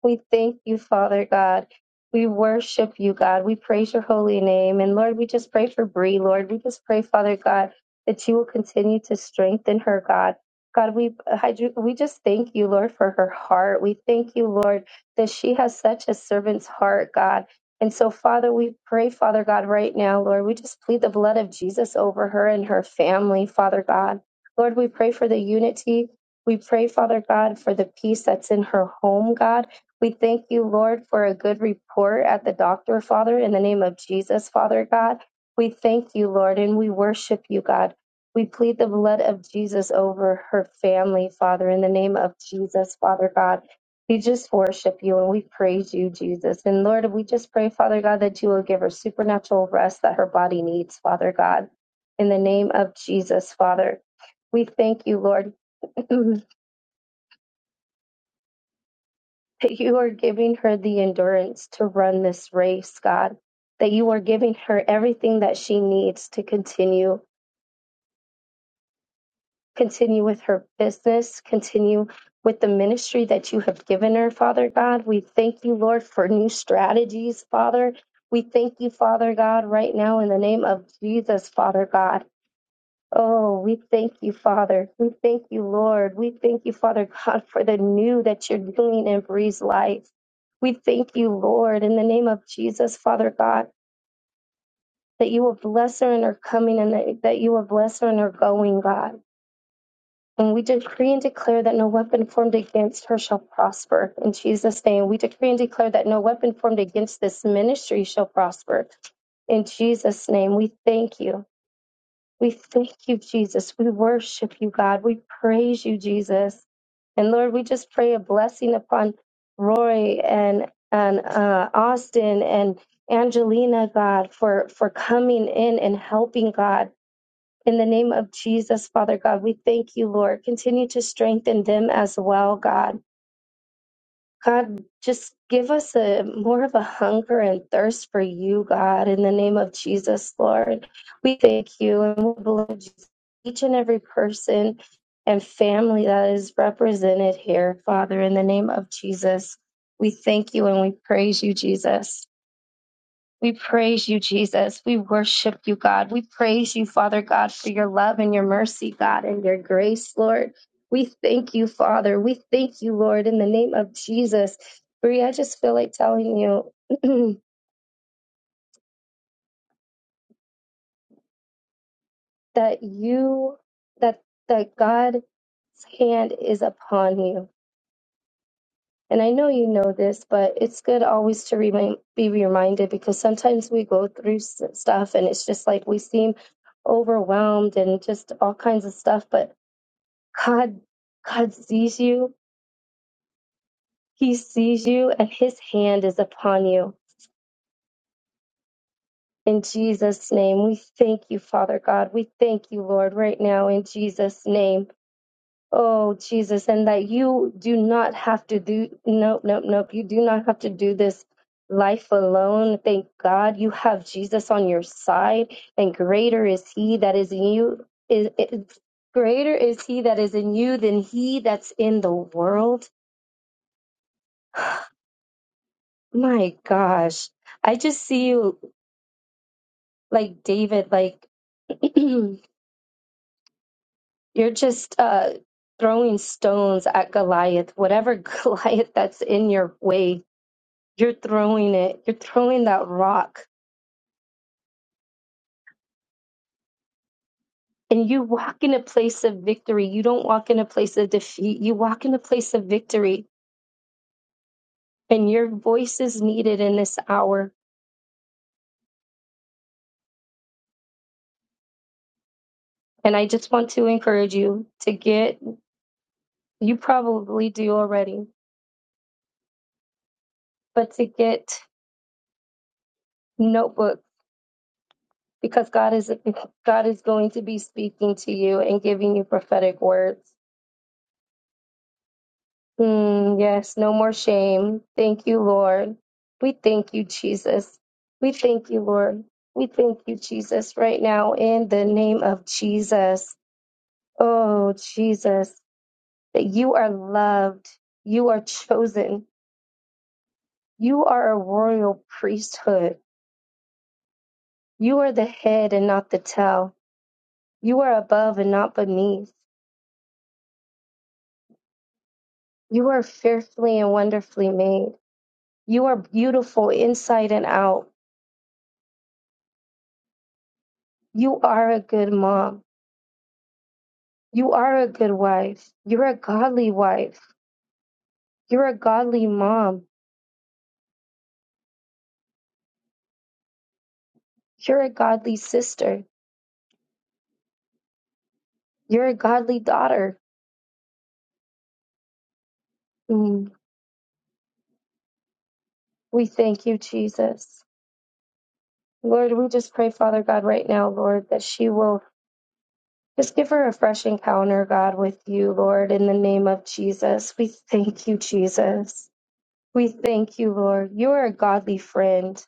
We thank you, Father God. We worship you, God. We praise your holy name. And Lord, we just pray for Bree, Lord. We just pray, Father God, that you will continue to strengthen her, God. God, we we just thank you, Lord, for her heart. We thank you, Lord, that she has such a servant's heart, God. And so, Father, we pray, Father God, right now, Lord, we just plead the blood of Jesus over her and her family, Father God. Lord, we pray for the unity. We pray, Father God, for the peace that's in her home, God. We thank you, Lord, for a good report at the doctor, Father, in the name of Jesus, Father God. We thank you, Lord, and we worship you, God. We plead the blood of Jesus over her family, Father, in the name of Jesus, Father God. We just worship you and we praise you, Jesus. And Lord, we just pray, Father God, that you will give her supernatural rest that her body needs, Father God, in the name of Jesus, Father. We thank you, Lord. that you are giving her the endurance to run this race, God, that you are giving her everything that she needs to continue, continue with her business, continue with the ministry that you have given her, Father God. We thank you, Lord, for new strategies, Father. We thank you, Father God, right now in the name of Jesus, Father God Oh, we thank you, Father. We thank you, Lord. We thank you, Father God, for the new that you're doing in Bree's life. We thank you, Lord, in the name of Jesus, Father God, that you will bless her in her coming and that, that you will bless her in her going, God. And we decree and declare that no weapon formed against her shall prosper. In Jesus' name, we decree and declare that no weapon formed against this ministry shall prosper. In Jesus' name, we thank you. We thank you, Jesus. We worship you, God. We praise you, Jesus. And Lord, we just pray a blessing upon Roy and and uh, Austin and Angelina, God, for for coming in and helping, God. In the name of Jesus, Father God, we thank you, Lord. Continue to strengthen them as well, God. God, just give us a more of a hunger and thirst for you, God, in the name of Jesus, Lord. We thank you and we bless each and every person and family that is represented here, Father, in the name of Jesus. We thank you and we praise you, Jesus. We praise you, Jesus. We worship you, God. We praise you, Father God, for your love and your mercy, God, and your grace, Lord. We thank you, Father. We thank you, Lord, in the name of Jesus. Bree, I just feel like telling you that you, that, that God's hand is upon you. And I know you know this, but it's good always to remind, be reminded because sometimes we go through s- stuff and it's just like we seem overwhelmed and just all kinds of stuff. But God, God sees you. He sees you and his hand is upon you. In Jesus' name, we thank you, Father God. We thank you, Lord, right now in Jesus' name. Oh, Jesus, and that you do not have to do, nope, nope, nope. You do not have to do this life alone. Thank God you have Jesus on your side, and greater is he that is in you. Is, is, greater is he that is in you than he that's in the world. My gosh. I just see you like David, like you're just uh throwing stones at Goliath. Whatever Goliath that's in your way, you're throwing it. You're throwing that rock. And you walk in a place of victory. You don't walk in a place of defeat. You walk in a place of victory. And your voice is needed in this hour. And I just want to encourage you to get, you probably do already, but to get notebooks because God is God is going to be speaking to you and giving you prophetic words. Mm, yes, no more shame. Thank you, Lord. We thank you, Jesus. We thank you, Lord. We thank you, Jesus, right now in the name of Jesus. Oh, Jesus, that you are loved. You are chosen. You are a royal priesthood. You are the head and not the tail. You are above and not beneath. You are fearfully and wonderfully made. You are beautiful inside and out. You are a good mom. You are a good wife. You're a godly wife. You're a godly mom. You're a godly sister. You're a godly daughter. Mm. We thank you, Jesus. Lord, we just pray, Father God, right now, Lord, that she will just give her a fresh encounter, God, with you, Lord, in the name of Jesus. We thank you, Jesus. We thank you, Lord. You are a godly friend.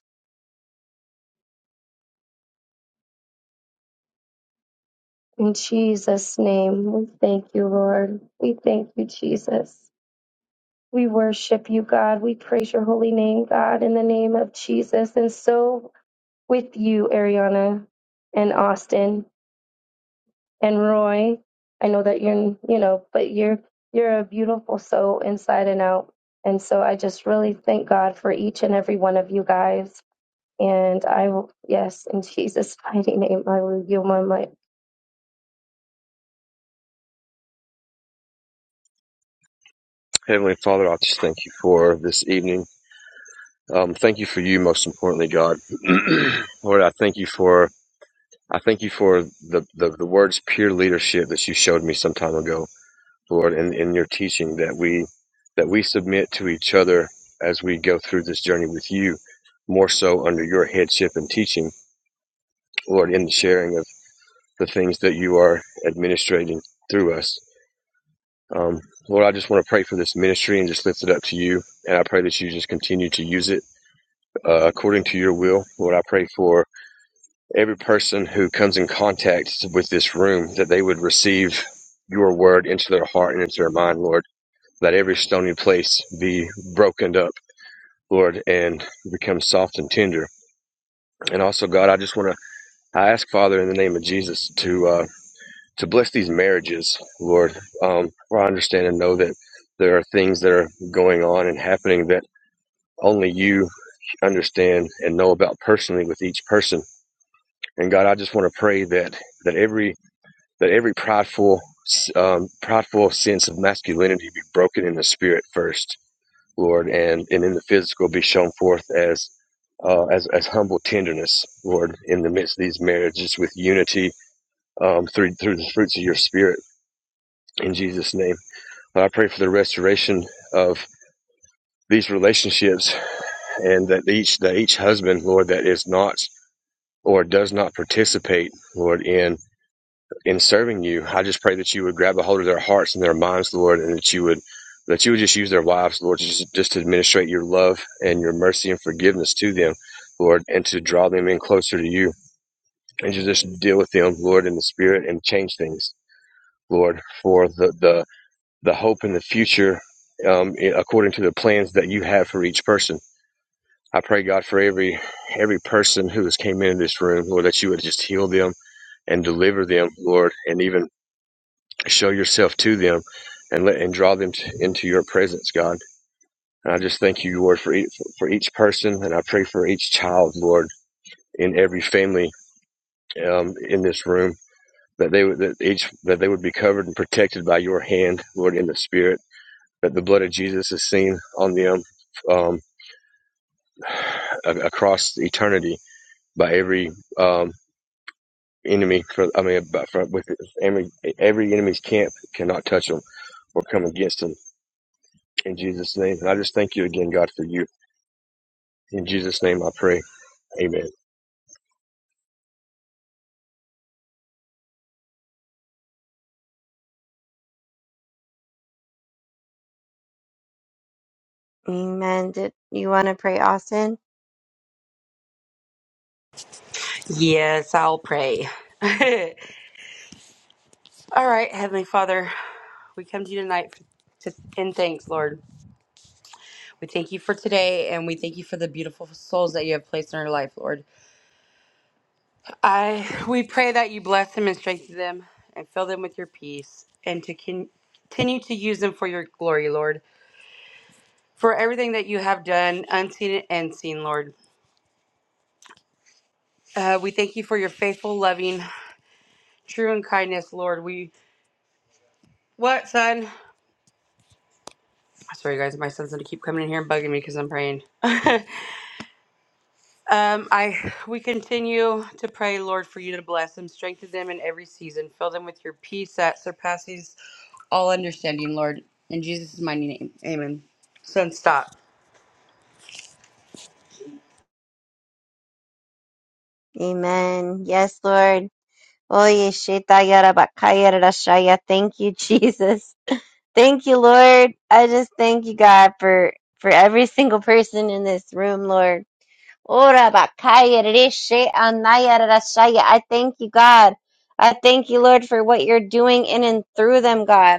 In Jesus' name, we thank you, Lord. We thank you, Jesus. We worship you, God. We praise your holy name, God, in the name of Jesus. And so with you, Ariana and Austin and Roy. I know that you're, you know, but you're you're a beautiful soul inside and out. And so I just really thank God for each and every one of you guys. And I will, yes, in Jesus' mighty name, I will yield my mic.
Heavenly Father, I just thank you for this evening. Um, thank you for you, most importantly, God. Lord, I thank you for I thank you for the, the the words pure leadership that you showed me some time ago, Lord, in, in your teaching that we that we submit to each other as we go through this journey with you, more so under your headship and teaching, Lord, in the sharing of the things that you are administrating through us. Um, Lord, I just want to pray for this ministry and just lift it up to you. And I pray that you just continue to use it uh, according to your will. Lord, I pray for every person who comes in contact with this room that they would receive your word into their heart and into their mind, Lord. Let every stony place be broken up, Lord, and become soft and tender. And also, God, I just want to I ask Father in the name of Jesus to uh, to bless these marriages, Lord. Um, for I understand and know that there are things that are going on and happening that only you understand and know about personally with each person. And God, I just want to pray that that every that every prideful um, prideful sense of masculinity be broken in the spirit first, Lord, and and in the physical be shown forth as uh, as as humble tenderness, Lord, in the midst of these marriages with unity um, through through the fruits of your spirit. In Jesus' name, Lord, I pray for the restoration of these relationships, and that each that each husband, Lord, that is not or does not participate, Lord, in in serving you, I just pray that you would grab a hold of their hearts and their minds, Lord, and that you would that you would just use their lives, Lord, just just to administrate your love and your mercy and forgiveness to them, Lord, and to draw them in closer to you, and to just deal with them, Lord, in the spirit and change things, Lord, for the the the hope in the future, um, according to the plans that you have for each person. I pray God for every every person who has came into this room, Lord, that you would just heal them and deliver them, Lord, and even show yourself to them and let and draw them t into your presence god and i just thank you lord for each, for each person and i pray for each child lord in every family um, in this room that they would that each that they would be covered and protected by your hand lord in the spirit that the blood of jesus is seen on them um, across eternity by every um, enemy for i mean by, for, with every, every enemy's camp cannot touch them or come against them in Jesus' name. And I just thank you again, God, for you. In Jesus' name I pray. Amen.
Amen. Did you want to pray, Austin?
yes, I'll pray. All right, Heavenly Father, we come to you tonight to, in thanks, Lord. We thank you for today and we thank you for the beautiful souls that you have placed in our life, Lord. I we pray that you bless them and strengthen them and fill them with your peace and to con- continue to use them for your glory, Lord. For everything that you have done, unseen and seen, Lord. Uh, we thank you for your faithful, loving true and kindness, Lord. We what son? Sorry, guys, my son's gonna keep coming in here and bugging me because I'm praying. um, I we continue to pray, Lord, for you to bless them, strengthen them in every season, fill them with your peace that surpasses all understanding, Lord. In Jesus' mighty name, Amen. Son, stop.
Amen. Yes, Lord. Oye, shita yara bakaya yada shaya. Thank you, Jesus. Thank you, Lord. I just thank you, God, for for every single person in this room, Lord. Ora bakaya yada she anaya yada shaya. I thank you, God. I thank you, Lord, for what you're doing in and through them, God.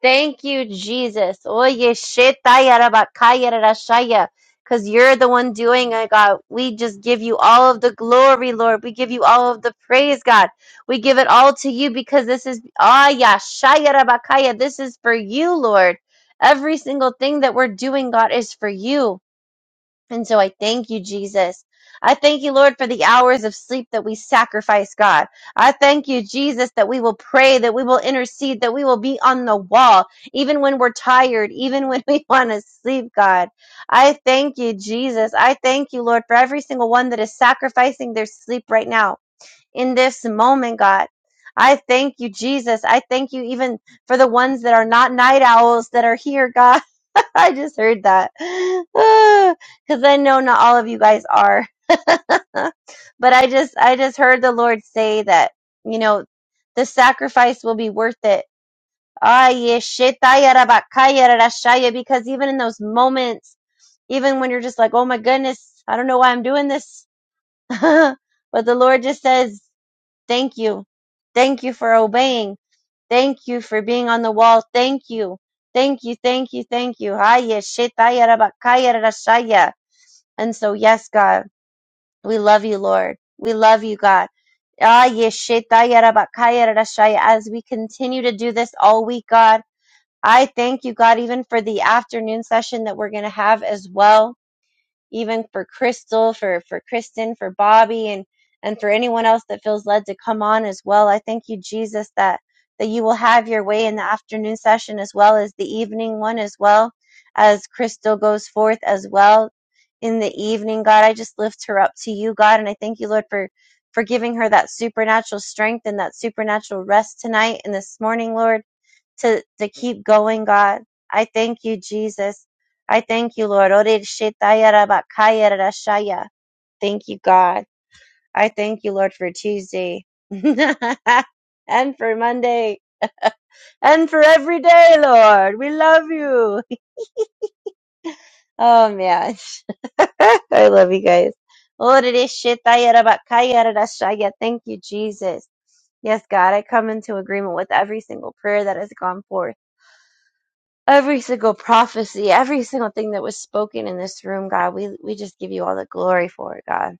Thank you, Jesus. Oye, shetaya rabakaya rarashaya. Because you're the one doing it, God. We just give you all of the glory, Lord. We give you all of the praise, God. We give it all to you because this is, ah, yeah, shaya rabakaya. This is for you, Lord. Every single thing that we're doing, God, is for you. And so I thank you, Jesus. I thank you, Lord, for the hours of sleep that we sacrifice, God. I thank you, Jesus, that we will pray, that we will intercede, that we will be on the wall, even when we're tired, even when we want to sleep, God. I thank you, Jesus. I thank you, Lord, for every single one that is sacrificing their sleep right now in this moment, God. I thank you, Jesus. I thank you even for the ones that are not night owls that are here, God. I just heard that. Cuz I know not all of you guys are. but I just I just heard the Lord say that, you know, the sacrifice will be worth it. Ah, yeah, shetaya rabakaya rarashaya, because even in those moments, even when you're just like, "Oh my goodness, I don't know why I'm doing this." but the Lord just says, "Thank you. Thank you for obeying." Thank you for being on the wall. Thank you. Thank you. Thank you. Thank you. Haya shetaya rabakaya rarashaya. And so, yes, God, we love you, Lord. We love you, God. Ah, yeshetaya rabakaya rarashaya. As we continue to do this all week, God, I thank you, God, even for the afternoon session that we're going to have as well even for Crystal, for for Kristen, for Bobby, and and for anyone else that feels led to come on as well. I thank you, Jesus, that that you will have your way in the afternoon session as well as the evening one as well as Crystal goes forth as well in the evening. God, I just lift her up to you, God, and I thank you, Lord, for for giving her that supernatural strength and that supernatural rest tonight and this morning, Lord to to keep going, God. I thank you, Jesus. I thank you, Lord. Thank you, God. I thank you, Lord, for Tuesday and for Monday and for every day, Lord. We love you. Oh, man. I love you guys. Thank you, Jesus. Yes, God, I come into agreement with every single prayer that has gone forth. every single prophecy, every single thing that was spoken in this room, God. We we just give you all the glory for it, God.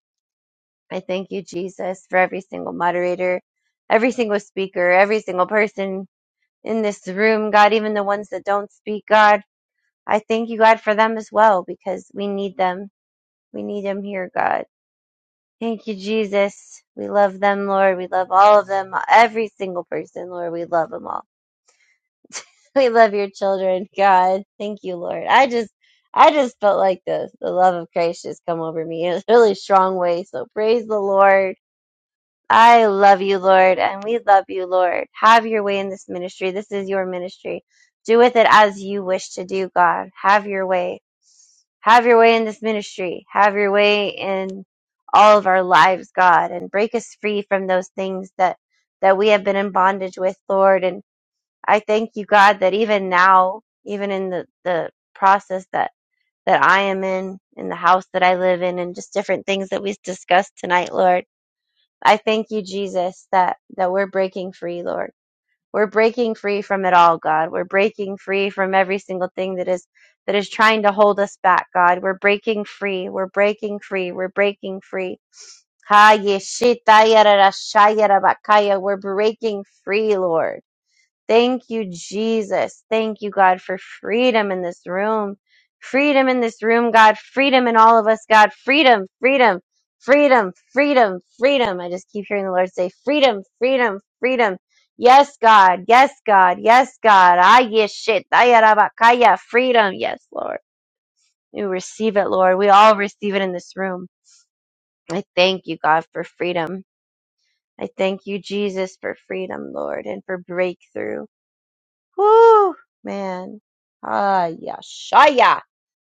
I thank you, Jesus, for every single moderator, every single speaker, every single person in this room, God, even the ones that don't speak, God. I thank you, God, for them as well because we need them. We need them here, God. Thank you, Jesus. We love them, Lord. We love all of them, every single person, Lord. We love them all. We love your children. God, thank you, Lord. I just I just felt like the the love of Christ just come over me in a really strong way. So praise the Lord. I love you, Lord, and we love you, Lord. Have your way in this ministry. This is your ministry. Do with it as you wish to do, God. Have your way. Have your way in this ministry. Have your way in all of our lives, God, and break us free from those things that that we have been in bondage with, Lord, and I thank you, God, that even now, even in the, the process that, that I am in, in the house that I live in, and just different things that we discussed tonight, Lord, I thank you, Jesus, that, that we're breaking free, Lord. We're breaking free from it all, God. We're breaking free from every single thing that is that is trying to hold us back, God. We're breaking free. We're breaking free. We're breaking free. Ha, yeshita, yada, da, bakaya. We're breaking free, Lord. Thank you, Jesus. Thank you, God, for freedom in this room. Freedom in this room, God. Freedom in all of us, God. Freedom, freedom, freedom, freedom, freedom. I just keep hearing the Lord say, freedom, freedom, freedom. Yes, God. Yes, God. Yes, God. Ah, yes, shit. Ah, yeah, rabba, Freedom. Yes, Lord. We receive it, Lord. We all receive it in this room. I thank you, God, for freedom. I thank you, Jesus, for freedom, Lord, and for breakthrough. Woo, man. Aya, shaya.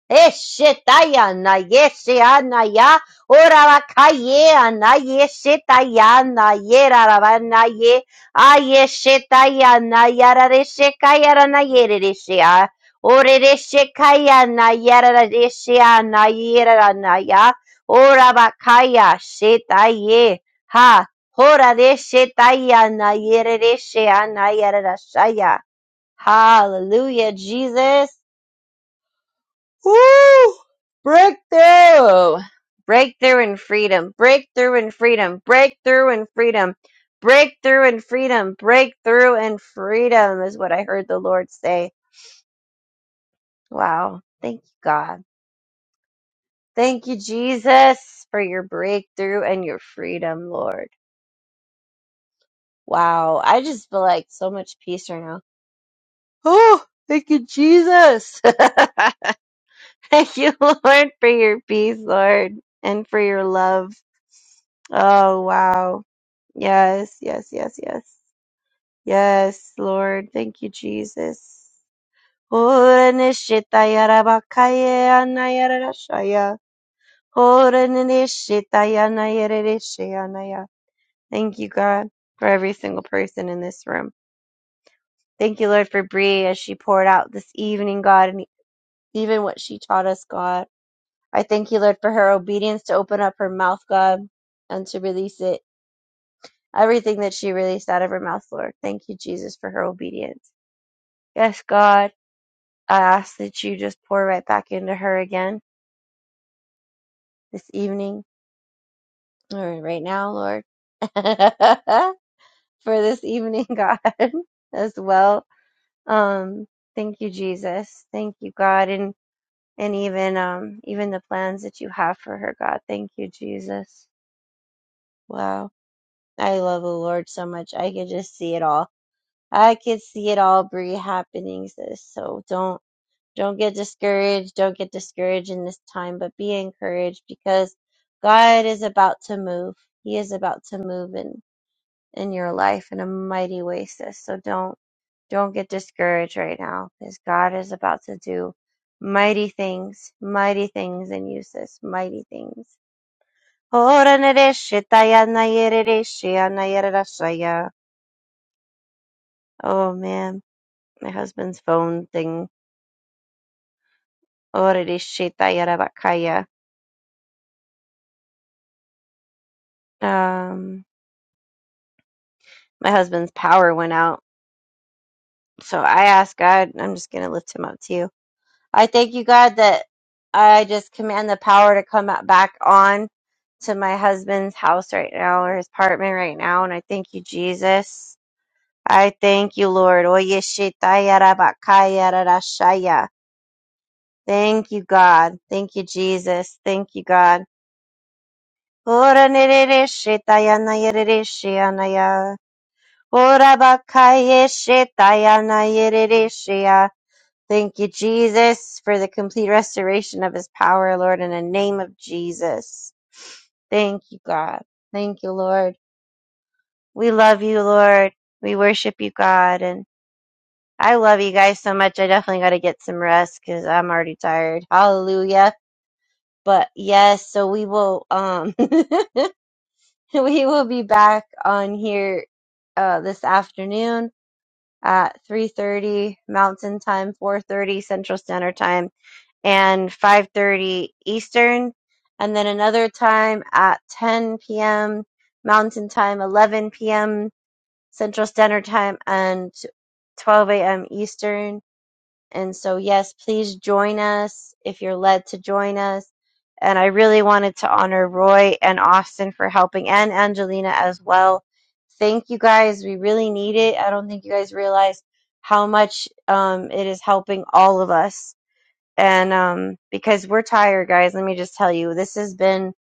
Eshetaya na yese anaya orabakaye anayesetaya na yerarabanaye ayeshetaya na yararesekaya na yereresea oreresekaya na yararesea na yerara na ya yeraranaya orabakaya setaye ha horaresetaya na yereresea na yararasaya Hallelujah, Jesus. Woo! Breakthrough! Breakthrough in freedom. Breakthrough in freedom. Breakthrough in freedom. Breakthrough in freedom. Breakthrough in freedom is what I heard the Lord say. Wow. Thank you, God. Thank you, Jesus, for your breakthrough and your freedom, Lord. Wow. I just feel like so much peace right now. Oh, thank you, Jesus. Thank you, Lord, for your peace, Lord, and for your love. Oh, wow. Yes, yes, yes, yes. Yes, Lord. Thank you, Jesus. Ora nishita yara bakaye ana yara rashaya. Ora nishita yana yara rishaya ana ya. Thank you, God, for every single person in this room. Thank you, Lord, for Bree as she poured out this evening, God, and even what she taught us, God. I thank you, Lord, for her obedience to open up her mouth, God, and to release it. Everything that she released out of her mouth, Lord. Thank you, Jesus, for her obedience. Yes, God, I ask that you just pour right back into her again this evening or right now, Lord, for this evening, God, as well. Um, thank you, Jesus. Thank you, God, and and even um even the plans that you have for her, God. Thank you, Jesus. Wow I love the Lord so much. I could just see it all. I could see it all, Bree, happening. Sis. So don't don't get discouraged. Don't get discouraged in this time, but be encouraged because God is about to move. He is about to move in in your life in a mighty way, sis. So don't don't get discouraged right now because God is about to do mighty things, mighty things in you, sis. Mighty things. Oh man, my husband's phone thing. Already bakaya. Um, my husband's power went out, so I asked God. I'm just gonna lift him up to you. I thank you, God, that I just command the power to come out- back on to my husband's house right now or his apartment right now, and I thank you, Jesus. I thank you, Lord. Oye shitaya bakaya rarashaya. Thank you, God. Thank you, Jesus. Thank you, God. Ora nerereshe tayana yerereshe anaya. Ora bakayeshe tayana yerereshe ya. Thank you, Jesus, for the complete restoration of his power, Lord, in the name of Jesus. Thank you, God. Thank you, Lord. We love you, Lord. We worship you, God. And I love you guys so much. I definitely got to get some rest because I'm already tired. Hallelujah. But yes, so we will. Um, we will be back on here uh, this afternoon at 3.30 mountain time 4.30 central standard time and 5.30 eastern and then another time at 10 p.m mountain time 11 p.m central standard time and 12 a.m eastern and so, yes, please join us if you're led to join us. And I really wanted to honor Roy and Austin for helping and Angelina as well. Thank you guys. We really need it. I don't think you guys realize how much um, it is helping all of us. And um, because we're tired, guys, let me just tell you, this has been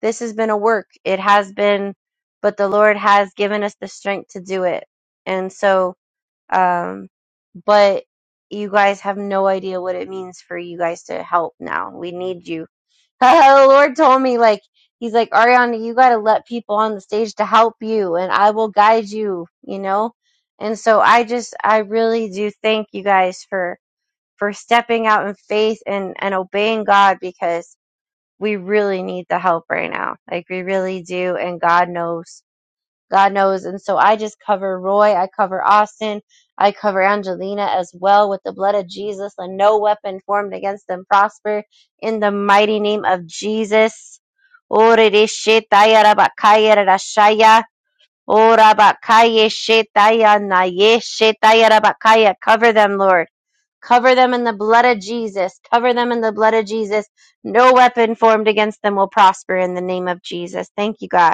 this has been a work. It has been, but the Lord has given us the strength to do it. And so, um, but you guys have no idea what it means for you guys to help now. We need you. the Lord told me, like, He's like, Ariana, you got to let people on the stage to help you, and I will guide you, you know? And so I just, I really do thank you guys for, for stepping out in faith and, and obeying God because we really need the help right now. Like, we really do, and God knows. God knows. And so I just cover Roy, I cover Austin, I cover Angelina as well with the blood of Jesus, and no weapon formed against them prosper in the mighty name of Jesus. Ore de shetaya rabakaya rarashaya. Ora bakaya shetaya naye shetaya rabakaya. Cover them, Lord. Cover them in the blood of Jesus. Cover them in the blood of Jesus. No weapon formed against them will prosper in the name of Jesus. Thank you, God.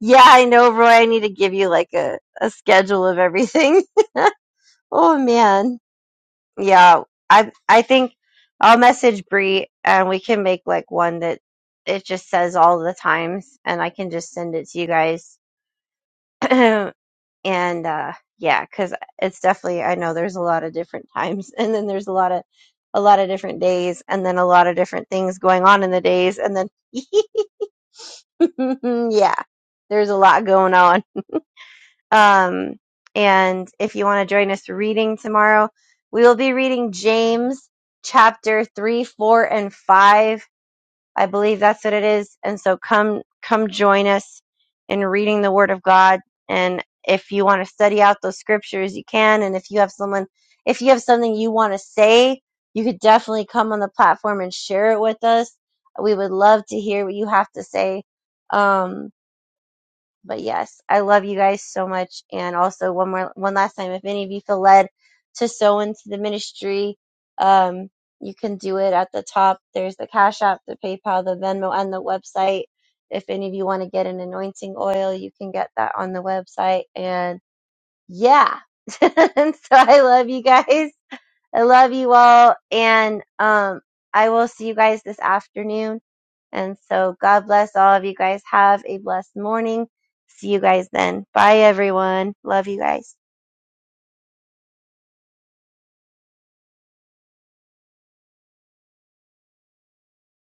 Yeah, I know, Roy. I need to give you like a, a schedule of everything. Oh man. Yeah. I I think I'll message Bree and we can make like one that it just says all the times and I can just send it to you guys. and uh yeah, 'cause it's definitely I know there's a lot of different times and then there's a lot of a lot of different days and then a lot of different things going on in the days and then yeah. There's a lot going on. Um, and if you want to join us reading tomorrow, we will be reading James chapter three, four, and five. I believe that's what it is. And so come, come join us in reading the Word of God. And if you want to study out those scriptures, you can. And if you have someone, if you have something you want to say, you could definitely come on the platform and share it with us. We would love to hear what you have to say. Um, but yes, I love you guys so much. And also one more, one last time, if any of you feel led to sow into the ministry, um, you can do it at the top. There's the Cash App, the PayPal, the Venmo, and the website. If any of you want to get an anointing oil, you can get that on the website. And yeah. and so I love you guys. I love you all, and um, I will see you guys this afternoon. And so, God bless all of you guys. Have a blessed morning. See you guys then. Bye, everyone. Love you guys.